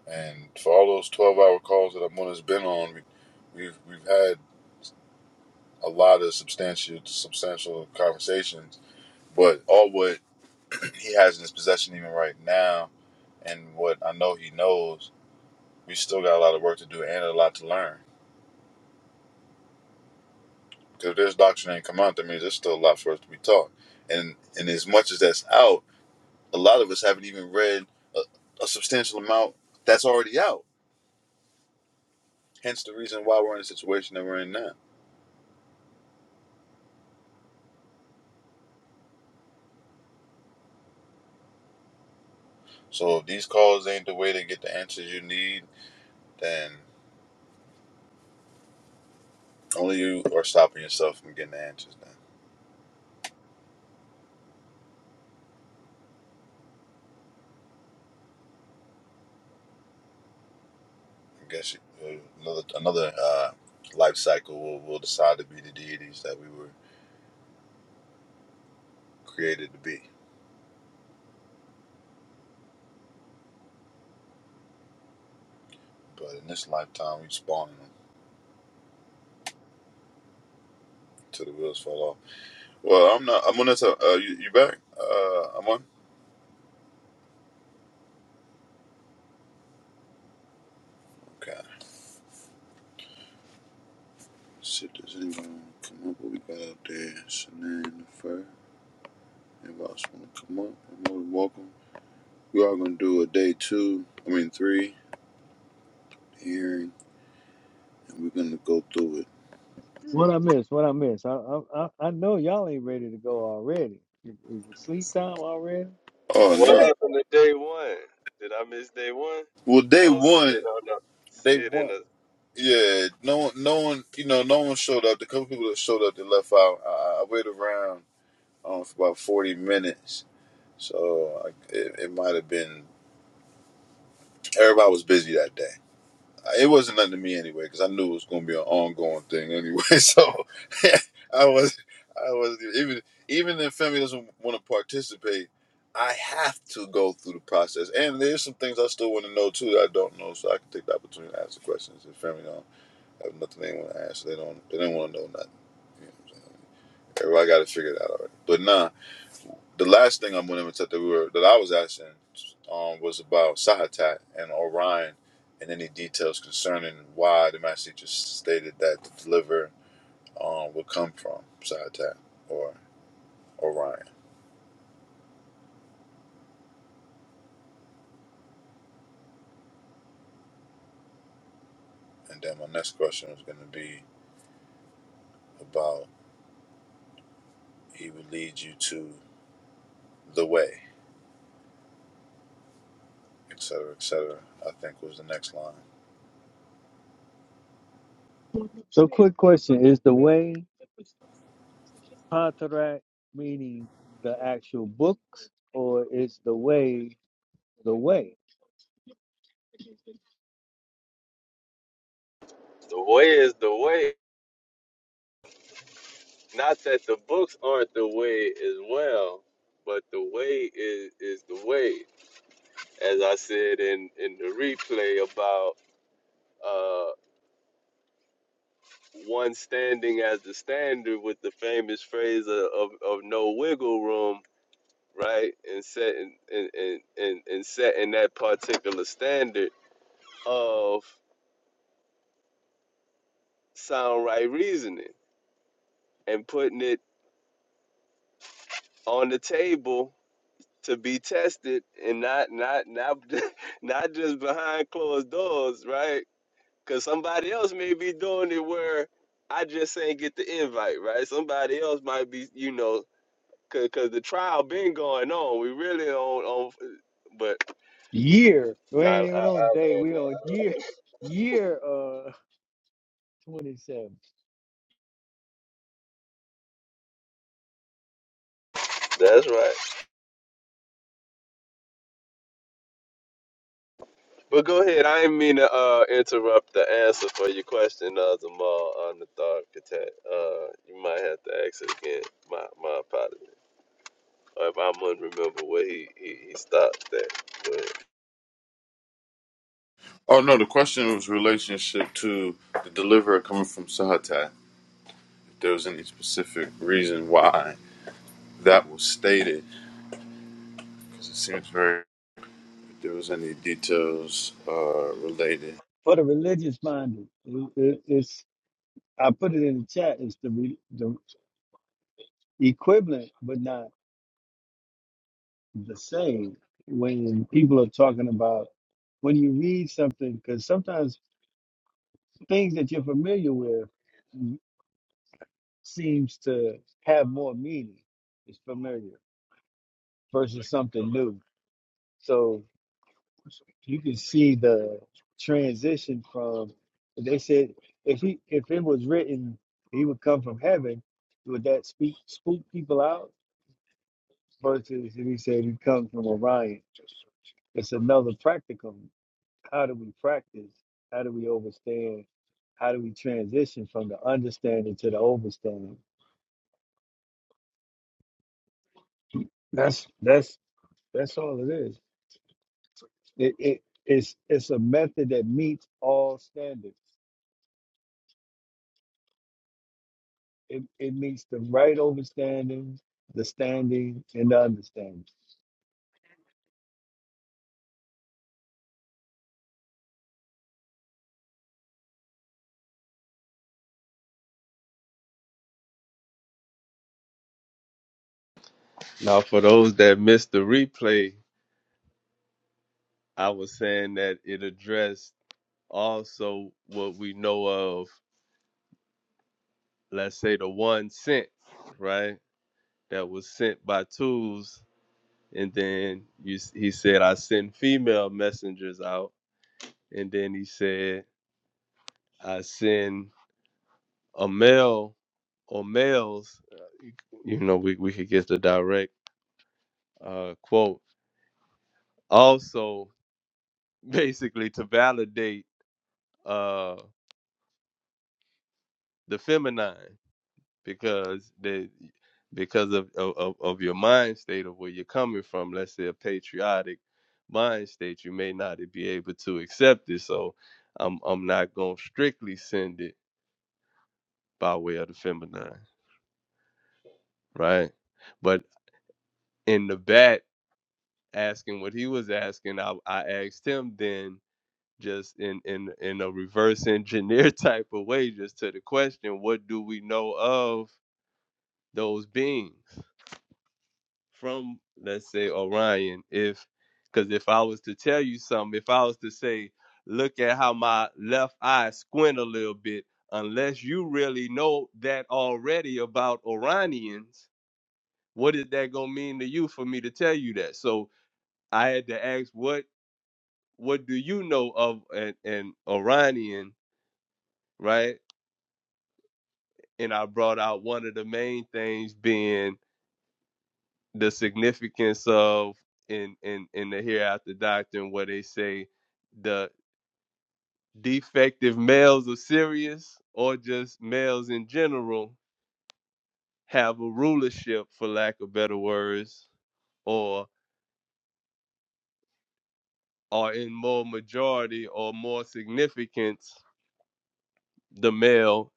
Speaker 1: And for all those twelve hour calls that i have been on, we've we've had a lot of substantial substantial conversations, but all what he has in his possession even right now, and what I know he knows, we still got a lot of work to do and a lot to learn. Because if this doctrine ain't come out, that means there's still a lot for us to be taught. And and as much as that's out, a lot of us haven't even read a, a substantial amount that's already out. Hence the reason why we're in the situation that we're in now. So if these calls ain't the way to get the answers you need, then only you are stopping yourself from getting the answers. now. I guess uh, another another uh, life cycle will will decide to be the deities that we were created to be. But in this lifetime, we spawning them till the wheels fall off. Well, I'm not. I'm on this. Uh, you, you back? Uh, I'm on. Okay. See if does anyone come up? What we got out there? Shanann, Fur. Anybody else want to come up? You're more than welcome. We are gonna do a day two. I mean three hearing, and we're gonna go through it.
Speaker 6: What I miss? What I miss? I I I I know y'all ain't ready to go already. Is is it sleep time already?
Speaker 1: Oh
Speaker 5: what
Speaker 1: no.
Speaker 5: happened to day one? Did I miss day one?
Speaker 1: Well,
Speaker 5: I
Speaker 1: day
Speaker 5: don't see it.
Speaker 1: one.
Speaker 5: I don't see
Speaker 1: Day
Speaker 5: it in
Speaker 1: one.
Speaker 5: the
Speaker 1: Yeah, no one, no one, you know, no one showed up. The couple people that showed up, they left out. I, I waited around um, for about forty minutes, so I, it, it might have been everybody was busy that day. Uh, It wasn't nothing to me anyway, because I knew it was going to be an ongoing thing anyway. So I was, I was even even if family doesn't want to participate, I have to go through the process. And there's some things I still want to know too that I don't know, so I can take the opportunity to ask the questions if family don't. Have nothing they want to ask. They don't. They don't want to know nothing. You know what I'm saying? Everybody got to figure it out already. But nah, the last thing I'm going to that we were that I was asking um, was about Sahatat and Orion and any details concerning why the master teacher stated that the deliver um, would come from Sahatat or Orion. And then my next question was going to be about he would lead you to the way, et cetera, et cetera. I think was the next line.
Speaker 6: So quick question: Is the way Patarak meaning the actual books, or is the way the way
Speaker 5: the way is the way. Not that the books aren't the way as well, but the way is is the way. As I said in in the replay about uh one standing as the standard with the famous phrase of of, of no wiggle room, right? And setting and, and and and setting that particular standard of sound right reasoning and putting it on the table to be tested and not not not not just behind closed doors, right? Because somebody else may be doing it where I just ain't get the invite, right? Somebody else might be, you know, because the trial been going on. We really on on, but
Speaker 6: year? We
Speaker 5: nah, I,
Speaker 6: ain't
Speaker 5: I
Speaker 6: even on day.
Speaker 5: land
Speaker 6: We on year year uh 27.
Speaker 5: there. That's right. But go ahead. I didn't mean to uh, interrupt the answer for your question, uh, Zamal on the thought Uh, you might have to ask it again. My my apologies. If I must remember where he, he, he stopped at. But
Speaker 1: Oh no, the question was relationship to the deliverer coming from Sahatai. If there was any specific reason why that was stated, because it seems very if there was any details uh, related.
Speaker 6: for the religious minded. It- it- it's I put it in the chat. It's the, re, the equivalent, but not the same. When people are talking about when you read something, because sometimes things that you're familiar with m- seems to have more meaning. It's familiar versus something new. So you can see the transition from they said if he if it was written he would come from heaven would that speak spook people out versus if he said he comes from orion it's another practicum how do we practice how do we overstand how do we transition from the understanding to the overstanding that's that's that's all it is it, it it's it's a method that meets all standards It, it meets the right overstanding, the standing, and the understanding.
Speaker 5: now, for those that missed the replay, I was saying that it addressed also what we know of, let's say the one sent, right? That was sent by tools. And then you, s- he said, I send female messengers out. And then he said, I send a male or males. You know, we, we could get the direct uh, quote. Also, basically to validate uh the feminine because the because of, of of of your mind state of where you're coming from let's say a patriotic mind state you may not be able to accept it so i'm i'm not going to strictly send it by way of the feminine right but in the bat asking what he was asking i i asked him then just in in in a reverse engineer type of way just to the question what do we know of those beings from let's say Orion if because if I was to tell you something, if I was to say, look at how my left eye squint a little bit, unless you really know that already about Orionians, what is that gonna mean to you for me to tell you that? So I had to ask what what do you know of an, an Orionian, right? And I brought out one of the main things being the significance of in in in the hereafter doctrine where they say the defective males of Sirius or just males in general have a rulership for lack of better words or are in more majority or more significance the male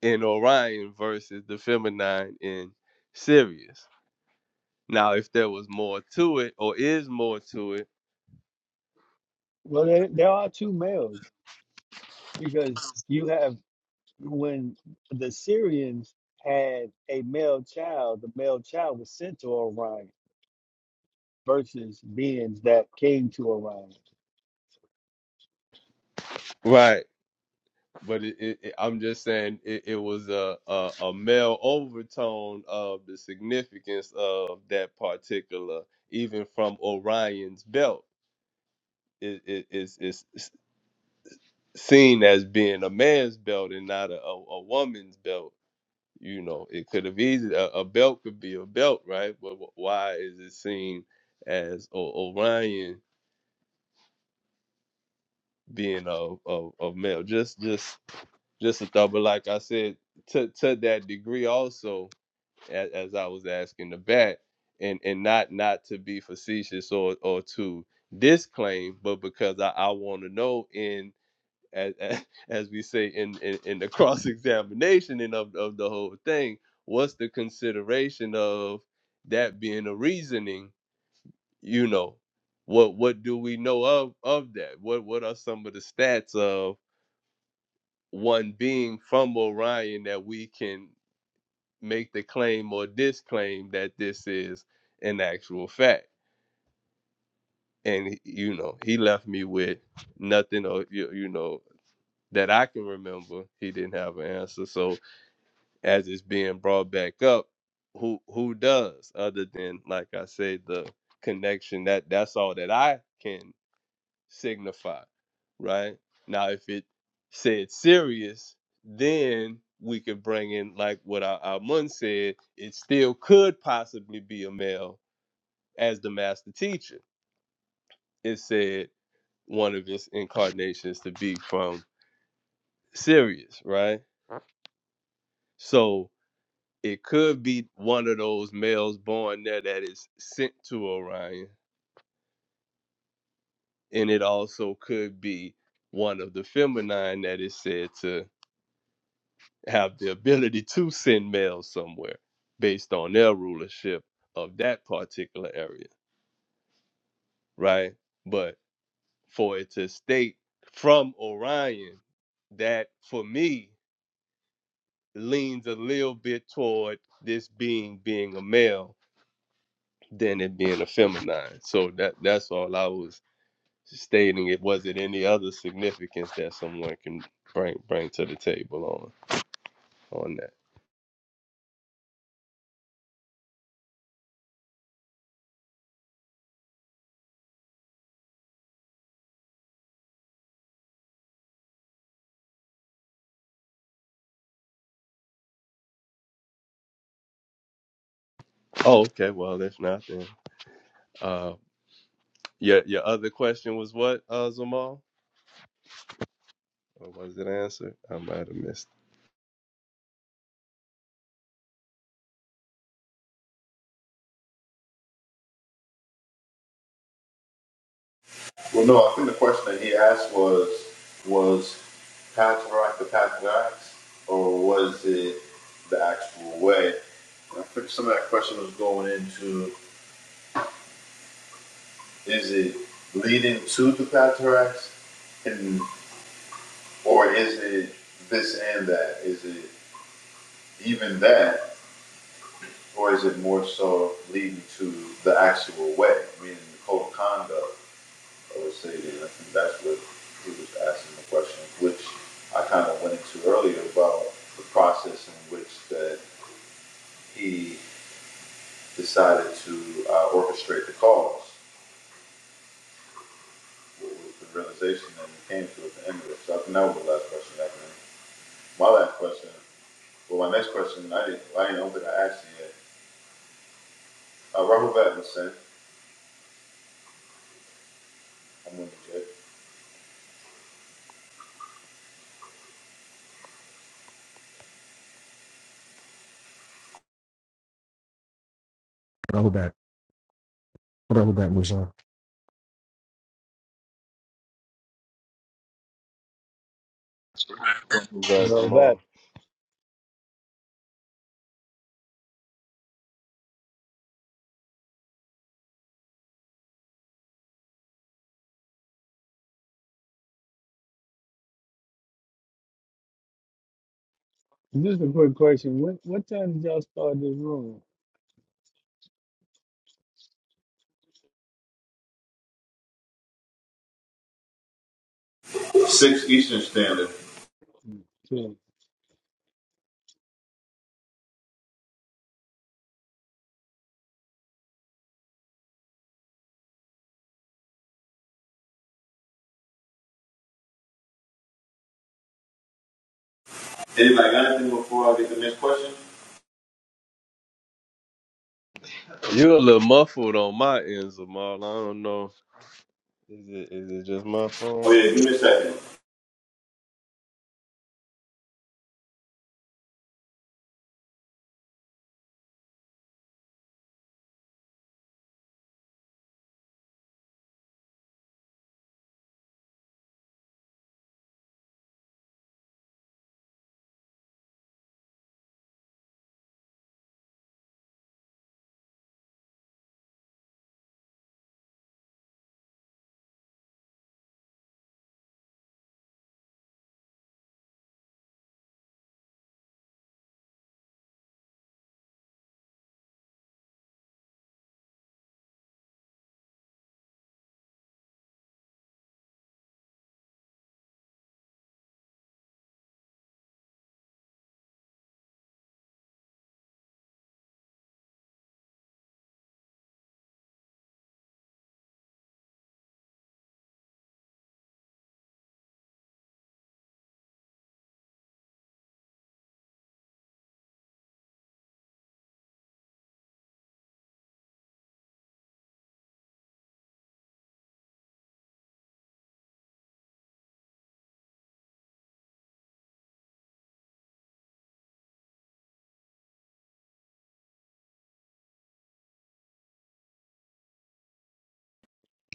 Speaker 5: in Orion versus the feminine in Sirius. Now if there was more to it or is more to it,
Speaker 6: Well, there, there are two males because you have when the Syrians had a male child, the male child was sent to Orion versus beings that came to Orion.
Speaker 5: right? but it, it, it- I'm just saying it, it was a, a a male overtone of the significance of that particular, even from Orion's belt, it, it, it's, it's seen as being a man's belt and not a, a, a woman's belt. You know, it could have easily a, a belt could be a belt, right? But wh- why is it seen as o- Orion being of of of male? Just just just a thought, but like I said, to to that degree also as, as I was asking the bat, and and not not to be facetious or or to disclaim, but because I, I want to know in as, as as we say in in, in the cross examination and of of the whole thing, what's the consideration of that being a reasoning? You know, what what do we know of of that? What what are some of the stats of one being from Orion that we can make the claim or disclaim that this is an actual fact. And you know, he left me with nothing or you, you know that I can remember. He didn't have an answer. So as it's being brought back up, who who does other than like I say the connection that that's all that I can signify, right? Now, if it said serious, then we could bring in like what our, our mun said. It still could possibly be a male as the master teacher. It said one of its incarnations to be from Sirius, right? So it could be one of those males born there that is sent to Orion, and it also could be one of the feminine that is said to have the ability to send mail somewhere based on their rulership of that particular area, right? But for it to state from Orion, that for me leans a little bit toward this being being a male than it being a feminine. So that that's all I was stating. It wasn't any other significance that someone can bring bring to the table on on that. Oh, okay. Well, if not, then. uh, Your your other question was what, uh, Zamal? Or was it answered? I might have missed.
Speaker 1: Well, no, I think the question that he asked was, was path right the path or was it the actual way? And I think some of that question was going into, is it leading to the path and. Or is it this and that? Is it even that? Or is it more so leading to the actual way, meaning the code of conduct of a city? And I think that's what he was asking the question, which I kind of went into earlier about the process in which that he decided to uh, orchestrate the cause. with, with the realization that he came to at the end of it. So I think that was the last question. I can, my last question, well, my next question, I didn't, I didn't, I don't think I asked it yet Uh, Robert Pattinson. I'm gonna check.
Speaker 7: Throwback. Throwback was on.
Speaker 5: it. Congrats,
Speaker 6: Well, that
Speaker 5: Zamal.
Speaker 6: this is a quick question. What what time did y'all start this room?
Speaker 1: Six Eastern Standard.
Speaker 6: Two.
Speaker 1: Anybody got anything before I get the next question?
Speaker 5: You a little muffled on my end, Zamal. I don't know. Is it is it just my
Speaker 1: Oh
Speaker 5: phone?
Speaker 1: yeah, give me a second.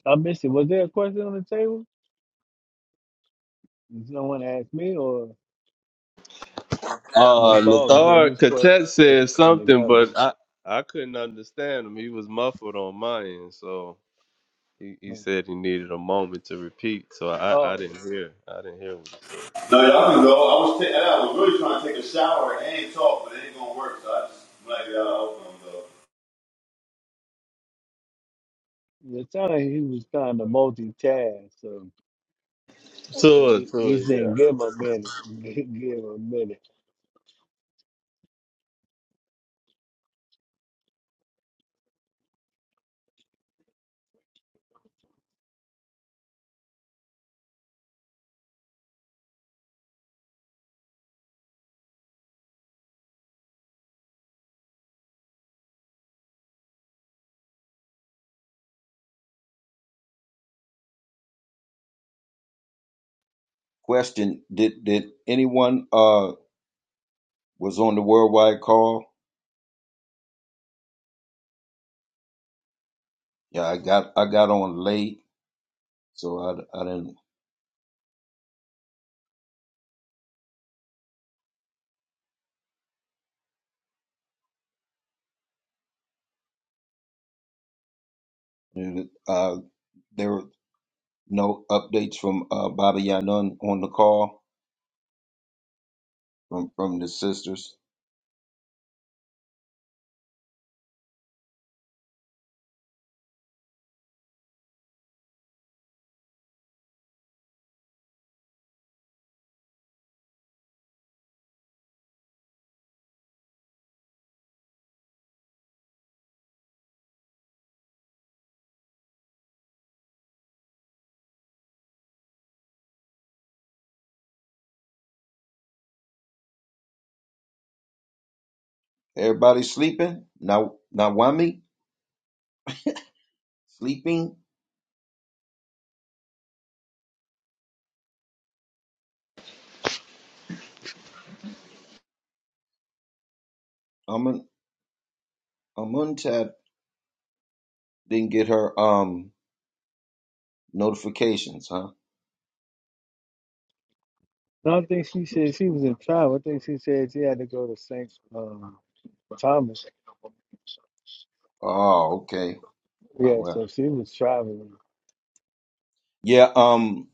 Speaker 6: I missed it. Was there a question on the table? Did someone ask me, or the
Speaker 5: Uh
Speaker 6: thought was getting
Speaker 5: Nathar
Speaker 6: his question
Speaker 5: Katet said something,
Speaker 6: together?
Speaker 5: but I I couldn't understand him. He was muffled on my end, so he, he
Speaker 6: Hmm.
Speaker 5: said he needed a moment to repeat. So I, I
Speaker 6: Oh,
Speaker 5: didn't hear. I didn't hear what he said.
Speaker 1: No, y'all can go. I was ta- I was really trying to take a shower and talk, but it ain't gonna work. So I just when I get out, i open them though.
Speaker 6: It sounded like he was trying to multitask, so
Speaker 5: Tour,
Speaker 6: he,
Speaker 5: tour,
Speaker 6: he
Speaker 5: yeah.
Speaker 6: said, "Give him a minute, give him a minute."
Speaker 2: Question: Did did anyone uh was on the worldwide call? Yeah, uh, there were no updates from uh Baba Yanun on the call from from the sisters. Everybody sleeping? Now, Nawami sleeping? Amun Amuntab didn't get her um notifications, huh?
Speaker 6: No, I think she said she was in travel. I think she said she had to go to Saint um, Thomas.
Speaker 2: Oh, okay. My
Speaker 6: Yeah,
Speaker 2: well.
Speaker 6: so she was traveling
Speaker 2: Yeah, um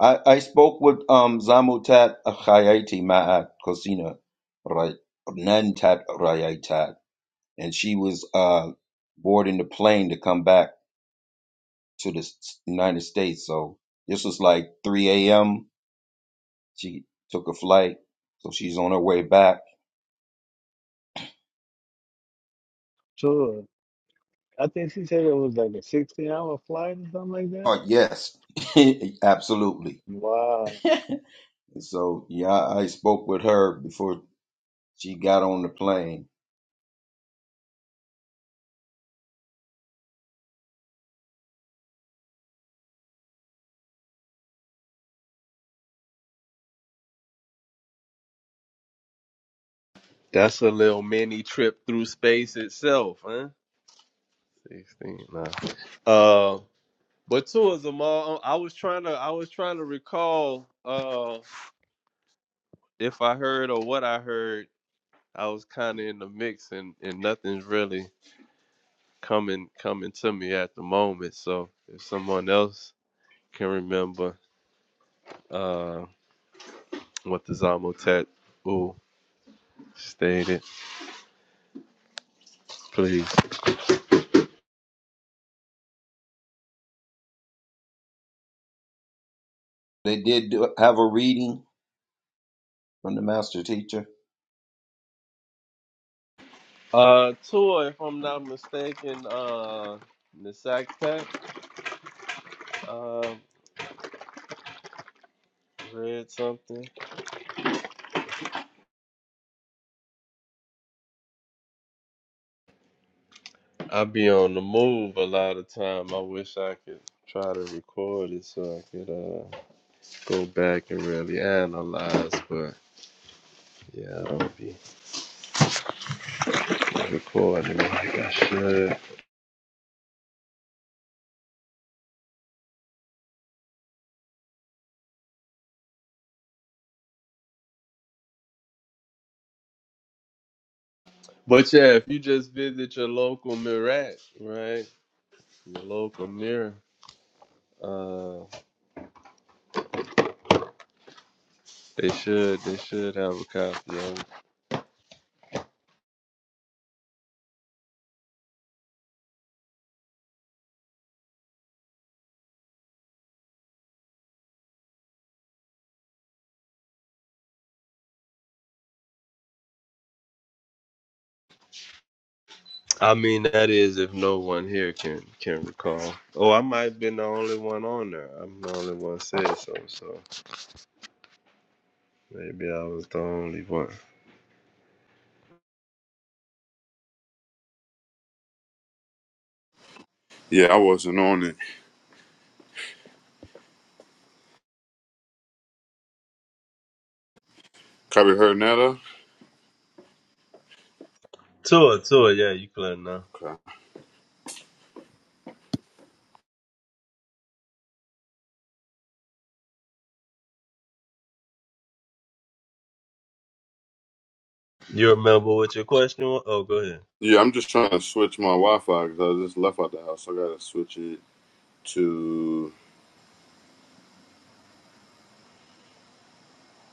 Speaker 2: I I spoke with um Zamutat Khayati Ma'at Kosina Ray Nantat Rayaitat and she was uh boarding the plane to come back to the S- United States. So this was like three AM. She took a flight, so she's on her way back.
Speaker 6: to. it. I think she said it was like a sixteen-hour flight or something like that.
Speaker 2: Oh yes. Absolutely.
Speaker 6: Wow,
Speaker 2: And so, yeah, I I spoke with her before she got on the plane.
Speaker 5: That's a little mini trip through space itself, huh? 16 now. Uh, but two is a mall. I was trying to I was trying to recall uh if I heard or what I heard. I was kind of in the mix and and nothing's really coming coming to me at the moment. So if someone else can remember uh what the Zamotet ooh stated, please.
Speaker 2: They did do, have a reading from the master teacher.
Speaker 5: Uh, Tua, if I'm not mistaken, uh, Nisaktet uh read something. I be on the move a lot of time. I wish I could try to record it so I could uh, go back and really analyze. But yeah, I don't be recording it like I should. But yeah, if you just visit your local Mirat, right, your local mirror, uh, they should they should have a copy of it. I mean, that is if no one here can can recall. Oh, I might have been the only one on there. I'm the only one said so, so maybe I was the only one.
Speaker 1: Yeah, I wasn't on it. Copy heard netta.
Speaker 5: Tua, Tua, yeah, you can let him know.
Speaker 1: Okay.
Speaker 5: You remember what your question was? Oh, go ahead.
Speaker 1: Yeah, I'm just trying to switch my Wi-Fi because I just left out the house. I gotta switch it to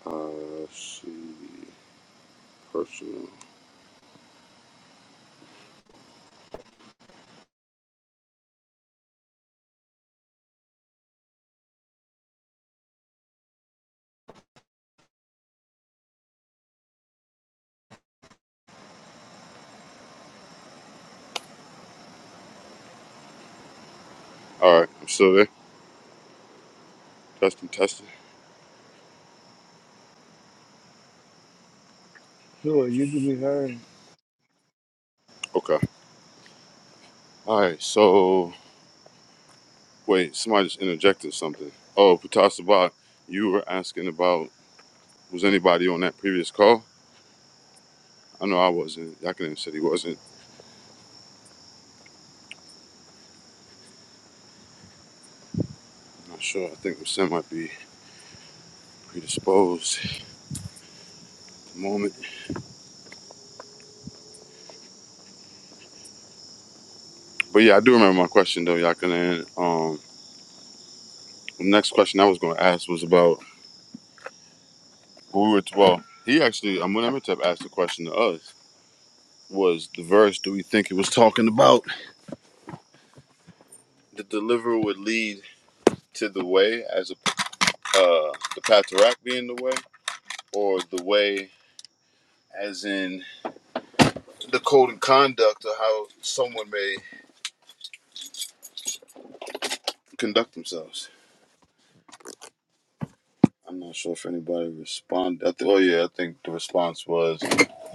Speaker 1: uh, let's see personal. All right, I'm still there. Testing, testing.
Speaker 6: sure,
Speaker 1: Let's
Speaker 6: you could be
Speaker 1: see.
Speaker 6: heard.
Speaker 1: Okay. All right, so wait, somebody just interjected something. Oh, Patasabat, you were asking about was anybody on that previous call? I know I wasn't. Yakinen said he wasn't. I'm not sure. I think Sam might be predisposed at the moment. But yeah, I do remember my question though, Yakinen. Um, the next question I was going to ask was about who we were. well, he actually, Amunimetep asked the question to us. Was the verse? Do we think it was talking about the deliverer would lead to the way as a uh, the path to Rack being the way? or the way, as in the code and conduct of how someone may conduct themselves. I'm not sure if anybody responded. I th- oh, yeah, I think the response was,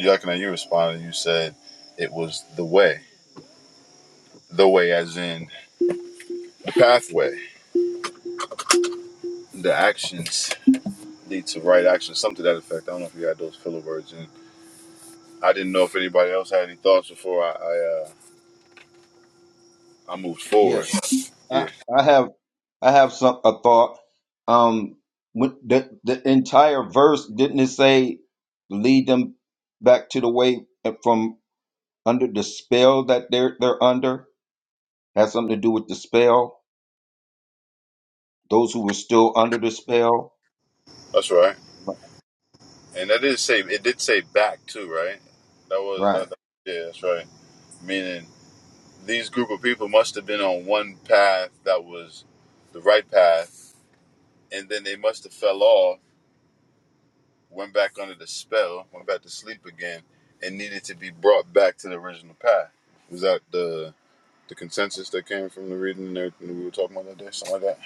Speaker 1: Yakina, you responded. You said it was the way. The way, as in the pathway. The actions lead to right actions, something to that effect. I don't know if you had those filler words. And I didn't know if anybody else had any thoughts before I, I, uh, I moved
Speaker 2: Yeah,
Speaker 1: forward.
Speaker 2: I,
Speaker 1: Yeah,
Speaker 2: I have, I have some a thought. Um, when the the entire verse didn't it say lead them back to the way uh, from under the spell that they're they're under has something to do with the spell. Those who were still under the spell,
Speaker 1: that's right.
Speaker 2: right?
Speaker 1: And that did say it did say back too, right? That was that, that-
Speaker 2: Right.
Speaker 1: yeah, that's right. Meaning these group of people must have been on one path that was the right path, and then they must have fell off, went back under the spell, went back to sleep again, and needed to be brought back to the original path. Was that the the consensus that came from the reading and everything that we were talking about that day, something like that?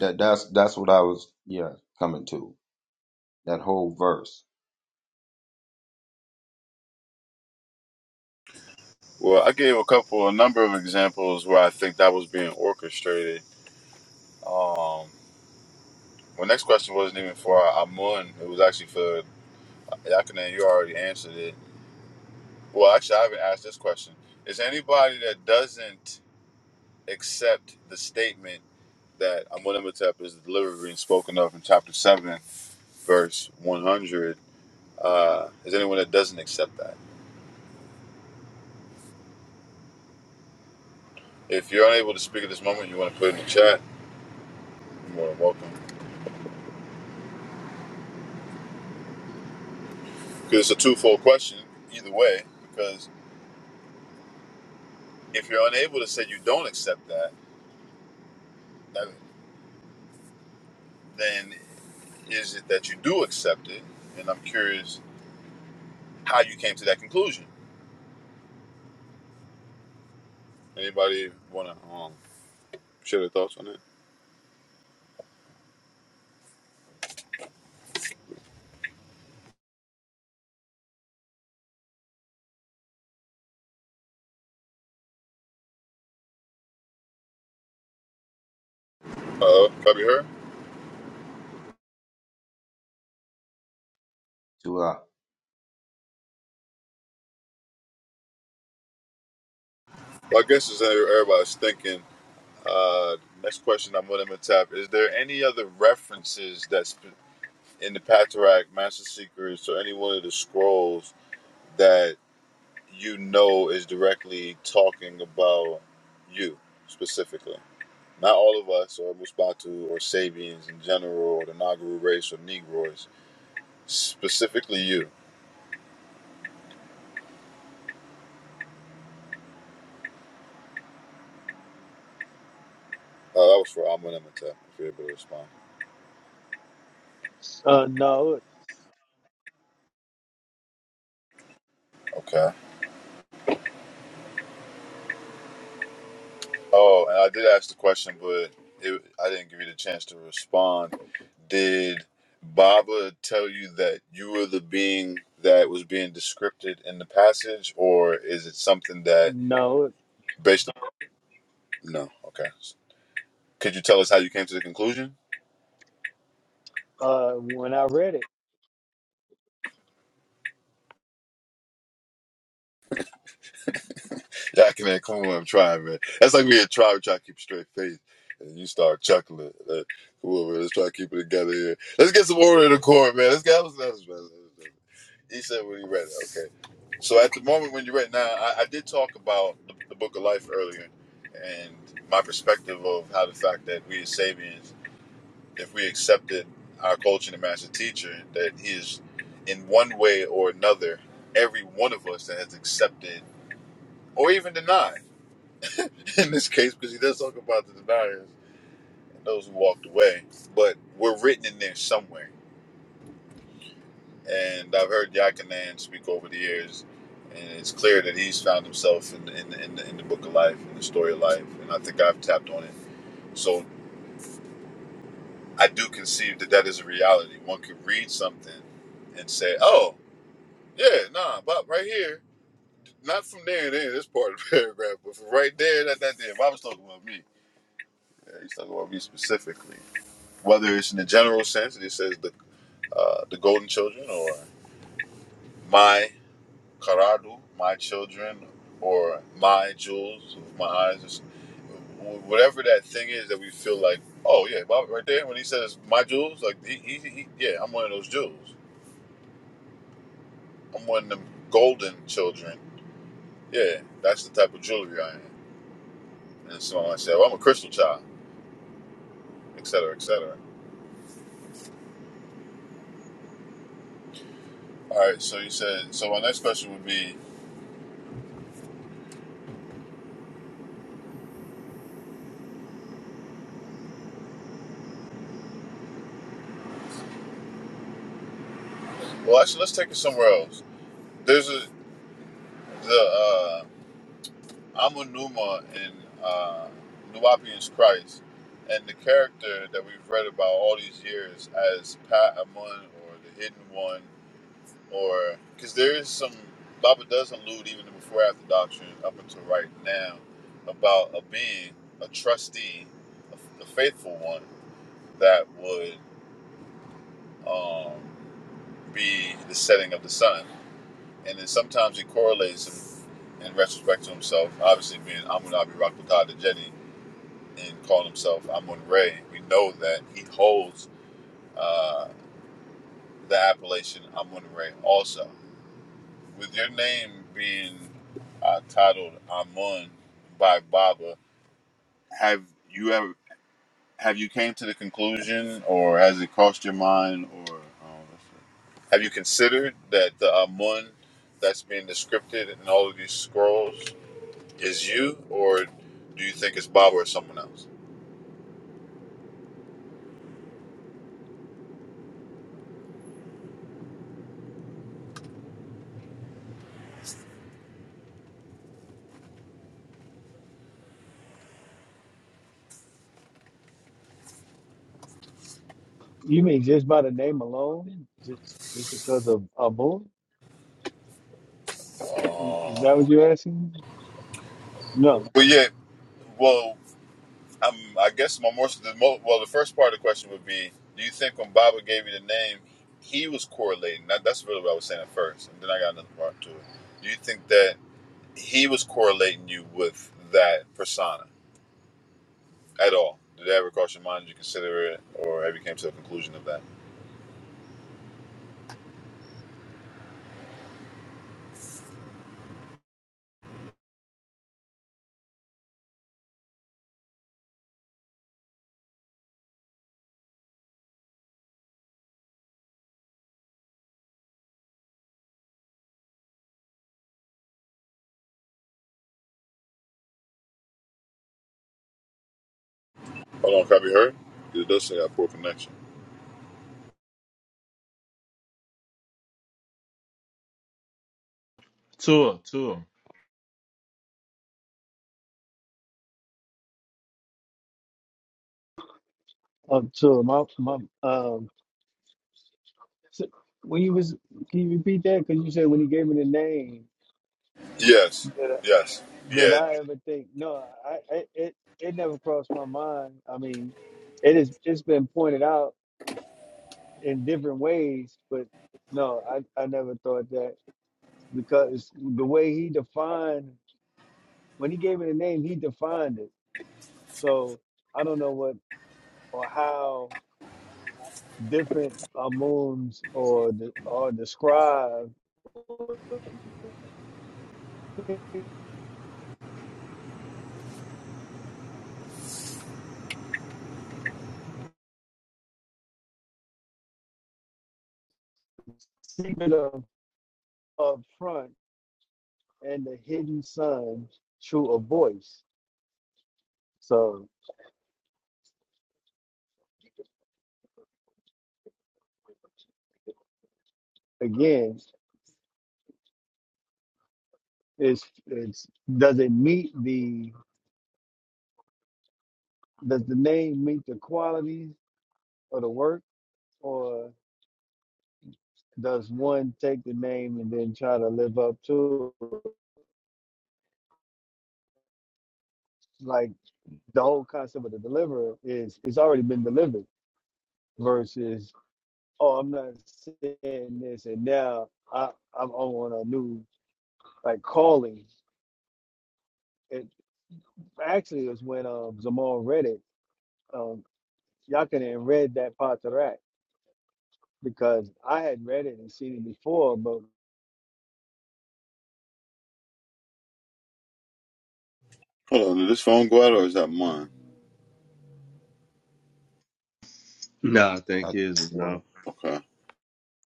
Speaker 2: That that's that's what I was yeah coming to that whole verse.
Speaker 1: Well, I gave a couple, a number of examples where I think that was being orchestrated. Um, My next question wasn't even for Amun. It was actually for Yakanan. You already answered it. Well, actually, I haven't asked this question. Is anybody that doesn't accept the statement that Amun Imhotep is the deliverer being spoken of in chapter 7, verse 100, uh, is anyone that doesn't accept that? If you're unable to speak at this moment, you want to put it in the chat, you're more than welcome. Because it's a twofold question, either way, because if you're unable to say you don't accept that, that then is it that you do accept it? And I'm curious how you came to that conclusion. Anybody want to um, share their thoughts on it? Uh, probably her.
Speaker 2: Two uh,
Speaker 1: Well, I guess as everybody's thinking, uh, next question I'm going to tap is there any other references that's in the Pateract, Master Secrets, or any one of the scrolls that you know is directly talking about you specifically? Not all of us, or Musbatu, or Sabians in general, or the Nagaru race, or Negroes Specifically you. Oh, that was for Amun Amatep, if you're able to respond.
Speaker 6: Uh, no, it-
Speaker 1: Okay. Oh, and I did ask the question, but it, I didn't give you the chance to respond. Did Baba tell you that you were the being that was being described in the passage, or is it something that
Speaker 6: no. it-
Speaker 1: based on. No, okay. Could you tell us how you came to the conclusion?
Speaker 6: Uh, when I read it,
Speaker 1: Jack in that corner, I'm trying, man. That's like we had tribe try to keep a straight face, and you start chuckling. Like, come man, let's try to keep it together here. Let's get some order in the court, man. Let's get what's next, man. He said when he read it. Okay. So at the moment when you read now, I, I did talk about the, the Book of Life earlier, and my perspective of how the fact that we as Sabians, if we accepted our culture and the master teacher, that he is in one way or another, every one of us that has accepted or even denied. in this case because he does talk about the deniers and those who walked away. But we're written in there somewhere. And I've heard Yakinan speak over the years, and it's clear that he's found himself in, the, in, the, in, the, in the book of life, in the story of life, and I think I've tapped on it. So I do conceive that that is a reality. One could read something and say, oh, yeah, nah, but right here, not from there and there, this part of the paragraph, but from right there, that, that there, Bob's talking about me. Yeah, he's talking about me specifically. whether it's in the general sense it says the uh, the golden children or my karadu my children or my jewels of my eyes whatever that thing is that we feel like oh yeah Bob right there when he says my jewels like he, he, he yeah I'm one of those jewels I'm one of them golden children yeah that's the type of jewelry I am and so I said well I'm a crystal child etc etc all right so you said so my next question would be well actually let's take it somewhere else there's a the uh, Amunuma in uh, New Orleans Christ, and the character that we've read about all these years as Pat Amun or the Hidden One, or because there is some Baba does allude even to before after doctrine up until right now about a being, a trustee, a, a faithful one that would um, be the setting of the sun. and then sometimes it correlates him in retrospect to himself. Obviously, being Amun Abi Rakhtad the Jedi and calling himself Amun Ray, we know that he holds uh, the appellation Amun Ray also. With your name being uh, titled Amun by Baba, have you ever have you came to the conclusion, or has it crossed your mind, or um, have you considered that the Amun that's being descripted in all of these scrolls is you, or do you think it's Bob or someone else?
Speaker 6: you mean just by the name alone, just just because of a boy? Is is that what you're asking? No.
Speaker 1: Well, yeah. Well, um, I guess my more so the mo- well, the first part of the question would be: Do you think when Baba gave you the name, he was correlating? That, that's really what I was saying at first, and then I got another part to it. Do you think that he was correlating you with that persona at all? Did that ever cross your mind? Did you consider it, or have you came to a conclusion of that? Hold on, can I be heard? It does say I have poor connection.
Speaker 5: Tua, Tua,
Speaker 6: Um, so my my um, so when you was can you repeat that? Because you said when he gave me the name
Speaker 1: Yes,
Speaker 6: that I,
Speaker 1: yes,
Speaker 6: that
Speaker 1: yeah.
Speaker 6: I ever think. No, I, I it it never crossed my mind. I mean, it is it's been pointed out in different ways, but no, I I never thought that because the way he defined when he gave me the name, he defined it. So I don't know what or how different amums or de- or describe the secret of up front and the hidden sun through a voice. So again, it's it's does it meet the does the name meet the qualities of the work or does one take the name and then try to live up to it? like the whole concept of the deliverer is it's already been delivered versus oh, I'm not saying this, and now I, I'm on a new like calling. It actually was when um Zamal read it. Um, y'all could have read that part of that because I had read it and seen it before, but
Speaker 1: Hold on, did this phone go out, or is that mine?
Speaker 5: Nah, I think
Speaker 2: okay,
Speaker 5: his is
Speaker 2: Lord.
Speaker 5: no.
Speaker 1: Okay.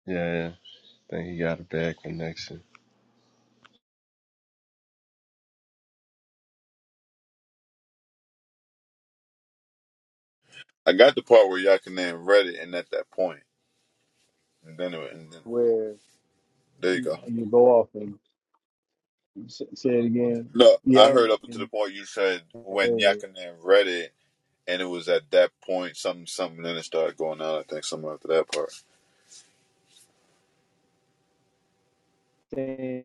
Speaker 5: Yeah, yeah. I think he got a bad connection.
Speaker 1: I got the part where Yakanan read it and at that point. And then, it, and then
Speaker 6: where
Speaker 1: there you
Speaker 6: you,
Speaker 1: go.
Speaker 6: you go off and s- say it again,
Speaker 1: No, I
Speaker 6: yeah,
Speaker 1: heard
Speaker 6: I'm
Speaker 1: up until the
Speaker 6: in-
Speaker 1: point you said when Yakanan read it and it was at that point something something then it started going out, I think something after that part.
Speaker 6: and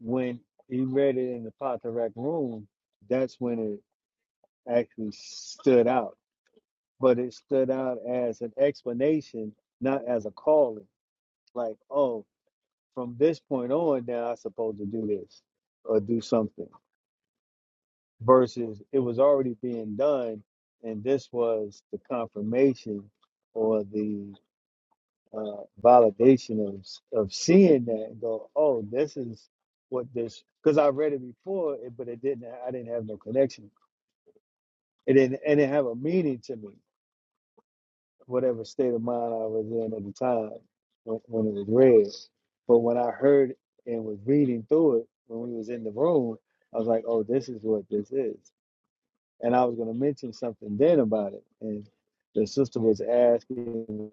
Speaker 6: when he read it in the Potterack room, that's when it actually stood out but it stood out as an explanation, not as a calling. Like, oh, from this point on, now I'm supposed to do this or do something. Versus it was already being done, and this was the confirmation or the uh, validation of of seeing that and go, oh, this is what this. Because I read it before, it- but it didn't. I didn't have no connection. It didn't, and it didn't have a meaning to me. whatever state of mind I was in at the time when, when it was read. But when I heard and was reading through it when we was in the room, I was like, oh, this is what this is. And I was going to mention something then about it. And the sister was asking,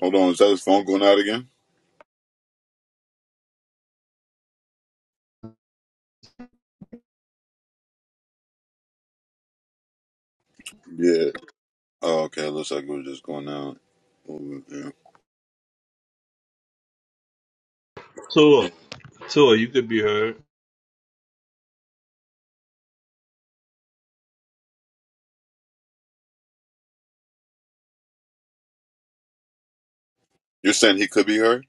Speaker 1: Hold on, is that his phone going out again? Yeah. Oh, okay, it looks like it was just going out. Mm, yeah.
Speaker 5: Tua. Tua, you could be heard.
Speaker 1: You're saying he could be hurt?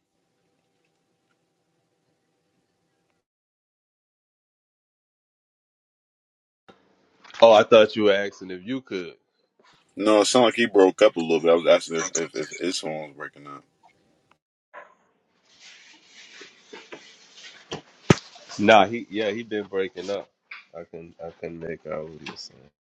Speaker 5: Oh, I thought you were asking if you could.
Speaker 1: No, it sounded like he broke up a little bit. I was asking if, if, if his phone was breaking up.
Speaker 5: Nah, he yeah, he been breaking up. I can I couldn't make out what he was saying.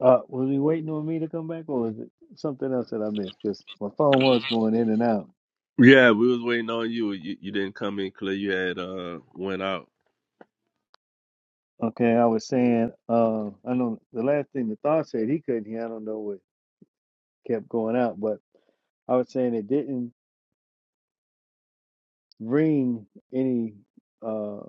Speaker 6: uh, was he waiting on me to come back or was it something else that I missed? Because my phone was going in and out.
Speaker 5: Yeah, we was waiting on you. You, you didn't come in clear. You had uh went out.
Speaker 6: Okay, I was saying, uh, I know the last thing the thought said he couldn't hear. I don't know what kept going out, but I was saying it didn't ring any uh,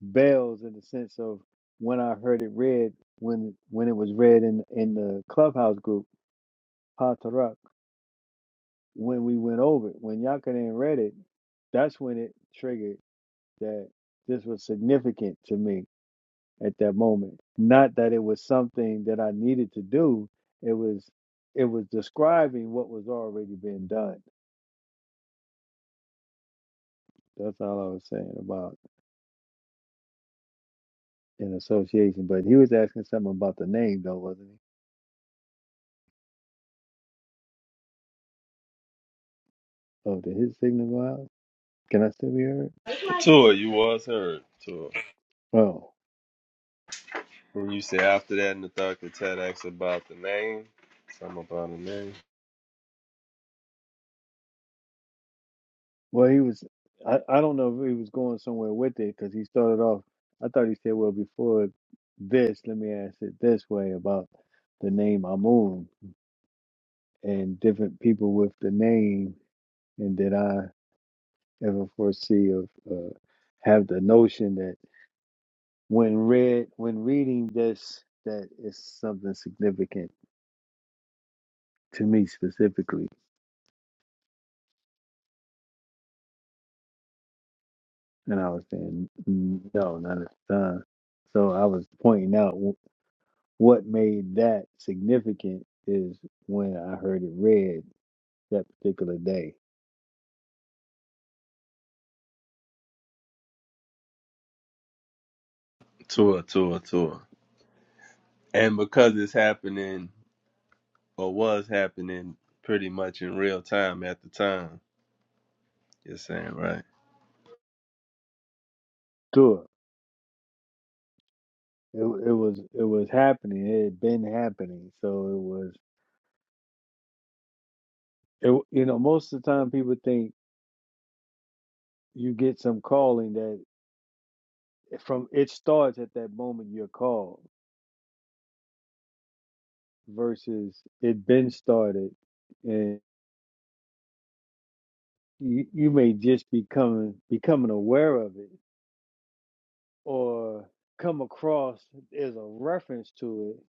Speaker 6: bells in the sense of when I heard it read when when it was read in in the clubhouse group Patarak when we went over it when Yakanan read it that's when it triggered that this was significant to me at that moment not that it was something that I needed to do it was it was describing what was already being done that's all I was saying about. in association. But he was asking something about the name, though, wasn't he? Oh, did his signal go out? Can I still be heard?
Speaker 5: Tua, you was heard. Tua.
Speaker 6: Oh,
Speaker 5: And you said after that Nathaka Ted asked about the name. Something about a name.
Speaker 6: well, he was. I, I don't know if he was going somewhere with it because he started off. I thought he said, well, before this, let me ask it this way about the name Amun and different people with the name. And did I ever foresee of uh, have the notion that when read when reading this that it's something significant to me specifically And I was saying, "Mm, no, not at the time. So I was pointing out wh- what made that significant is when I heard it read that particular day.
Speaker 5: Tour, tour, tour. And because it's happening or was happening pretty much in real time at the time, you're saying, right?
Speaker 6: Sure, it, it was it was happening. It had been happening. So it was. It, you know, most of the time people think you get some calling that from it starts at that moment you're called versus it been started and you, you may just be coming becoming aware of it or come across as a reference to it,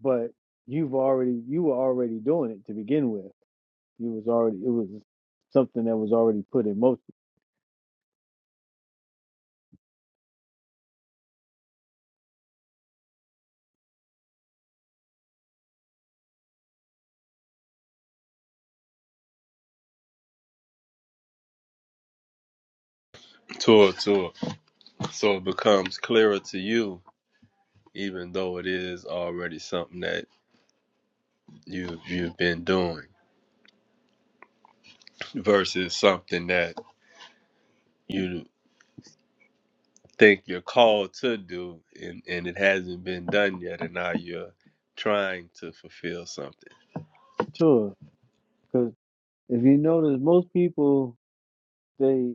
Speaker 6: but you've already you were already doing it to begin with. You was already it was something that was already put in motion.
Speaker 5: Tour, tour. So it becomes clearer to you, even though it is already something that you you've been doing versus something that you think you're called to do and, and it hasn't been done yet and now you're trying to fulfill something.
Speaker 6: Sure, because if you notice, most people they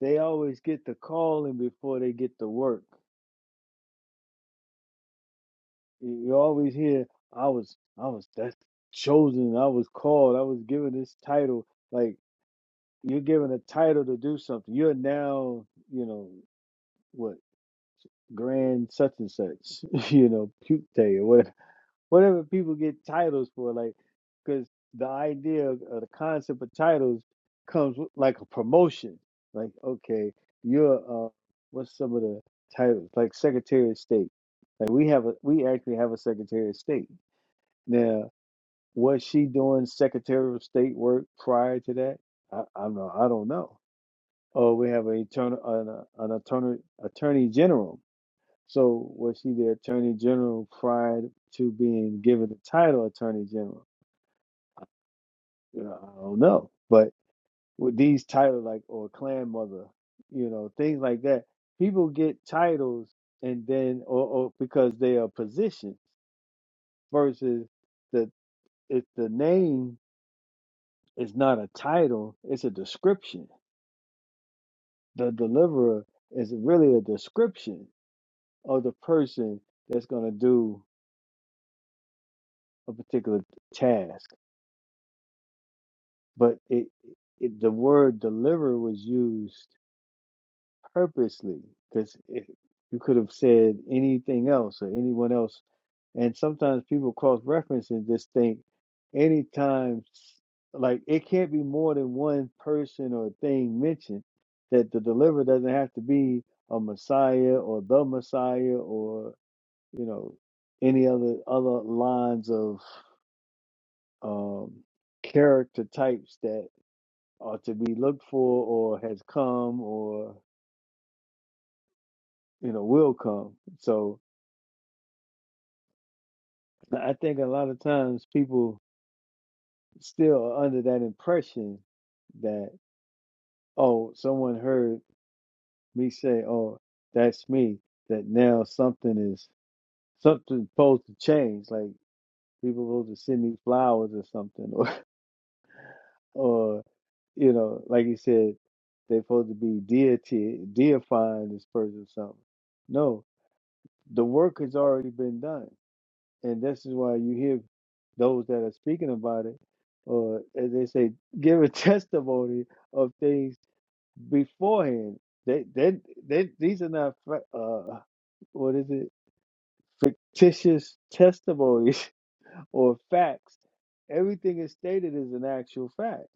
Speaker 6: they always get the calling before they get the work. You you always hear, "I was I was that's chosen. I was called. I was given this title." Like you're given a title to do something. You're now you know what grand such and such, you know, puke day or whatever, whatever people get titles for, like, because the idea of, of the concept of titles comes with, like a promotion. Like, okay, you're, uh, what's some of the titles? Like Secretary of State. Like we have a, we actually have a Secretary of State. Now, was she doing Secretary of State work prior to that? I, I don't I don't know. Or we have an attorney, an, uh, an attorney, attorney general so was she the attorney general prior to being given the title attorney general? You know, I don't know. But with these titles like or clan mother, you know, things like that, people get titles and then or, or because they are positions versus the if the name is not a title, it's a description. The deliverer is really a description of the person that's gonna do a particular task but it, it the word deliver was used purposely because you could have said anything else or anyone else and sometimes people cross reference and just think anytime s- like it can't be more than one person or thing mentioned that the deliverer doesn't have to be a messiah or the messiah or you know any other other lines of um character types that. or to be looked for or has come or you know will come so i think a lot of times people still are under that impression that oh someone heard me say oh that's me that now something is something supposed to change like people supposed to send me flowers or something or or you know like you said they're supposed to be deity deifying this person or something no the work has already been done and this is why you hear those that are speaking about it, or as they say, give a testimony of things beforehand. They, they, they these are not uh, what is it? Fictitious testimonies or facts. Everything is stated as an actual fact.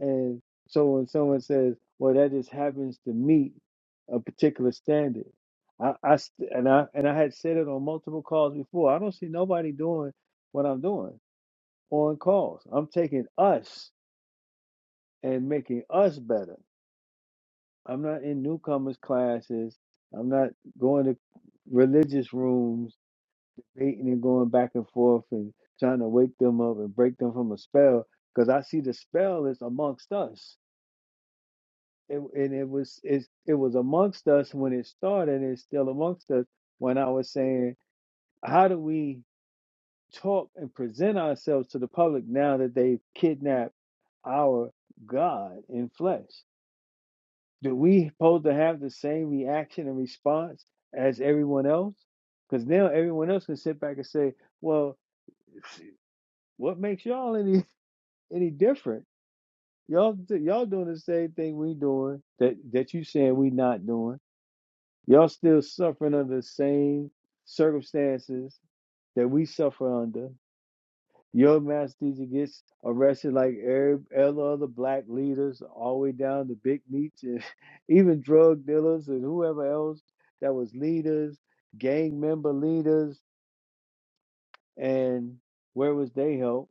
Speaker 6: And so when someone says, "Well, that just happens to meet a particular standard," I, I st- and I and I had said it on multiple calls before. I don't see nobody doing what I'm doing. on calls. I'm taking us and making us better. I'm not in newcomers classes. I'm not going to religious rooms, debating and going back and forth and trying to wake them up and break them from a spell. Because I see the spell is amongst us, it, and it was it's, it was amongst us when it started. and It's still amongst us. When I was saying, how do we talk and present ourselves to the public now that they've kidnapped our God in flesh? Do we supposed to have the same reaction and response as everyone else? Because now everyone else can sit back and say, "Well, what makes y'all any any different? Y'all y'all doing the same thing we doing that that you saying we not doing. Y'all still suffering under the same circumstances that we suffer under. Your mass teacher gets arrested like every all other black leaders, all the way down to big meats and even drug dealers and whoever else that was leaders, gang member leaders, and where was they help?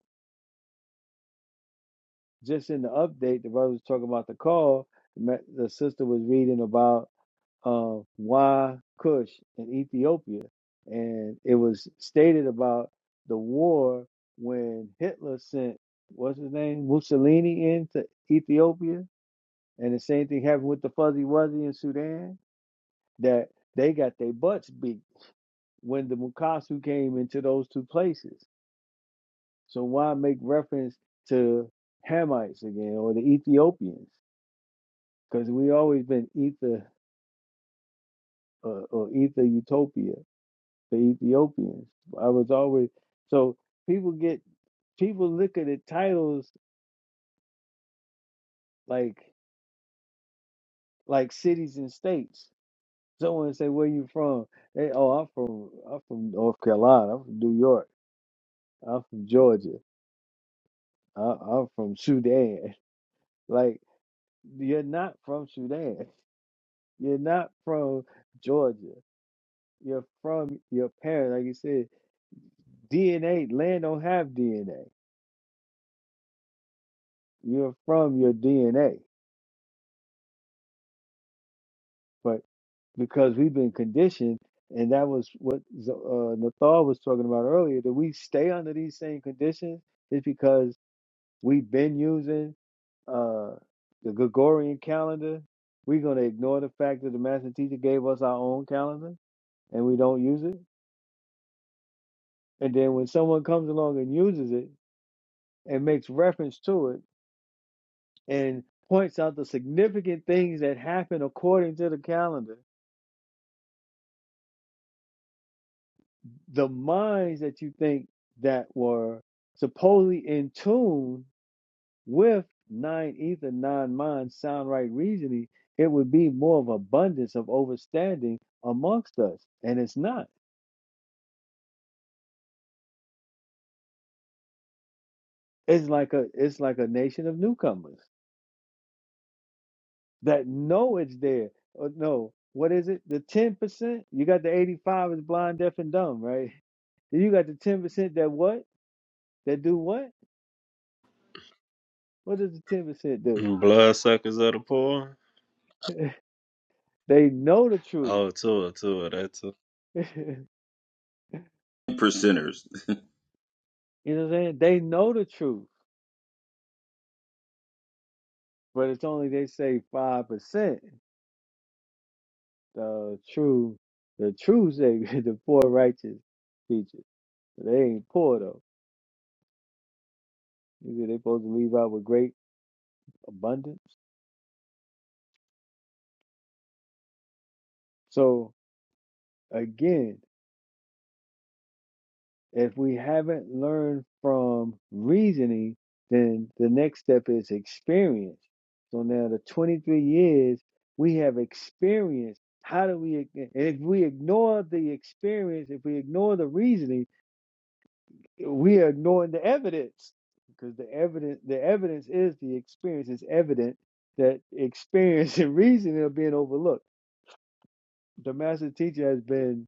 Speaker 6: Just in the update, the brother was talking about the call. The ma- the sister was reading about. of why Cush in Ethiopia. And it was stated about the war when Hitler sent, what's his name, Mussolini into Ethiopia. And the same thing happened with the Fuzzy Wuzzy in Sudan, that they got their butts beat when the Mukasu came into those two places. So why make reference to Hamites again or the Ethiopians? Because we always been ether uh, or ether utopia the Ethiopians. I was always so people get people look at the titles like like cities and states. Someone say, "Where you from?" They, "Oh, I'm from I'm from North Carolina. I'm from New York. I'm from Georgia. I, I'm from Sudan." Like you're not from Sudan. You're not from Georgia. You're from your parents. Like you said, DNA. Land don't have DNA. You're from your DNA. because we've been conditioned, and that was what Z- uh, Nathal was talking about earlier. That we stay under these same conditions is because we've been using uh, the Gregorian calendar. We're going to ignore the fact that the master teacher gave us our own calendar, and we don't use it. And then when someone comes along and uses it and makes reference to it and points out the significant things that happen according to the calendar the minds that you think that were supposedly in tune with nine ether, nine mind, sound right reasoning, it would be more of abundance of overstanding amongst us. And it's not. It's like a it's like a nation of newcomers that know it's there. Uh, no, what is it? The ten percent? You got the eighty five is blind, deaf, and dumb, right? Then you got the ten percent that what? That do what? What does the ten percent do?
Speaker 5: Bloodsuckers of the poor?
Speaker 6: They know the truth.
Speaker 5: Oh, tour, tour, that's a
Speaker 2: percenters.
Speaker 6: You know what I'm saying? They know the truth, but it's only they say five percent the true the true savior, the poor righteous teachers. But They ain't poor though. You see, they supposed to leave out with great abundance. So again, if we haven't learned from reasoning, then the next step is experience. So now the 23 years we have experienced. How do we, and if we ignore the experience, if we ignore the reasoning, we are ignoring the evidence because the evidence the evidence is the experience it's evident that experience and reasoning are being overlooked the master teacher has been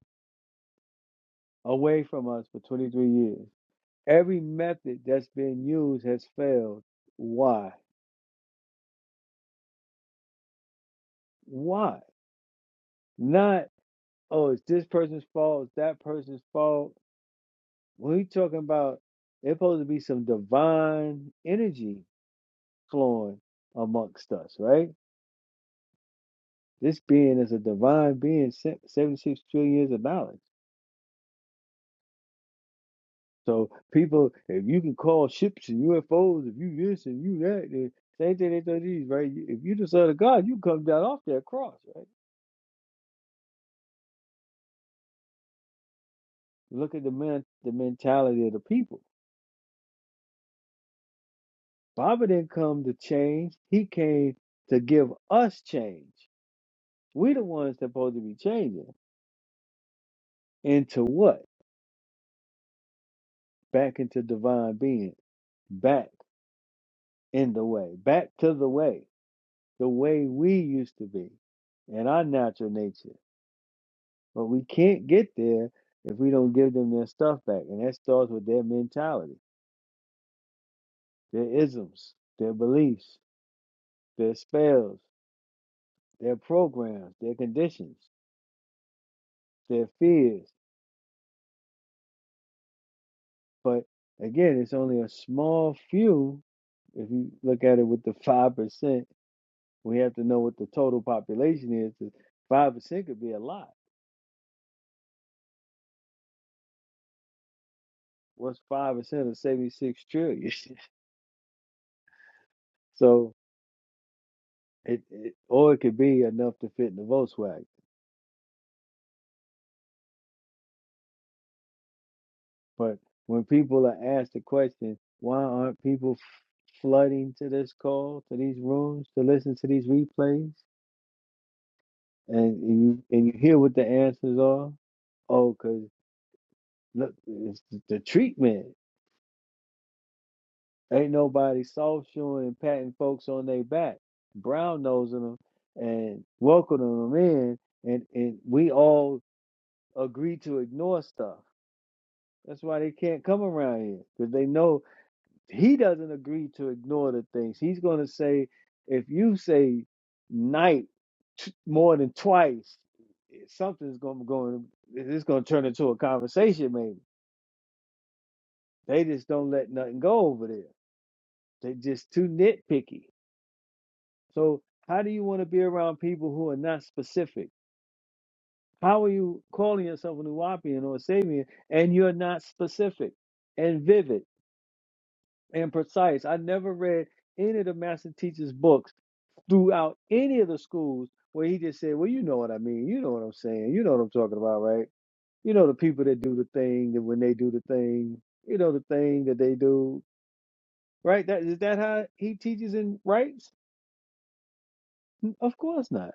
Speaker 6: away from us for 23 years every method that's been used has failed why why not oh it's this person's fault it's that person's fault when we are talking about it's supposed to be some divine energy flowing amongst us right This being is a divine being sent 76 trillion years of knowledge. So people, if you can call ships and UFOs, if you this and you that, then same thing they do these, right? If you the son of God, you come down off that cross, right? Look at the men, the mentality of the people. Baba didn't come to change. He came to give us change. we the ones supposed to be changing. Into what? Back into divine being. Back in the way. Back to the way. the way we used to be in our natural nature. But we can't get there if we don't give them their stuff back. And that starts with their mentality, their isms, their beliefs, their spells, their programs, their conditions, their fears. But again, it's only a small few. If you look at it with the 5%, we have to know what the total population is. 5% could be a lot. What's 5% of 76 trillion? so It, it or it could be enough to fit in the Volkswagen. But when people are asked the question, why aren't people f- flooding to this call, to these rooms, to listen to these replays, and and you and you hear what the answers are? Oh, cause look, it's the treatment. Ain't nobody soft shoeing and patting folks on their back, brown nosing them, and welcoming them in, and and we all agree to ignore stuff That's why they can't come around here because they know he doesn't agree to ignore the things. He's going to say, if you say night t- more than twice, eh, something's going to go. It's going to turn into a conversation. Maybe they just don't let nothing go over there. They just too nitpicky. So how do you want to be around people who are not specific? How are you calling yourself a Nuwapian or a Sabian and you're not specific and vivid? and precise. I never read any of the master teacher's books throughout any of the schools where he just said, Well, you know what I mean. You know what I'm saying. You know what I'm talking about, right? You know the people that do the thing that when they do the thing, you know the thing that they do, right? That is that how he teaches and writes? N- Of course not.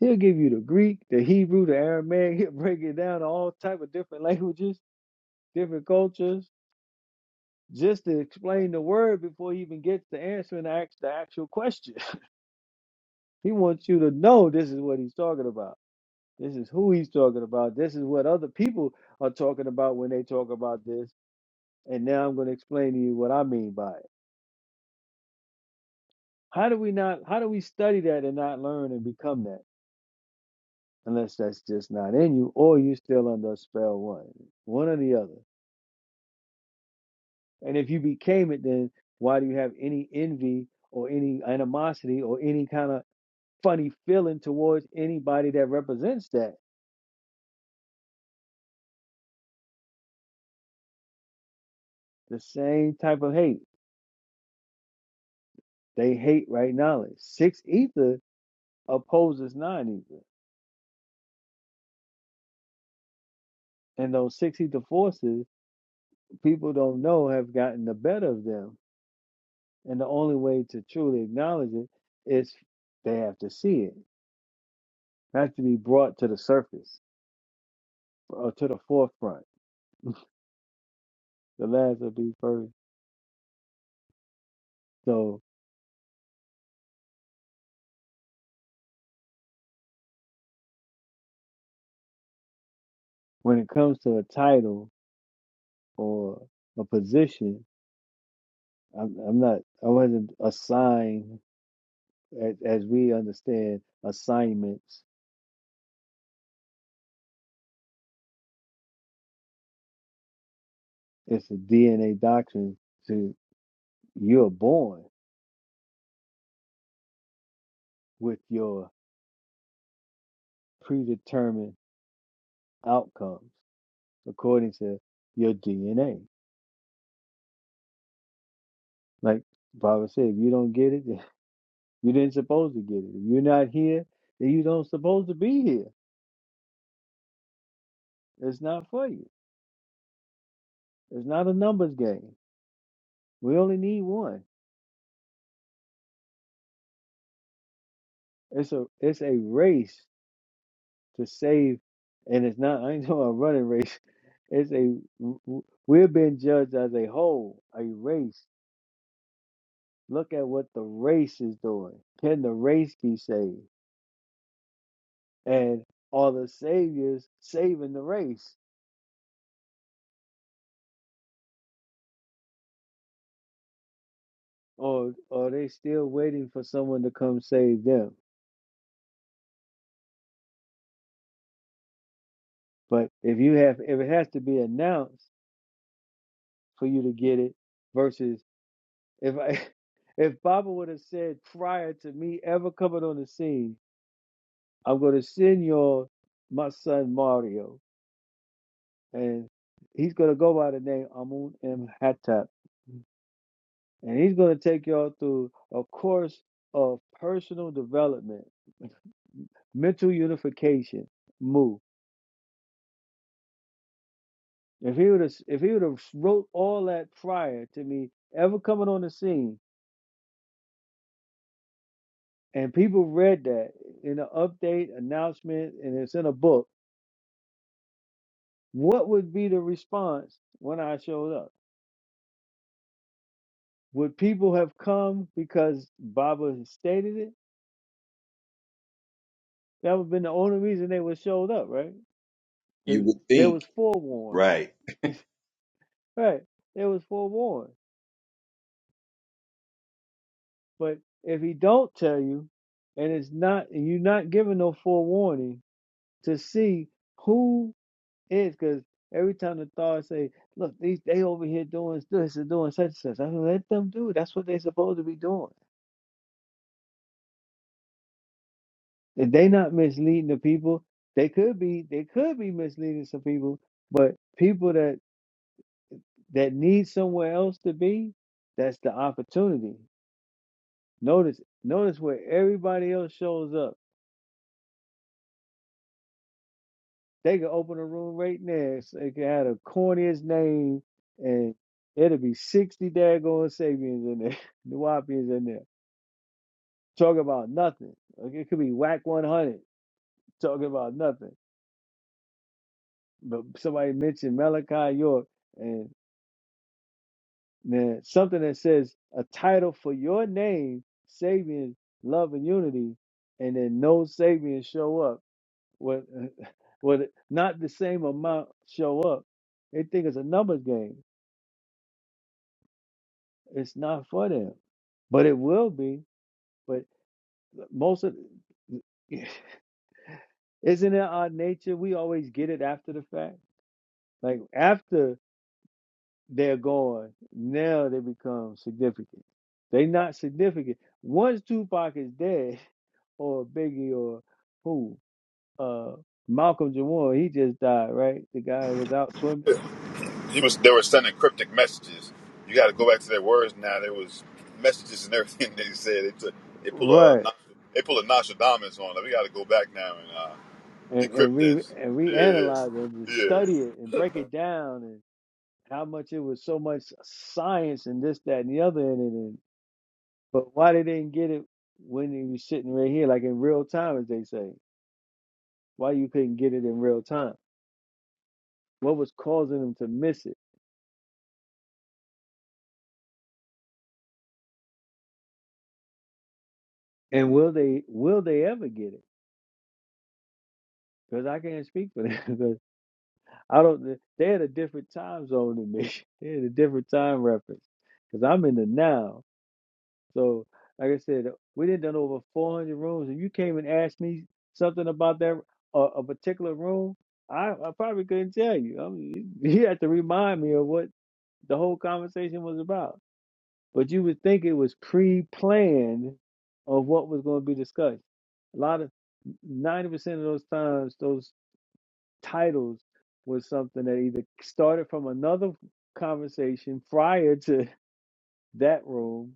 Speaker 6: He'll give you the Greek, the Hebrew, the Aramaic, he'll break it down to all type of different languages, different cultures, just to explain the word before he even gets to answering the, act- the actual question He wants you to know this is what he's talking about. This is who he's talking about. This is what other people are talking about when they talk about this. And now I'm going to explain to you what I mean by it. How do we not, how do we study that and not learn and become that? Unless that's just not in you or you're still under a spell one, one or the other. And if you became it, then why do you have any envy or any animosity or any kind of funny feeling towards anybody that represents that? The same type of hate They hate right knowledge. Six ether opposes nine ether. And those six ether forces, people don't know have gotten the better of them. And the only way to truly acknowledge it is they have to see it, has to be brought to the surface or to the forefront. The last will be first. So when it comes to a title or a position, I'm, I'm not, I wasn't assigned, as, as we understand assignments It's a DNA doctrine to you're born with your predetermined outcomes according to your DNA. Like Baba said, if you don't get it, you didn't supposed to get it. If you're not here, then you don't supposed to be here. It's not for you. It's not a numbers game. We only need one. It's a it's a race to save, and it's not. I ain't doing a running race. It's a we're being judged as a whole, a race Look at what the race is doing. Can the race be saved? And are the saviors saving the race? Or are they still waiting for someone to come save them? But if you have if it has to be announced for you to get it, versus if I if Baba would have said prior to me ever coming on the scene, I'm gonna send y'all my son Mario and he's gonna go by the name Amun M. Hattap. and he's going to take y'all through a course of personal development, mental unification, move. If he would have, if he would have wrote all that prior to me ever coming on the scene, and people read that in an update announcement, and it's in a book, what would be the response when I showed up? Would people have come because Baba had stated it? That would have been the only reason they would have showed up, right?
Speaker 2: You
Speaker 6: Because
Speaker 2: would
Speaker 6: they
Speaker 2: think,
Speaker 6: was forewarned.
Speaker 2: right?
Speaker 6: Right. It was forewarned. But if he don't tell you and it's not and you're not given no forewarning to see who is because every time the thought say, look, these they over here doing this and doing such and such. I mean, let them do it. That's what they supposed to be doing. If they not misleading the people, they could be they could be misleading some people, but people that that need somewhere else to be, that's the opportunity. Notice notice where everybody else shows up They could open a room right next. They it could have the corniest name, and it'll be sixty daggone Sabians in there, Nuwapians in there, talking about nothing. Like it could be whack one hundred talking about nothing. But somebody mentioned Malachi York, and then something that says a title for your name, Sabians, love and unity, and then no Sabians show up. What? Well, not the same amount show up. They think it's a numbers game. It's not for them, but it will be. But most of isn't it our nature? We always get it after the fact. Like after they're gone, now they become significant. They not significant. Once Tupac is dead, or Biggie, or who, uh, Malcolm Jamal, he just died, right? The guy was out swimming,
Speaker 1: he was they were sending cryptic messages. You got to go back to their words now. There was messages and everything they said. They took they pull a
Speaker 6: right?
Speaker 1: Nos- they pull a Nostradamus on. them. We got to go back now and uh,
Speaker 6: And, and
Speaker 1: decrypt
Speaker 6: re
Speaker 1: this.
Speaker 6: and
Speaker 1: Yeah,
Speaker 6: reanalyze it and just
Speaker 1: yeah, yeah.
Speaker 6: study it and break it down and. how much it was so much science and this, that, and the other in it. And, but why they didn't get it when they was sitting right here, like in real time, as they say? Why you couldn't get it in real time? What was causing them to miss it? And will they will they ever get it? Because I can't speak for them. Because I don't. They had a different time zone than me. They had a different time reference. Because I'm in the now. So, like I said, we didn't done over 400 rooms, and you came and asked me something about that uh, a particular room. I, I probably couldn't tell you. I mean, you had to remind me of what the whole conversation was about. But you would think it was pre-planned of what was going to be discussed. A lot of 90% of those times, those titles was something that either started from another conversation prior to that room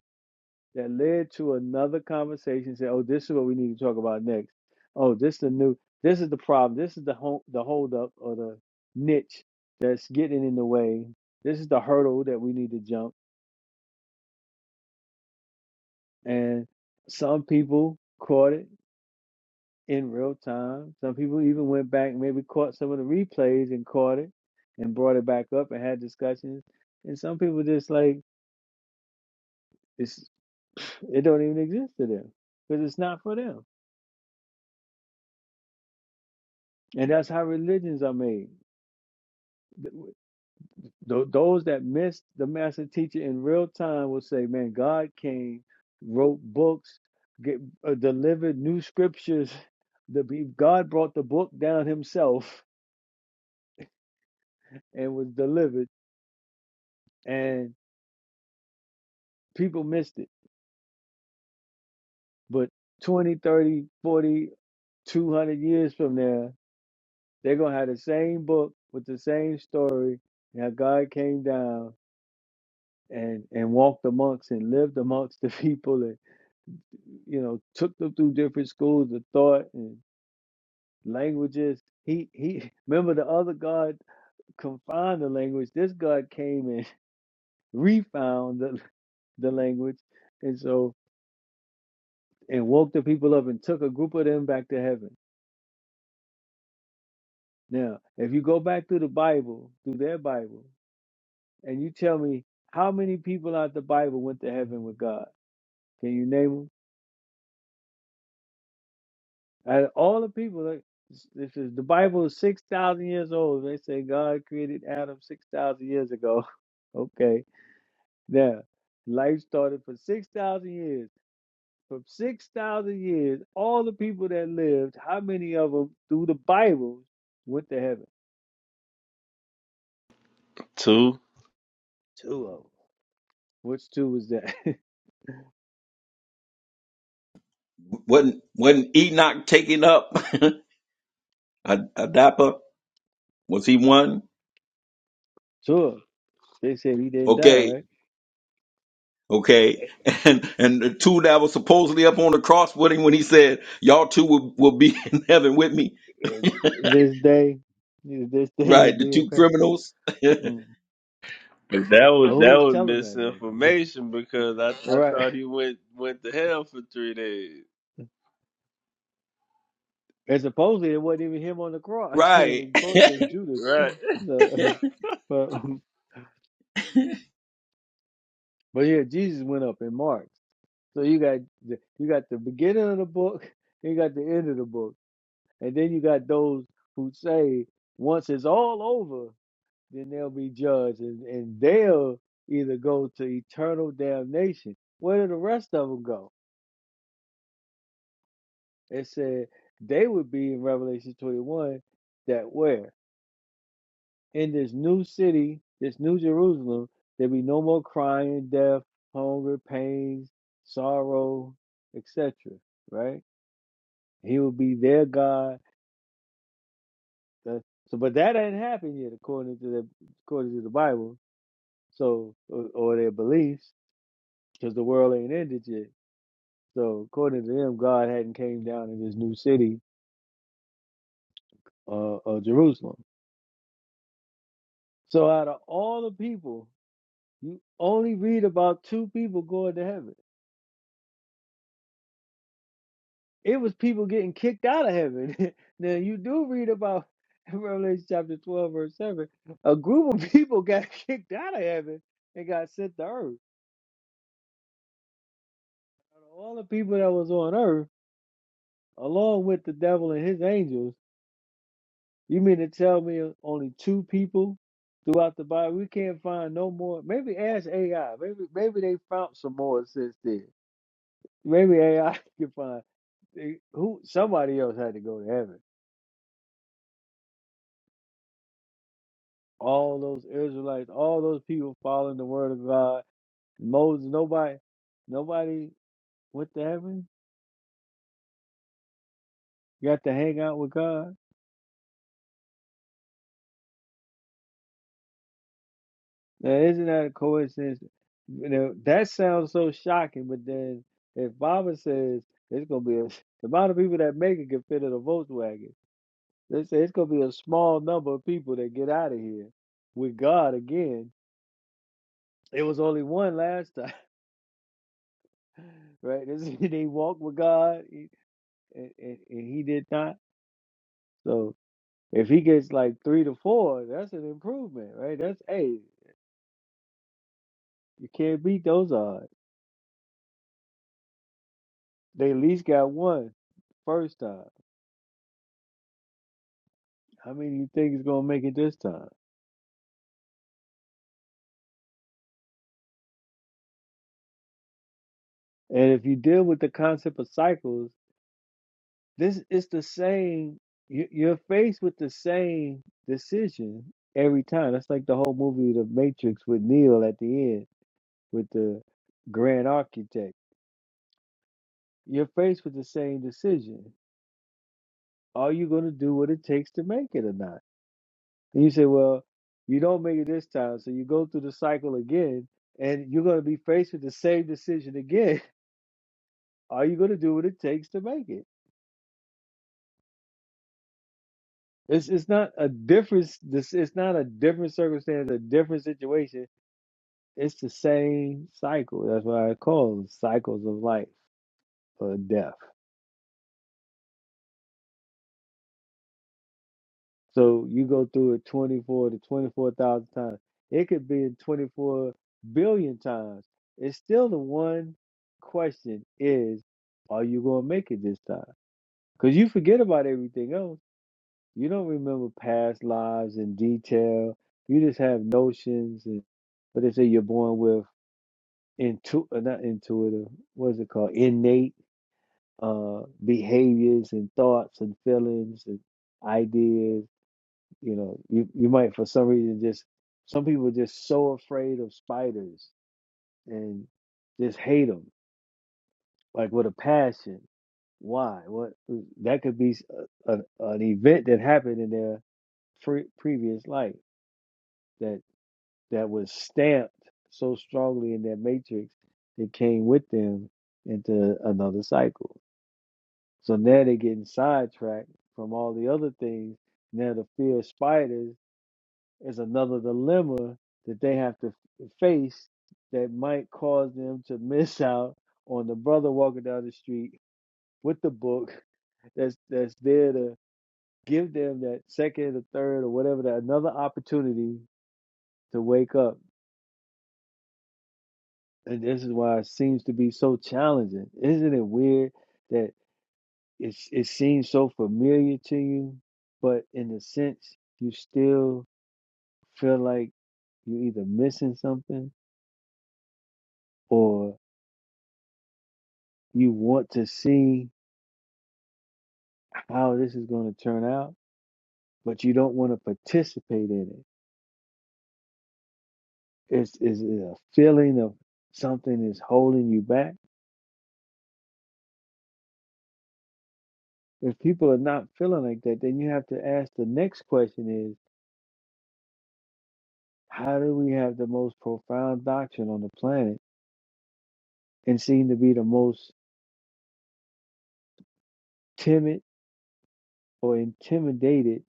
Speaker 6: that led to another conversation. Say, oh, this is what we need to talk about next. Oh, this the new. This is the problem. This is the home, the hold up or the niche that's getting in the way. This is the hurdle that we need to jump. And some people caught it in real time. Some people even went back, and maybe caught some of the replays and caught it and brought it back up and had discussions. And some people just like it's it don't even exist to them because it's not for them. And that's how religions are made th- th- those that missed the master teacher in real time will say, "Man, God came, wrote books, get, uh, delivered new scriptures. The he- God brought the book down Himself and was delivered, and people missed it. But 20, 30, 40, 200 years from now, they're gonna have the same book with the same story. Now God came down." And, and walked amongst and lived amongst the people you know, took them through different schools of thought and languages. He he remember the other God confined the language. This God came and refound the the language and so and woke the people up and took a group of them back to heaven. Now, if you go back through the Bible, through their Bible, and you tell me how many people out the Bible went to heaven with God, can you name them? And all the people that this is the Bible is six thousand years old. They say God created Adam six thousand years ago. Okay, now life started for six thousand years. From six thousand years, all the people that lived, how many of them through the Bible went to heaven?
Speaker 5: two.
Speaker 6: Two of them. Which two was that?
Speaker 2: Wasn't wasn't Enoch taken up? Ad- Adapa was he one?
Speaker 6: two. of them. They said he didn't die,
Speaker 2: Okay,
Speaker 6: right?
Speaker 2: okay, and and the two that was supposedly up on the cross with him when he said, "Y'all two will, will be in heaven with me,"
Speaker 6: This day, this day you'll
Speaker 2: right? The
Speaker 6: be in
Speaker 2: two
Speaker 6: pain.
Speaker 2: criminals,
Speaker 6: Mm.
Speaker 5: But that was
Speaker 6: But who
Speaker 5: that
Speaker 6: was
Speaker 5: was
Speaker 6: telling that though?
Speaker 5: misinformation because I, I
Speaker 6: Right.
Speaker 5: thought he went went to hell for three days.
Speaker 6: And supposedly it wasn't even him on the cross. It
Speaker 2: right?
Speaker 6: was supposed to have been Judas.
Speaker 5: Right.
Speaker 6: So, but but yeah, Jesus went up in Mark. So you got the, you got the beginning of the book, you got the end of the book, and then you got those who say once it's all over, then they'll be judged, and, and they'll either go to eternal damnation. Where did the rest of them go? It said they would be in Revelation twenty one. That where? in this new city, this new Jerusalem, there be no more crying, death, hunger, pains, sorrow, etc. Right? He will be their God. The- So, but that ain't happened yet, according to the according to the Bible. So, or, or their beliefs, because the world ain't ended yet. So, according to them, God hadn't came down in this new city, uh, of Jerusalem. So, out of all the people, you only read about two people going to heaven It was people getting kicked out of heaven. now you do read about in Revelation chapter 12, verse 7. A group of people got kicked out of heaven and got sent to earth. Out of All the people that was on earth, along with the devil and his angels, you mean to tell me only two people throughout the Bible? We can't find no more. Maybe ask AI. Maybe maybe they found some more since then. Maybe AI can find they- who somebody else had to go to heaven all those Israelites, all those people following the word of God. Moses, nobody, nobody went to heaven, got to hang out with God. Now, isn't that a coincidence? You know, that sounds so shocking, but then if Baba says it's going to be a, the amount of people that make it can fit in a Volkswagen, they say it's going to be a small number of people that get out of here with God again. It was only one last time, right? This- They walked with God, he- and, and, and he did not. So, If he gets like three to four, that's an improvement, right? That's hey, you can't beat those odds. They at least got one first time. How many you think is gonna make it this time? And if you deal with the concept of cycles, this is the same. you- You're faced with the same decision every time. That's like the whole movie, The Matrix, with Neo at the end with the Grand Architect. You're faced with the same decision. Are you going to do what it takes to make it or not? And you say, well, you don't make it this time. So you go through the cycle again, and you're going to be faced with the same decision again. Are you going to do what it takes to make it? It's it's not a difference. This it's not a different circumstance, a different situation. It's the same cycle. That's why I call them cycles of life or death. So you go through it 24 to 24,000 times. It could be in 24 billion times. It's still the one question is, are you going to make it this time? Because you forget about everything else. You don't remember past lives in detail. You just have notions. And what they say you're born with, intu- uh, not intuitive, what is it called? Innate uh, behaviors and thoughts and feelings and ideas you know, you you might for some reason just some people are just so afraid of spiders and just hate them like with a passion. Why? What that could be s- a, an an event that happened in their pre- previous life that that was stamped so strongly in their matrix that came with them into another cycle. So now they're getting sidetracked from all the other things. Now the fear of spiders is another dilemma that they have to face that might cause them to miss out on the brother walking down the street with the book that's that's there to give them that second or third or whatever that another opportunity to wake up. And this is why it seems to be so challenging. Isn't it weird that it's it seems so familiar to you, but in a sense you still feel like you're either missing something or You want to see how this is going to turn out, but you don't want to participate in it. It's is it a feeling of something is holding you back. If people are not feeling like that, then you have to ask the next question is how do we have the most profound doctrine on the planet and seem to be the most timid or intimidated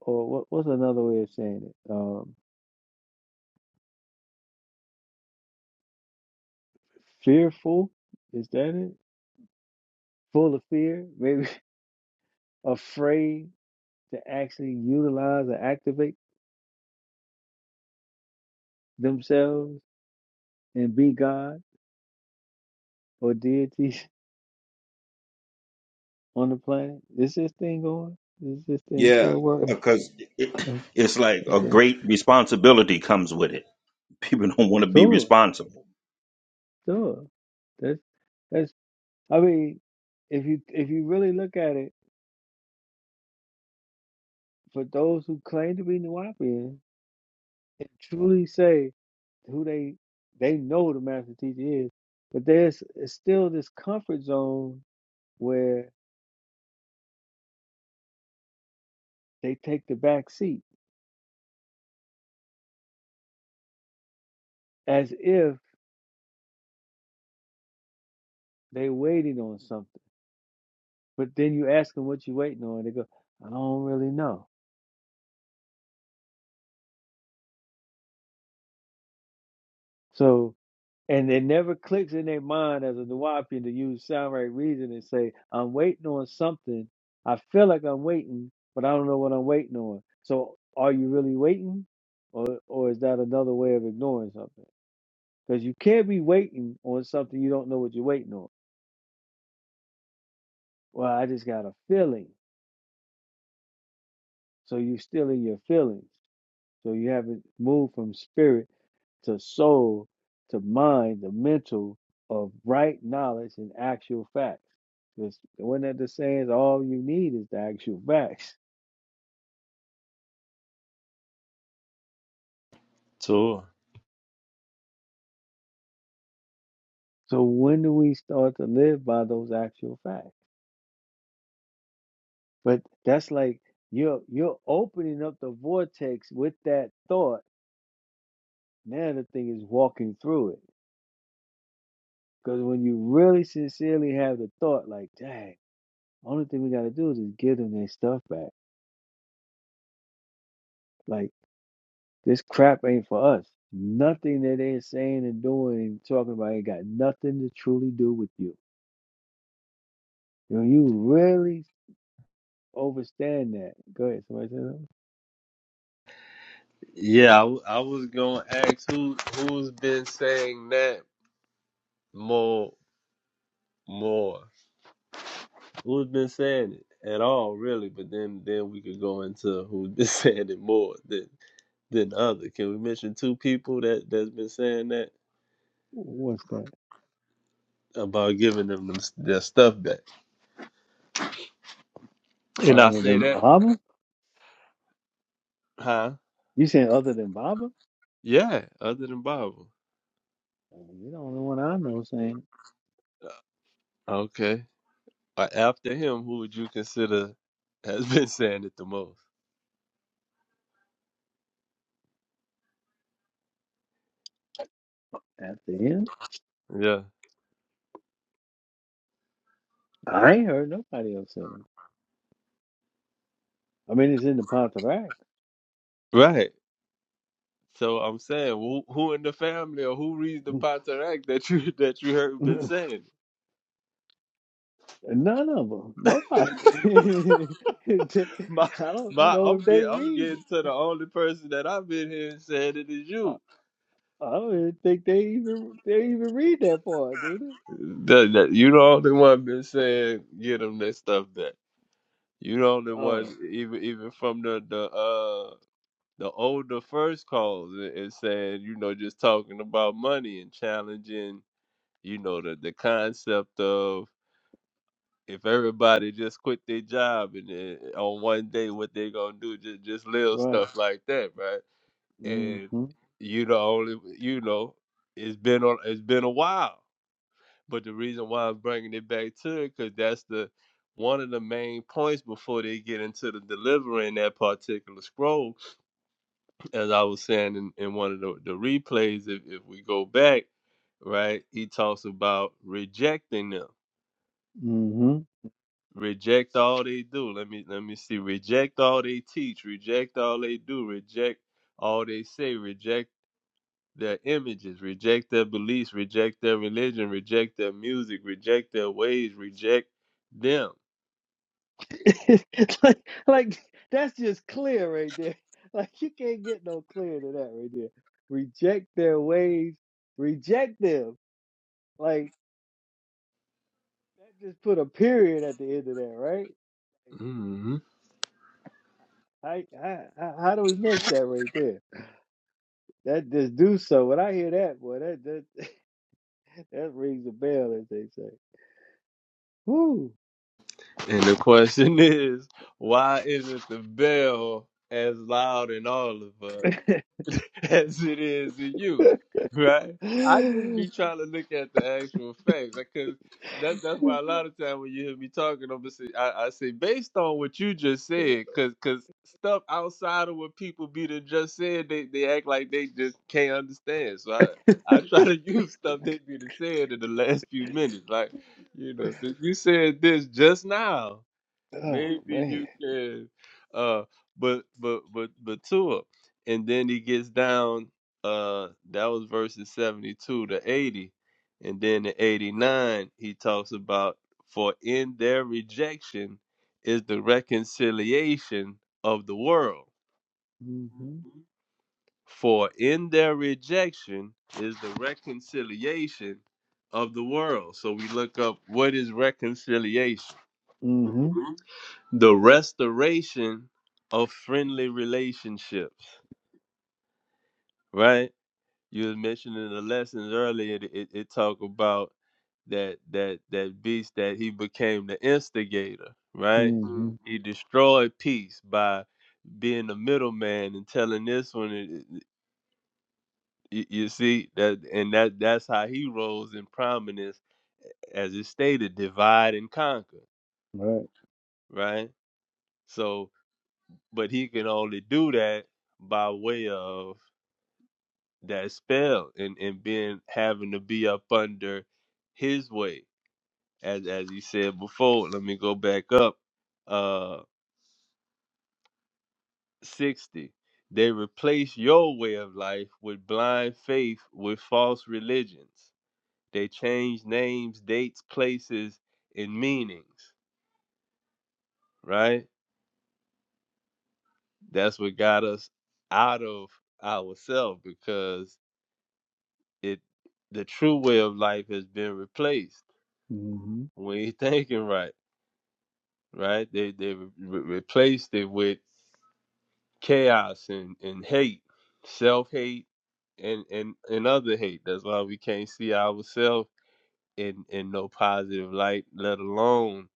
Speaker 6: or what, what's another way of saying it? Um, fearful is that it? Full of fear, maybe afraid to actually utilize or activate themselves and be God or deities on the planet? Is this thing going? Is this thing
Speaker 2: Yeah,
Speaker 6: still working?
Speaker 2: because it, it's like a
Speaker 6: Okay.
Speaker 2: great responsibility comes with it. People don't want to be
Speaker 6: Sure,
Speaker 2: responsible
Speaker 6: sure. That's that's I mean, if you if you really look at it, for those who claim to be Nuwapian and truly say who they they know the master teacher is, but there's it's still this comfort zone where they take the back seat as if They waiting on something. But then you ask them what you waiting on, they go, I don't really know. So and it never clicks in their mind as a Nawapian to use sound right reason and say, I'm waiting on something. I feel like I'm waiting, but I don't know what I'm waiting on. So are you really waiting? Or or is that another way of ignoring something? Because you can't be waiting on something you don't know what you're waiting on. Well, I just got a feeling. So you're still in your feelings. So you haven't moved from spirit to soul, to mind, the mental of right knowledge and actual facts. Because when that the saying all you need is the actual facts.
Speaker 5: So
Speaker 6: So when do we start to live by those actual facts? But that's like you're you're opening up the vortex with that thought. Now the thing is walking through it. Because when you really sincerely have the thought, like, dang, only thing we gotta do is just give them their stuff back. Like This crap ain't for us. Nothing that they're saying and doing and talking about ain't got nothing to truly do with you. When you really overstand that, go ahead. Somebody say something.
Speaker 5: yeah, I, w- I was gonna ask who who's been saying that more more who's been saying it at all really, but then then we could go into who's been saying it more than than other. Can we mention two people that that's been saying that
Speaker 6: What's that?
Speaker 5: about giving them, them their stuff back? And I
Speaker 6: Other
Speaker 5: say
Speaker 6: than
Speaker 5: that,
Speaker 6: Baba?
Speaker 5: huh?
Speaker 6: You saying other than Baba?
Speaker 5: Yeah, other than Bible.
Speaker 6: You're the only one I know saying
Speaker 5: Okay. Or after him, who would you consider has been saying it the most?
Speaker 6: it. after him.
Speaker 5: Yeah.
Speaker 6: I ain't heard nobody else saying it. I mean, it's in the Pontarac.
Speaker 5: Right. So I'm saying, who, who in the family or who reads the Potteract that you that you heard been saying?
Speaker 6: None of them. Nobody.
Speaker 5: it? My
Speaker 6: I don't
Speaker 5: my,
Speaker 6: know
Speaker 5: I'm
Speaker 6: if they
Speaker 5: getting, I'm
Speaker 6: read it.
Speaker 5: getting to the only person that I've been here and saying it is
Speaker 6: Uh,
Speaker 5: you.
Speaker 6: I don't even think they even they even read that part, do they?
Speaker 5: That, that you the only one been saying get them that stuff that you the only one
Speaker 6: Oh,
Speaker 5: even even from the the uh, the older first calls a- and saying, you know, just talking about money and challenging, you know, the, the concept of if everybody just quit their job and then eh, on one day what they gonna do, just just little
Speaker 6: right.
Speaker 5: stuff like that, right? And
Speaker 6: Mm-hmm.
Speaker 5: you know, only you know, it's been on, it's been a while. But the reason why I'm bringing it back to it, because that's the one of the main points before they get into the delivering that particular scroll as I was saying in, in one of the, the replays, if, if we go back, right, he talks about rejecting them.
Speaker 6: Mm-hmm.
Speaker 5: Reject all they do. Let me let me see. Reject all they teach. Reject all they do. Reject all they say. Reject their images. Reject their beliefs. Reject their religion. Reject their music. Reject their ways. Reject them.
Speaker 6: It's like, like that's just clear right there. Like you can't get no clearer than that right there. Reject their ways, reject them. Like that just put a period at the end of that, right?
Speaker 5: hmm
Speaker 6: Like, how, how, how how do we miss that right there? That just do so. When I hear that, boy, that that that rings a bell, as they say. Woo.
Speaker 5: And the question is, why isn't the bell as loud in all of us? as it is in you, right? I just be trying to look at the actual facts because that, that's why a lot of time when you hear me talking, I'm gonna say, I, I say based on what you just said, because because stuff outside of what people be done just said, they, they act like they just can't understand. So I, I try to use stuff they be done said in the last few minutes, like you know, since you said this just now.
Speaker 6: Oh
Speaker 5: Maybe
Speaker 6: man.
Speaker 5: you can. Uh, but but but but Tua, and then he gets down. Uh, that was verses seventy-two to eighty, and then in eighty-nine he talks about for in their rejection is the reconciliation of the world.
Speaker 6: Mm-hmm.
Speaker 5: For in their rejection is the reconciliation of the world. So we look up what is reconciliation
Speaker 6: Mm-hmm.
Speaker 5: the restoration of friendly relationships right you was mentioning the lessons earlier it, it, it talk about that that that beast that he became the instigator right Mhm.
Speaker 6: Mm-hmm.
Speaker 5: he destroyed peace by being the middleman and telling this one it- it- you you see that and that that's how he rose in prominence as it stated divide and conquer
Speaker 6: Right.
Speaker 5: right so but he can only do that by way of that spell and and being having to be up under his way as as he said before let me go back up uh 60 they replace your way of life with blind faith with false religions they change names dates places and meanings right that's what got us out of ourselves because it the true way of life has been replaced.
Speaker 6: Mm-hmm.
Speaker 5: We ain't thinking right, right? They they re- replaced it with chaos and, and hate, self hate, and, and and other hate. That's why we can't see ourselves in in no positive light, let alone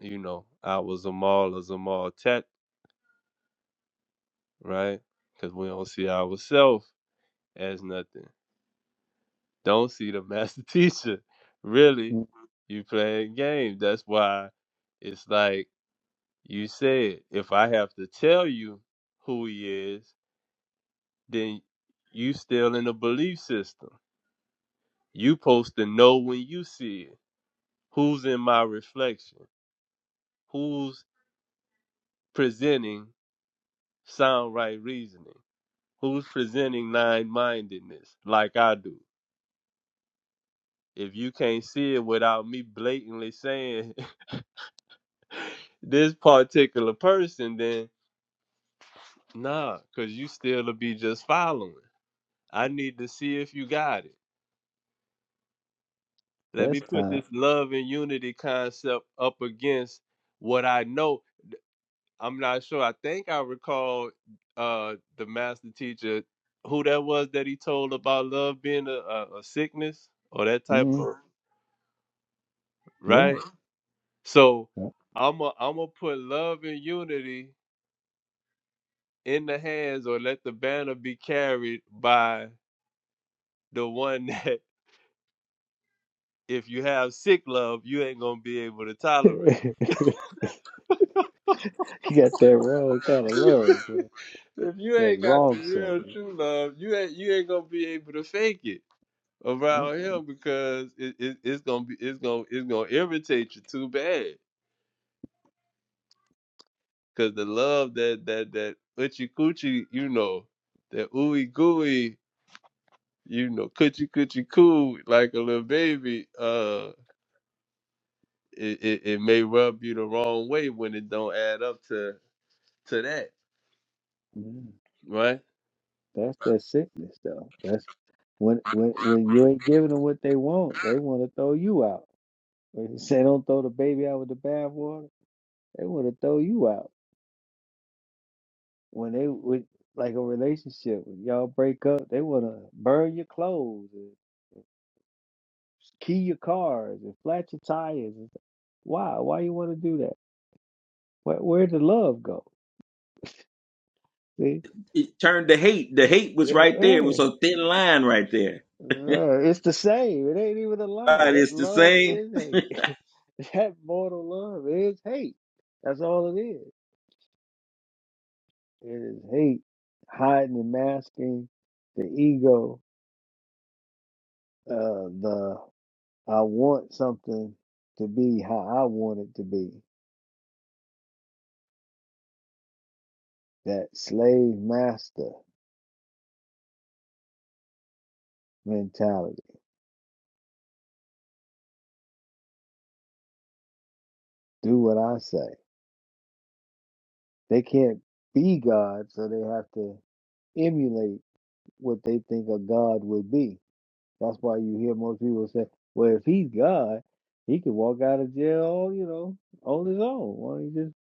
Speaker 5: you know I was a mall or Zamal Tet, right? Because we don't see ourselves as nothing. Don't see the master teacher. Really,
Speaker 6: mm
Speaker 5: you playing game. That's why it's like you said, if I have to tell you who he is, then you still in a belief system. You supposed to know when you see it. Who's in my reflection? Who's presenting sound right reasoning? Who's presenting nine mindedness like I do? If you can't see it without me blatantly saying this particular person, then nah, cause you still'll be just following. I need to see if you got it. Let me
Speaker 6: Test
Speaker 5: put
Speaker 6: time.
Speaker 5: this love and unity concept up against what I know. I'm not sure. I think I recall uh the master teacher who that was that he told about love being a, a, a sickness or that type
Speaker 6: Mm,
Speaker 5: of
Speaker 6: yeah.
Speaker 5: right. So
Speaker 6: yeah.
Speaker 5: I'm I'm gonna put love and unity in the hands or let the banner be carried by the one that if you have sick love, you ain't gonna be able to tolerate.
Speaker 6: you got that wrong kind of love, boy.
Speaker 5: If you
Speaker 6: That
Speaker 5: ain't got the
Speaker 6: wrong
Speaker 5: real
Speaker 6: something.
Speaker 5: true love, you ain't you ain't gonna be able to fake it
Speaker 6: Mm,
Speaker 5: around him because it, it it's gonna be it's gonna it's gonna irritate you too bad. Cause the love that that that uchi coochie, you know, that ooey gooey, you know, coochie coochie coo like a little baby, uh, it, it it may rub you the wrong way when it don't add up to to that,
Speaker 6: yeah.
Speaker 5: right?
Speaker 6: That's that sickness though. That's when when when you ain't giving them what they want, they want to throw you out. When you say don't throw the baby out with the bathwater, they want to throw you out. When they with like a relationship, when y'all break up, they want to burn your clothes. key your cars and flat your tires. And stuff. Why? Why you want to do that? Where where'd the love go? See,
Speaker 2: It turned to hate. The hate was
Speaker 6: Eh,
Speaker 2: right there. It
Speaker 6: eh,
Speaker 2: was a thin line right there.
Speaker 6: eh, it's the same. It ain't even a lie.
Speaker 2: God,
Speaker 6: That
Speaker 2: it's the
Speaker 6: love
Speaker 2: same.
Speaker 6: is hate. that mortal love is hate. That's all it is. It is hate, hiding and masking the ego. Uh, the I want something to be how I want it to be. That slave master mentality. Do what I say They can't be God, so they have to emulate what they think a God would be. That's why you hear most people say, well, if he's God, he can walk out of jail, you know, on his own. Why don't he just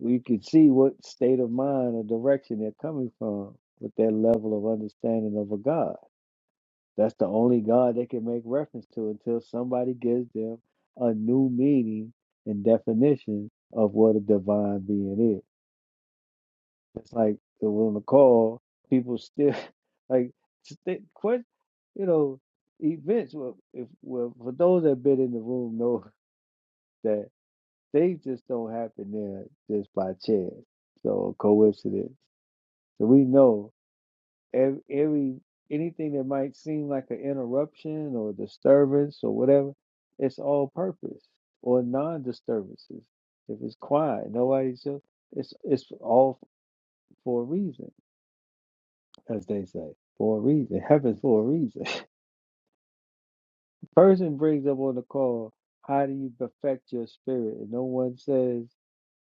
Speaker 6: we can see what state of mind or direction they're coming from with their level of understanding of a God. That's the only God they can make reference to until somebody gives them a new meaning and definition of what a divine being is. It's like the Will McCall, people still like st- quite, you know, events. Well, if well, for those that been in the room know that they just don't happen there just by chance, so coincidence. So we know every, every anything that might seem like an interruption or disturbance or whatever, it's all purpose or non-disturbances. If it's quiet, nobody's it's it's all for a reason as they say, for a reason. Heaven's for a reason. Person brings up on the call, how do you perfect your spirit? And no one says,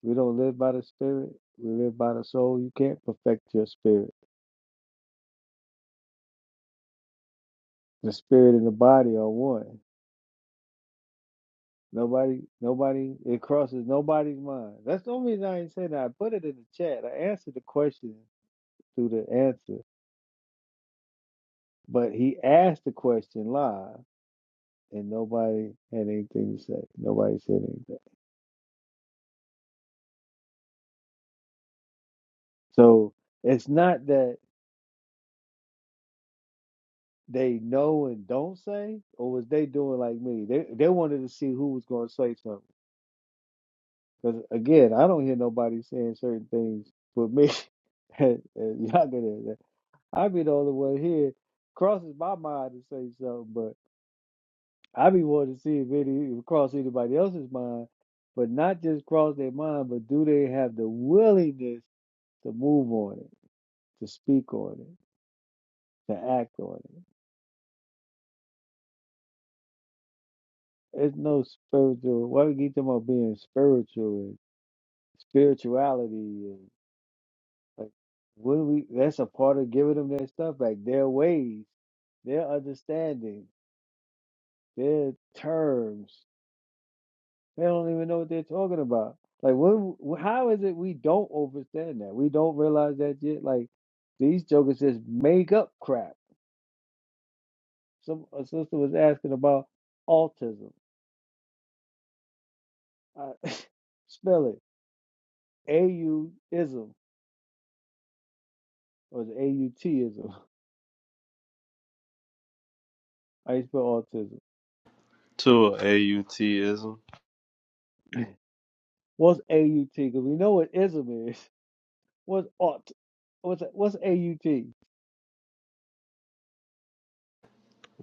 Speaker 6: we don't live by the spirit, we live by the soul. You can't perfect your spirit. The spirit and the body are one. Nobody, nobody, it crosses nobody's mind. That's the only reason I ain't saying that. I put it in the chat. I answered the question through the answer, but he asked the question live, and nobody had anything to say. Nobody said anything. So it's not that. they know and don't say, or was they doing like me? They they wanted to see who was going to say something. Because again, I don't hear nobody saying certain things but me. and and y'all get it. I be the only one here. Crosses my mind to say something, but I be wanting to see if any if cross anybody else's mind, but not just cross their mind, but do they have the willingness to move on it, to speak on it, to act on it? There's no spiritual. Why we keep talking about being spiritual? spirituality and like what do we that's a part of giving them their stuff back their ways their understanding their terms they don't even know what they're talking about like what how is it we don't understand that we don't realize that yet like these jokers just make up crap some a sister was asking about autism I, spell it a-u-ism or a-u-t-ism i spell autism
Speaker 5: to a AUTism.
Speaker 6: What's AUT? Because we know what ism is. What's ought? What's what's AUT? These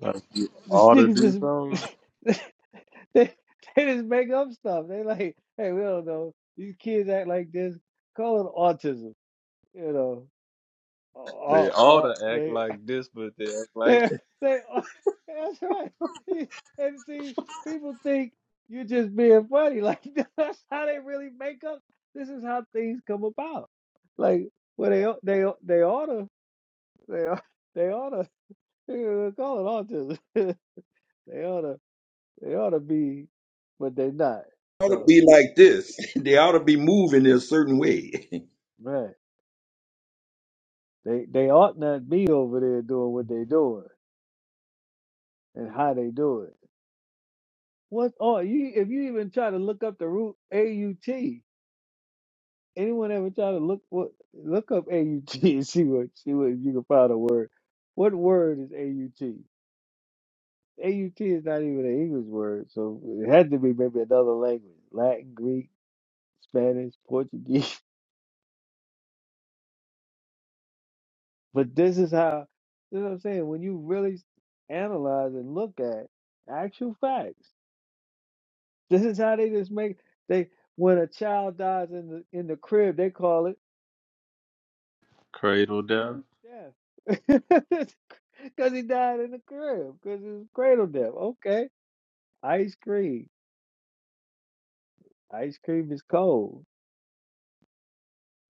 Speaker 5: Like you ought to
Speaker 6: niggas
Speaker 5: do something.
Speaker 6: just they, they just make up stuff. They like, hey, we don't know. These kids act like this. Call it autism. You know,
Speaker 5: They
Speaker 6: oh,
Speaker 5: ought
Speaker 6: oh,
Speaker 5: to act
Speaker 6: they
Speaker 5: like this, but they act like
Speaker 6: they
Speaker 5: that.
Speaker 6: they. Oh, That's right. And see, people think you're just being funny. Like that's how they really make up. This is how things come about. Like well, they they they oughta. They ought- they oughta they call it autism. they ought to, they ought to be, but they not.
Speaker 2: Ought to
Speaker 6: So
Speaker 2: be like this. They ought to be moving in a certain way.
Speaker 6: man, they they ought not be over there doing what they doing and how they do it. What oh you if you even try to look up the root A U T. Anyone ever try to look what look up A U T and see what see what you can find a word. What word is A U T? A U T is not even an English word, so it had to be maybe another language, Latin, Greek, Spanish, Portuguese. But this is how, you know what I'm saying? When you really analyze and look at actual facts, this is how they just make they when a child dies in the in the crib, they call it
Speaker 5: Cradle down.
Speaker 6: death. Because he died in the crib, because it was cradle death. Okay. Ice cream. Ice cream is cold.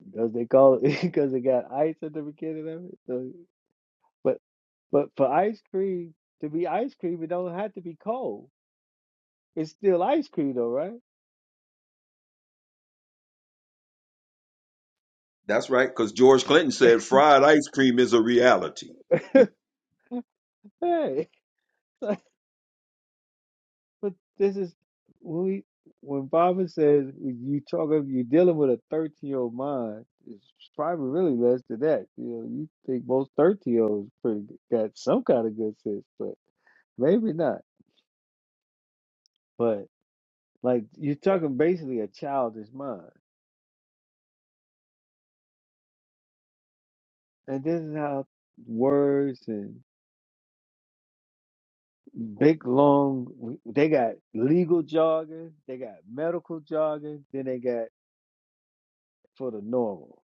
Speaker 6: Because they call it because it got ice at the beginning of it. So but but for ice cream to be ice cream, it don't have to be cold. It's still ice cream though, right?
Speaker 2: That's right, because George Clinton said fried ice cream is a reality.
Speaker 6: Hey. but this is when we when Baba says you talk of you're dealing with a 13 year old mind, it's probably really less than that. You know, you think most 13 year olds pretty good- got some kind of good sense, but maybe not. But like you're talking basically a childish mind, and this is how words and big long they got legal jargon, they got medical jargon, then they got for the normal,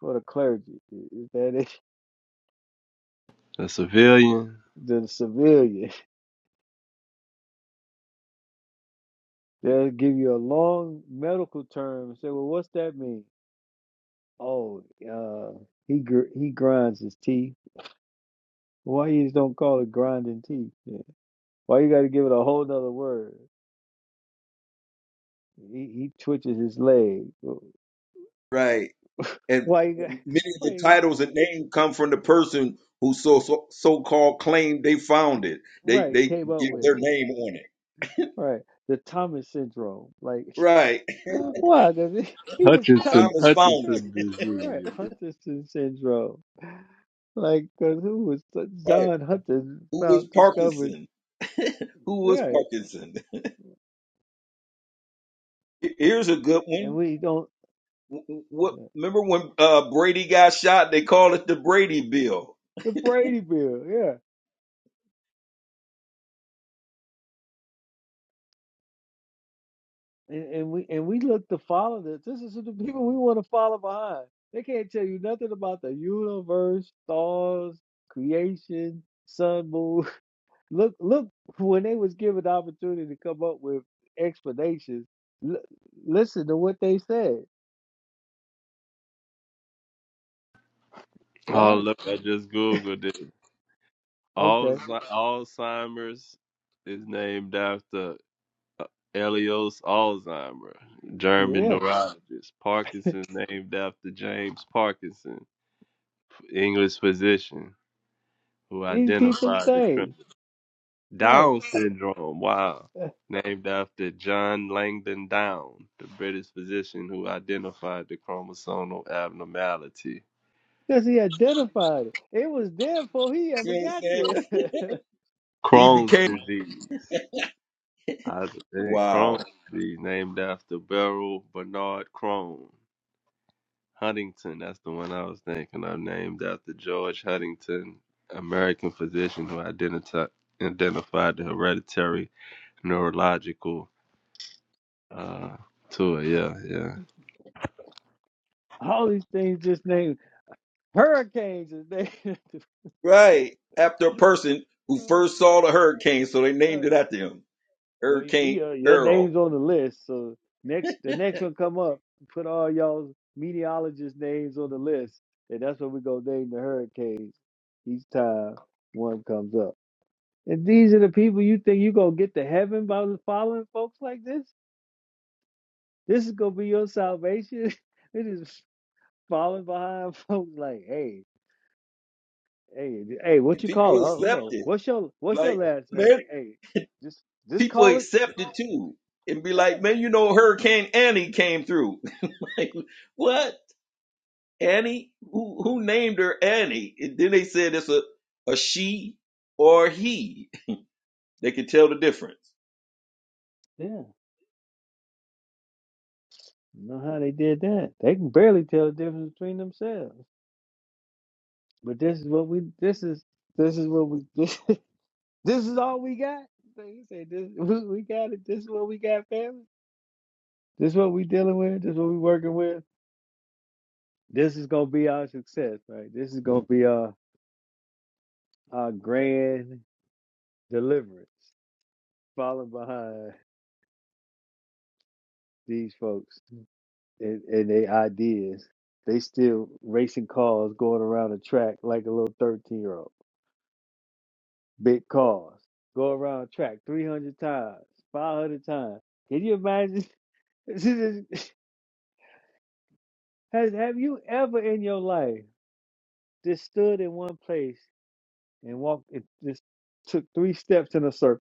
Speaker 6: for the clergy. Is that it?
Speaker 5: The civilian.
Speaker 6: the civilian. They'll give you a long medical term and say, "Well, what's that mean?" Oh, uh, he gr he grinds his teeth. Why you just don't call it grinding teeth? Yeah. Why you got to give it a whole nother word? He he twitches his leg.
Speaker 2: Right. And
Speaker 6: Why you got?
Speaker 2: many of
Speaker 6: Why
Speaker 2: the
Speaker 6: you,
Speaker 2: titles and names come from the person who so so so called claimed they found it. They
Speaker 6: right?
Speaker 2: they
Speaker 6: Came up
Speaker 2: give
Speaker 6: with
Speaker 2: their
Speaker 6: it.
Speaker 2: name on it.
Speaker 6: Right. The Thomas syndrome. Like
Speaker 2: Right.
Speaker 6: why? Because he, he just t-
Speaker 5: Hutchinson
Speaker 2: Thomas found it.
Speaker 5: Hutchinson
Speaker 6: right.
Speaker 5: disease.
Speaker 6: Huntington syndrome. Like, cause who was
Speaker 2: Right.
Speaker 6: John Hutton
Speaker 2: Who is
Speaker 6: found discovered,
Speaker 2: Parkinson? Who was
Speaker 6: right?
Speaker 2: Parkinson? Here's a good one.
Speaker 6: And we don't
Speaker 2: W- What? Remember when uh, Brady got shot? They called it the Brady Bill.
Speaker 6: the Brady Bill, yeah. And, and we and we look to follow this. This is the people we want to follow behind. They can't tell you nothing about the universe, stars, creation, sun, moon. Look, look. When they was given the opportunity to come up with explanations, l- listen to what they said.
Speaker 5: Oh
Speaker 6: God,
Speaker 5: look, I just googled it.
Speaker 6: okay,
Speaker 5: Alz- Alzheimer's is named after uh, Elios Alzheimer, German
Speaker 6: yeah.
Speaker 5: neurologist. Parkinson named after James Parkinson, English physician who
Speaker 6: These people's
Speaker 5: identified the
Speaker 6: days, right?
Speaker 5: Down syndrome. Wow.
Speaker 6: uh,
Speaker 5: Named after John Langdon Down, the British physician who identified the chromosomal abnormality.
Speaker 6: Because he identified it. It was there before he
Speaker 2: You
Speaker 6: ever
Speaker 2: know what I'm
Speaker 6: got there.
Speaker 2: saying? He
Speaker 5: Crohn's
Speaker 2: became
Speaker 5: disease. I think Crohn's
Speaker 2: wow.
Speaker 5: disease named after Beryl Bernard Crohn. Huntington, that's the one I was thinking of, named after George Huntington, American physician who identi- identified the hereditary neurological uh, tour. Yeah, yeah.
Speaker 6: All these things just named hurricanes is named.
Speaker 2: Right after a person who
Speaker 6: Uh,
Speaker 2: first saw the hurricane, so they
Speaker 6: uh,
Speaker 2: named it after him,
Speaker 6: well, you- we
Speaker 2: Hurricane
Speaker 6: uh, your
Speaker 2: Earl.
Speaker 6: name's on the list. So next, the next one come up, put all y'all meteorologist names on the list, and that's what we gonna name the hurricanes each time one comes up. And these are the people you think you gonna get to heaven by following folks like this. This is gonna be your salvation. It is falling behind folks like, hey, hey, hey, what
Speaker 2: And
Speaker 6: you call
Speaker 2: People
Speaker 6: it? I don't
Speaker 2: accept
Speaker 6: know.
Speaker 2: it.
Speaker 6: What's your what's your
Speaker 2: Like
Speaker 6: last name?
Speaker 2: man,
Speaker 6: Hey, just just
Speaker 2: people
Speaker 6: call it.
Speaker 2: accept it too, and be
Speaker 6: Yeah,
Speaker 2: like, man, you know, Hurricane Annie came through. Like, what? Annie? Who who named her Annie? And then they said it's a a she or a he. They could tell the difference.
Speaker 6: yeah. You know how they did that? They can barely tell the difference between themselves. But this is what we. This is this is what we. This, this is all we got. They say this. We, we got it. This is what we got, family. This is what we dealing with. This is what we working with. This is gonna be our success, right? This is gonna be our our grand deliverance. Falling behind these folks and, and their ideas. They still racing cars going around the track like a little 13 year old. Big cars. Go around the track 300 times, 500 times. Can you imagine? This is- Has, have you ever in your life just stood in one place and walked, and just took three steps in a circle?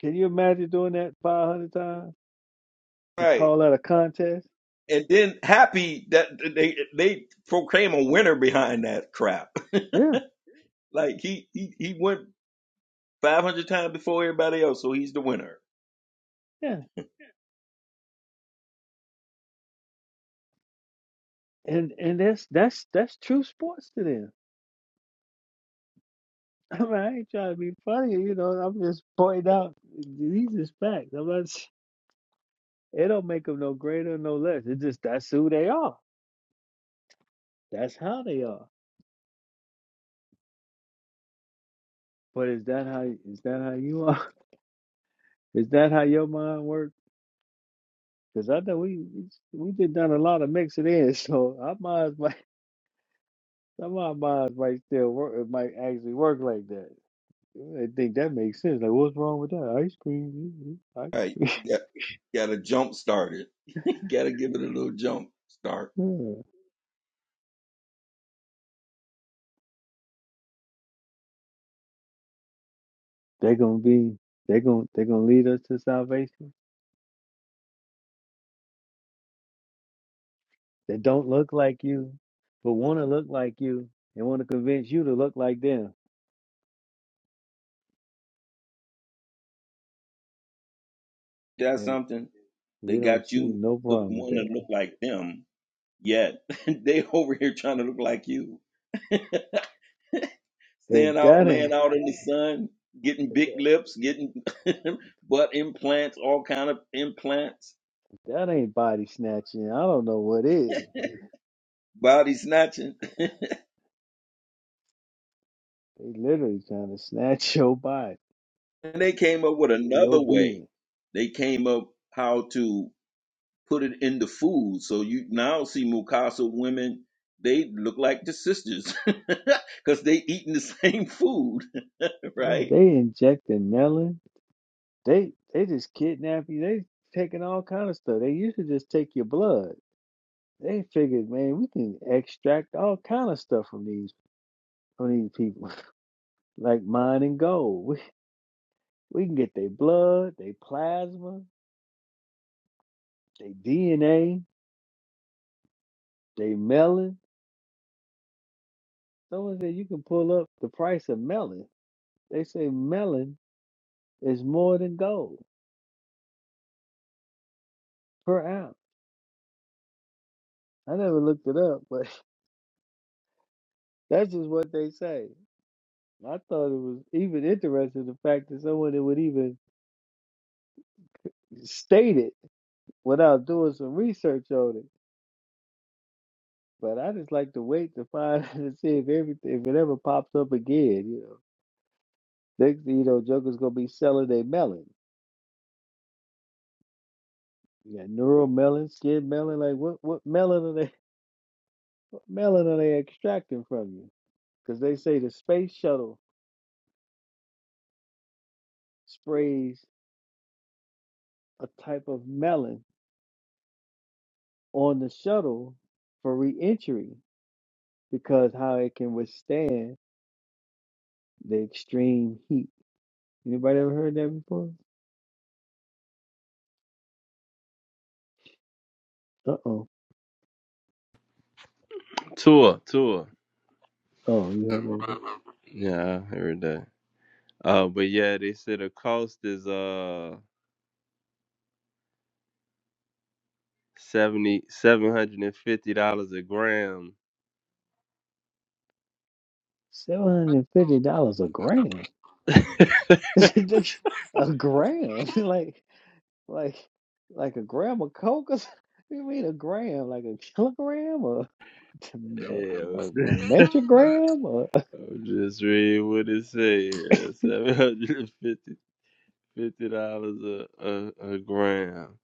Speaker 6: Can you imagine doing that 500 times and
Speaker 2: Right.
Speaker 6: call that a contest?
Speaker 2: And then happy that they they proclaim a winner behind that crap.
Speaker 6: Yeah.
Speaker 2: Like he he, he went five hundred times before everybody else, so he's the winner.
Speaker 6: Yeah. And and that's that's that's true sports to them I mean, I ain't trying to be funny, you know. I'm just pointing out these is facts. I'm not. s- It don't make them no greater, no less. It's just that's who they are. That's how they are. But is that how is that how you are? Is that how your mind works? Because I know we we did done a lot of mixing in, so our minds might some of our minds might still work. It might actually work like that. I think that makes sense. Like, what's wrong with that? Ice cream, mm, mm, ice
Speaker 2: Right.
Speaker 6: cream.
Speaker 2: Got gotta jump start it. gotta give it a little jump start.
Speaker 6: Yeah. They're gonna be. They're gonna. They're gonna lead us to salvation. that don't look like you, but want to look like you and want to convince you to look like them.
Speaker 2: That's
Speaker 6: And
Speaker 2: something. They
Speaker 6: we don't
Speaker 2: got
Speaker 6: see
Speaker 2: you
Speaker 6: no
Speaker 2: look
Speaker 6: problem with
Speaker 2: wanting
Speaker 6: that.
Speaker 2: to look like them, yet they over here trying to look like you.
Speaker 6: If
Speaker 2: Staying out,
Speaker 6: that
Speaker 2: laying
Speaker 6: ain't
Speaker 2: out in the sun, getting
Speaker 6: if
Speaker 2: big
Speaker 6: that,
Speaker 2: lips, getting butt implants, all kind of implants
Speaker 6: if that ain't body snatching, I don't know what is.
Speaker 2: body snatching.
Speaker 6: They literally trying to snatch your body,
Speaker 2: And they came up with another
Speaker 6: your
Speaker 2: way.
Speaker 6: being.
Speaker 2: They came up how to put it in the food. So you now see Mukasa women, they look like the sisters because they eating the same food,
Speaker 6: Yeah,
Speaker 2: right?
Speaker 6: they injecting melon. They they just kidnap you. They taking all kind of stuff. They used to just take your blood. They figured, man, we can extract all kind of stuff from these from these people, like mine and gold. We can get their blood, their plasma, their DNA, their melon. Someone said you can pull up the price of melon. They say melon is more than gold per ounce. I never looked it up, but that's just what they say. I thought it was even interesting the fact that someone that would even state it without doing some research on it. But I just like to wait to find to see if everything if it ever pops up again. You know, next thing you know, Joker's gonna be selling their melon. You got neuromelon, skin melon. Like what? What melon are they? What melon are they extracting from you? Because they say the space shuttle sprays a type of melon on the shuttle for reentry because how it can withstand the extreme heat. Anybody ever heard that before? Uh oh.
Speaker 5: Tour, tour.
Speaker 6: Oh, you heard that before?
Speaker 5: Yeah, I heard that. Uh, but yeah, they said the cost is uh seventy seven hundred and fifty dollars a gram.
Speaker 6: Seven hundred fifty dollars a gram. a gram. like. Like, like a gram of coke or something? What do You mean a gram? Like a kilogram or
Speaker 5: Yeah,
Speaker 6: a, a, a metrogram? Or,
Speaker 5: I'm just reading what it says. Seven hundred and fifty fifty dollars a, a a gram.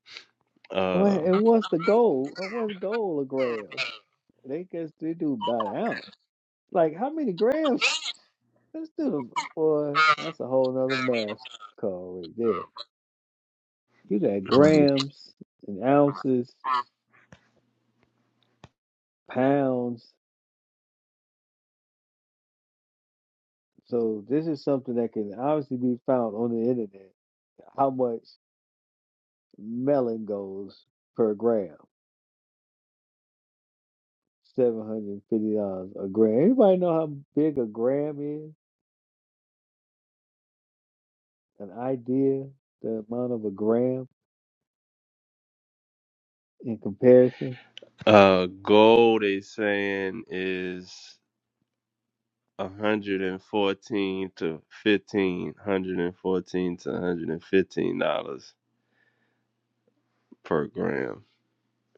Speaker 6: or,
Speaker 5: Uh,
Speaker 6: and what's the goal? Uh, What's goal a gram? They guess they do by the ounce. Like how many grams? Let's do them. boy. That's a whole nother math call right there. You got grams and ounces, pounds. So this is something that can obviously be found on the internet. How much melon goes per gram? Seven hundred and fifty dollars a gram. Anybody know how big a gram is? An idea, the amount of a gram in comparison.
Speaker 5: uh, gold. They saying is. 114 to 15 one hundred fourteen to 115 dollars per gram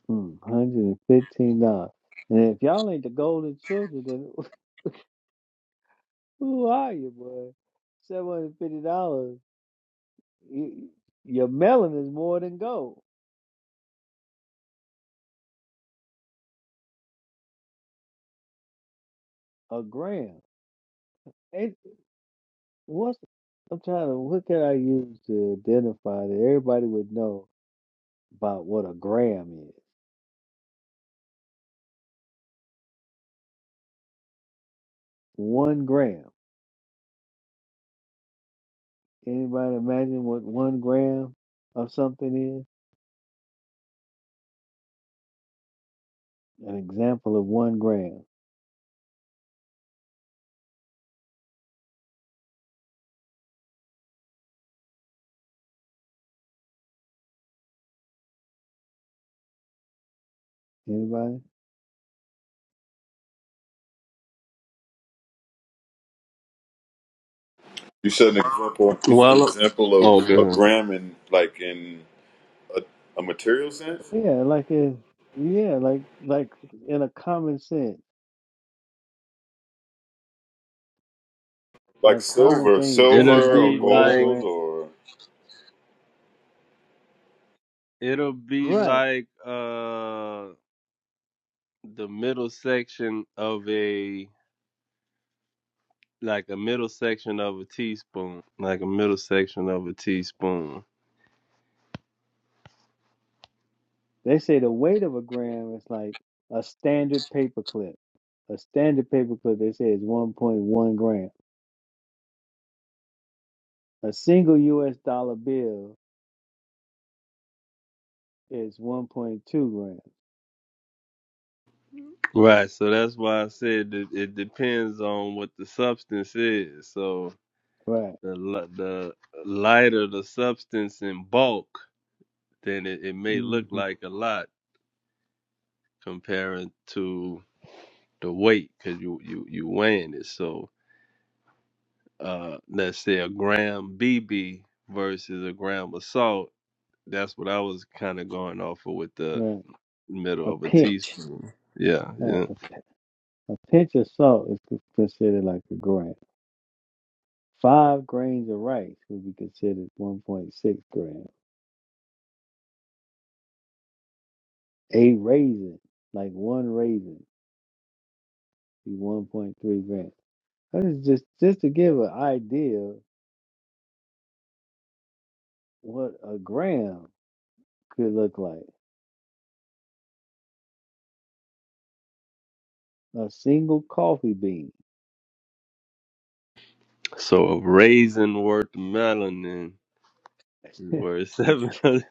Speaker 6: Mm, hundred and fifteen dollars. And if y'all ain't the golden children, then who are you, boy? Seven hundred fifty dollars. Your melon is more than gold. A gram. And what's I'm trying to what can I use to identify that everybody would know about what a gram is? One gram. Anybody imagine what one gram of something is? An example of one gram. Anybody?
Speaker 1: You said an example. You said an
Speaker 5: well
Speaker 1: example
Speaker 5: oh
Speaker 1: of a
Speaker 5: good
Speaker 1: gram in like in a, a material sense,
Speaker 6: Yeah, like it. Yeah, like like in a common sense,
Speaker 1: like
Speaker 6: like common
Speaker 1: silver,
Speaker 6: things, something
Speaker 5: it'll
Speaker 1: silver
Speaker 6: that
Speaker 1: or
Speaker 6: would
Speaker 5: be
Speaker 6: weigh a
Speaker 5: like
Speaker 1: gold
Speaker 6: gram.
Speaker 1: or.
Speaker 5: it'll be
Speaker 6: Right.
Speaker 5: like uh the middle section of a like a middle section of a teaspoon like a middle section of a teaspoon
Speaker 6: They say the weight of a gram is like a standard paperclip. A standard paperclip, they say, is 1.1 gram. A single U.S. dollar bill is 1.2 grams.
Speaker 5: right so that's why i said that it depends on what the substance is so
Speaker 6: Right.
Speaker 5: the li- the lighter the substance in bulk, then it, it may look
Speaker 6: hmm
Speaker 5: like a lot comparing to the weight because you you you weighing it. So uh, let's say a gram BB versus a gram of salt. That's what I was kind of going off of with the
Speaker 6: Right.
Speaker 5: middle
Speaker 6: A
Speaker 5: of a
Speaker 6: pinch.
Speaker 5: teaspoon. Yeah,
Speaker 6: Right.
Speaker 5: yeah.
Speaker 6: A pinch of salt is c- considered like a gram. Five grains of rice would be considered 1.6 grams. A raisin, like one raisin, be 1.3 grams. That is just just to give an idea what a gram could look like. A single coffee bean.
Speaker 5: So a raisin worth of melanin is worth seven hundred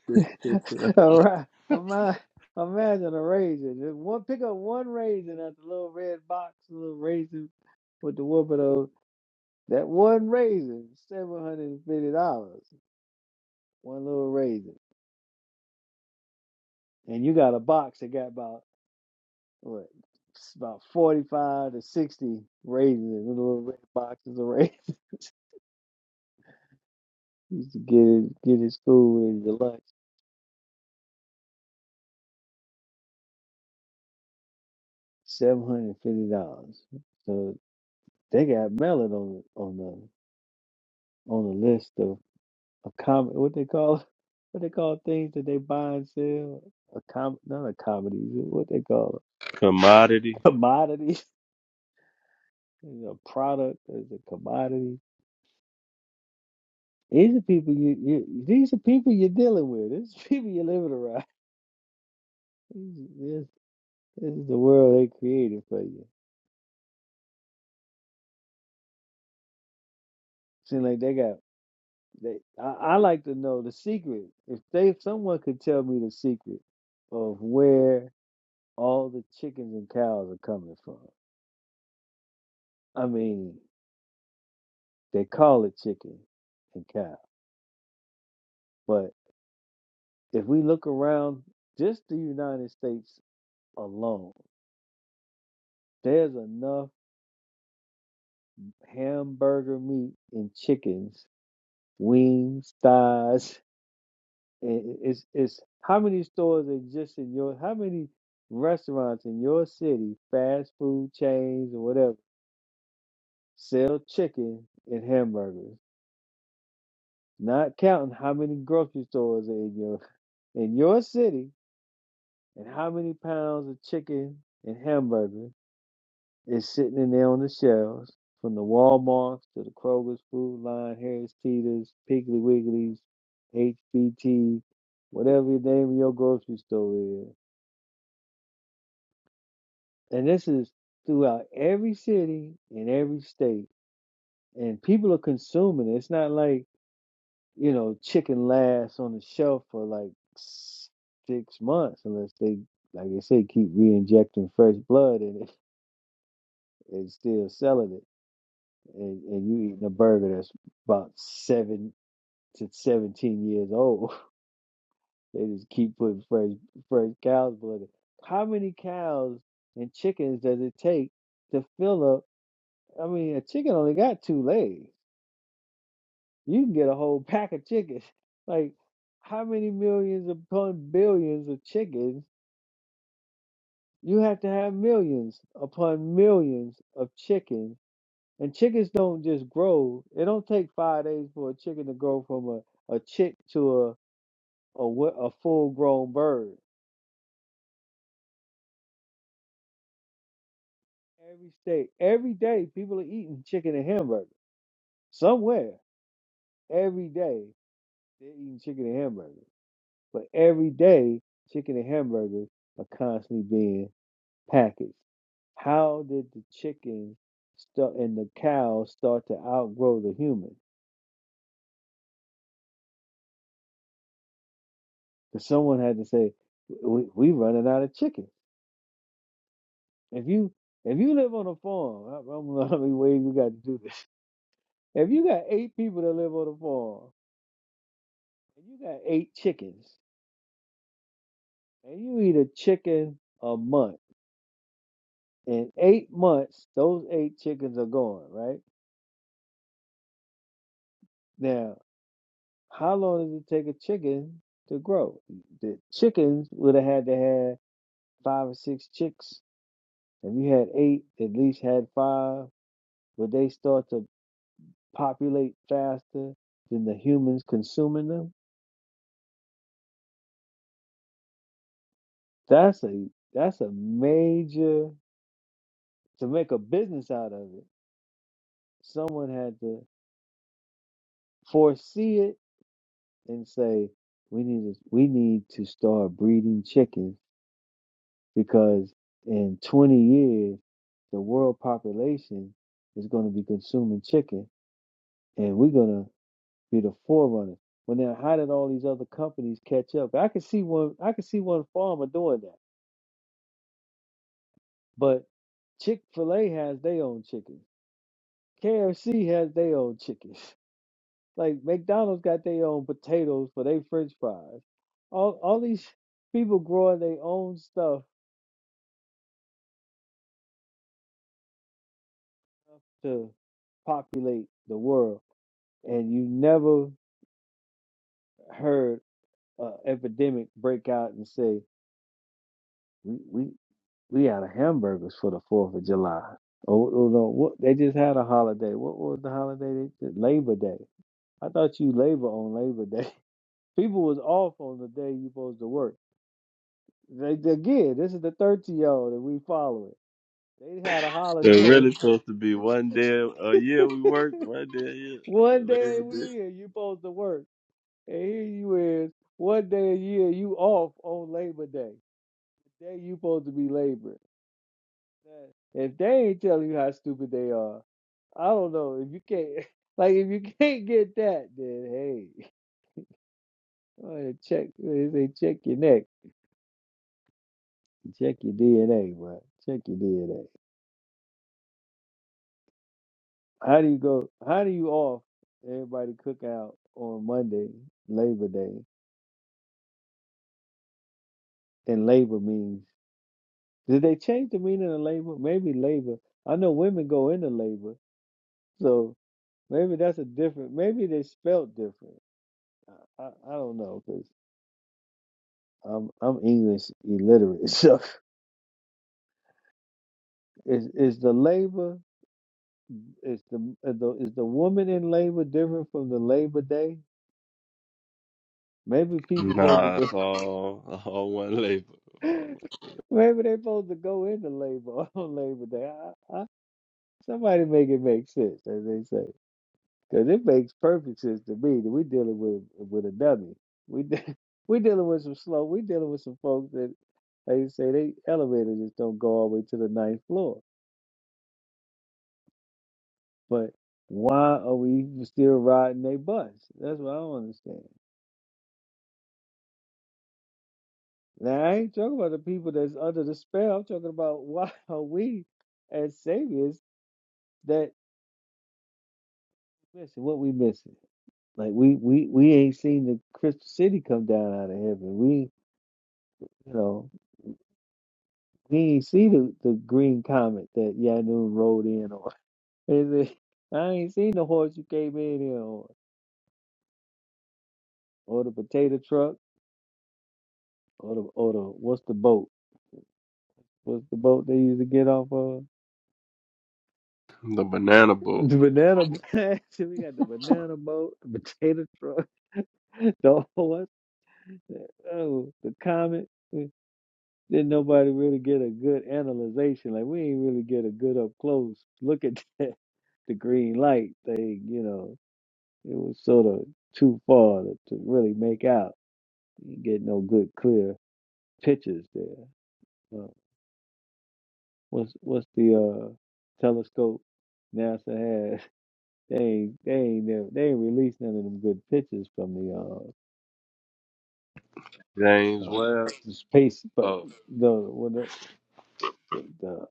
Speaker 6: All right. Ima- Imagine a raisin. Just One pick up one raisin at the little red box, little raisin with the whooping. of That one raisin, seven hundred and fifty dollars. One little raisin, and you got a box that got about what, about forty-five to sixty raisins little red boxes of raisins. You used to get it, get his school and your lunch, seven hundred and fifty dollars. So they got melon on on the on the list of accom what they call what they call things that they buy and sell. A com not a commodities, what they call it?
Speaker 5: commodity.
Speaker 6: commodities. Is it a product? Is it a commodity? These are people you, you these are people you're dealing with. These are people you're living around. This, this is the world they created for you. Seem like they got they I, I like to know the secret. If they someone could tell me the secret of where all the chickens and cows are coming from. I mean, they call it chicken and cow. But if we look around just the United States alone, there's enough hamburger meat and chickens, wings, thighs. And it's it's how many stores exist in your how many restaurants in your city, fast food chains or whatever, sell chicken and hamburgers. Not counting how many grocery stores are in your in your city and how many pounds of chicken and hamburger Is sitting in there on the shelves, from the Walmarts to the Kroger's, Food Line, Harris Teeter's, Piggly Wiggly's, HBT, whatever the name of your grocery store is. And this is throughout every city in every state. And people are consuming it. It's not like, you know, chicken lasts on the shelf for like s- six months unless they, like I say, keep re injecting fresh blood in it and still selling it and, and you eating a burger that's about seven to seventeen years old. They just keep putting fresh fresh cow's blood. in. How many cows and chickens does it take to fill up? I mean, a chicken only got two legs. You can get a whole pack of chickens. Like, how many millions upon billions of chickens? You have to have millions upon millions of chickens And chickens don't just grow. It don't take five days for a chicken to grow from a, a chick to a, a wo- a full grown bird. Every day, every day, people are eating chicken and hamburger somewhere. Every day they're eating chicken and hamburger, but every day chicken and hamburgers are constantly being packaged. How did the chicken start and the cow start to outgrow the human? Because someone had to say, we, "We running out of chicken." If you if you live on a farm, I, I don't know how many ways we got to do this. If you got eight people that live on a farm, and you got eight chickens, and you eat a chicken a month, in eight months, those eight chickens are gone, right? Now, how long does it take a chicken to grow? The chickens would have had to have five or six chicks. If you had eight, at least had five, would they start to populate faster than the humans consuming them? That's a that's a major to make a business out of it. Someone had to foresee it and say we need to we need to start breeding chickens because in 20 years the world population is going to be consuming chicken and we're going to be the forerunner. Well now how did all these other companies catch up? I could see one I could see one farmer doing that. But Chick-fil-A has their own chicken. KFC has their own chicken. Like McDonald's got their own potatoes for their French fries. All all these people growing their own stuff to populate the world, and you never heard an epidemic break out and say we we we out of hamburgers for the Fourth of July. Oh, oh no, what they just had a holiday. What was the holiday? They just, Labor Day. I thought you labor on Labor Day. People was off on the day you supposed to work. They, again, this is the 30 year old that we following. They had a
Speaker 5: They're
Speaker 6: holiday.
Speaker 5: really supposed to be one day a year we work, one day a year.
Speaker 6: one day
Speaker 5: Labor
Speaker 6: a
Speaker 5: Day.
Speaker 6: year you supposed to work. And here you is, one day a year you off on Labor Day. The day you supposed to be laboring. If they ain't telling you how stupid they are, I don't know. If you can't like if you can't get that, then hey, go check they check your neck. Check your DNA, bro. Check your DNA. How do you go how do you off everybody cook out on Monday, Labor Day? Than labor means. Did they change the meaning of labor? Maybe labor. I know women go into labor, so maybe that's a different. Maybe they spelt different. I, I, I don't know because I'm I'm English illiterate. So is is the labor is the, uh, the is the woman in labor different from the Labor Day? Maybe people supposed
Speaker 5: Nah, it's
Speaker 6: to
Speaker 5: all, all one labor.
Speaker 6: be.
Speaker 5: All-
Speaker 6: Maybe they supposed to go into labor on Labor Day. I, I, somebody make it make sense, as they say. Because it makes perfect sense to me that we're dealing with with a dummy. We de- we dealing with some slow. We dealing with some folks that, like you say, they elevators just don't go all the way to the ninth floor. But why are we still riding they bus? That's what I don't understand. Now I ain't talking about the people that's under the spell. I'm talking about why are we as saviors that missing what we missing? Like we we we ain't seen the crystal city come down out of heaven. We you know He ain't see the, the green comet that Yanun rode in on. Is it- I ain't seen the horse you came in here on, or the potato truck, or the or the what's the boat? What's the boat they used to get off of?
Speaker 5: The banana boat.
Speaker 6: The banana blast. we got the banana boat, the potato truck, the what's Oh, the comet. Didn't nobody really get a good analyzation. Like we ain't really get a good up close look at that, the green light thing, you know. It was sort of too far to, to really make out. You get no good, clear pictures there. Uh, what's what's the uh, telescope NASA has? They ain't they ain't never, they ain't released none of them good pictures from the uh,
Speaker 5: James
Speaker 6: uh,
Speaker 5: Webb.
Speaker 6: the space. But
Speaker 5: Oh,
Speaker 6: the what the, the, the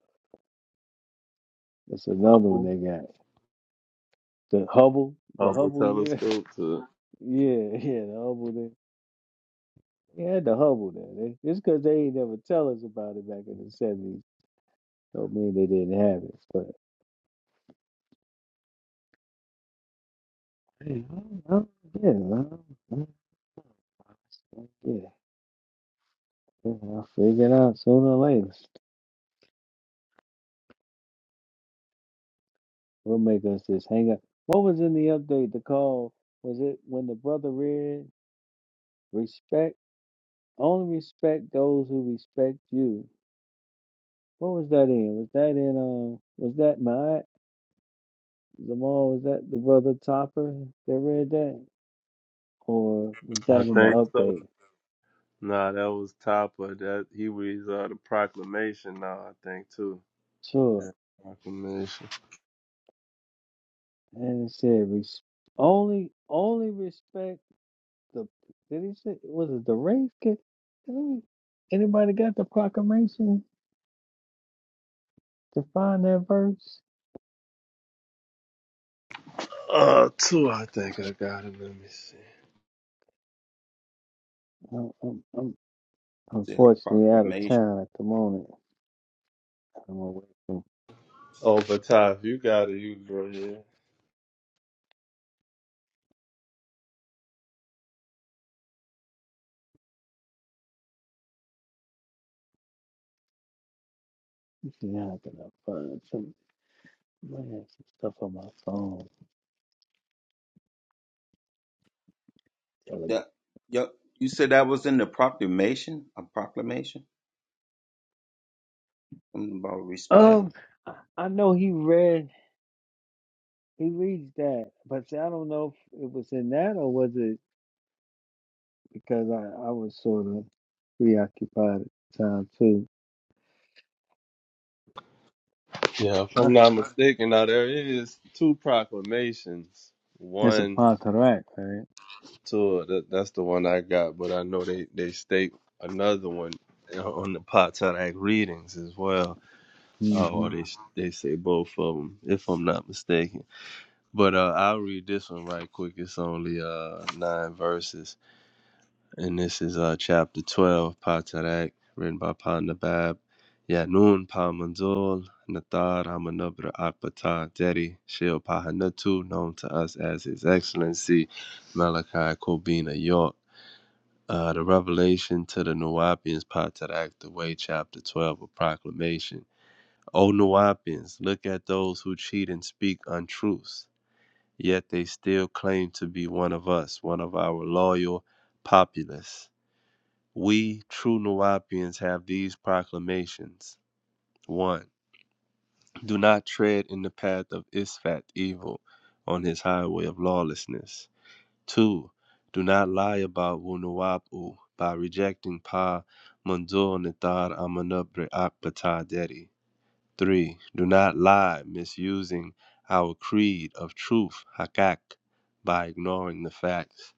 Speaker 6: that's another one
Speaker 5: Hubble.
Speaker 6: they got. The Hubble, the
Speaker 5: Hubble
Speaker 6: Hubble, yeah,
Speaker 5: telescope. To,
Speaker 6: yeah, yeah, the Hubble. They, they had the Hubble there. They, it's because they ain't never tell us about it back in the seventies. Don't mean they didn't have it, but. Hey, I don't know. Yeah, I don't know. yeah, yeah, I'll figure it out sooner or later. We'll make us just hang up. What was in the update? The call was it when the brother read respect? Only respect those who respect you. What was that in? Was that in? Um, was that my Zamal? Was that the brother Topper that read that, or was that
Speaker 5: I
Speaker 6: in the
Speaker 5: think so.
Speaker 6: update?
Speaker 5: Nah, that was top of that. He was uh, the proclamation now, I think, too.
Speaker 6: Sure.
Speaker 5: Yeah, proclamation.
Speaker 6: And it said res- only only respect. the did he say was it the race? Can, can we- anybody got the proclamation to find that verse?
Speaker 5: Uh, two, I think I got it. Let me see.
Speaker 6: I'm, I'm, I'm
Speaker 2: See, a
Speaker 6: unfortunately out of
Speaker 2: proclamation.
Speaker 6: town at the moment. I'm away from.
Speaker 5: Oh, but Ty, if you got it, you go ahead.
Speaker 6: Let's see how I can find some? I have some stuff on my phone. Telegram.
Speaker 2: That, yep. You said that was in the proclamation? A proclamation? Something about respect?
Speaker 6: Um, I I know he read. He reads that, but see, I don't know if it was in that or was it because I, I was sort of preoccupied at the time too.
Speaker 5: Yeah, if
Speaker 6: All
Speaker 5: I'm
Speaker 6: right.
Speaker 5: not mistaken, now there is two proclamations.
Speaker 6: It's a
Speaker 5: One,
Speaker 6: Pontarac, right?
Speaker 5: two. That, that's the one I got, but I know they they state another one uh, on the Potomac readings as well. Uh, or
Speaker 6: Mm-hmm.
Speaker 5: they they say both of them, if I'm not mistaken. But uh, I'll read this one right quick. It's only uh nine verses. and this is uh, chapter 12, Patarak, written by Pa Nabab. Yanun Pa Manzul, Nathar Hamanabra Akbata Deri, Shil Pahanatu, known to us as His Excellency Malachi Kobina York. Uh, the revelation to the Nuwapians, Patarak, the way, chapter 12, a proclamation. O Nuwapians, look at those who cheat and speak untruths, yet they still claim to be one of us, one of our loyal populace. We, true Nuwapians, have these proclamations. 1. Do not tread in the path of Isfat evil on his highway of lawlessness. 2. Do not lie about Wunuwapu by rejecting Pa Mundur Nitar Amanubre Akbata Dedi. 3. Do not lie misusing our creed of truth, Hakak, by ignoring the facts.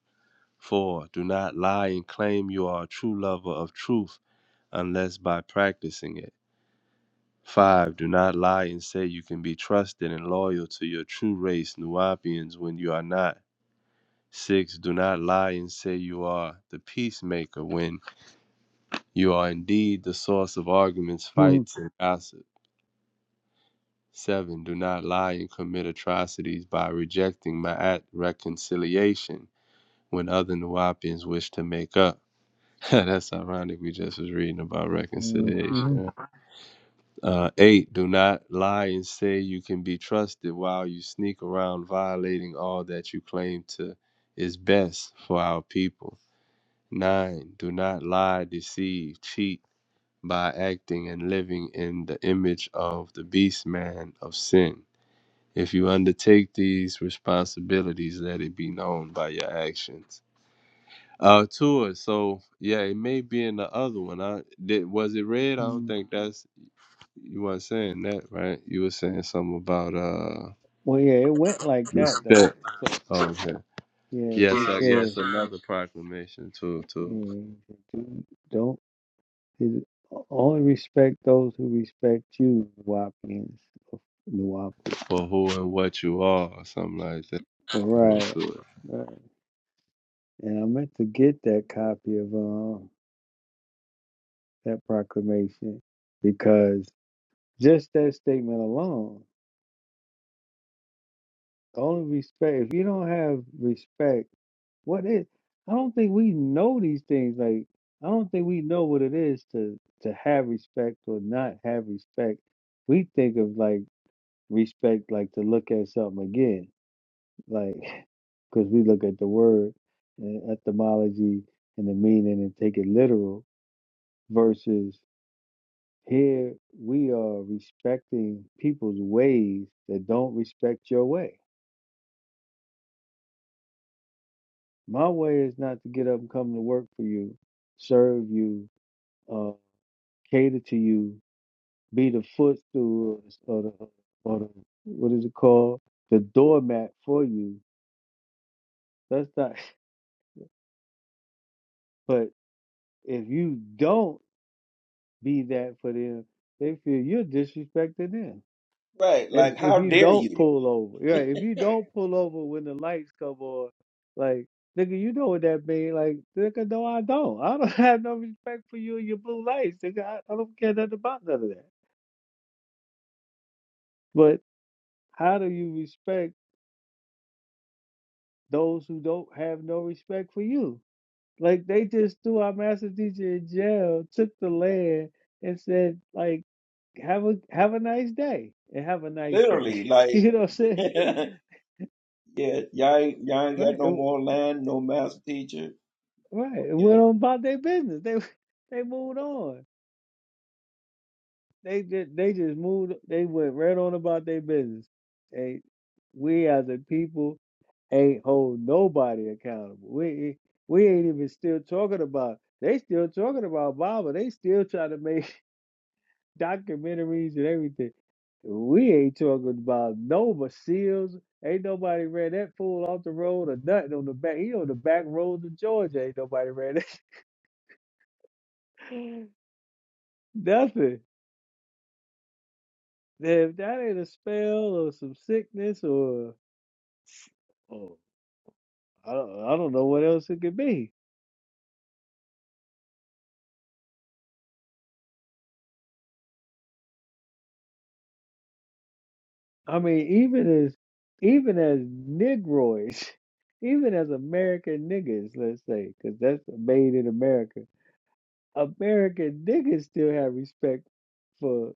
Speaker 5: 4. Do not lie and claim you are a true lover of truth unless by practicing it.
Speaker 6: Hmm.
Speaker 5: 5. Do not lie and say you can be trusted and loyal to your true race, Nuwapians, when you are not. 6. Do not lie and say you are the peacemaker when you are indeed the source of arguments, fights, and gossip. 7. Do not lie and commit atrocities by rejecting Ma'at reconciliation when other Nuwapians wish to make up. That's ironic. We just was reading about
Speaker 6: Hmm.
Speaker 5: reconciliation. Uh, eight, do not lie and say you can be trusted while you sneak around violating all that you claim to is best for our people. Nine, do not lie, deceive, cheat by acting and living in the image of the beast man of sin. If you undertake these responsibilities, let it be known by your actions. Uh, two. so yeah, it may be in the other one. I did was it read? I don't
Speaker 6: Hmm.
Speaker 5: think that's you weren't saying that, right? You were saying something about uh
Speaker 6: Well, yeah, it went like that though.
Speaker 5: respect.
Speaker 6: So
Speaker 5: Oh, okay.
Speaker 6: yes,
Speaker 5: Yes,
Speaker 6: he
Speaker 5: uh,
Speaker 6: says,
Speaker 5: yes, another proclamation to to
Speaker 6: eh, do, "Don't is- only respect those who respect you." Wapians, of Nuwapu.
Speaker 5: for who and what you are, or something like that.
Speaker 6: All
Speaker 5: To
Speaker 6: right,
Speaker 5: it.
Speaker 6: right. And I meant to get that copy of uh, that proclamation because just that statement alone. Only respect. If you don't have respect, what is? I don't think we know these things. Like I don't think we know what it is to to have respect or not have respect. We think of like respect like to look at something again, like because we look at the word and etymology and the meaning and take it literal. Versus here, we are respecting people's ways that don't respect your way My way is not to get up and come to work for you, serve you, uh, cater to you, be the footstool or the, or the what is it called, the doormat for you. That's not. But if you don't be that for them, they feel you're disrespecting them.
Speaker 2: Right.
Speaker 6: If
Speaker 2: Like,
Speaker 6: if
Speaker 2: how
Speaker 6: you
Speaker 2: dare
Speaker 6: don't
Speaker 2: you?
Speaker 6: pull over, yeah, if you don't pull over when the lights come on, like nigga, you know what that mean? Like nigga, no, I don't. I don't have no respect for you and your blue lights, nigga. I, I don't care nothing about none of that. But how do you respect those who don't have no respect for you? Like they just threw our master teacher in jail, took the land, and said like have a have a nice day and have a nice day.
Speaker 2: Literally, like,
Speaker 6: you know what I'm saying?
Speaker 2: yeah, y'all ain't, y'all ain't got no
Speaker 6: Right.
Speaker 2: more land, no master teacher.
Speaker 6: Right. It
Speaker 2: Okay.
Speaker 6: went on about their business. They they moved on. They just they just moved they went right on about their business. They we as a people ain't hold nobody accountable. We we ain't even still talking about they still talking about Bible. They still trying to make documentaries and everything. We ain't talking about Nova Seals. Ain't nobody ran that fool off the road or nothing on the back. He on the back roads of Georgia. Ain't nobody ran that nothing. If that ain't a spell or some sickness or, or I don't I don't know what else it could be. I mean, even as even as Negroids, even as American niggas, let's say, because that's made in America. American niggas still have respect for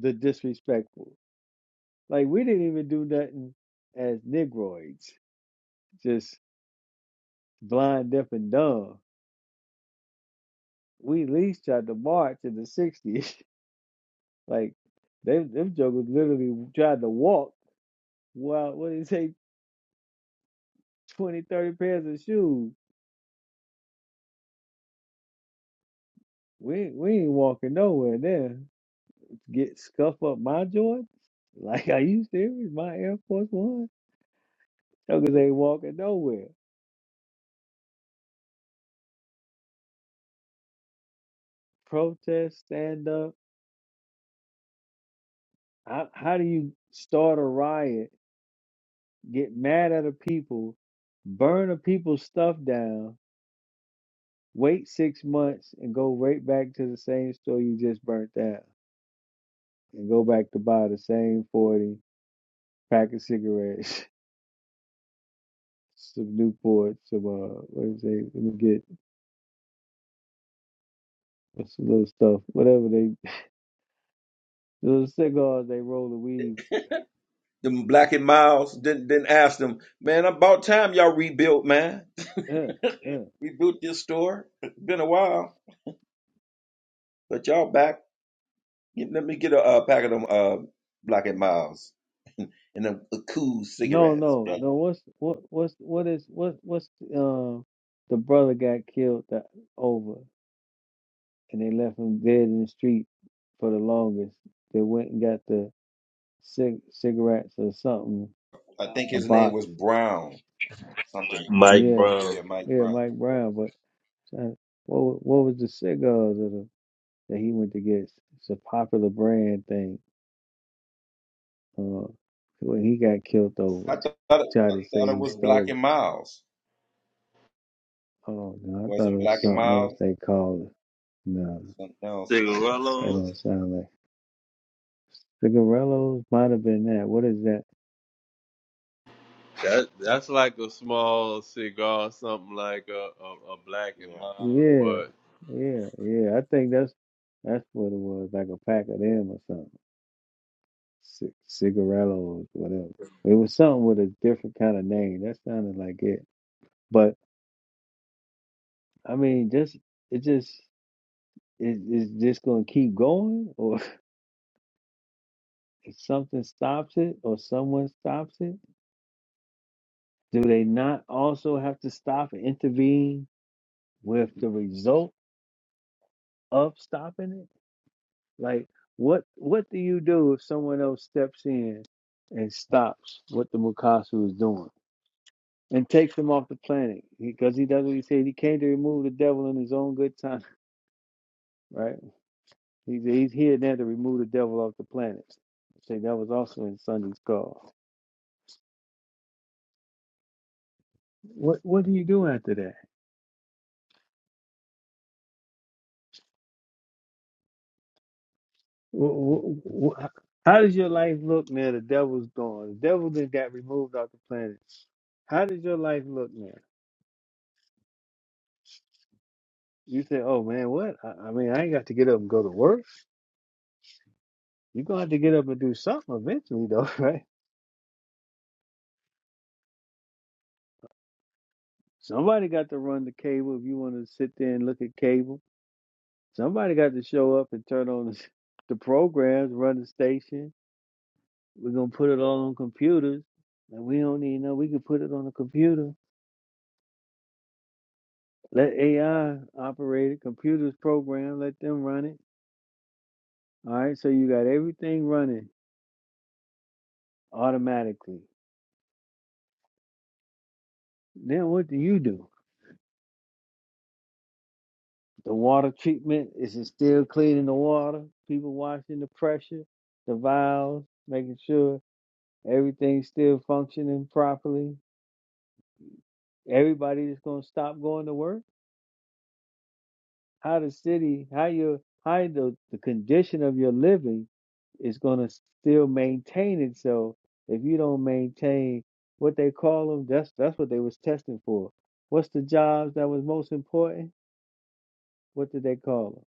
Speaker 6: the disrespectful. Like we didn't even do nothing as Negroids, just blind, deaf, and dumb. We at least tried to march in the '60s Like they them jokers literally tried to walk. Well, what do you say, 20, 30 pairs of shoes? We ain't- we ain't walking nowhere there. Get scuff up my Jordan? Like, are you serious? My Air Force One? Jokers ain't walking nowhere. Protest, stand up. How, how do you start a riot? Get mad at the people, burn the people's stuff down, wait six months, and go right back to the same store you just burnt down? and go back to buy the same 40 pack of cigarettes, some Newport, some, uh, what is it? Let me get some little stuff, whatever they, little cigars they roll the weed.
Speaker 2: Them Black and Miles didn't didn't ask them, man. About time y'all rebuilt, man.
Speaker 6: Uh, uh.
Speaker 2: Rebuilt this store. It's been a while, but y'all back. Let me get a uh, pack of them uh, Black and Miles and them cool
Speaker 6: No,
Speaker 2: cigarettes,
Speaker 6: no,
Speaker 2: brother.
Speaker 6: no. What's, what, what's, what is, what, what's, um, the brother got killed that, over and they left him dead in the street for the longest. They went and got the cig- cigarettes or something,
Speaker 2: I think
Speaker 6: a
Speaker 2: his name
Speaker 6: box.
Speaker 2: was Brown, something.
Speaker 5: Mike
Speaker 6: Yeah.
Speaker 5: Brown.
Speaker 2: Yeah, Mike
Speaker 6: Yeah,
Speaker 2: Brown.
Speaker 6: Mike Brown, but trying- What wa- what was the cigars that, uh, that he went to get? It's a popular brand thing. Uh, when he got killed
Speaker 2: I
Speaker 6: over,
Speaker 2: thought it, I
Speaker 6: tried to
Speaker 2: thought
Speaker 6: say
Speaker 2: it
Speaker 6: he
Speaker 2: was Black
Speaker 6: stole
Speaker 2: and
Speaker 6: them.
Speaker 2: Miles.
Speaker 6: Oh
Speaker 2: It
Speaker 6: no, I thought it
Speaker 2: wasn't
Speaker 6: was
Speaker 2: Black and
Speaker 6: something else
Speaker 2: Miles.
Speaker 6: they called it.
Speaker 2: It was
Speaker 6: No,
Speaker 2: something else.
Speaker 6: that
Speaker 5: Cigarillos.
Speaker 6: don't sound like cigarillos. Might have been that. What is that?
Speaker 5: That that's like a small cigar, something like a, a, a black and
Speaker 2: Yeah.
Speaker 5: mild,
Speaker 6: Yeah,
Speaker 5: but
Speaker 6: yeah, yeah. I think that's that's what it was, like a pack of them or something. C- cigarillos, whatever. It was something with a different kind of name. That sounded like it. but. I mean, just it just it is just gonna keep going, or if something stops it, or someone stops it. Do they not also have to stop and intervene with the result of stopping it? Like, what what do you do if someone else steps in and stops what the Mukasu is doing and takes him off the planet because he does what he said he came to remove the devil in his own good time, right? He's, he's here now to remove the devil off the planet. Say that was also in Sunday's call. What what do you do after that? Wh- wh- wh- How does your life look now? The devil's gone. The devil then got removed off the planet. How does your life look now? You say, "Oh man, what? I, I mean, I ain't got to get up and go to work. You're gonna have to get up and do something eventually, though, right? Somebody got to run the cable if you want to sit there and look at cable. Somebody got to show up and turn on the, the programs, run the station We're gonna put it all on computers. And we don't need no. We could put it on a computer. Let AI operate it. Computers program. Let them run it. All right. So you got everything running automatically. Then what do you do? The water treatment is it still cleaning the water? People watching the pressure, the valves, making sure everything's still functioning properly. Everybody's gonna stop going to work how the city, how your how the, the condition of your living is gonna still maintain itself if you don't maintain what they call them. That's that's what they was testing for. What's the jobs that was most important? What did they call them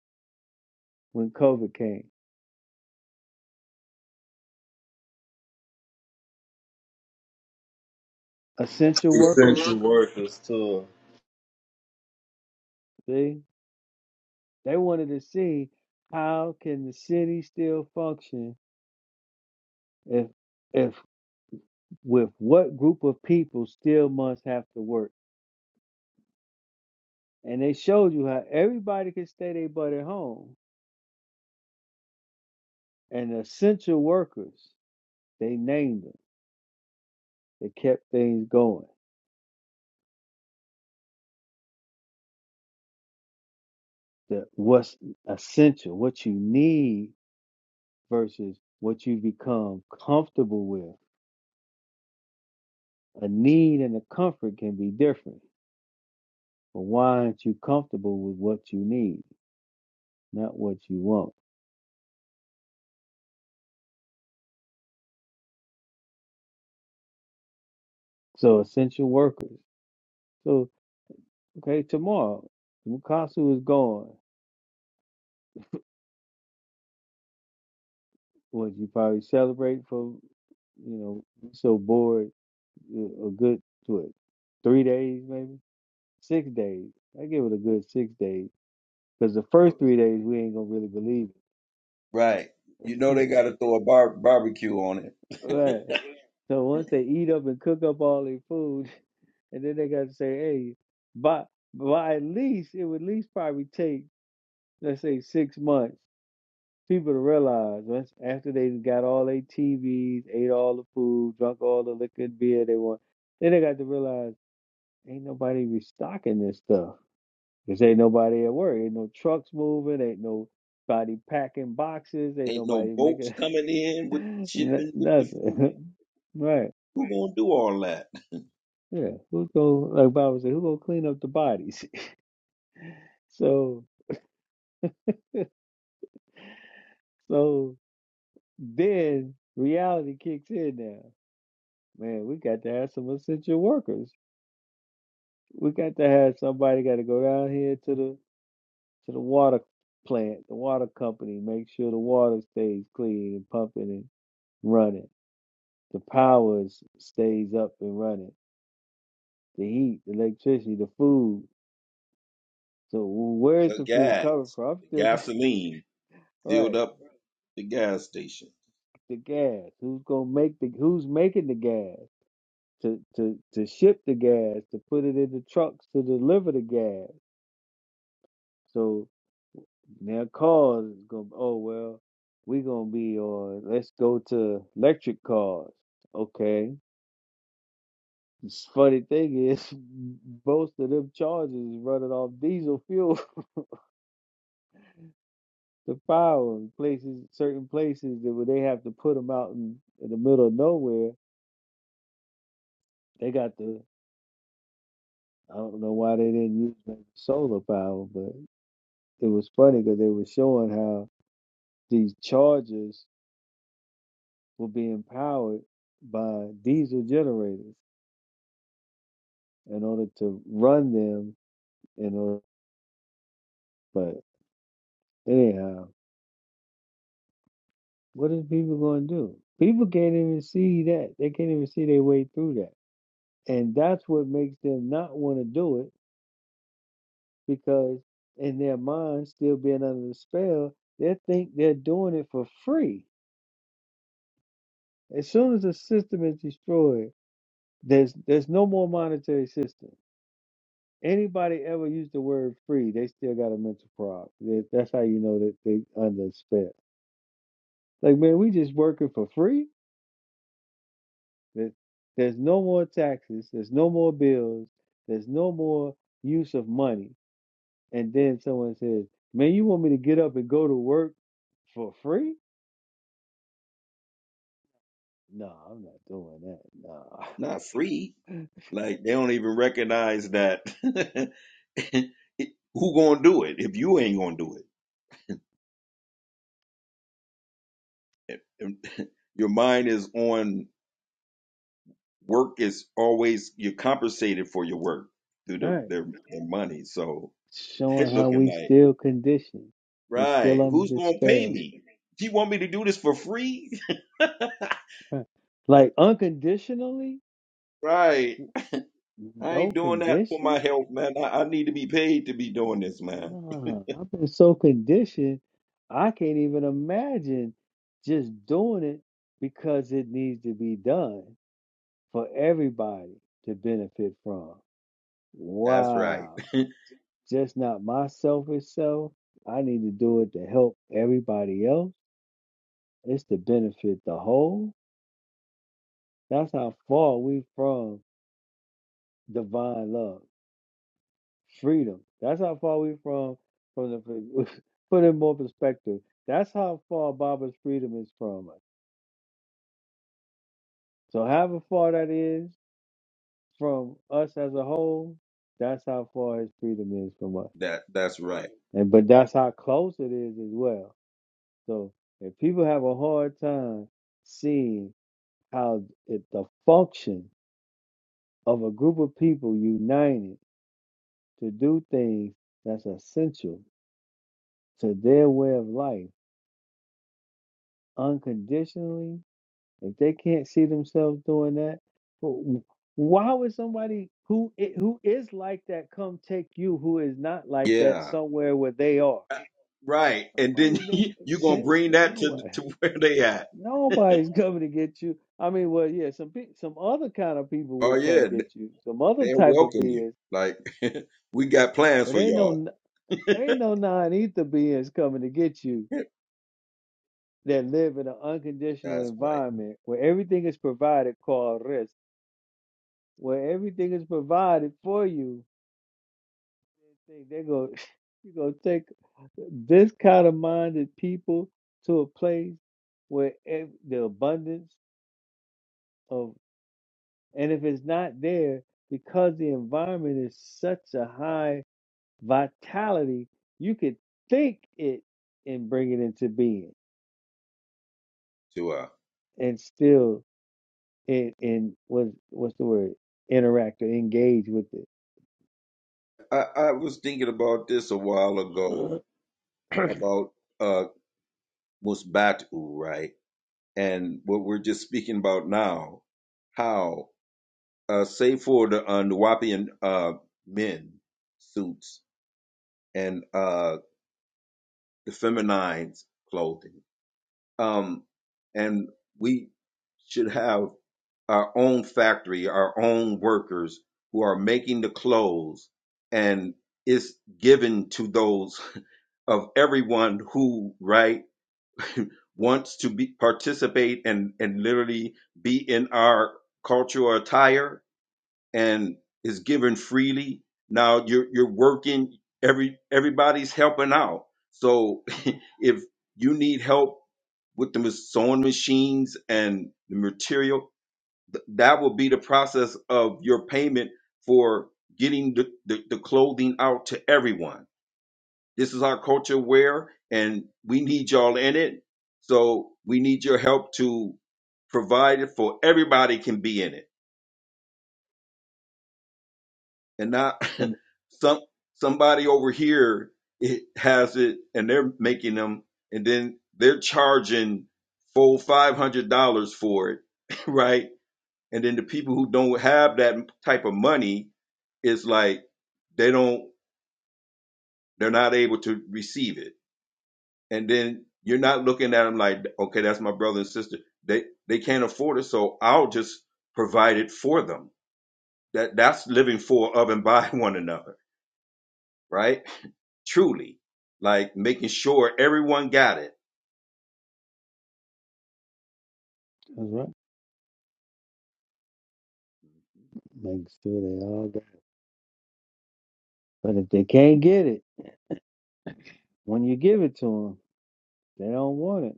Speaker 6: when COVID came? Essential workers.
Speaker 5: essential workers too.
Speaker 6: See, they wanted to see how can the city still function if if with what group of people still must have to work And they showed you how everybody could stay their butt at home. And the essential workers, they named them. They kept things going. The what's essential, what you need versus what you become comfortable with. A need and a comfort can be different. But why aren't you comfortable with what you need, not what you want? So essential workers. So okay, tomorrow Mukasu is gone. What you probably celebrate for you know, so bored a a good what three days maybe six days. I give it a good six days because the first three days we ain't gonna really believe
Speaker 2: Right. You know
Speaker 6: it.
Speaker 2: they got to throw a bar- barbecue on it.
Speaker 6: right. So once they eat up and cook up all their food, and then they got to say, hey, by by at least it would at least probably take let's say six months people to realize once after they got all their TVs, ate all the food, drunk all the liquor and beer they want, then they got to realize ain't nobody restocking this stuff. Cause ain't nobody at work. Ain't no trucks moving. Ain't nobody packing boxes. Ain't
Speaker 2: Ain't no
Speaker 6: nobody
Speaker 2: boats
Speaker 6: making
Speaker 2: coming in with
Speaker 6: n-
Speaker 2: shipping with the food.
Speaker 6: nothing. right?
Speaker 2: Who gonna do all that?
Speaker 6: Yeah. Who go like Bible said? Who gonna clean up the bodies? so so then reality kicks in now. Man, we got to have some essential workers. We got to have somebody got to go down here to the to the water plant, the water company, make sure the water stays clean and pumping and running the powers stays up and running. The heat, the electricity, the food. So where's
Speaker 2: The
Speaker 6: the food coming
Speaker 2: gas,
Speaker 6: from? I'm
Speaker 2: the
Speaker 6: still trying-
Speaker 2: gasoline filled
Speaker 6: right.
Speaker 2: up the gas station.
Speaker 6: The gas. Who's gonna make the? Who's making the gas to to to ship the gas to put it in the trucks to deliver the gas? So now cars is gonna. Oh well, we gonna be on. Let's go to electric cars. Okay. This funny thing is, most of them charges is running off diesel fuel. the power in places, certain places that where they have to put them out in, in the middle of nowhere. They got the I don't know why they didn't use maybe solar power, but it was funny because they were showing how these chargers were being powered by diesel generators in order to run them. In order, but anyhow, what are people going to do? People can't even see that. They can't even see their way through that, and that's what makes them not want to do it because in their mind, still being under the spell, they think they're doing it for free. As soon as the system is destroyed, there's there's no more monetary system. Anybody ever used the word free, they still got a mental problem. That- That's how you know that they under the spell. Like man, we just working for free. There- There's no more taxes. There's no more bills. There's no more use of money. And then someone says, "Man, you want me to get up and go to work for free?" No, I'm not doing that. No.
Speaker 2: Not free. Like they don't even recognize that. It- Who gonna do it if you ain't gonna do it? And Your mind is on work. Is always you're compensated for your work through the
Speaker 6: Right.
Speaker 2: their, their money. So they're
Speaker 6: Showing how
Speaker 2: looking
Speaker 6: we
Speaker 2: like.
Speaker 6: still conditioned. We
Speaker 2: Right.
Speaker 6: still under
Speaker 2: Who's
Speaker 6: the
Speaker 2: gonna pay
Speaker 6: spell.
Speaker 2: me? You want me to do this for free?
Speaker 6: Right. Like unconditionally?
Speaker 2: Right.
Speaker 6: N-
Speaker 2: I
Speaker 6: No
Speaker 2: ain't doing that for my
Speaker 6: conditions?
Speaker 2: health, man. I, I need to be paid to be doing this, man.
Speaker 6: No. I've been so conditioned I can't even imagine just doing it because it needs to be done for everybody to benefit from.
Speaker 2: That's right.
Speaker 6: Wow. Just not my selfish self. I need to do it to help everybody else It's to benefit the whole. That's how far we from divine love, freedom. That's how far we from from the put in more perspective. That's how far Baba's freedom is from us. So however far that is from us as a whole, that's how far his freedom is from us.
Speaker 2: That that's right.
Speaker 6: And but that's how close it is as well. So if people have a hard time seeing how it, the function of a group of people united to do things that's essential to their way of life unconditionally, if they can't see themselves doing that, wh- why would somebody who i- who is like that come take you who is not like that
Speaker 2: Yeah.
Speaker 6: somewhere where they are?
Speaker 2: Right. And then
Speaker 6: Nobody that
Speaker 2: you
Speaker 6: makes
Speaker 2: gonna
Speaker 6: sense
Speaker 2: bring
Speaker 6: to
Speaker 2: that to
Speaker 6: nobody.
Speaker 2: to where they at.
Speaker 6: Nobody's coming to get you. I mean, well, yeah, some pe- some other kind of people
Speaker 2: Oh
Speaker 6: will come
Speaker 2: yeah,
Speaker 6: get you, some other
Speaker 2: they'll
Speaker 6: type of
Speaker 2: welcome you.
Speaker 6: beings,
Speaker 2: Like we got plans
Speaker 6: but
Speaker 2: for
Speaker 6: ain't no
Speaker 2: y'all.
Speaker 6: n- ain't no non ether beings coming to get you that live in an unconditional
Speaker 2: That's right.
Speaker 6: environment where everything is provided called rest, where everything is provided for you, think they're going you gonna take this kind of minded people to a place where ev- the abundance of and if it's not there because the environment is such a high vitality, you could think it and bring it into being
Speaker 2: To uh
Speaker 6: and still and and was what's the word interact or engage with it.
Speaker 2: I, I was thinking about this a while ago about uh Musbatu, right? and what we're just speaking about now, how uh, save for the uh, Nuwapian uh, men suits and uh, the feminine clothing, um, and we should have our own factory, our own workers who are making the clothes, and it's given to those of everyone who right wants to be participate and and literally be in our cultural attire and is given freely now you're you're working every everybody's helping out so if you need help with the ma- sewing machines and the material th- that will be the process of your payment for getting the, the, the clothing out to everyone this is our culture where, and we need y'all in it. So we need your help to provide it for everybody can be in it, and not
Speaker 6: But
Speaker 2: some somebody over here it has it and they're making them, and then they're charging full five hundred dollars for it, right? And then the people who don't have that type of money, it's like they don't, they're not able to receive it and then you're not looking at them like, okay, that's my brother and sister. They they can't afford it, so I'll just provide it for them. That that's living for of and by one another, right? Truly, like making sure everyone got it,
Speaker 6: that's right, make sure they all got. It. But if they can't get it when you give it to them, they don't want it.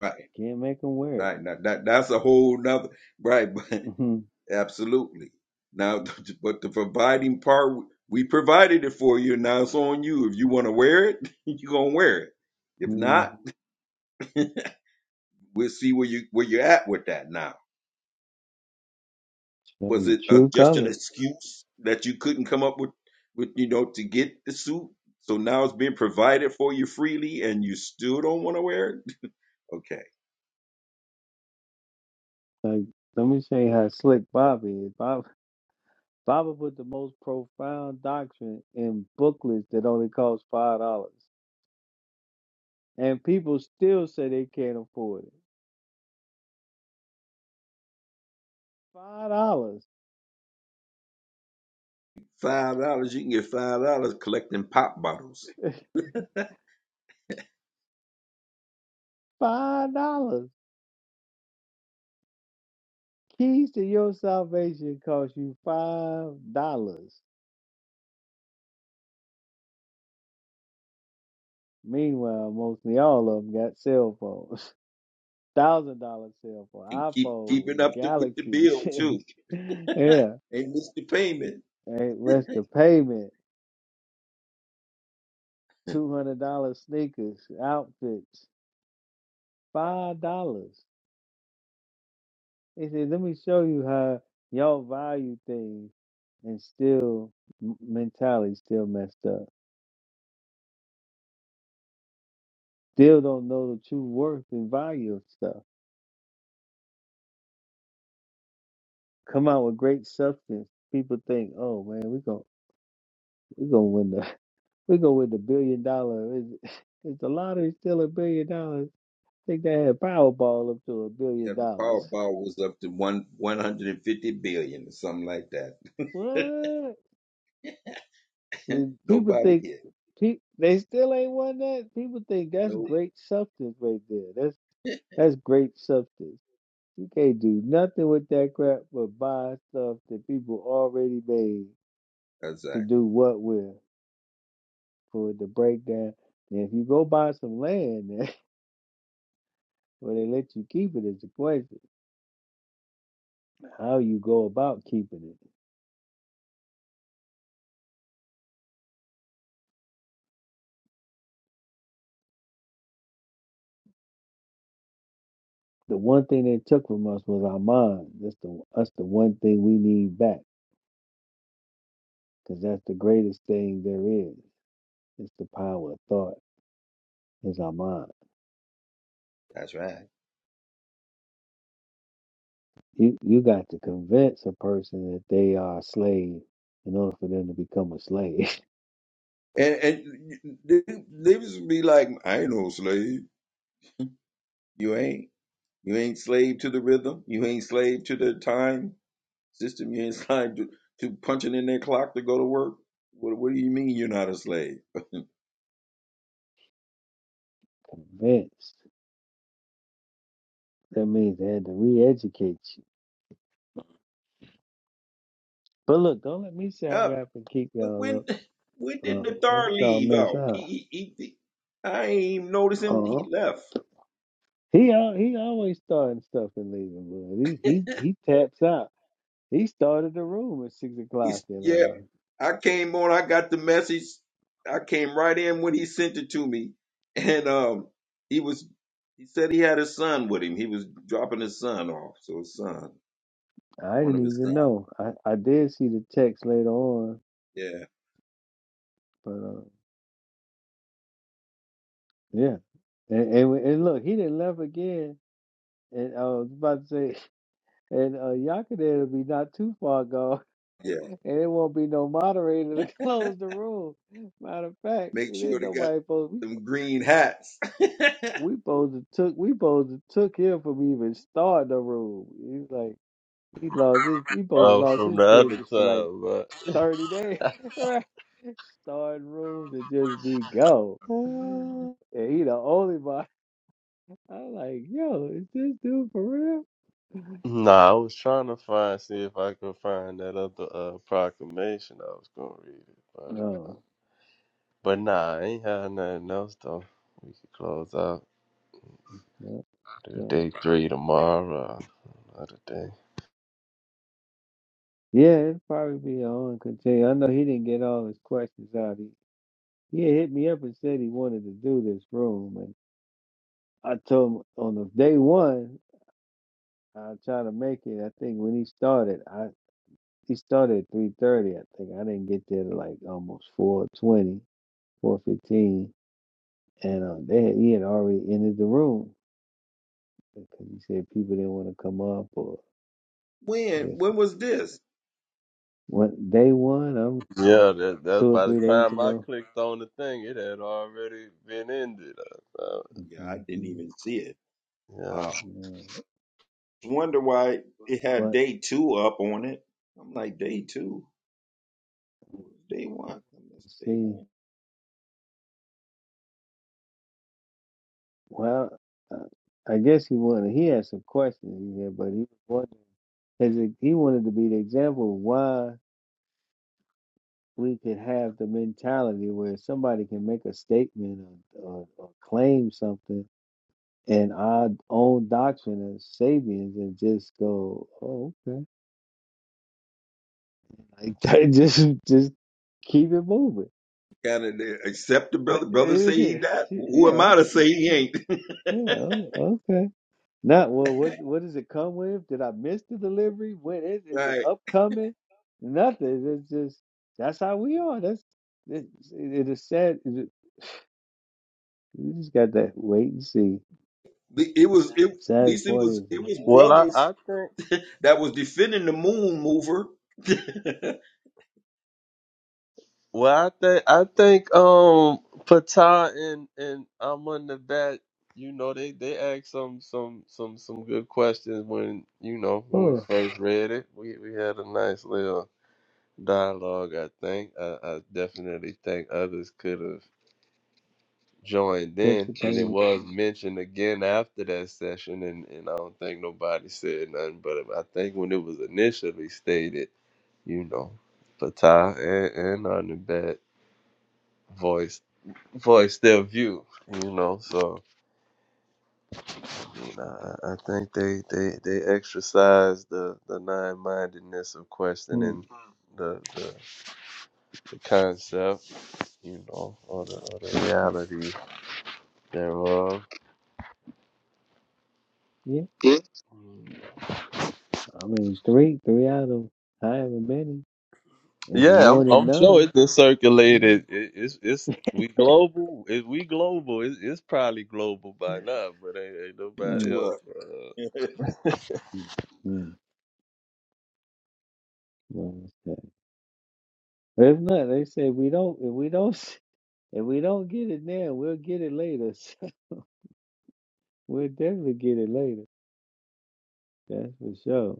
Speaker 2: right?
Speaker 6: You can't make them wear it.
Speaker 2: Right. Now, that that's a whole nother, right?
Speaker 6: Mhm.
Speaker 2: But absolutely. Now, but the providing part, we provided it for you. Now it's on you. If you want to wear it, you're gonna wear it. If not,
Speaker 6: Mhm.
Speaker 2: we'll see where you where you're at with that now
Speaker 6: Show
Speaker 2: Was
Speaker 6: your
Speaker 2: it uh,
Speaker 6: true
Speaker 2: just an
Speaker 6: colors.
Speaker 2: excuse that you couldn't come up with, with you know, to get the suit? So now it's being provided for you freely, and you still don't want to wear it. Okay,
Speaker 6: Like let me show you how slick Bobby is. Bob Baba put the most profound doctrine in booklets that only cost five dollars, and people still say they can't afford it. Five dollars.
Speaker 2: five dollars. You can get five dollars collecting pop bottles
Speaker 6: Five dollars. Keys to your salvation cost you five dollars. Meanwhile, mostly all of them got cell phones, thousand dollar cell phone,
Speaker 2: and keep keeping
Speaker 6: iPhones,
Speaker 2: up to, with the
Speaker 6: Galaxies.
Speaker 2: bill too,
Speaker 6: yeah,
Speaker 2: and miss the payment.
Speaker 6: and what's the payment? Two hundred dollar sneakers, outfits, five dollars. He said, "Let me show you how y'all value things, and still m- mentality still messed up. Still don't know the true worth and value of stuff." come out with great substance, people think, "Oh man, we going we gonna win the we gonna win the billion dollar." Is, is the lottery still a billion dollars? I think they had Powerball up to a
Speaker 2: Yeah,
Speaker 6: billion
Speaker 2: the
Speaker 6: dollars.
Speaker 2: Powerball was up to one one hundred and fifty billion or something like that.
Speaker 6: What? And people
Speaker 2: Nobody
Speaker 6: think
Speaker 2: hit.
Speaker 6: pe- they still ain't won that. People think that's
Speaker 2: No,
Speaker 6: great substance right there. That's that's great substance. You can't do nothing with that crap but buy stuff that people already made
Speaker 2: that's
Speaker 6: to
Speaker 2: right.
Speaker 6: do what with. for the breakdown. Now, if you go buy some land, where they let you keep it is the question. How you go about keeping it? The one thing they took from us was our mind. That's the that's the one thing we need back, because that's the greatest thing there is. It's the power of thought. Is our mind.
Speaker 2: That's right.
Speaker 6: You you got to convince a person that they are a slave in order for them to become a slave.
Speaker 2: And and they, they was be like, I ain't no slave. You ain't. You ain't slave to the rhythm. You ain't slave to the time system. You ain't slave to, to punching in their clock to go to work. What, what do you mean you're not a slave?
Speaker 6: convinced. That means they had to re-educate you. But look, don't let me sat
Speaker 2: Uh,
Speaker 6: rap and keep
Speaker 2: when
Speaker 6: y'all up.
Speaker 2: when when did
Speaker 6: uh What
Speaker 2: Nathar
Speaker 6: y'all
Speaker 2: leave
Speaker 6: miss
Speaker 2: out?
Speaker 6: out?
Speaker 2: He, he, he I ain't even notice him.
Speaker 6: uh
Speaker 2: He left.
Speaker 6: He al- he always starting stuff and leaving, but he he he taps out. He started the room at six o'clock,
Speaker 2: He's
Speaker 6: and
Speaker 2: yeah. I came on. I got the message. I came right in when he sent it to me, and um, he was. He said he had his son with him. He was dropping his son off. So his son,
Speaker 6: uh, I
Speaker 2: one of
Speaker 6: didn't
Speaker 2: his
Speaker 6: even
Speaker 2: sons.
Speaker 6: know. I I did see the text later on,
Speaker 2: Yeah,
Speaker 6: but uh, yeah. And, and we- and look, he didn't left again. And I was about to say, and uh, Yakadin will be not too far gone,
Speaker 2: yeah.
Speaker 6: and it won't be no moderator to close the room. Matter of fact,
Speaker 2: Make
Speaker 6: it
Speaker 2: sure
Speaker 6: ain't
Speaker 2: they got
Speaker 6: nobody supposed.
Speaker 2: them green hats.
Speaker 6: we supposed to took we supposed to took him from even starting the room. He's like he lost his he supposed to
Speaker 5: Uh,
Speaker 6: lost
Speaker 5: from
Speaker 6: his
Speaker 5: the other
Speaker 6: privileges for like
Speaker 5: time,
Speaker 6: thirty days,
Speaker 5: but
Speaker 6: right? Starting rooms and just be go. And he the only one. I'm like, yo, is this dude for real?
Speaker 5: Nah, I was trying to find see if I could find that other uh, proclamation I was gonna read it, but uh,
Speaker 6: No,
Speaker 5: but nah, I ain't had nothing else though. We could close out
Speaker 6: no,
Speaker 5: do
Speaker 6: no.
Speaker 5: day three tomorrow, uh, another day.
Speaker 6: Yeah, it'd probably be on continue. I know he didn't get all his questions out. He he had hit me up and said he wanted to do this room, and I told him on the day one. I'll try to make it. I think when he started, I he started at three thirty. I think I didn't get there to like almost four twenty, four fifteen, and um, they had, he had already entered the room because he said people didn't want to come up, or I
Speaker 2: when?
Speaker 6: guess
Speaker 2: When was this?
Speaker 6: one day one, I'm I don't
Speaker 5: Yeah,
Speaker 6: know,
Speaker 5: that that's
Speaker 6: two or
Speaker 5: by the
Speaker 6: three days
Speaker 5: time I
Speaker 6: ago.
Speaker 5: clicked on the thing, it had already been ended. Uh, so,
Speaker 2: Yeah, I didn't
Speaker 6: hmm
Speaker 2: even see it.
Speaker 5: yeah.
Speaker 2: Wow.
Speaker 6: Yeah.
Speaker 2: Wonder why it had
Speaker 6: But
Speaker 2: day two up on it. I'm like, day two? Day one? I missed day
Speaker 6: see,
Speaker 2: one.
Speaker 6: well, uh, I guess he wanted. He had some questions in here, but he was wondering. Has it, he wanted to be the example of why. we could have the mentality where somebody can make a statement or, or, or claim something in our own doctrine as Sabians and just go, oh, okay. Like, just, just keep it moving.
Speaker 2: Gotta uh, accept the
Speaker 6: yeah.
Speaker 2: brother. Brother say he
Speaker 6: okay.
Speaker 2: died. Who am
Speaker 6: Yeah.
Speaker 2: I to say he ain't?
Speaker 6: yeah, Okay. Not well. What What does it come with? Did I miss the delivery? When is is it
Speaker 2: right.
Speaker 6: upcoming? Nothing. It's just that's how we are. That's it. It is sad. It, you just got to wait and see.
Speaker 2: It was, it, at
Speaker 6: Savage
Speaker 2: least it was,
Speaker 6: parties
Speaker 2: it was
Speaker 5: Well, I
Speaker 2: brothers
Speaker 5: I think.
Speaker 2: that was defending the moon mover. to
Speaker 5: Well, I think I think um Pata and and I'm on the bat. You know, they they asked some some some some good questions when you know when we
Speaker 6: oh,
Speaker 5: first read it. We we had a nice little dialogue. I think I, I definitely think others could have joined in, and it
Speaker 6: participated.
Speaker 5: was mentioned again after that session. And and I don't think nobody said nothing. But I think when it was initially stated, you know, Pata and and on the bat voice voice their view you know so you know, I, I think they they they exercise the the nine-mindedness of
Speaker 6: Hmm.
Speaker 5: questioning the the, the concept you know or the, or the reality thereof
Speaker 6: Yeah, I mean three, three out of however many is
Speaker 5: yeah
Speaker 6: more
Speaker 5: i'm,
Speaker 6: than
Speaker 5: I'm sure
Speaker 6: none.
Speaker 5: it's been
Speaker 6: Mm.
Speaker 5: circulated it, it's it's we global if we global it's, it's probably global by now but ain't, ain't nobody
Speaker 6: Mm.
Speaker 5: else
Speaker 2: a,
Speaker 5: uh,
Speaker 2: a
Speaker 6: Mm. Mm. Well, okay. If not, they say we don't. If we don't, s- if we don't get it now, we'll get it later. So we'll definitely get it later. That's for sure.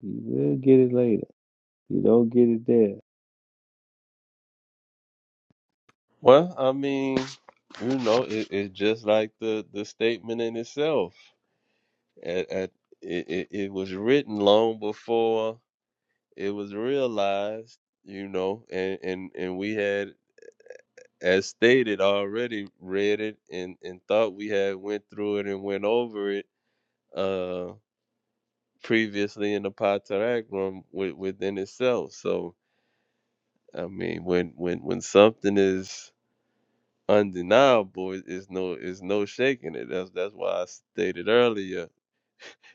Speaker 6: You will get it later. You don't get it there.
Speaker 5: well i mean you know it, it's just like the the statement in itself At, at, it, it, it was written long before it was realized, you know, and, and, and we had, as stated, already read it and, and thought we had went through it and went over it uh, previously in the Patarak room with, within itself. So, I mean, when, when, when something is undeniable, it- it's no, it's no shaking it. That's, that's why I stated earlier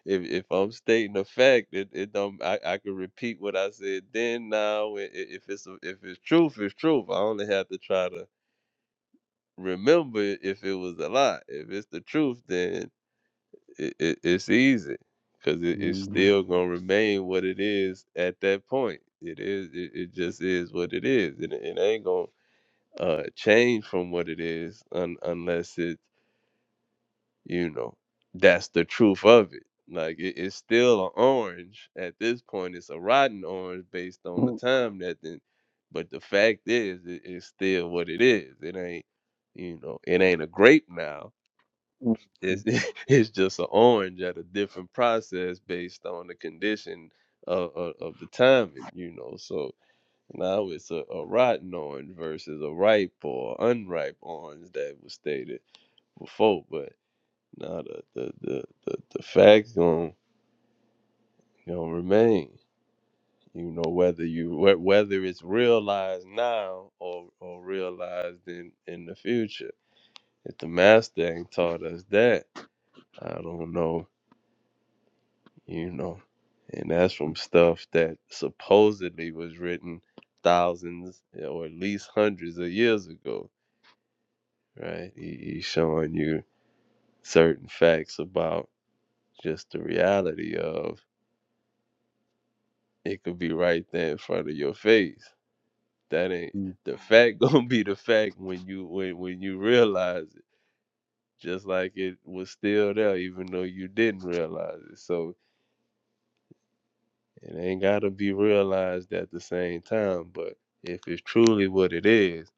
Speaker 5: if if I'm stating a fact, it it don't I, I can repeat what I said then now. i- i- If it's a, if it's truth, it's truth. I only have to try to remember if it was a lie. If it's the truth, then it, it, it's easy because it, it's
Speaker 6: hmm
Speaker 5: still gonna remain what it is at that point. It is it, it just is what it is, and it, it ain't gonna uh change from what it is un, unless it you know that's the truth of it like it, it's still an orange at this point it's a rotten orange based on the
Speaker 6: Mm,
Speaker 5: time that then but the fact is it, it's still what it is it ain't you know it ain't a grape now
Speaker 6: mm, mm,
Speaker 5: it's it's just an orange at a different process based on the condition of, of, of the timing you know so now it's a, a rotten orange versus a ripe or unripe orange that was stated before but now the the the the, the facts gonna gonna remain. You know whether you whe- whether it's realized now or or realized in in the future. If the master ain't taught us that, I don't know. You know, and that's from stuff that supposedly was written thousands or at least hundreds of years ago, right? He, he's showing you certain facts about just the reality of It could be right there in front of your face. That ain't
Speaker 6: mm.
Speaker 5: the fact gonna be the fact when you when when you realize it. Just like it was still there, even though you didn't realize it. So it ain't gotta be realized at the same time. But if it's truly what it is,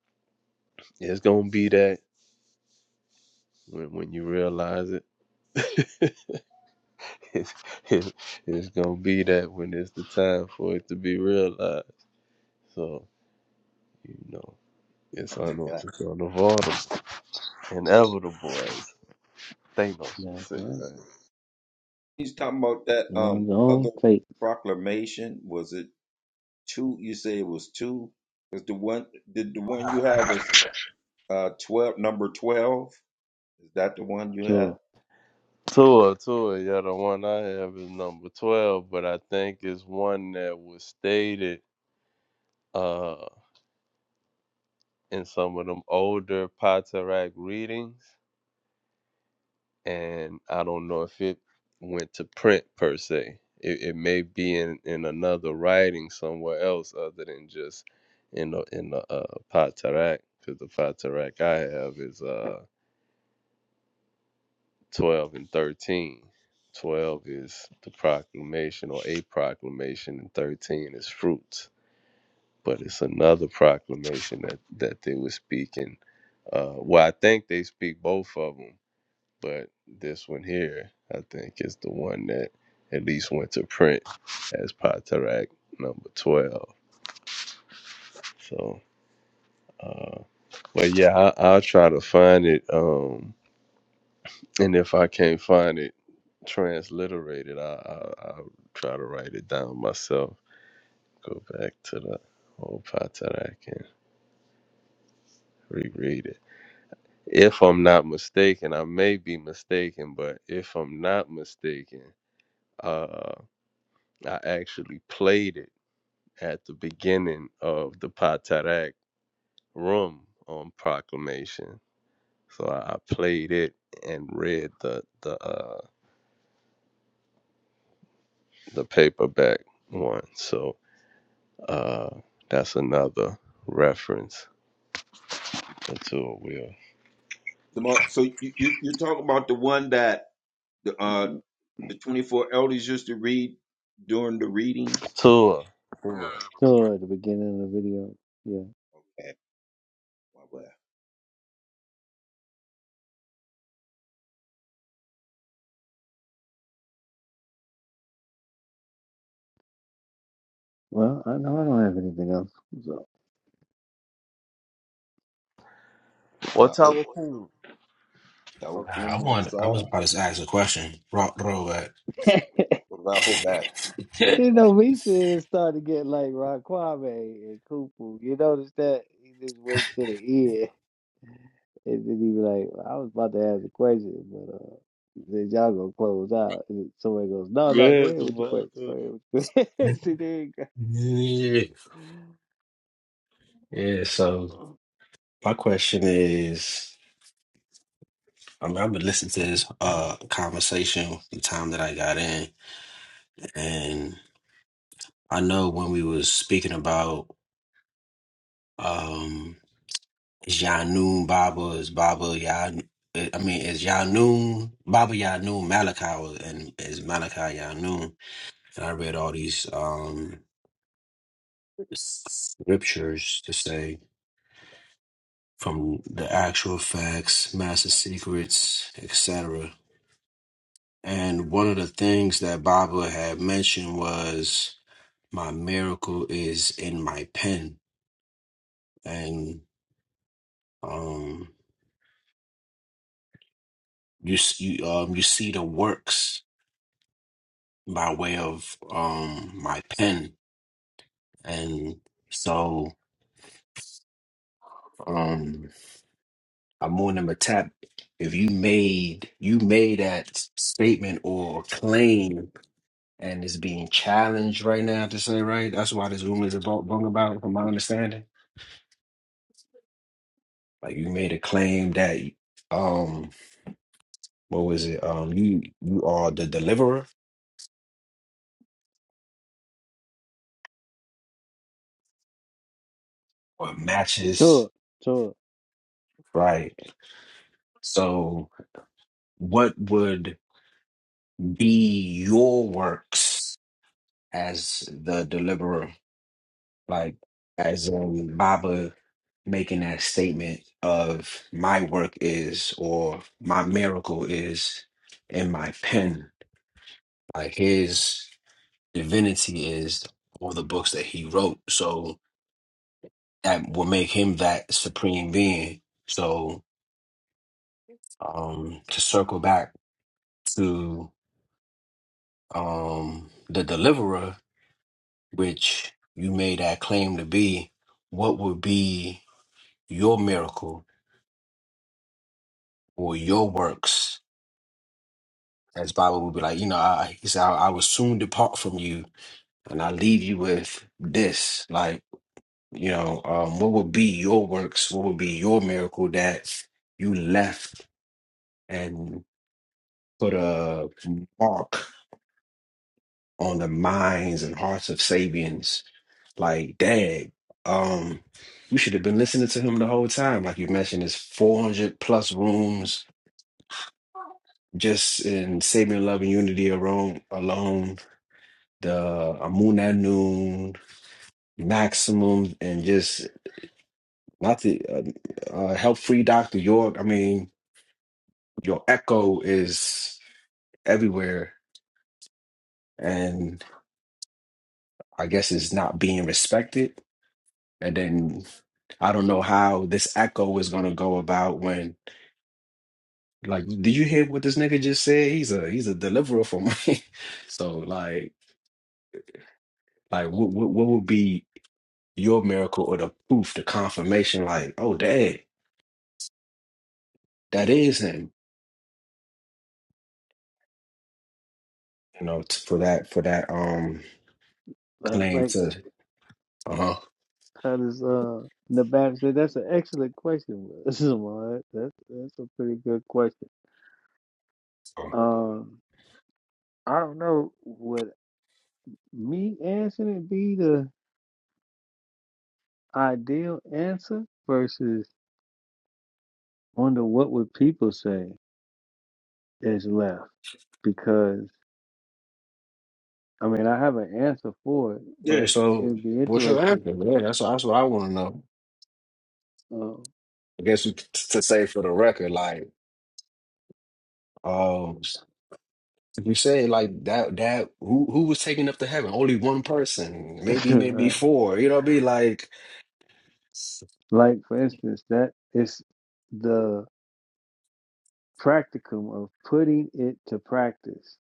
Speaker 5: it's gonna be that when when you realize it. it's, it's, it's gonna be that when it's the time for it to be realized. So you know, it's,
Speaker 2: that's a
Speaker 5: un-
Speaker 2: fact.
Speaker 5: it's unavoidable, inevitable. Thanos
Speaker 6: That's
Speaker 5: was it,
Speaker 6: right.
Speaker 5: right?
Speaker 2: He's talking about that um
Speaker 6: One's
Speaker 2: other
Speaker 6: own fate,
Speaker 2: proclamation. Was it two? You say it was two. Is the one did the one you have is uh twelve number twelve? Is that the one you have?
Speaker 6: sure.
Speaker 5: Tua, Tua, yeah, the one I have is number twelve, but I think it's one that was stated uh in some of them older Potterack readings, and I don't know if it went to print per se. It, it may be in, in another writing somewhere else other than just in the in the uh, Potterack, because the Potterack I have is uh 12 and 13. 12 is the proclamation or a proclamation, and 13 is fruits. But it's another proclamation that, that they were speaking. Uh, well, I think they speak both of them, but this one here, I think, is the one that at least went to print as Patarak number 12. So, uh, but yeah, I, I'll try to find it. Um, and if I can't find it, transliterated. I, I I'll try to write it down myself. Go back to the whole Patarak and reread it. If I'm not mistaken, I may be mistaken, but if I'm not mistaken, uh, I actually played it at the beginning of the Patarak room on proclamation. So I I played it and read the the uh, the paperback one. So uh, that's another reference That's all will.
Speaker 2: The mo- so you you you talk about the one that the uh the twenty four elders used to read during the readings.
Speaker 5: Tua.
Speaker 6: So at the beginning of the video, yeah.
Speaker 2: Okay. Well, well.
Speaker 6: Well, I know I don't have anything else. So
Speaker 2: Now
Speaker 5: What's
Speaker 2: look,
Speaker 5: our cool?
Speaker 7: Ah, I
Speaker 2: Taukumu
Speaker 7: want. I
Speaker 2: Isa,
Speaker 7: was about to ask a question. Throw, throw back.
Speaker 2: Rahobat.
Speaker 6: you know, me saying started to get like Raquame and Cooper. You notice that he just wait to the end and then he be like, "Well, I was about to ask a question, but uh he said y'all gonna close out. And then somebody goes, No, no, go
Speaker 5: Yes,
Speaker 6: ahead with your
Speaker 5: motherfucker.
Speaker 6: question. Go ahead with your question. See, there you go.
Speaker 7: yeah. So my question is, I mean, I've been listening to this uh conversation the time that I got in, and I know when we was speaking about um Janun Baba is Baba Yan. I mean, is Yanun Baba Yanun Malachi and is Malachi Yanun? And I read all these. um scriptures to say from the actual facts, master secrets, etc. And one of the things that Baba had mentioned was my miracle is in my pen, and um, you s- you um you see the works by way of um my pen, and so um Amun and Matap, if you made you made that statement or claim and it's being challenged right now to say right. That's why this room is about going about, from my understanding. Like you made a claim that um what was it? Um you you are the deliverer or matches
Speaker 6: Tour, tour.
Speaker 7: right. So what would be your works as the deliverer? Like as um Baba making that statement of my work is or my miracle is in my pen Like his divinity is all the books that he wrote, so that will make him that supreme being. So um, to circle back to um, the deliverer, which you made that claim to be, what would be your miracle or your works? As Bible would be like, you know, I, he said, I, I will soon depart from you, and I leave you with this, like. You know, um, what would be your works? What would be your miracle that you left and put a mark on the minds and hearts of Sabians? Like, dang, um, you should have been listening to him the whole time. Like you mentioned, his 400 plus rooms just in Sabian Love and Unity alone, alone the Amuna Noon, Maximum, and just not the uh, uh, help free Dr. York. I mean, your echo is everywhere and I guess it's not being respected. And then I don't know how this echo is gonna go about when like did you hear what this nigga just said? He's a he's a deliverer for me. so like like what, what what would be your miracle or the proof, the confirmation like, oh dad, that is him, you know, t- for that for that um
Speaker 6: Like
Speaker 7: claim
Speaker 6: like
Speaker 7: to uh-huh.
Speaker 6: how does uh the back said that's an excellent question, Samad. That's that's a pretty good question.
Speaker 7: So,
Speaker 6: Um, I don't know, would me answering it be the ideal answer versus wonder what would people say is left? Because I mean, I have an answer for it,
Speaker 7: Yeah,
Speaker 6: but
Speaker 7: so
Speaker 6: it'd be
Speaker 7: what's your
Speaker 6: interesting.
Speaker 7: answer? Yeah, that's that's what I wanna know.
Speaker 6: Um,
Speaker 7: I guess we could to say for the record, like um you said like that that who who was taken up to heaven? Only one person, maybe maybe
Speaker 6: right.
Speaker 7: four. You know what I mean? Like
Speaker 6: Like for instance, that is the practicum of putting it to practice.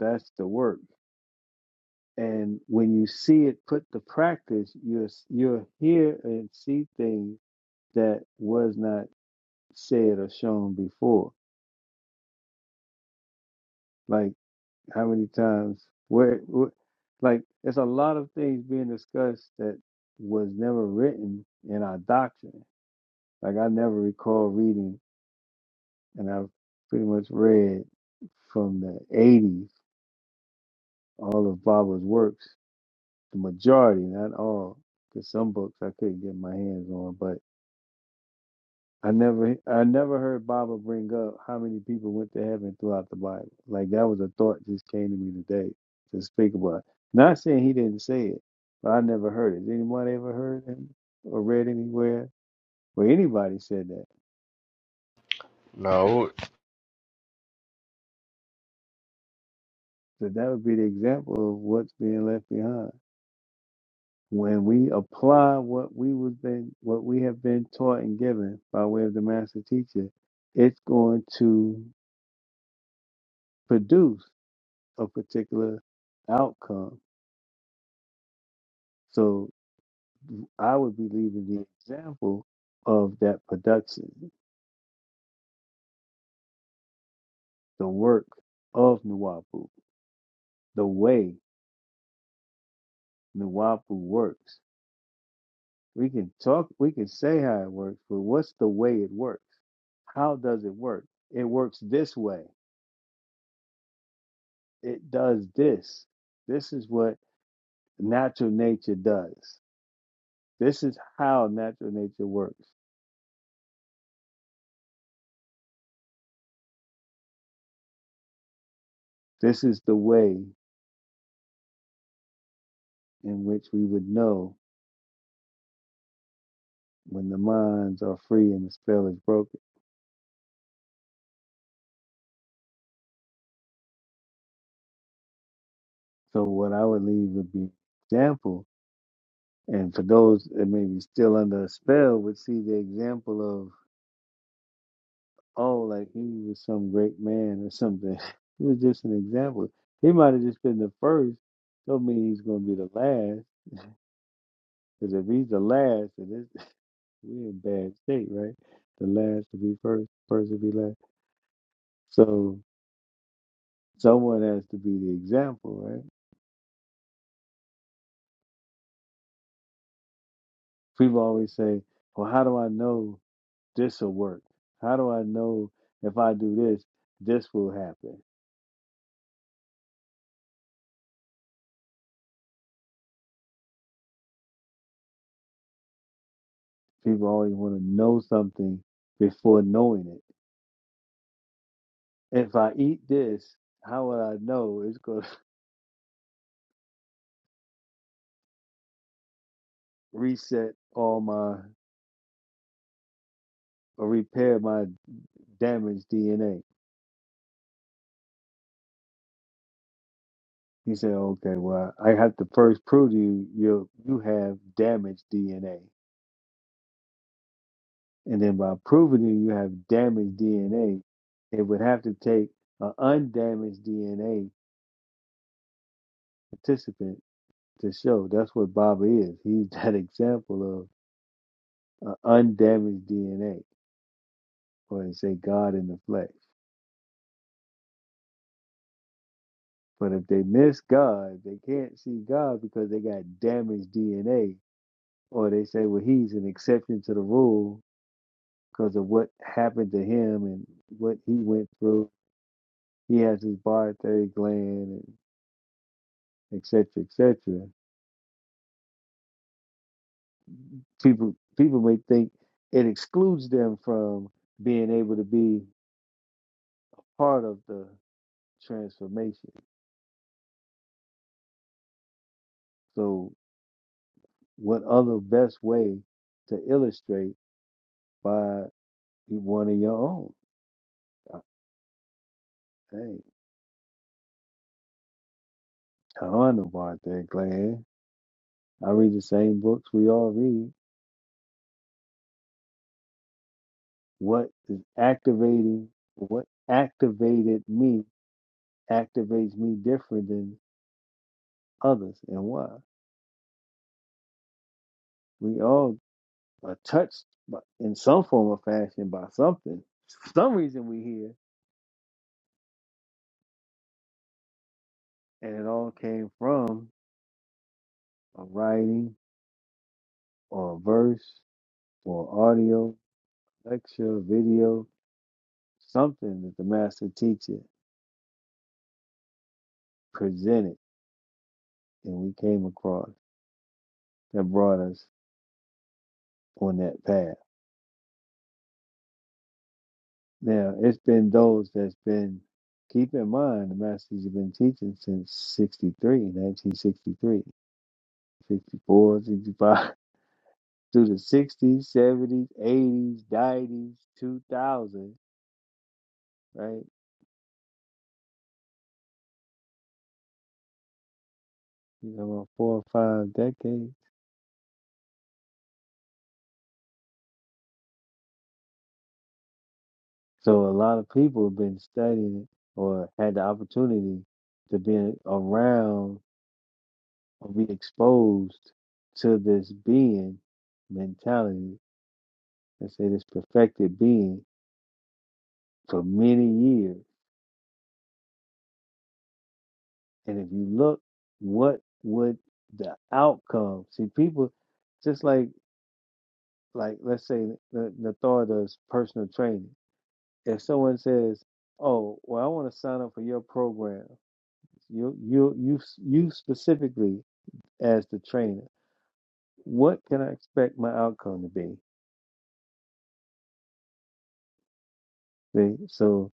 Speaker 6: That's the work. And when you see it put to practice, you're you're here and see things that was not said or shown before. Like how many times where, where like there's a lot of things being discussed that was never written in our doctrine. Like I never recall reading and I've pretty much read from the eighties all of Baba's works, the majority, not all, because some books I couldn't get my hands on, I never I never heard Baba bring up how many people went to heaven throughout the Bible. Like that was a thought just came to me today to speak about. Not saying he didn't say it, but I never heard it. Did anybody ever heard him or read anywhere where anybody said that?
Speaker 5: No.
Speaker 6: So that would be the example of what's being left behind. When we apply what we was been what we have been taught and given by way of the master teacher, it's going to produce a particular outcome. So. I would be leaving the example of that production, the work of Nuwapu, the way Nuwapu works. We can talk, we can say how it works, but what's the way it works? How does it work? It works this way. It does this. This is what natural nature does. This is how natural nature works. This is the way in which we would know when the minds are free and the spell is broken So what I would leave would be example. And for those that may be still under a spell would see the example of, oh, like he was some great man or something. It was just an example. He might have just been the first. Don't mean he's gonna be the last. Because if he's the last, then it's, we're in bad state, right? The last to be first, first to be last. So someone has to be the example, right? People always say, Well, how do I know This'll work. How do I know if I do this, this will happen? People always want to know something before knowing it. If I eat this, how would I know it's going to reset all my or repair my damaged DNA? He said, "Okay, well, I have to first prove to you you you have damaged DNA, and then by proving to you you have damaged DNA, it would have to take an undamaged DNA participant." to show. That's what Baba is. He's that example of uh, undamaged DNA, or they say God in the flesh. But if they miss God, they can't see God because they got damaged DNA, or they say, well, he's an exception to the rule because of what happened to him and what he went through. He has his barthay gland, and et cetera, et cetera. People, people may think it excludes them from being able to be part of the transformation So, what other best way to illustrate by e, one of your own? Uh, Hey, I don't know about that, Glad. I read the same books we all read. What is activating, what activated me activates me different than others, and why? We all are touched by, in some form or fashion by something. For Some reason we hear, and it all came from a writing or a verse or audio lecture, video, something that the master teacher presented and we came across that brought us on that path. Now, it's been those that's been, keep in mind, the master's been teaching since 63, 1963, 64, 65, through the 60s, 70s, 80s, 90s, 2000, right? You know, about four or five decades So a lot of people have been studying or had the opportunity to be around or be exposed to this being mentality. Let's say this perfected being for many years. And if you look, what would the outcome? See, people just like like let's say the the thought does personal training. If someone says, "Oh, well, I want to sign up for your program," you you you you specifically as the trainer. What can I expect my outcome to be? See? So,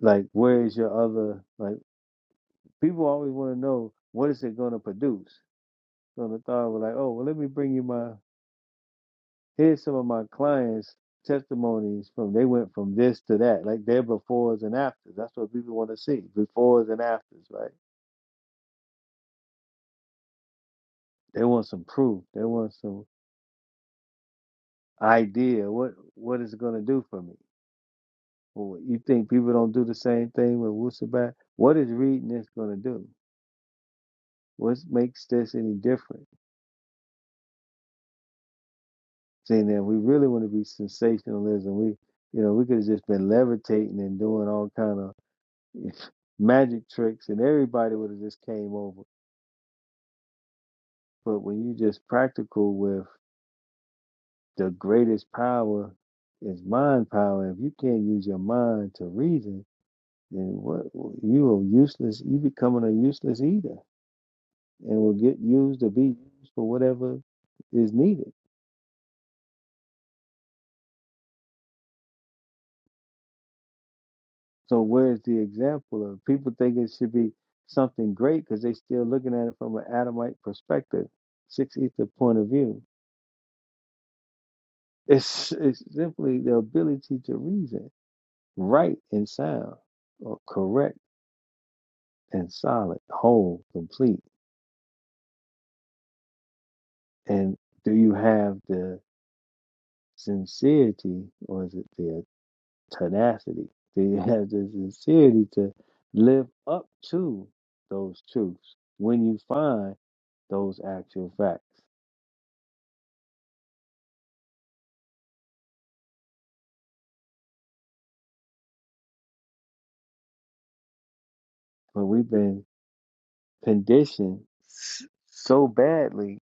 Speaker 6: like, where is your other, like, people always want to know what is it going to produce? So the thought was like, oh, well, let me bring you my, here's some of my clients' testimonies from, they went from this to that, like their befores and afters. That's what people want to see, befores and afters, right? They want some proof. They want some idea. What What is it going to do for me? Well, you think people don't do the same thing with Wusabat? What is reading this going to do? What makes this any different? Saying that we really want to be sensationalism, we you know we could have just been levitating and doing all kind of magic tricks, and everybody would have just came over. But when you just practical with the greatest power is mind power, if you can't use your mind to reason, then what you are useless. You becoming a useless eater, and will get used to be used for whatever is needed. So where's the example of people think it should be something great because they still looking at it from an Adamite perspective, six ether point of view. It's it's simply the ability to reason, right and sound, or correct and solid, whole, complete. And do you have the sincerity or is it the tenacity? Do you have the sincerity to live up to those truths when you find those actual facts? But we've been conditioned s- so badly,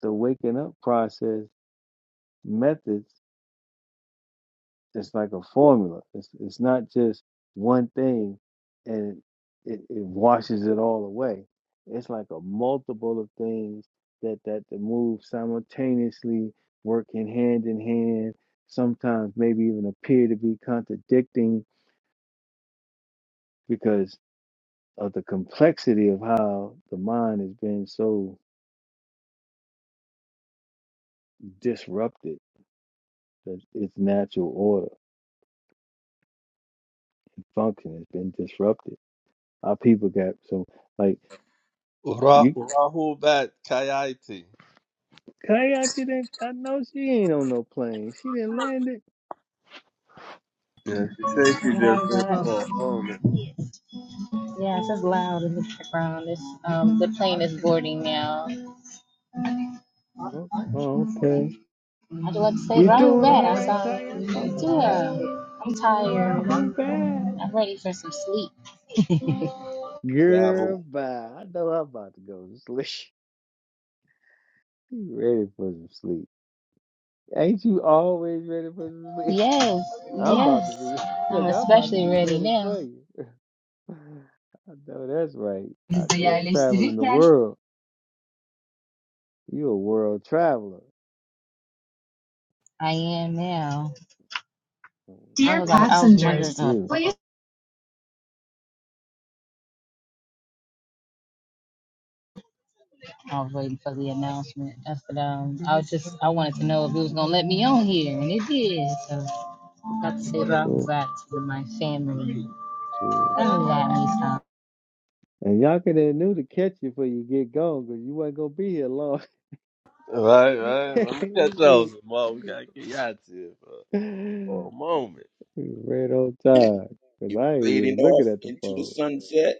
Speaker 6: the waking up process methods its like a formula. It's, it's not just one thing and it, it washes it all away. It's like a multiple of things that, that the move simultaneously working hand in hand, sometimes maybe even appear to be contradicting because of the complexity of how the mind has been so disrupted that its natural order and function has been disrupted. Our people got so like
Speaker 5: Ura
Speaker 6: you
Speaker 5: Urahu bat Kayati.
Speaker 6: kayak didn't I know she ain't on no plane. She didn't land it.
Speaker 5: Yeah, she said she
Speaker 8: Right,
Speaker 5: just said
Speaker 8: right.
Speaker 5: for a moment.
Speaker 8: Yeah, it's just loud in the background. It's um the plane is boarding now.
Speaker 6: Oh, oh, okay.
Speaker 8: I'd like to say
Speaker 6: You
Speaker 8: right
Speaker 6: doing
Speaker 8: back.
Speaker 6: all
Speaker 8: I
Speaker 6: right,
Speaker 8: saw
Speaker 6: Kayati?
Speaker 2: Rahobat,
Speaker 8: yeah. I'm tired.
Speaker 6: Rahul bad.
Speaker 8: I'm ready for some sleep.
Speaker 6: Girl
Speaker 2: travel.
Speaker 6: bye. I know I'm about to go to sleep. You ready for some sleep. Ain't you always ready for some sleep?
Speaker 8: Yes,
Speaker 6: I'm about to
Speaker 8: yes.
Speaker 6: be re-
Speaker 8: I'm
Speaker 6: look, I'm about to
Speaker 8: especially
Speaker 6: be
Speaker 8: ready
Speaker 6: ready
Speaker 8: now.
Speaker 6: for you. I know that's right. Out
Speaker 8: Bizi
Speaker 6: there traveling the
Speaker 8: yerleştirirken.
Speaker 6: world. You a world traveler.
Speaker 8: I am now. I
Speaker 6: I wanna
Speaker 8: Dear was like, I
Speaker 6: grow up
Speaker 8: was
Speaker 6: and
Speaker 8: wondering.
Speaker 6: be like
Speaker 8: passengers, Uh,
Speaker 6: you.
Speaker 8: please I was waiting for the announcement. That's what um, I was just I wanted to know if it was gonna let me on here, and it did. So about to say about
Speaker 6: So,
Speaker 8: to my family.
Speaker 6: so.
Speaker 8: Don't let me stop.
Speaker 6: And y'all could have knew to catch you before you get gone, 'cause you wasn't gonna be here long.
Speaker 5: Right, right. Let me catch
Speaker 6: you,
Speaker 5: those. Well, we
Speaker 6: you
Speaker 5: gotta get you out here for, for
Speaker 6: you
Speaker 5: a moment.
Speaker 6: right on time, 'cause
Speaker 2: You're
Speaker 6: I ain't
Speaker 2: fading
Speaker 6: even
Speaker 2: off
Speaker 6: looking at the
Speaker 2: into the
Speaker 6: phone.
Speaker 2: sunset.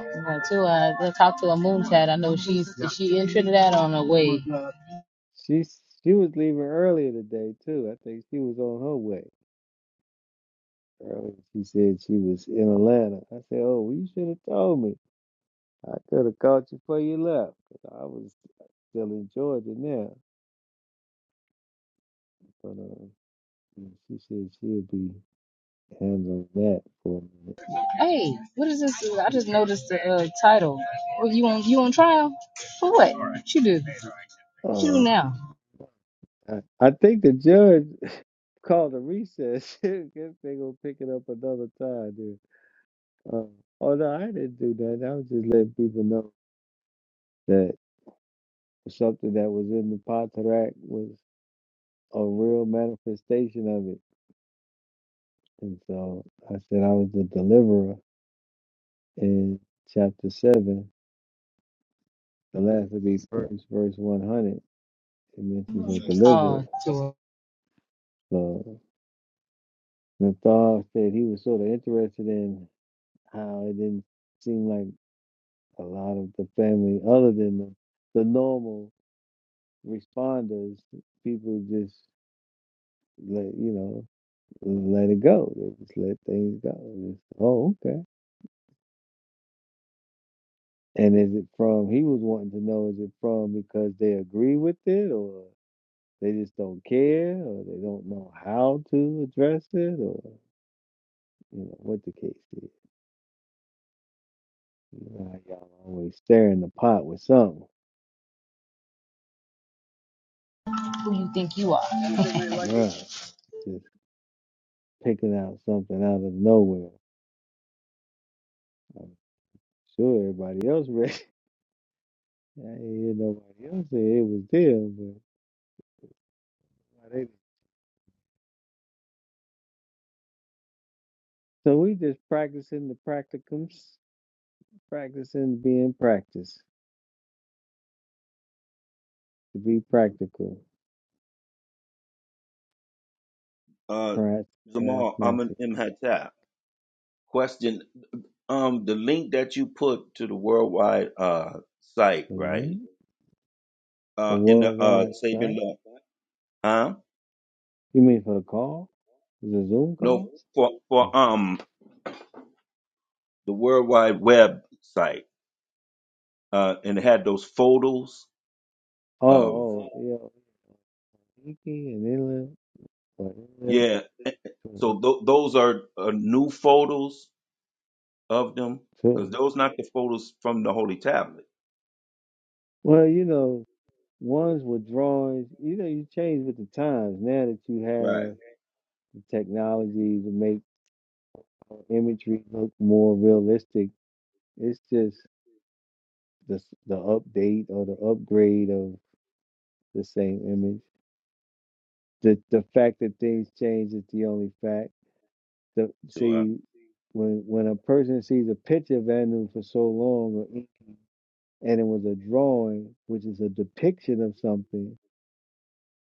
Speaker 8: You know, to uh, go talk to a moon tat. I know she's is she in Trinidad on her way.
Speaker 6: She she was leaving earlier today too. I think she was on her way. Early. She said she was in Atlanta. I said, "Oh, well, you should have told me. I could have caught you before you left, 'cause I was still in Georgia now." But uh, And She said she'll be handling that for a minute.
Speaker 8: Hey, what is this? I just noticed the uh, title. What you on? You on trial for what? What you do? What you do now?
Speaker 6: Uh, I, I think the judge called a recess. Guess they gonna pick it up another time, dude. Uh, oh no, I didn't do that. I was just letting people know that something that was in the Pontarac was a real manifestation of it. And so I said I was the deliverer in chapter seven, the last to be first, verse one hundred. It mentions a
Speaker 8: Oh,
Speaker 6: deliverer.
Speaker 8: to
Speaker 6: So, Nathal said he was sort of interested in how it didn't seem like a lot of the family, other than the, the normal responders, people just let you know let it go. They just let things go. And oh, okay. And is it from? He was wanting to know is it from because they agree with it, or they just don't care, or they don't know how to address it, or you know what the case is. You know, y'all always stirring the pot with something.
Speaker 8: who you think you are?
Speaker 6: Right. just picking out something out of nowhere. I'm sure everybody else read. it. I didn't hear nobody else say it was them, but why they- so we just practicing the practicums, practicing being practiced to be practical,
Speaker 2: Uh,
Speaker 6: pra-
Speaker 2: Zamal Amin
Speaker 6: pragmatic.
Speaker 2: M. Hattab. Question: Um, the link that you put to the worldwide uh site,
Speaker 6: The
Speaker 2: right?
Speaker 6: link, the
Speaker 2: Uh, in the uh
Speaker 6: worldwide
Speaker 2: Sabian
Speaker 6: site.
Speaker 2: law, huh?
Speaker 6: You mean for the call? The Zoom
Speaker 2: No,
Speaker 6: call?
Speaker 2: for
Speaker 6: Mm.
Speaker 2: for um the worldwide web site, uh, and it had those photos
Speaker 6: Oh,
Speaker 2: of
Speaker 6: oh, yeah, Iki and Inlet, or Inlet, or
Speaker 2: yeah.
Speaker 6: Twitter.
Speaker 2: So th- those are uh, new photos of them because those not the photos from the Holy Tablet,
Speaker 6: Well, you know. Ones with drawings. You know, you change with the times. Now that you
Speaker 2: right?
Speaker 6: have the technology to make imagery look more realistic, it's just the s- the update or the upgrade of the same image. The the fact that things change is the only fact. The
Speaker 2: To uh,
Speaker 6: see when when a person sees a picture of Anu for so long or anything, and it was a drawing, which is a depiction of something.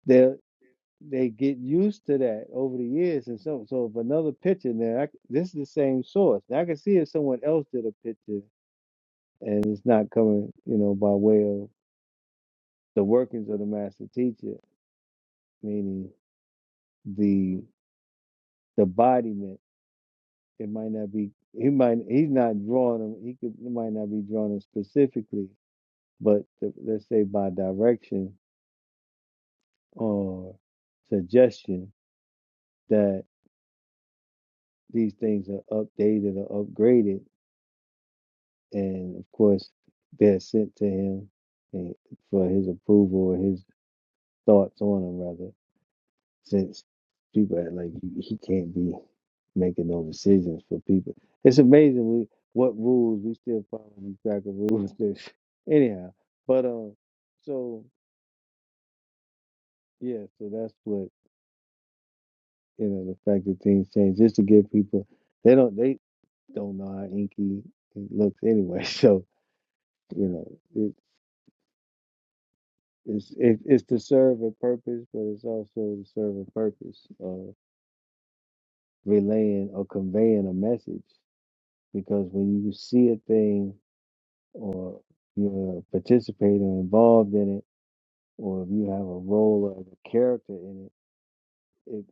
Speaker 6: they'll. they get used to that over the years and so so if another picture now I c this is the same source now i can see if someone else did a picture and it's not coming you know by way of the workings of the master teacher meaning the the embodiment it might not be he might he's not drawing them he could he might not be drawing them specifically but the, let's say by direction or suggestion that these things are updated or upgraded and of course they're sent to him and for his approval or his thoughts on them rather since people are like he can't be making no decisions for people it's amazing we, what rules we still follow these crack of rules that anyhow but um so yeah so that's what you know the fact that things change just to give people they don't they don't know how inky looks anyway so you know it. It's it, it's to serve a purpose, but it's also to serve a purpose of relaying or conveying a message. Because when you see a thing, or you're participating or involved in it, or if you have a role or a character in it, it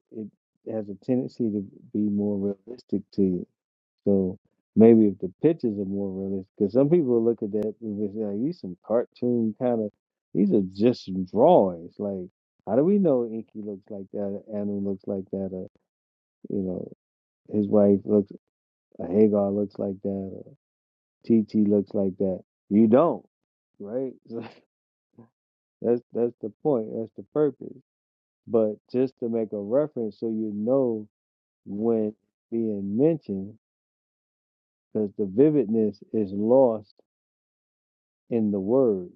Speaker 6: it has a tendency to be more realistic to you So maybe if the pictures are more realistic, because some people look at that and it's like these some cartoon kind of, these are just some drawings. Like, how do we know Inky looks like that? Or Anu looks like that? Or you know, his wife looks, or Hagar looks like that? Or T T looks like that? You don't, right? So that's that's the point. That's the purpose. But just to make a reference, so you know when being mentioned, because the vividness is lost in the word.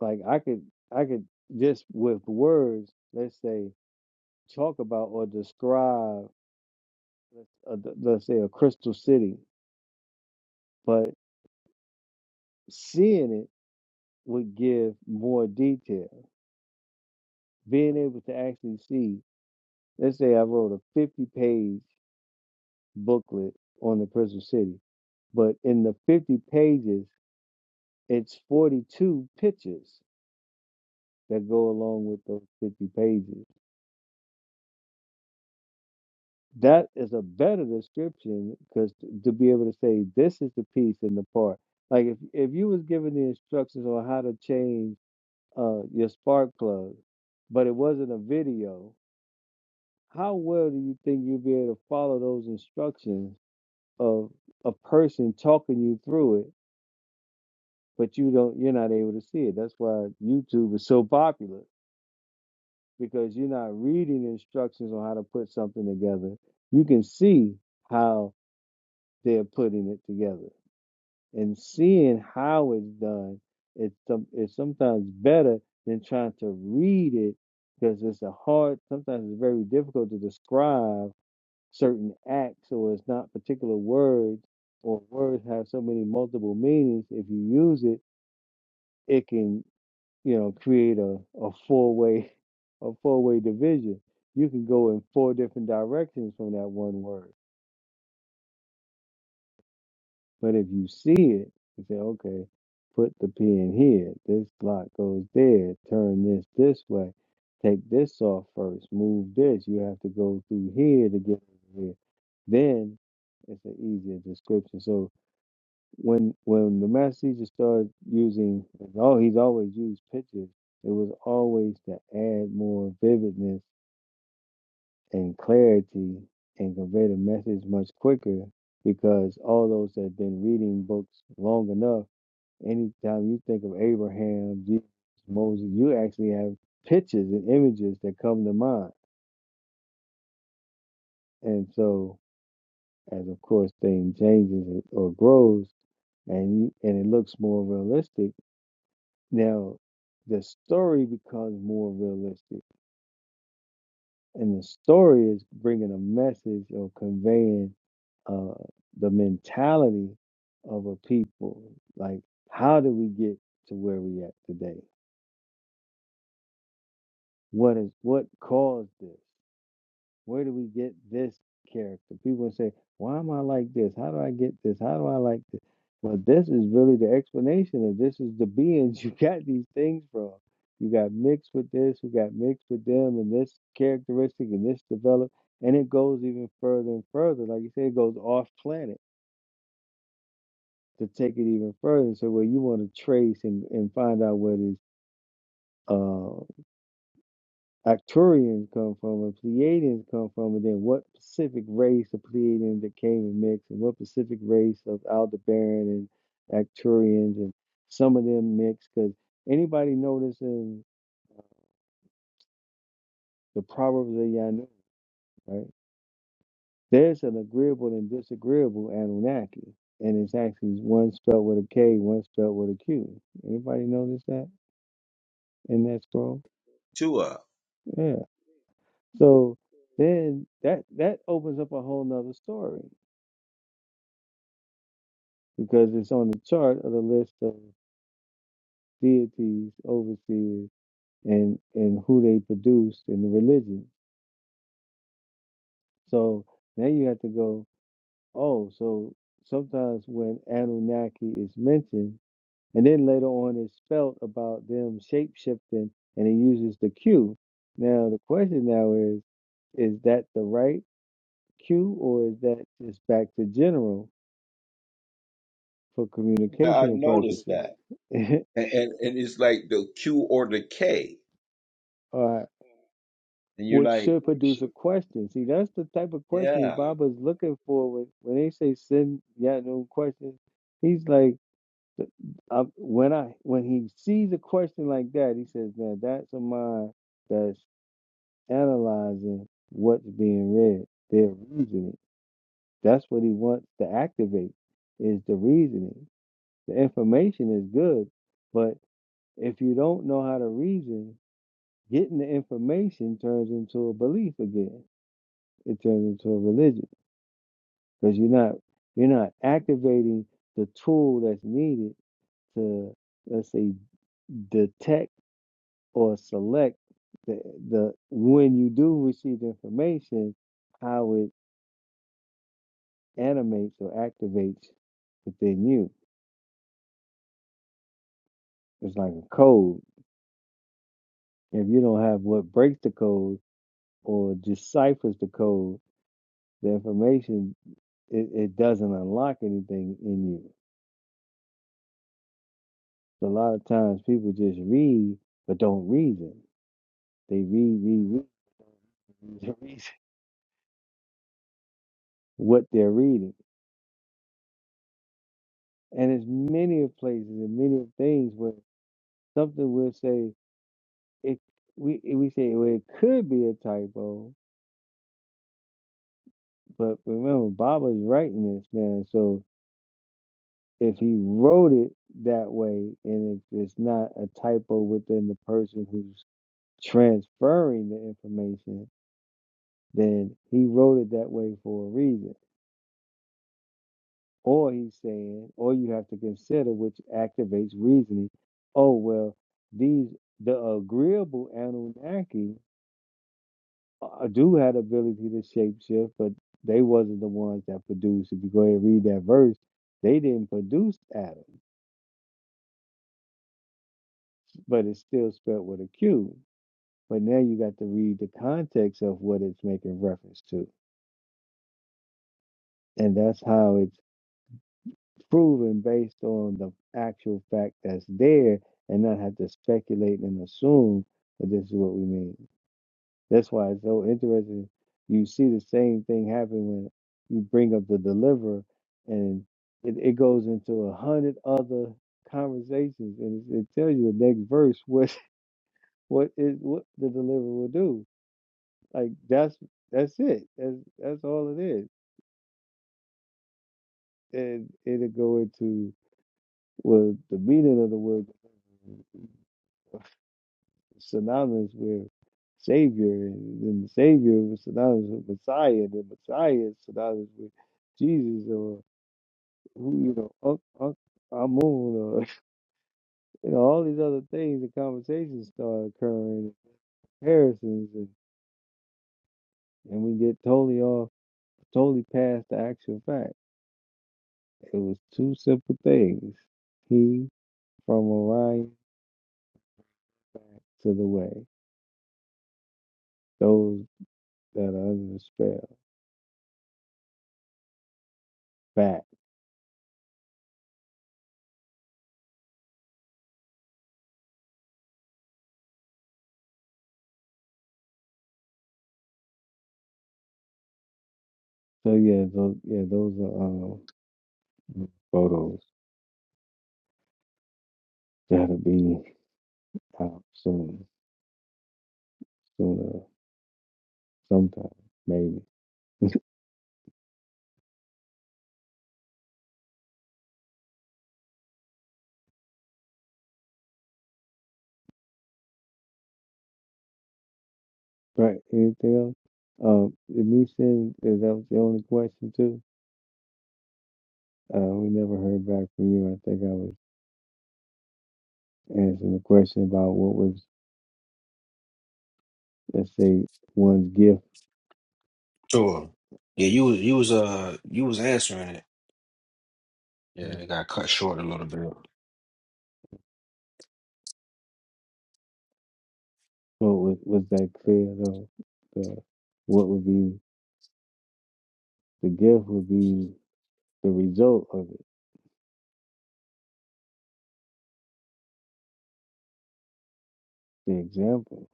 Speaker 6: Like I could I could just with words, let's say, talk about or describe let's, uh, th- let's say a crystal city, but seeing it would give more detail. Being able to actually see, let's say I wrote a 50 page booklet on the crystal city, but in the 50 pages, it's 42 pictures that go along with those 50 pages. That is a better description because to be able to say this is the piece and the part. Like if if you was given the instructions on how to change uh your spark plug, but it wasn't a video, how well do you think you'd be able to follow those instructions of a person talking you through it, but you don't you're not able to see it. That's why YouTube is so popular because you're not reading instructions on how to put something together. You can see how they're putting it together and seeing how it's done it's some it's sometimes better than trying to read it because it's a hard sometimes it's very difficult to describe certain acts or it's not particular words or words have so many multiple meanings if you use it it can you know create a, a four-way a four-way division you can go in four different directions from that one word But if you see it, you say, okay, put the pin here. This block goes there. Turn this this way. Take this off first. Move this. You have to go through here to get over here. Then it's an easier description. So when when the master teacher started using, oh, he's always used pictures. It was always to add more vividness and clarity and convey the message much quicker because all those that have been reading books long enough, anytime you think of Abraham, Jesus, Moses, you actually have pictures and images that come to mind. And so, as of course, things changes or grows, and and it looks more realistic. Now, the story becomes more realistic and the story is bringing a message or conveying uh, the mentality of a people. Like, how did we get to where we at today? What is what caused this? where do we get this character? People say, why am I like this? How do I get this? How do I like this? Well, this is really the explanation and this is the beings you got these things from. You got mixed with this, you got mixed with them, and this characteristic and this developed. And it goes even further and further. Like you said, it goes off planet to take it even further. So where you want to trace and, and find out where these uh Arcturians come from, and Pleiadians come from, and then what Pacific race of Pleiadians that came and mixed, and what Pacific race of Aldebaran and Arcturians, and some of them mixed, because anybody notice in the Proverbs of Yanu, right? There's an agreeable and disagreeable Anunnaki, and it's actually one spelled with a K, one spelled with a Q. Anybody notice that in that scroll?
Speaker 2: to uh,
Speaker 6: Yeah. So then that that opens up a whole nother story because it's on the chart of the list of deities, overseers, and and who they produced in the religion. So now you have to go, oh, so sometimes when Anunnaki is mentioned, and then later on it's spelt about them shape shifting, and it uses the Q. Now the question now is, is that the right Q, or is that just back to general for
Speaker 2: I I
Speaker 6: communicational
Speaker 2: noticed that.
Speaker 6: purposes?
Speaker 2: and, and, and it's like the Q or the K,
Speaker 6: Alright.
Speaker 2: and you're
Speaker 6: which
Speaker 2: like,
Speaker 6: should
Speaker 2: well,
Speaker 6: produce a question. See, that's the type of questions
Speaker 2: yeah,
Speaker 6: Baba's looking for when, when they say send Yatnu questions. He's like, I, when I when he sees a question like that, he says, "Now that's a mind that's analyzing what's being read, their reasoning. That's what he wants to activate is the reasoning. The information is good, but if you don't know how to reason, getting the information turns into a belief again." it turns into a religion because you're not you're not activating the tool that's needed to let's say detect or select the the when you do receive information how it animates or activates within you it's like a code if you don't have what breaks the code or deciphers the code the information it, it doesn't unlock anything in you So a lot of times people just read but don't reason They read, read, read the reason what they're reading. And it's many of places and many of things where something will say it we we say well it could be a typo, but remember Baba's writing this now, so if he wrote it that way and if it's not a typo within the person who's transferring the information, then he wrote it that way for a reason Or he's saying, or you have to consider, which activates reasoning. Oh, well, these the agreeable Anunnaki uh, do have the ability to shapeshift, but they wasn't the ones that produced. If you go ahead and read that verse, they didn't produce Adam, but it's still spelled with a Q. But now you got to read the context of what it's making reference to, and that's how it's proven based on the actual fact that's there and not have to speculate and assume that this is what we mean. That's why it's so interesting. You see the same thing happen when you bring up the deliverer and it, it goes into a hundred other conversations and it, it tells you the next verse what what is what the deliverer will do. Like that's that's it. That's that's all it is. And it'll go into well the meaning of the word synonymous with Savior, and then the Savior was synonymous with Messiah, and then Messiah is synonymous with Jesus, or who you know, Unc, Unc, Amun, or you know, all these other things. The conversations start occurring, comparisons, and, and we get totally off, totally past the actual fact. It was two simple things: He from Orion back to the way. Those that are under the spell back. So yeah, those yeah, those are. Um, Photos gotta be out soon, sooner, sometime, maybe. Right? Anything else? Um, did me send? Is that was the only question too? Uh, we never heard back from you. I think I was answering the question about what was, let's say, one's gift.
Speaker 7: sure. Yeah, you was you was uh you was answering it. Yeah, it got cut short a little bit.
Speaker 6: What was was that clear though? The what would be the gift would be the result of it, the example.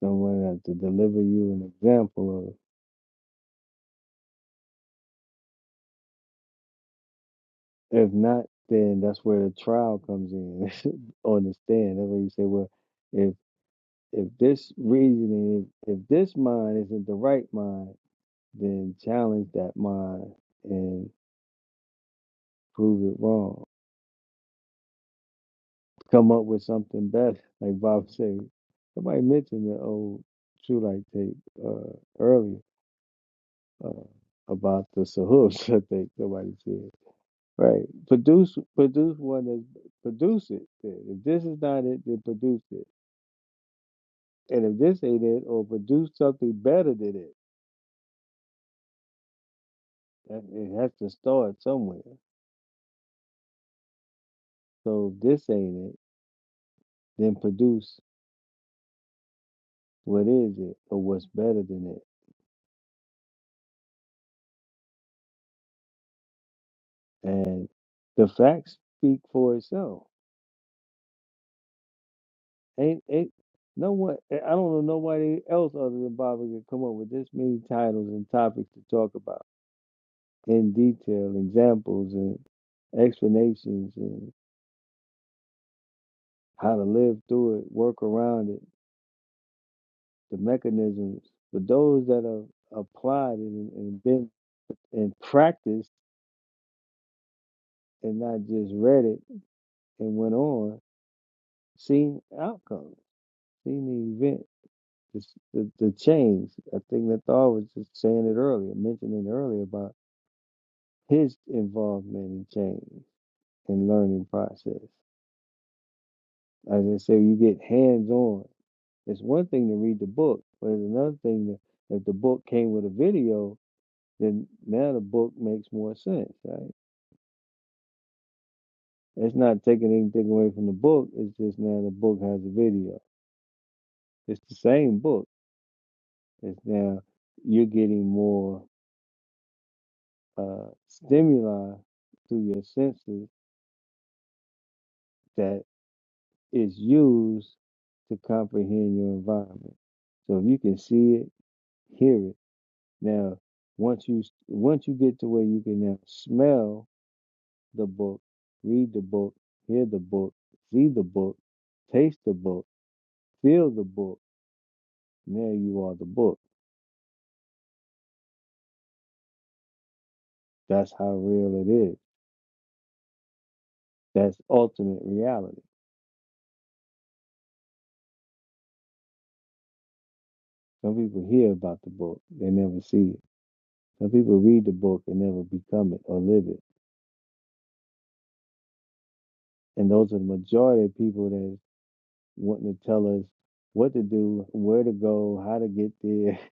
Speaker 6: Someone had to deliver you an example of. If not, then that's where the trial comes in on the stand. That's where you say, well, if if this reasoning, if, if this mind isn't the right mind, then challenge that mind and prove it wrong. Come up with something better. Like Bob said, somebody mentioned the old True Light tape uh, earlier uh, about the Sahooks, I think somebody said. Right. Produce produce one that produce it. If this is not it, then produce it And if this ain't it, or produce something better than it, that, it has to start somewhere. So if this ain't it, then produce what is it, or what's better than it. And the facts speak for itself. Ain't ain't no one. eh, I don't know nobody else other than Bobby can come up with this many titles and topics to talk about in detail, examples and explanations and how to live through it, work around it the mechanisms, but those that are applied and, and been and practiced and not just read it and went on, seen outcomes, seen the event, the, the, the change. I think that Thor was just saying it earlier, mentioning earlier about his involvement in change and learning process. As I say, you get hands on. It's one thing to read the book, but it's another thing that if the book came with a video, then now the book makes more sense, right? It's not taking anything away from the book. It's just now the book has a video. It's the same book. It's now you're getting more uh, stimuli through your senses that is used to comprehend your environment. So if you can see it, hear it. Now, once you once you get to where you can now smell the book, read the book, hear the book, see the book, taste the book, feel the book. Now you are the book That's how real it is. That's ultimate reality. Some people hear about the book, they never see it. Some people read the book and never become it or live it. And those are the majority of people that's wanting to tell us what to do, where to go, how to get there.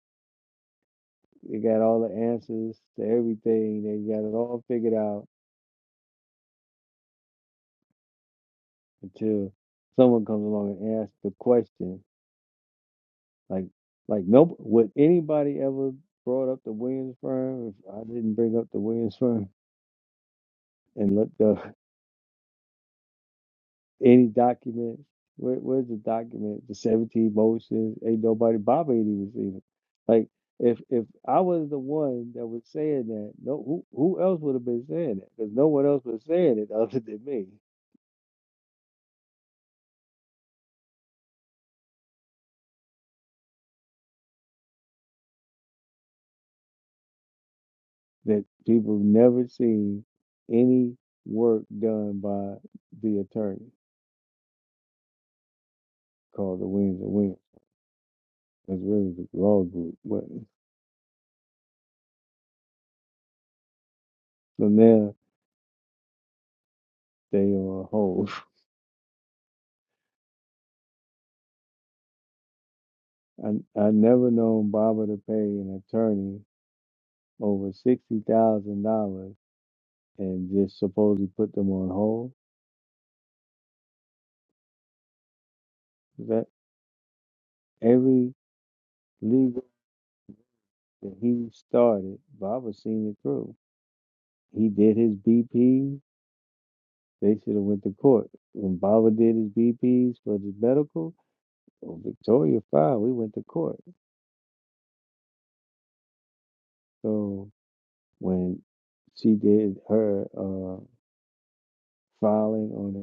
Speaker 6: They got all the answers to everything. They got it all figured out until someone comes along and asks the question. Like, like no, would anybody ever brought up the Williams firm if I didn't bring up the Williams firm and looked up Any document? Where, where's the document? The 17 motions. Ain't nobody Baba ain't even seen it. Like if if I was the one that was saying that, no who who else would have been saying that? Because no one else was saying it other than me. That people have never seen any work done by the attorney called the Wings and Wings. That's really the law group. But so now they are a hold. I I never known Baba to pay an attorney over sixty thousand dollars and just supposedly put them on hold. That every legal that he started, Baba seen it through. He did his BP. They should have went to court. When Baba did his BPs for the medical, on Victoria file, we went to court. So when she did her uh, filing on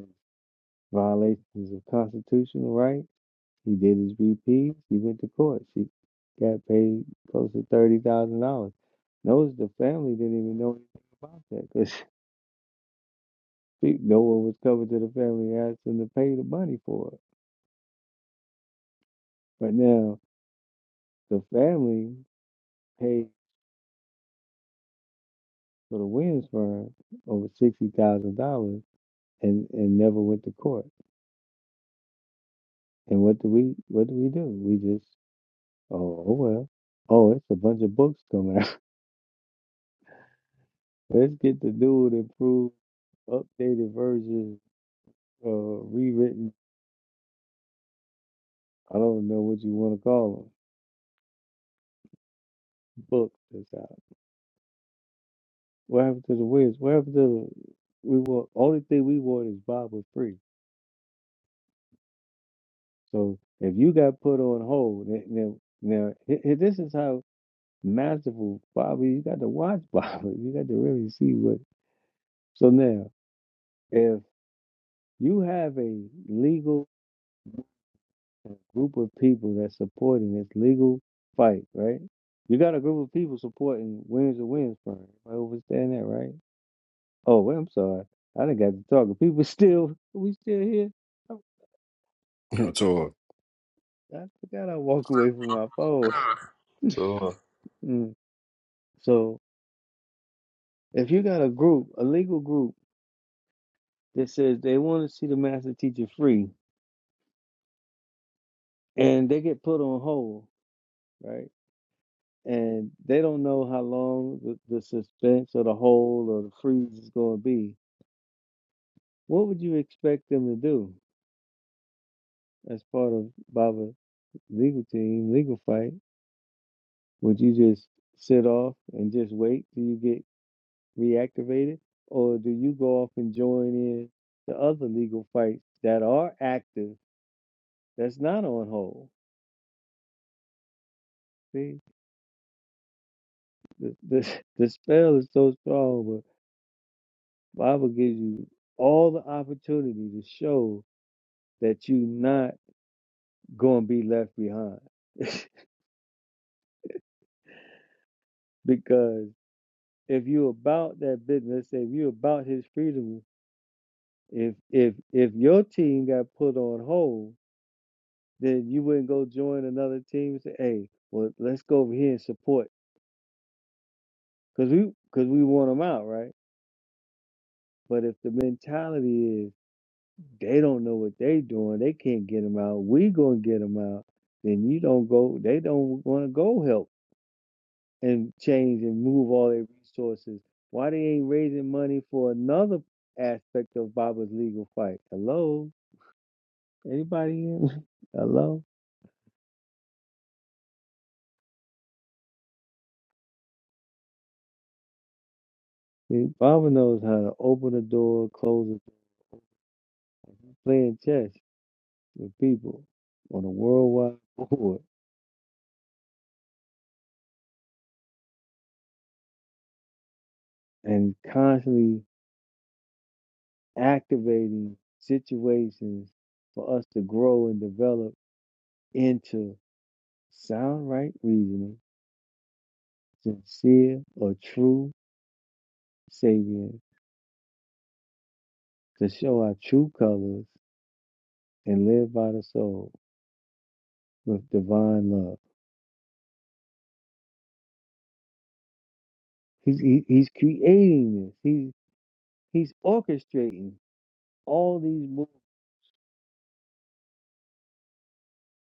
Speaker 6: the violations of constitutional right. He did his VPs. He went to court. She got paid close to thirty thousand dollars. Notice the family didn't even know anything about that because no one was coming to the family asking to pay the money for it. But now the family paid for the Williams firm over sixty thousand dollars and and never went to court. And what do we what do we do? We just oh, oh well oh it's a bunch of books coming out. Let's get the dude and prove updated versions uh, rewritten. I don't know what you want to call them. Books that's out. What happened to the Wiz? What happened to the? We want? only thing we want is Bible free. So if you got put on hold, then- now now hi- hi- this is how masterful Bible. You got to watch Bible. You got to really see what. So now, if you have a legal group of people that's supporting this legal fight, right? You got a group of people supporting Wins and Wins firm. Everybody understand that, right? Oh, well, I'm sorry. I done got to talking. People still, we still here. I,
Speaker 7: To
Speaker 6: I forgot I walk away from my phone.
Speaker 5: Tua.
Speaker 6: Mm. So if you got a group, a legal group that says they want to see the master teacher free, and they get put on hold, right? And they don't know how long the, the suspense or the hold or the freeze is going to be. What would you expect them to do as part of Baba's legal team, legal fight? Would you just sit off and just wait till you get reactivated, or do you go off and join in the other legal fights that are active that's not on hold? See, the, the, the spell is so strong, but the Bible gives you all the opportunity to show that you're not going to be left behind. Because if you're about that business, let's say if you're about his freedom, if if if your team got put on hold, then you wouldn't go join another team and say, hey, well, let's go over here and support Cause we, cause we want them out, right? But if the mentality is they don't know what they doing, they can't get them out. We gonna get them out. Then you don't go. They don't want to go help and change and move all their resources. Why they ain't raising money for another aspect of Baba's legal fight? Hello, anybody? In? Hello. See, Baba knows how to open a door, close a door. He's playing chess with people on a worldwide board and constantly activating situations for us to grow and develop into sound right reasoning, sincere or true savior to show our true colors and live by the soul with divine love. He's he, he's creating this. He he's orchestrating all these movements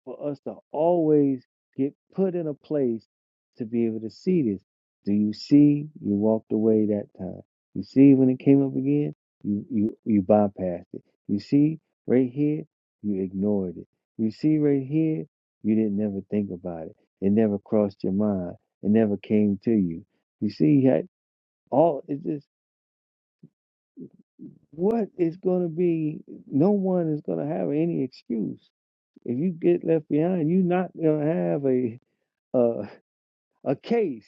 Speaker 6: for us to always get put in a place to be able to see this. Do you see? You walked away that time. You see when it came up again, you you you bypassed it. You see right here, you ignored it. You see right here, you didn't never think about it. It never crossed your mind. It never came to you. You see how all it's just what is going to be. No one is going to have any excuse if you get left behind. You're not going to have a uh, a case.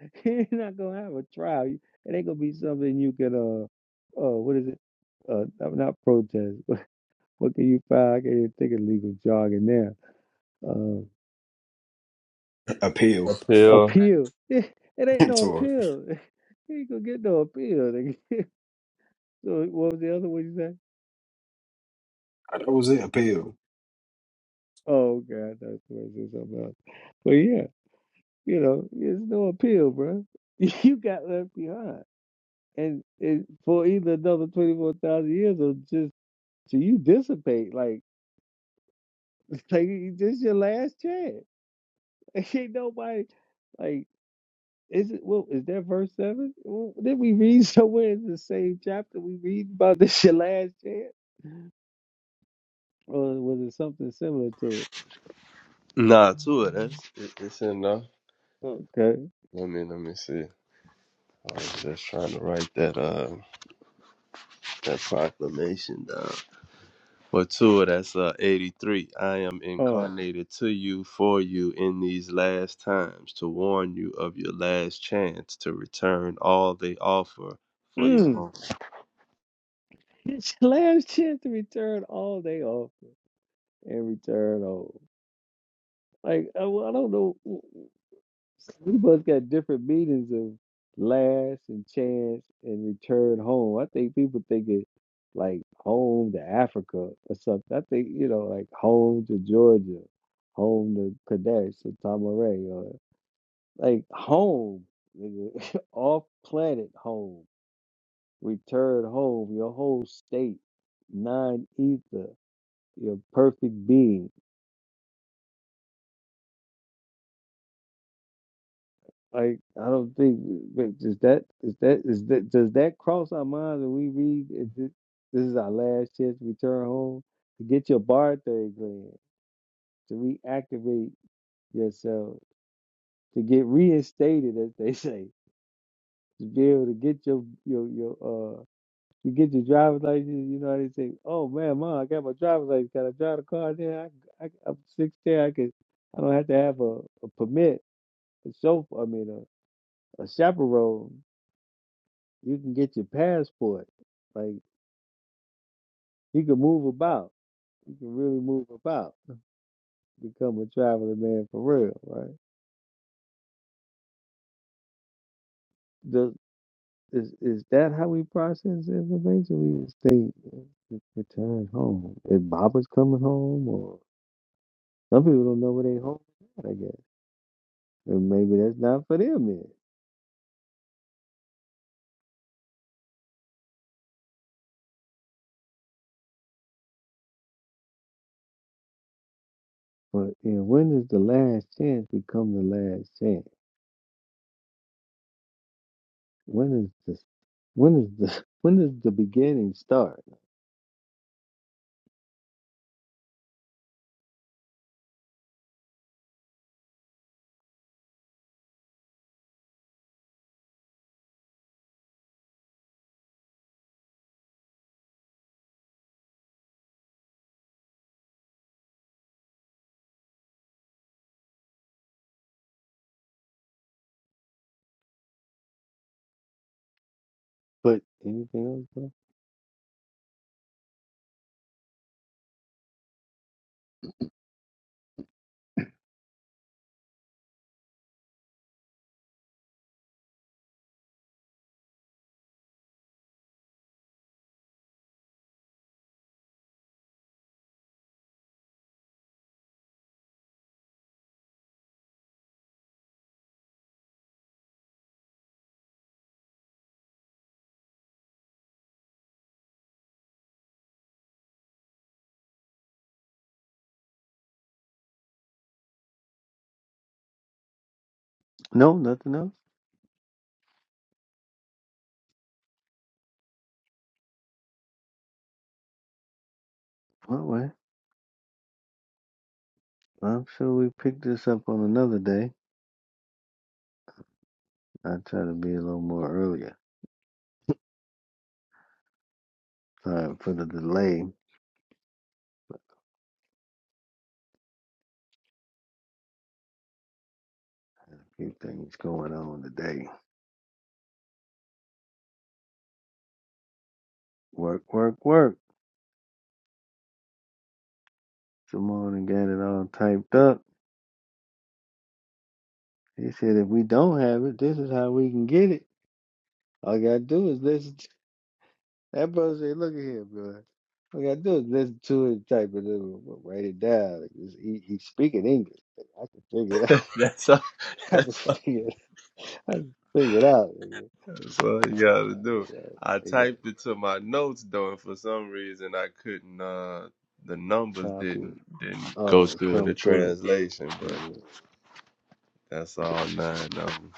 Speaker 6: You're not gonna have a trial. It ain't gonna be something you can uh, uh, what is it? Uh, not not protest. What, what can you file? I can't even think of legal jargon now.
Speaker 7: appeal.
Speaker 6: Uh,
Speaker 5: Appeal.
Speaker 6: appeal. It, ain't no
Speaker 7: To
Speaker 6: appeal. You ain't gonna get no appeal. nigga. so what was the other one you said?
Speaker 7: that was it, appeal.
Speaker 6: Oh God, that's what I said something else. But yeah, you know, there's no appeal, bro. You got left behind, and, and for either another twenty four thousand years or just So you dissipate like like this your last chance. Like, ain't nobody like is it well is that verse seven? Well, did we read somewhere in the same chapter we read about this your last chance? Or was it something similar to it?
Speaker 5: Nah, Tua, that's It, it's enough.
Speaker 6: Okay.
Speaker 5: Let me let me see. I was just trying to write that uh that proclamation down. For two, that's uh, 83. I am
Speaker 6: Oh.
Speaker 5: incarnated to you, for you, in these last times, to warn you of your last chance to return all they offer for your
Speaker 6: Mm.
Speaker 5: own.
Speaker 6: It's your last chance to return all they offer and return all. Like I, well, I don't know. We both got different meanings of last and chance and return home. I think people think it like home to Africa or something. I think, you know, like home to Georgia, home to Kadesh or Tamaray or like home, nigga. off planet home, return home, your whole state, non ether, your perfect being. Like I don't think wait, does that is that is that does that cross our minds when we read is this, this is our last chance to return home to get your barthay gland to reactivate yourself to get reinstated as they say to be able to get your your your uh to get your driver's license you know how they say oh man mom I got my driver's license can I drive the car now I, I I'm 16 I can I don't have to have a, a permit a chauffeur I mean a, a chaperone You can get your passport. Like you can move about. You can really move about. Become a traveling man for real, right? Does is is that how we process information? We just think "Re- return home. Is Baba's coming home or some people don't know where they home is at, I guess. And maybe that's not for them then. But you know, when does the last chance become the last chance? When is the when is the when does the beginning start? But anything else? bro? No, nothing else. All right. I'm sure we picked this up on another day. I try to be a little more earlier. Sorry for the delay. A few things going on today. Work, work, work. Simone and got it all typed up. He said if we don't have it, this is how we can get it. All I gotta do is listen. To, that brother said, "Look at here, brother. All I gotta do is listen to it, type it, in, write it down. Like, it's- he, he's speaking English. Like, I can figure it out.
Speaker 5: That's all,
Speaker 6: I can
Speaker 5: that's all,
Speaker 6: figure it. I can figure it out.
Speaker 5: that's all you gotta do. I
Speaker 6: nigga.
Speaker 5: typed it to my notes though, and for some reason I couldn't. Uh, the numbers
Speaker 6: Copy
Speaker 5: didn't
Speaker 6: it.
Speaker 5: didn't go
Speaker 6: Oh,
Speaker 5: through in the
Speaker 6: come through. it.
Speaker 5: translation, but
Speaker 6: Yeah.
Speaker 5: that's all nine numbers.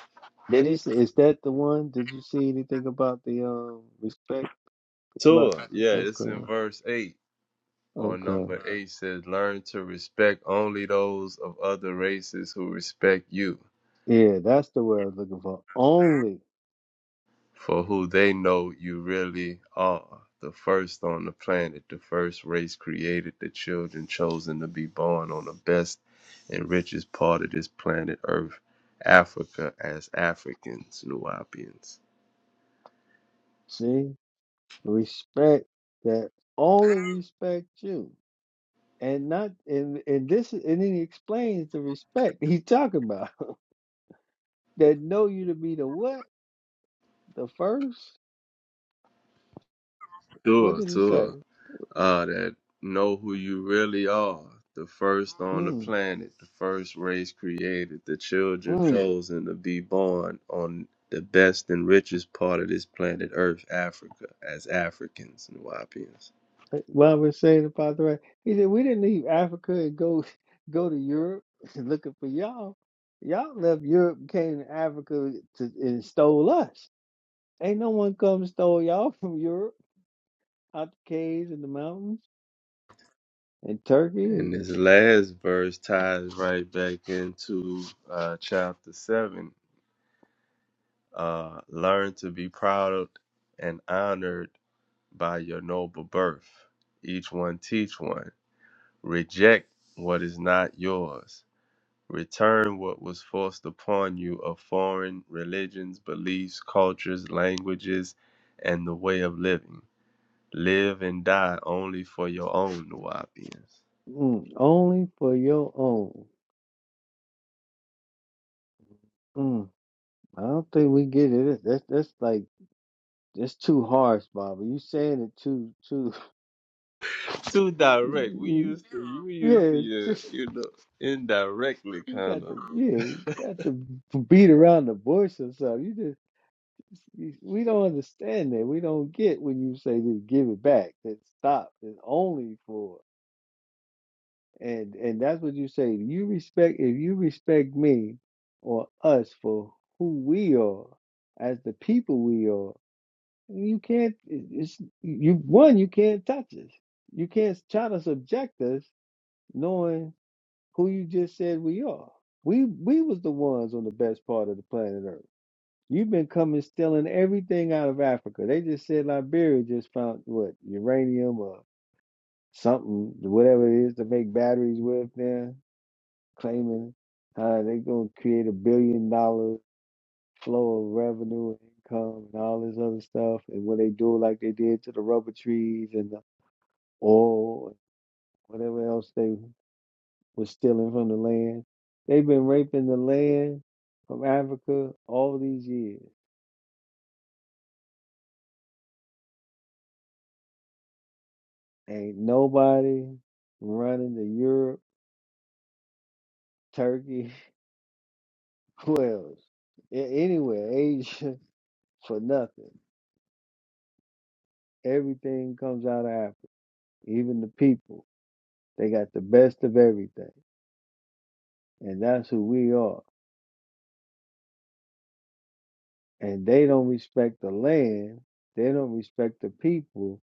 Speaker 6: Did he, s- is that the one? Did you see anything about the um respect?
Speaker 5: Tour,
Speaker 6: About
Speaker 5: yeah, it's in
Speaker 6: okay,
Speaker 5: verse eight. Or
Speaker 6: okay,
Speaker 5: number eight says, learn to respect only those of other races who respect you
Speaker 6: yeah, that's the word I was looking for. Only
Speaker 5: for who they know you really are. The first on the planet, the first race created, the children chosen to be born on the best and richest part of this planet Earth, Africa, as Africans, Nubians.
Speaker 6: see respect that only respect you, and not and and this is- and then he explains the respect he's talking about that know you to be the what the first. What
Speaker 5: Sure,
Speaker 6: did he
Speaker 5: sure.
Speaker 6: say?
Speaker 5: uh, that know who you really are. The first on the
Speaker 6: Mm,
Speaker 5: planet, the first race created, the children
Speaker 6: mm.
Speaker 5: chosen to be born on the best and richest part of this planet Earth, Africa, as Africans and Wapians.
Speaker 6: Love was saved about the right. He said, We didn't leave Africa and go go to Europe looking for y'all. Y'all left Europe, and came to Africa to, and stole us. Ain't no one come and stole y'all from Europe, out the caves and the mountains and Turkey.
Speaker 5: And this last verse ties right back into uh, chapter 7. Uh, Learn to be proud and honored by your noble birth. Each one teach one. Reject what is not yours Return what was forced upon you of foreign religions, beliefs, cultures, languages, and the way of living. Live and die only for your own Nuwapians.
Speaker 6: Mm, only for your own. Mm, I don't think we get it. That's that's like that's too harsh, Bobby. You saying it too too.
Speaker 5: Too direct. We used to we used to
Speaker 6: you- yeah,
Speaker 5: uh, you know indirectly
Speaker 6: You
Speaker 5: kind
Speaker 6: got
Speaker 5: of.
Speaker 6: to, yeah, you got to beat around the bush or something. You just, you, we don't understand that. We don't get when you say just give it back. That stop is only for, and and that's what you say. You respect if you respect me or us for who we are as the people we are. You can't. it- It's you. One, you can't touch us. You can't try to subject us, knowing. who you just said we are. We we was the ones on the best part of the planet Earth. You've been coming stealing everything out of Africa. They just said Liberia just found what uranium or something, whatever it is to make batteries with. Now claiming how they gonna create a billion dollar flow of revenue and income and all this other stuff. And when they do it like they did to the rubber trees and the oil and whatever else they was stealing from the land. They've been raping the land from Africa all these years. Ain't nobody running to Europe, Turkey, who else? A- Anywhere, Asia, for nothing. Everything comes out of Africa, even the people. They got the best of everything. And that's who we are. And they don't respect the land. They don't respect the people.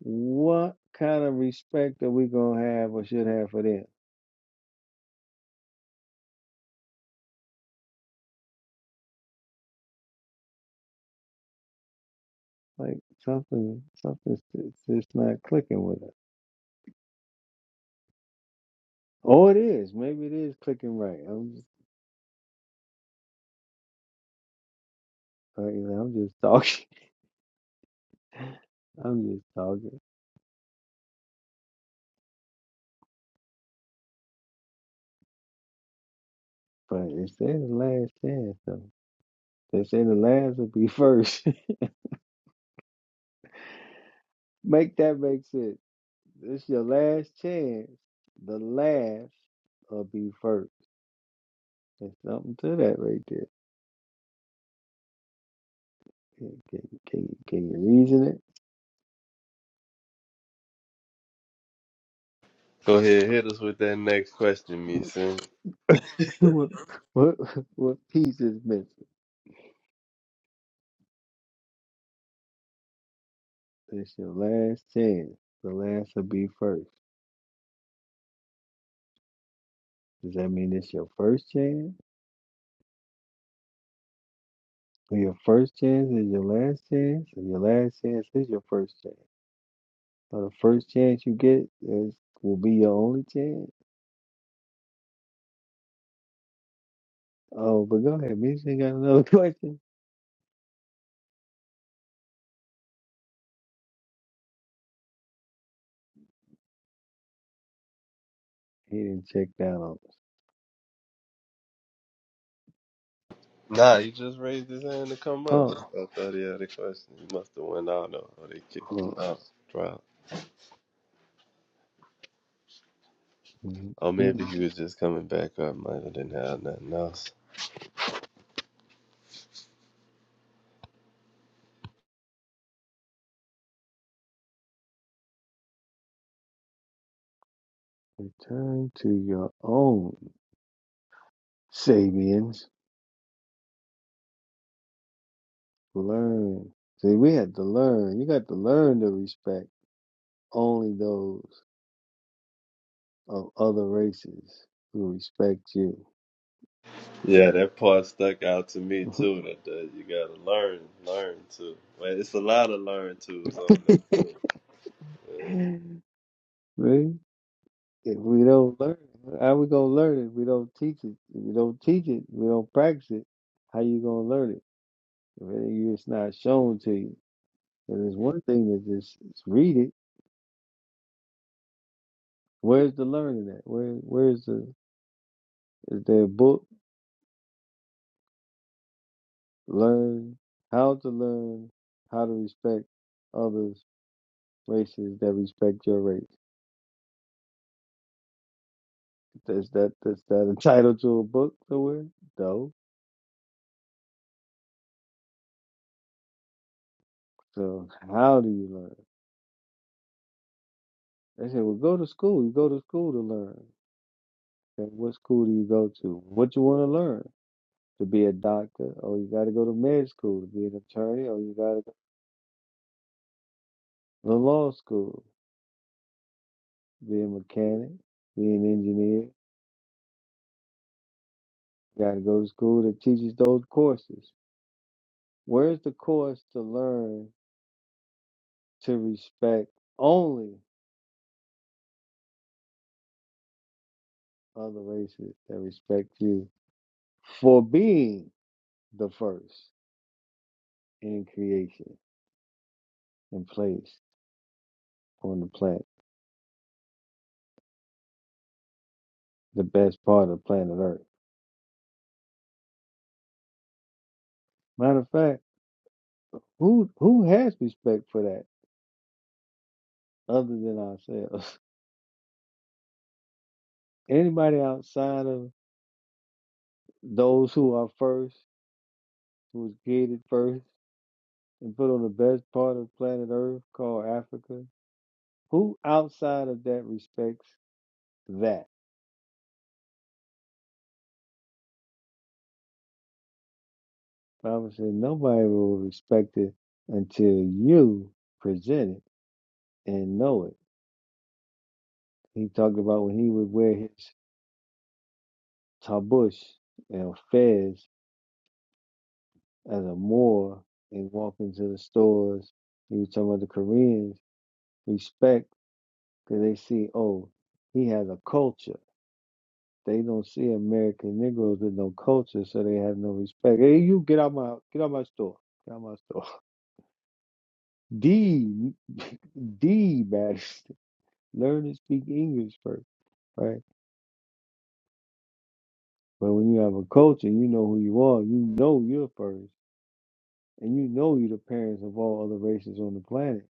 Speaker 6: What kind of respect are we going to have or should have for them? Like something, something's it's just not clicking with it. Oh, it is. Maybe it is clicking right. I'm just, like, you know, I'm just talking. I'm just talking. But it says last chance, though. They say the last will be first. make that make sense. It's your last chance. The last will be first. There's something to that right there. Can, can, can, you- can you reason
Speaker 5: Go ahead, hit us with that next question, me
Speaker 6: it? what what what piece is missing? It's your last chance. The last will be first. Does that mean it's your first chance? Or your first chance is your last chance? Or your last chance is your first chance? Or the first chance you get is will be your only chance? Oh, but go ahead, Mitch ain't got another question. He didn't check that out.
Speaker 5: Nah, you just raised his hand to come up.
Speaker 6: Oh,
Speaker 5: I thought he had a question. He must have went out or or they kicked him
Speaker 6: oh
Speaker 5: out. Drop.
Speaker 6: mm,
Speaker 5: Or maybe
Speaker 6: mm.
Speaker 5: he was just coming back up. Might have didn't have nothing else.
Speaker 6: return to your own Sabians. Learn. See, we had to learn. You got to learn to respect only those of other races who respect you.
Speaker 5: Yeah, that part stuck out to me too. That, that you gotta learn, learn too. But it's a lot of learn tools on that too. Yeah.
Speaker 6: Right? If we don't learn, it, how we gonna learn it? If we don't teach it. If you don't teach it, we don't practice it. How you gonna learn it? If it- it's not shown to you, and it's one thing to just just read it. Where's the learning at? Where Where's the is there a book? Learn how to learn how to respect others races that respect your race. Is that is that a title to a book somewhere? No. So how do you learn? They said, well, go to school. You go to school to learn. Okay, what school do you go to? What you want to learn? To be a doctor? Oh, you got to go to med school. To be an attorney? Oh, you got to go to law school. Be a mechanic? Be an engineer? You got to go to school that teaches those courses. Where's the course to learn to respect only other races that respect you for being the first in creation and place on the planet, the best part of planet Earth? Matter of fact, who who has respect for that other than ourselves? Anybody outside of those who are first, who was created first and put on the best part of planet Earth called Africa, who outside of that respects that? Bible said nobody will respect it until you present it and know it. He talked about when he would wear his tabush and fez as a Moor and walk into the stores. He was talking about the Koreans respect because they see, oh, he has a culture. They don't see American Negroes with no culture, so they have no respect. Hey, you get out my get out my store. Get out my store. D D matters. Learn to speak English first, right? But when you have a culture, you know who you are. You know you're first, and you know you're the parents of all other races on the planet.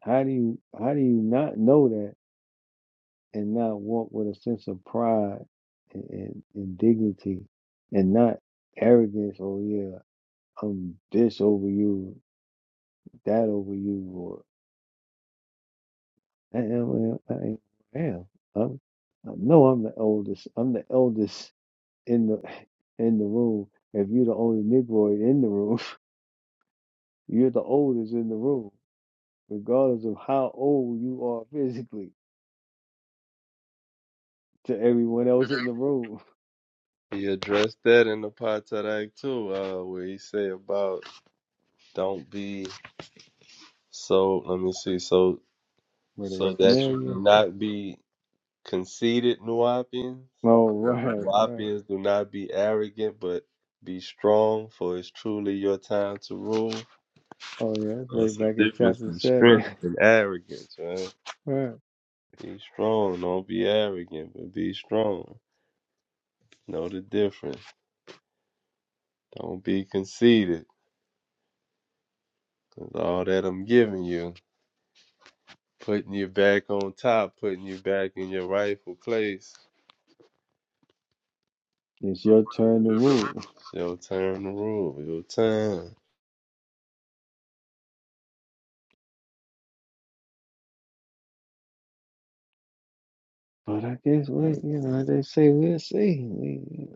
Speaker 6: How do you how do you not know that and not walk with a sense of pride and, and, and dignity and not arrogance oh yeah i'm this over you that over you or i am i am i am I'm, i know i'm the oldest i'm the eldest in the in the room if you're the only negroid in the room you're the oldest in the room regardless of how old you are physically to everyone else in the room
Speaker 5: He addressed that in the Potadak too, uh, where he say about don't be so. Let me see, so
Speaker 6: where they
Speaker 5: so that
Speaker 6: smell
Speaker 5: you
Speaker 6: you
Speaker 5: do not be conceited, Nuapians.
Speaker 6: oh right right.
Speaker 5: Nuapians do not be arrogant, but be strong, for it's truly your time to rule.
Speaker 6: Oh yeah, it's
Speaker 5: That's
Speaker 6: right
Speaker 5: the
Speaker 6: back in
Speaker 5: difference
Speaker 6: chapter
Speaker 5: in
Speaker 6: seven.
Speaker 5: strength and arrogance, right?
Speaker 6: right.
Speaker 5: Be strong. Don't be arrogant, but be strong. Know the difference. Don't be conceited. 'cause all that I'm giving you, putting you back on top, putting you back in your rightful place.
Speaker 6: It's your turn to rule.
Speaker 5: It's your turn to rule. Your turn.
Speaker 6: But I guess we, you know, they say we'll see. We,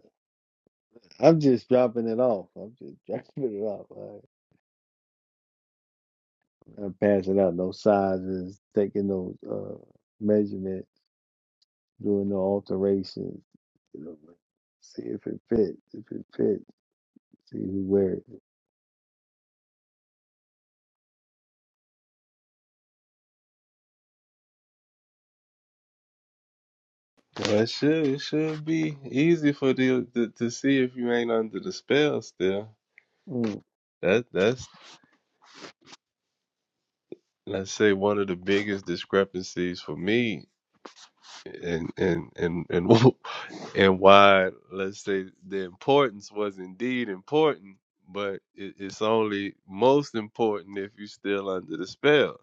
Speaker 6: I'm just dropping it off. I'm just dropping it off. All right. I'm passing out no sizes, taking no uh, measurements, doing no alterations. You know, like, see if it fits. If it fits, see who wears it.
Speaker 5: Well, it should it should be easy for the to, to see if you ain't under the spell still.
Speaker 6: Mm,
Speaker 5: That that's let's say one of the biggest discrepancies for me and and and and and why let's say the importance was indeed important but it, it's only most important if you're still under the spell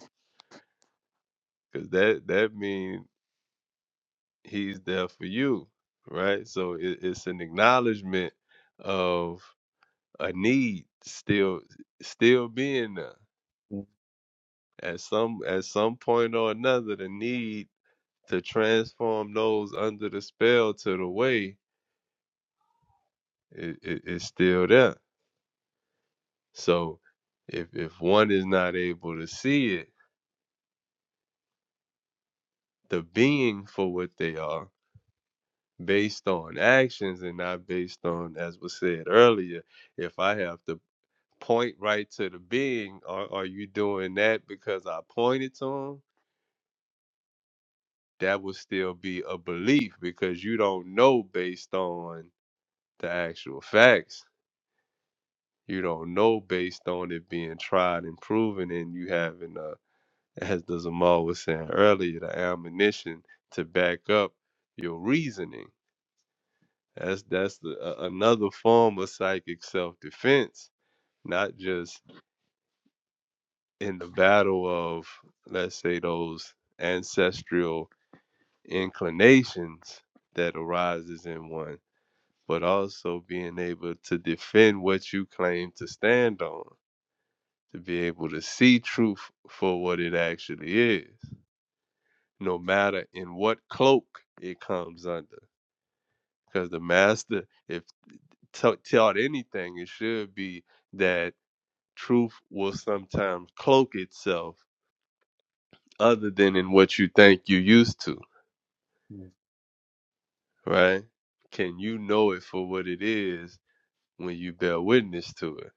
Speaker 5: because that that means he's there for you right so it, it's an acknowledgement of a need still still being there
Speaker 6: mm,
Speaker 5: at some at some point or another the need to transform those under the spell to the way i- i- is still there So if if one is not able to see it, the being for what they are based on actions and not based on as was said earlier, if I have to point right to the being, are, are you doing that because I pointed to him? That would still be a belief because you don't know based on the actual facts. You don't know based on it being tried and proven and you having a as the Zamal was saying earlier, the ammunition to back up your reasoning. That's that's the, a another form of psychic self defense, not just in the battle of let's say those ancestral inclinations that arises in one, but also being able to defend what you claim to stand on, to be able to see truth for what it actually is. no matter in what cloak it comes under. Because the master, if ta- taught anything, it should be that truth will sometimes cloak itself other than in what you think you're used to,
Speaker 6: mm.
Speaker 5: right? Can you know it for what it is when you bear witness to it,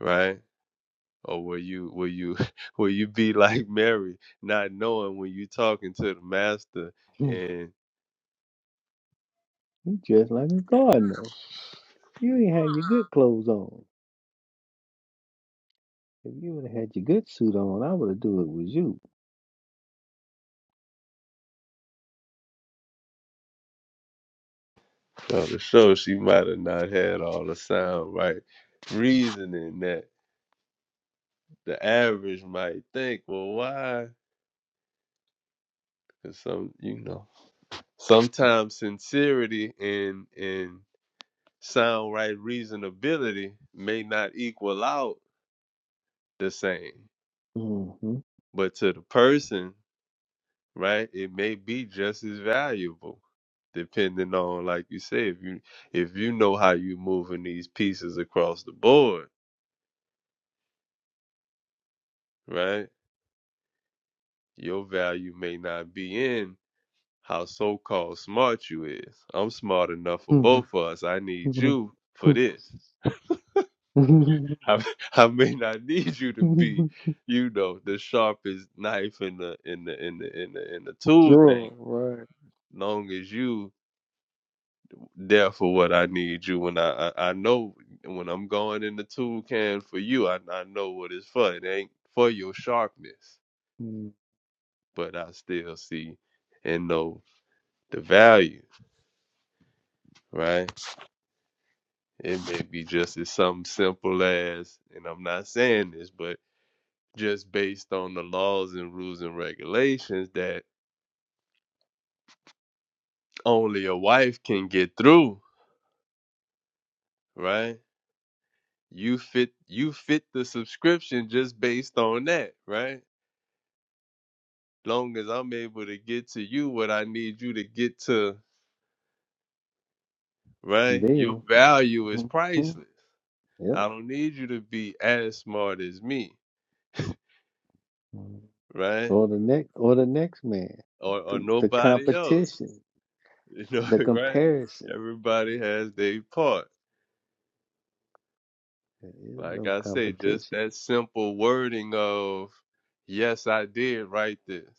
Speaker 5: right? Or will you will you will you be like Mary, not knowing when you're talking to the master
Speaker 6: Hmm.
Speaker 5: and?
Speaker 6: You dressed like a gardener. You ain't had your good clothes on. If you would have had your good suit on, I would have do it with you.
Speaker 5: So to show she might have not had all the sound right reasoning that the average might think, well, why? Because some, you know, sometimes sincerity and and sound right reasonability may not equal out the same,
Speaker 6: Mhm.
Speaker 5: but to the person, right, it may be just as valuable, depending on, like you say, if you if you know how you moving these pieces across the board, right? Your value may not be in how so called smart you is. I'm smart enough for both of us. I need you for this. I, I may not need you to be, you know, the sharpest knife in the in the in the in the in the tool
Speaker 6: Sure,
Speaker 5: thing.
Speaker 6: right.
Speaker 5: Long as you there for what I need you when I I, I know when I'm going in the tool can for you, I I know what it's for. It ain't for your sharpness,
Speaker 6: Mm,
Speaker 5: but I still see and know the value, right? It may be just as something simple as, and I'm not saying this, but just based on the laws and rules and regulations that only a wife can get through, right? You fit you fit the subscription just based on that, right? Long as I'm able to get to you what I need you to get to, right? Your
Speaker 6: Then,
Speaker 5: value is
Speaker 6: mhm,
Speaker 5: priceless.
Speaker 6: yep.
Speaker 5: I don't need you to be as smart as me,
Speaker 6: Mm.
Speaker 5: right?
Speaker 6: Or the next, or the next man.
Speaker 5: Or or
Speaker 6: The, the
Speaker 5: nobody else.
Speaker 6: competition,
Speaker 5: You know,
Speaker 6: the
Speaker 5: right?
Speaker 6: comparison.
Speaker 5: Everybody has their part.
Speaker 6: There is
Speaker 5: Like
Speaker 6: no
Speaker 5: I say, just
Speaker 6: competition.
Speaker 5: that simple wording of yes, I did write this.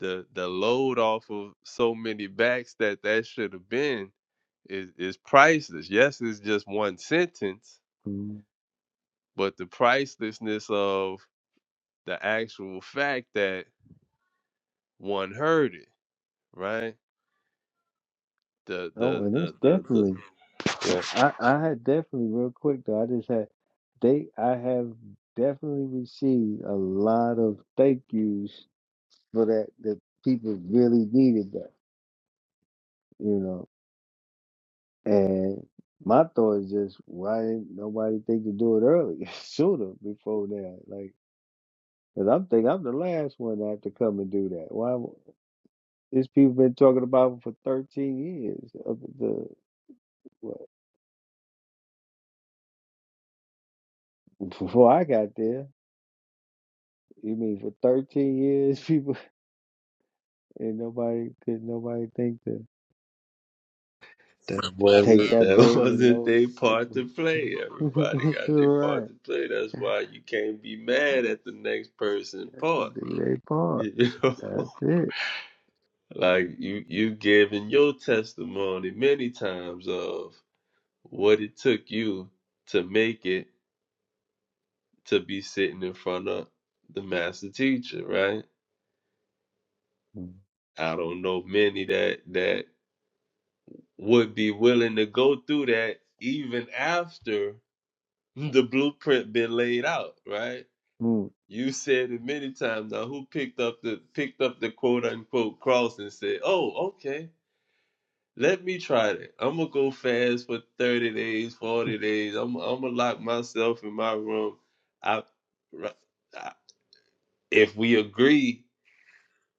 Speaker 5: The the load off of so many backs that that should have been is is priceless. Yes, it's just one sentence,
Speaker 6: Mm.
Speaker 5: but the pricelessness of the actual fact that one heard it, right? The
Speaker 6: Oh,
Speaker 5: the
Speaker 6: and it's
Speaker 5: the the,
Speaker 6: definitely.
Speaker 5: the,
Speaker 6: I I had definitely real quick though. I just had they. I have definitely received a lot of thank yous for that. That people really needed that. You know. And my thought is just why didn't nobody think to do it early, sooner before now? Like, cause I'm think I'm the last one to have to come and do that. Why? w- These people been talking about it for 13 years. Up the what, before I got there, you mean for 13 years, people and nobody could nobody think to
Speaker 5: That
Speaker 6: take
Speaker 5: wasn't
Speaker 6: that
Speaker 5: that
Speaker 6: burden and
Speaker 5: wasn't
Speaker 6: load.
Speaker 5: their
Speaker 6: on
Speaker 5: part
Speaker 6: people.
Speaker 5: to play. Everybody got their part
Speaker 6: right,
Speaker 5: to play. That's why you can't be mad at the next person part.
Speaker 6: do their part.
Speaker 5: You know,
Speaker 6: That's it.
Speaker 5: like you you've given your testimony many times of what it took you to make it to be sitting in front of the master teacher, right?
Speaker 6: Mm.
Speaker 5: I don't know many that that would be willing to go through that even after the blueprint been laid out, right?
Speaker 6: Mm.
Speaker 5: You said it many times now. Who picked up the picked up the quote unquote cross and said, "Oh, okay, let me try that. I'm gonna go fast for thirty days, forty days. I'm I'm gonna lock myself in my room." I, if we agree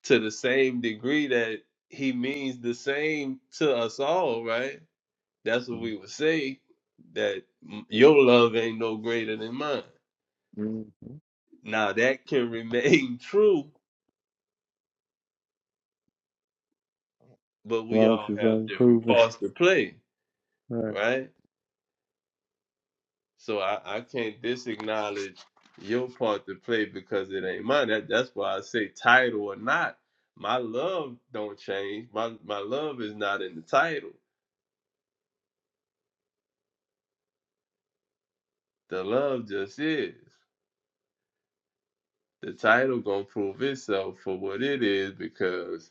Speaker 5: to the same degree that he means the same to us all, right? That's what
Speaker 6: Mm.
Speaker 5: we would say. That mm, your love ain't no greater than mine.
Speaker 6: mm.
Speaker 5: Now that can remain true but we
Speaker 6: long as
Speaker 5: all
Speaker 6: it's
Speaker 5: have different
Speaker 6: unproven.
Speaker 5: parts to play,
Speaker 6: Right,
Speaker 5: right? So I, I can't disacknowledge your part to play because it ain't mine. That, that's why I say title or not, my love don't change. My my love is not in the title. The love just is. The title gonna prove itself for what it is because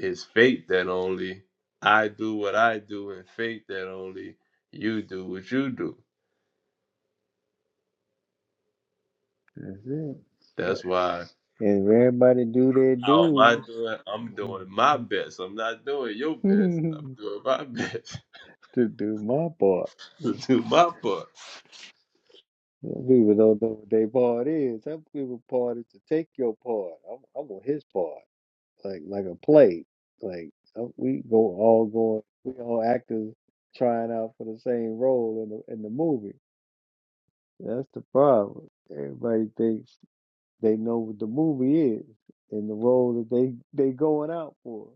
Speaker 5: it's fate that only I do what I do and fate that only you do what you do.
Speaker 6: that's it.
Speaker 5: That's why
Speaker 6: If everybody do their
Speaker 5: How am I
Speaker 6: dues,
Speaker 5: doing? I'm doing my best. I'm not doing your best. I'm
Speaker 6: to
Speaker 5: doing my best
Speaker 6: do my part.
Speaker 5: to
Speaker 6: Some
Speaker 5: do my part.
Speaker 6: People don't know what their part is. Some people part is to take your part. I'm, I'm on his part, like like a play. Like uh, we go all going, we all actors trying out for the same role in the in the movie. That's the problem. Everybody thinks They know what the movie is and the role that they they going out for,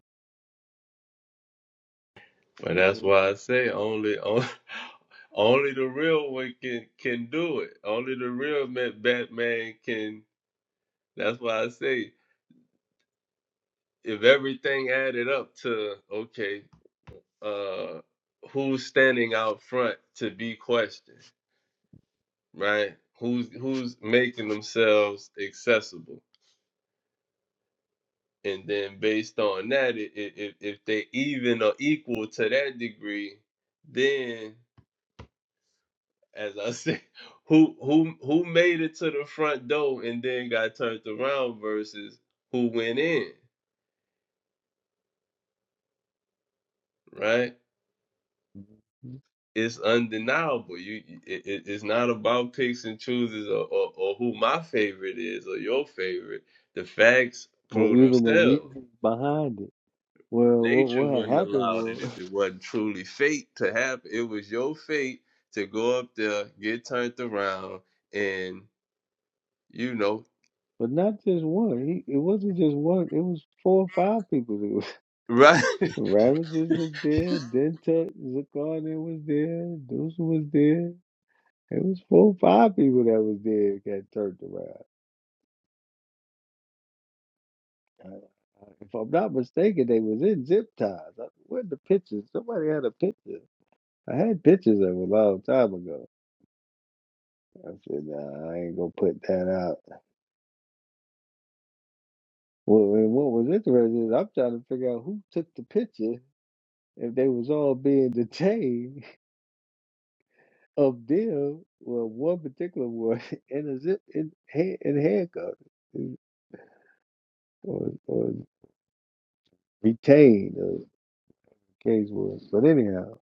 Speaker 5: But
Speaker 6: When
Speaker 5: that's
Speaker 6: they-
Speaker 5: why I say only only, only the real one can can do it. Only the real ma- Batman can. That's why I say if everything added up to okay, uh, who's standing out front to be questioned, right? Who's who's making themselves accessible? and then based on that, i- i- if if they even or equal to that degree, then as I said, who who who made it to the front door and then got turned around versus who went in, right? It's undeniable. You, you- it, it- it's not about picks and chooses or, or, or who my favorite is or your favorite. The facts
Speaker 6: or
Speaker 5: prove
Speaker 6: even the
Speaker 5: themselves.
Speaker 6: reasons behind it. Well, what
Speaker 5: nature
Speaker 6: what had
Speaker 5: wouldn't
Speaker 6: happened
Speaker 5: allow it
Speaker 6: was,
Speaker 5: if it wasn't truly fate to happen. It was your fate to go up there, get turned around, and you know,
Speaker 6: but not just one. He it wasn't just one. It was four or five people. It was
Speaker 5: right?
Speaker 6: Ramesses was there. Dentuck Zakarna was there. Deuce was there. It was four or five people that was there that got turned around. I- I- If I'm not mistaken, they was in zip ties. I- Where the pictures? Somebody had a picture. I had pictures of it a long time ago. I said, nah, I ain't gonna put that out. Well, and what was interesting is I'm trying to figure out who took the picture if they was all being detained of them. Well, one particular one in a zip in, hand- in handcuffs or, or retained, or the case was. But anyhow,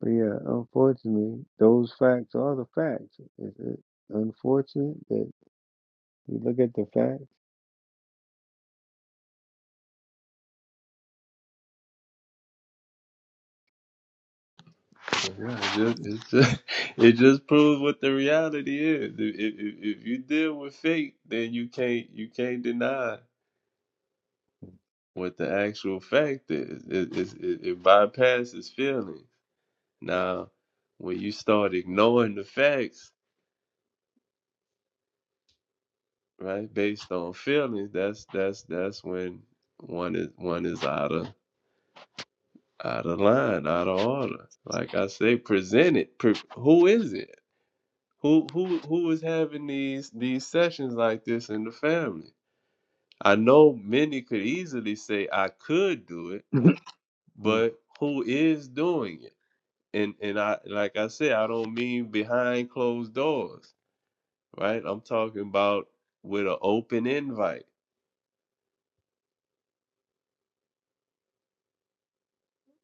Speaker 6: but yeah, unfortunately, those facts are the facts. It's it's unfortunate that you look at the
Speaker 5: Yeah, it just, it just, it just proves what the reality is. If, if, if you deal with fate, then you can't you can't deny what the actual fact is. It, it, it, it bypasses feelings. Now, when you start ignoring the facts right? Based on feelings, that's that's that's when one is one is out of out of line, out of order. Like I say, present it. Pre- who is it? Who who who is having these these sessions like this in the family? I know many could easily say I could do it,
Speaker 6: facts.
Speaker 5: but who is doing it? And and I like I said, I don't mean behind closed doors, right? I'm talking about with an open invite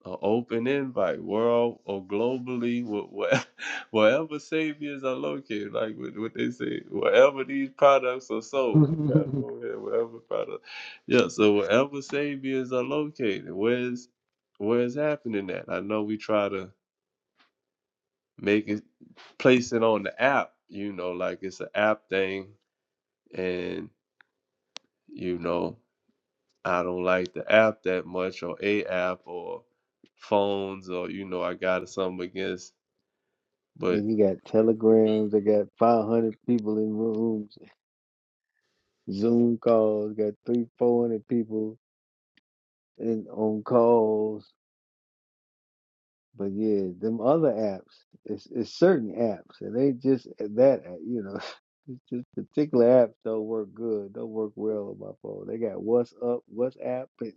Speaker 5: an open invite world or globally wh- wh- wherever saviors are located like what, what they say wherever these products are sold we got 'em over here wherever product yeah so wherever saviors are located where's where's happening at i know we try to make it place it on the app you know like it's an app thing and you know i don't like the app that much or a app or phones or you know i got some against But
Speaker 6: And you got telegrams. They got 500 people in rooms, Zoom calls. Got three, 400 people in on calls. But yeah, them other apps, it's, it's certain apps, and they just that uh, you know, it's just particular apps don't work good, don't work well on my phone. They got WhatsApp, WhatsApp, and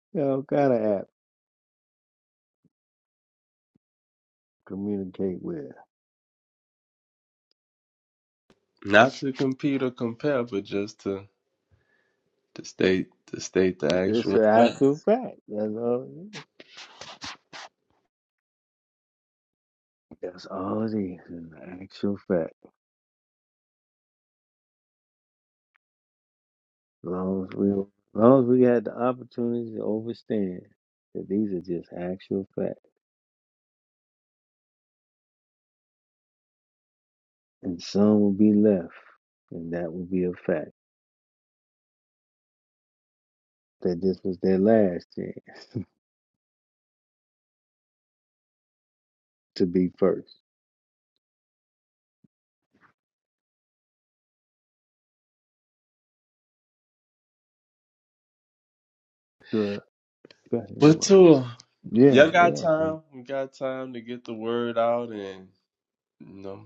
Speaker 6: you know, all kind of app to communicate with.
Speaker 5: not to compete or compare, but just to to state to state the
Speaker 6: It's
Speaker 5: actual.
Speaker 6: an actual fact. That's all. It is. That's all it is. An actual fact. As long as we, as long as we had the opportunity to overstand that these are just actual facts, and some will be left, and that will be a fact that this was their last chance to be first. Sure. Go ahead,
Speaker 5: But
Speaker 6: Jamal.
Speaker 5: too,
Speaker 6: Yeah,
Speaker 5: y'all got
Speaker 6: yeah.
Speaker 5: time. We got time to get the word out, and you know,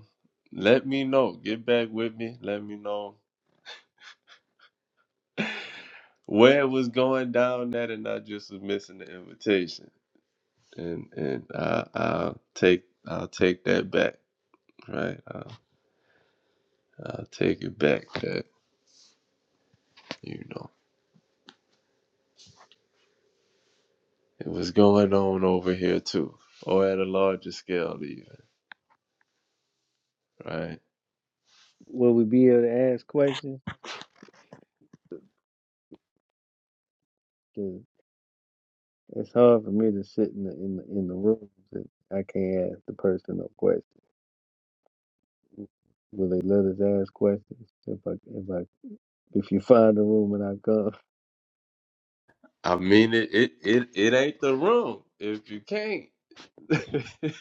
Speaker 5: let me know. Get back with me. Let me know where it was going down that, and I just was missing the invitation. And and I, I'll take I'll take that back. Right, I'll, I'll take it back. That you know, it was going on over here too, or at a larger scale even. Right
Speaker 6: Will we be able to ask questions? 'Cause It's hard for me to sit in the in the, in the room. and I can't ask the person no questions. Will they let us ask questions if I if I if you find a room and
Speaker 5: I mean it it it, it ain't the room if you can't. it,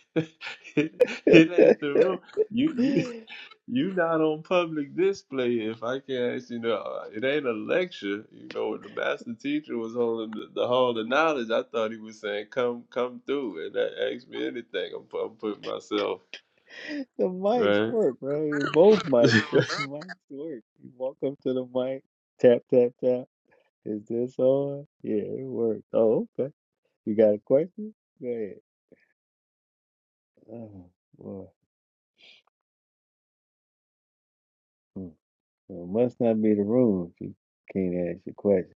Speaker 6: I
Speaker 5: it ain't
Speaker 6: come?
Speaker 5: the room. You you you not on public display if I can't ask you know it ain't a lecture. You know when the master teacher was holding the, the hall of knowledge, I thought he was saying come come through and that asked me anything. I'm, pu- I'm putting myself
Speaker 6: The mics
Speaker 5: right.
Speaker 6: work, right? Both mics. The mics work. You walk up to the mic, tap, tap, tap. Is this on? Yeah, it works. Oh, okay. You got a question? Go ahead. Oh, boy. Hmm. So it must not be the room if you can't ask your question.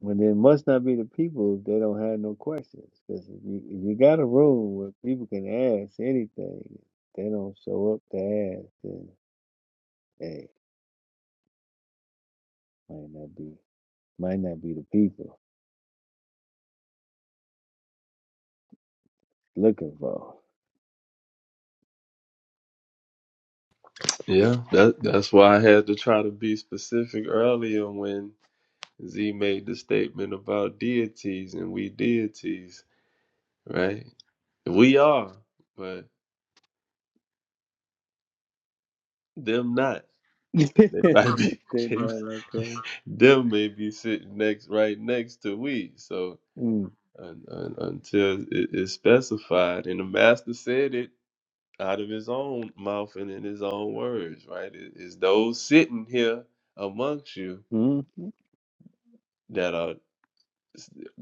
Speaker 6: Well, then it must not be the people if they don't have no questions. Because if you, if you got a room where people can ask anything, they don't show up to ask, then, hey, might not be, might not be the people looking for.
Speaker 5: Yeah, that that's why I had to try to be specific earlier when Z made the statement about deities and we deities. right? We are, but them not.
Speaker 6: they
Speaker 5: They might be, they,
Speaker 6: not like us.
Speaker 5: them may be sitting next, right next to we. So
Speaker 6: Mm,
Speaker 5: un, un, until it is specified, and the master said it out of his own mouth and in his own words, right? It- it's those sitting here amongst you
Speaker 6: mm,
Speaker 5: that are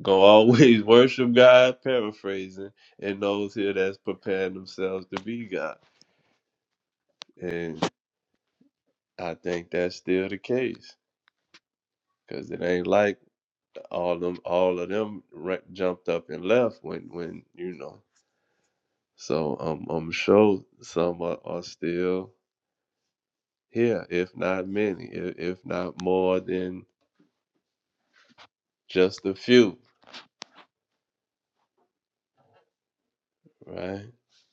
Speaker 5: gonna always worship God, paraphrasing, and those here that's preparing themselves to be God. And I think that's still the case because it ain't like all of them all of them ra- jumped up and left when when you know so um, i'm sure some are, are still here if not many if, if not more than just a few right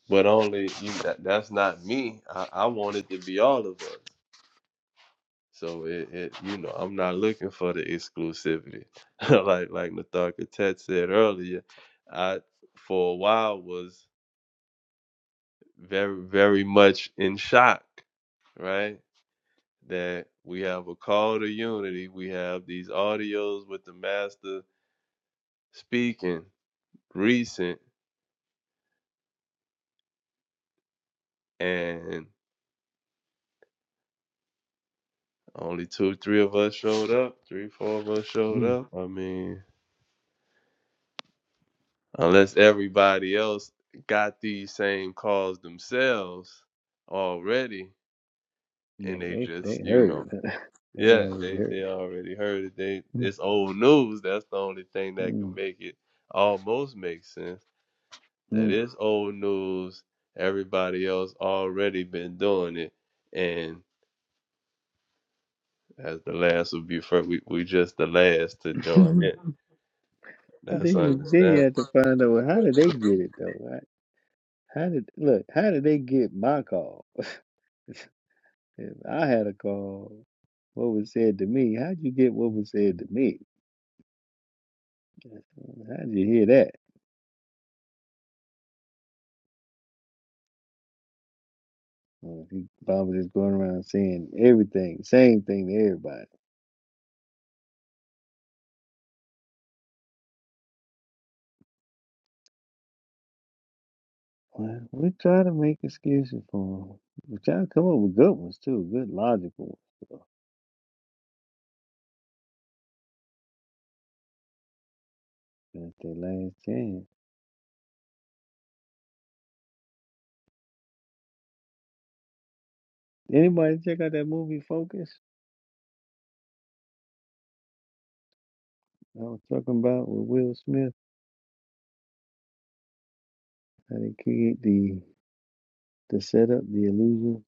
Speaker 5: but only you that, that's not me I, I want it to be all of us so it, it you know i'm not looking for the exclusivity like like Nathan Tet said earlier i for a while was very very much in shock right that we have a call to unity. We have these audios with the master speaking recent, and only two, three of us showed up. Three, four of us showed
Speaker 6: mm.
Speaker 5: up. I mean, unless everybody else got these same calls themselves already,
Speaker 6: Yeah,
Speaker 5: and they
Speaker 6: they
Speaker 5: just,
Speaker 6: they
Speaker 5: you
Speaker 6: heard
Speaker 5: know,
Speaker 6: it. Huh? They
Speaker 5: yeah,
Speaker 6: already
Speaker 5: they
Speaker 6: heard
Speaker 5: they
Speaker 6: it.
Speaker 5: already heard it. They
Speaker 6: Mm,
Speaker 5: it's old news. That's the only thing that can
Speaker 6: mm,
Speaker 5: make it almost make sense that is old news. Everybody else already been doing it, and as the last would be first, we we just the last to join
Speaker 6: mm.
Speaker 5: it.
Speaker 6: but
Speaker 5: That's
Speaker 6: then you then you
Speaker 5: understandable.
Speaker 6: have to find out well, how did they get it though? Right? How did look? How did they get my call? If I had a call, what was said to me? How'd you get what was said to me? How'd you hear that? Well, if you Bob was just going around saying everything, same thing to everybody. Well, we try to make excuses for them. We try to come up with good ones too, good logical ones. So that's their last chance. Anybody check out that movie Focus? I was talking about with Will Smith how they create the the setup, the illusion,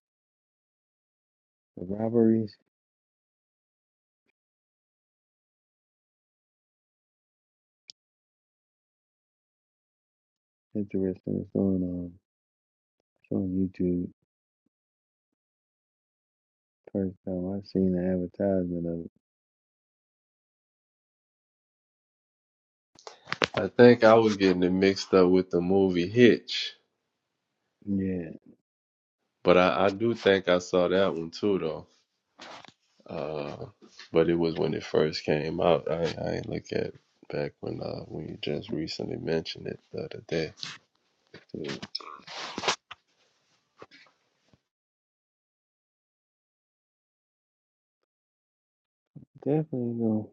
Speaker 6: the robberies. Interesting. It's on um, it's on YouTube. First time I seen the advertisement of it.
Speaker 5: I think I was getting it mixed up with the movie Hitch,
Speaker 6: Yeah,
Speaker 5: but I, I do think I saw that one too though. Uh, but it was when it first came out. I I ain't look at it back when uh when you just recently mentioned it the other day.
Speaker 6: so definitely don't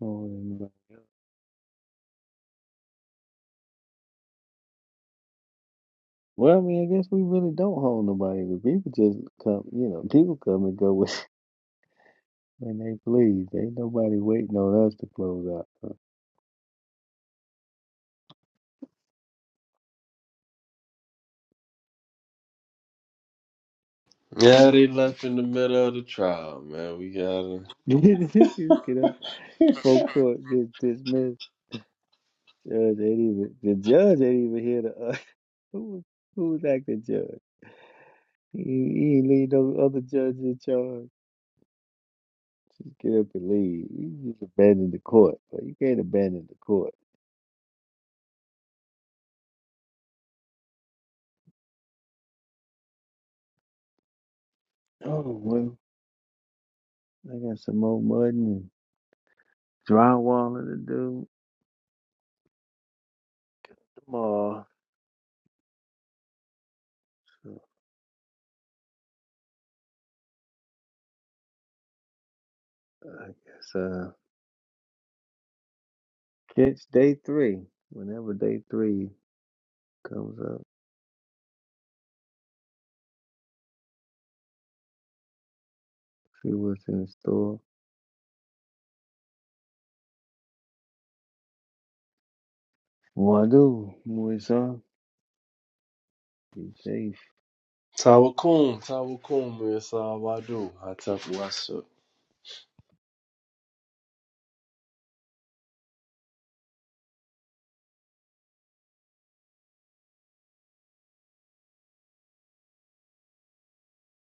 Speaker 6: hold anybody up. Well, I mean, I guess we really don't hold nobody. nobody. 'cause People just come, you know, people come and go with When they please, ain't nobody waiting on us to close out.
Speaker 5: Yeah, they left in the middle of the trial, man. We got
Speaker 6: Huh? Just get up. Full court gets dismissed. Judge ain't even the judge ain't even here to uh, who was- who was acting judge. He, he ain't leave no other judge in charge. Just get up and leave. You just abandon the court, but you can't abandon the court. Oh well, I got some more mudding and drywalling to do tomorrow. So I guess uh, catch day three whenever day three comes up. She was in the store. Wado, Moisa, you say
Speaker 5: Tawakkul, tawakkul, Mr. Wadu, atakwasa.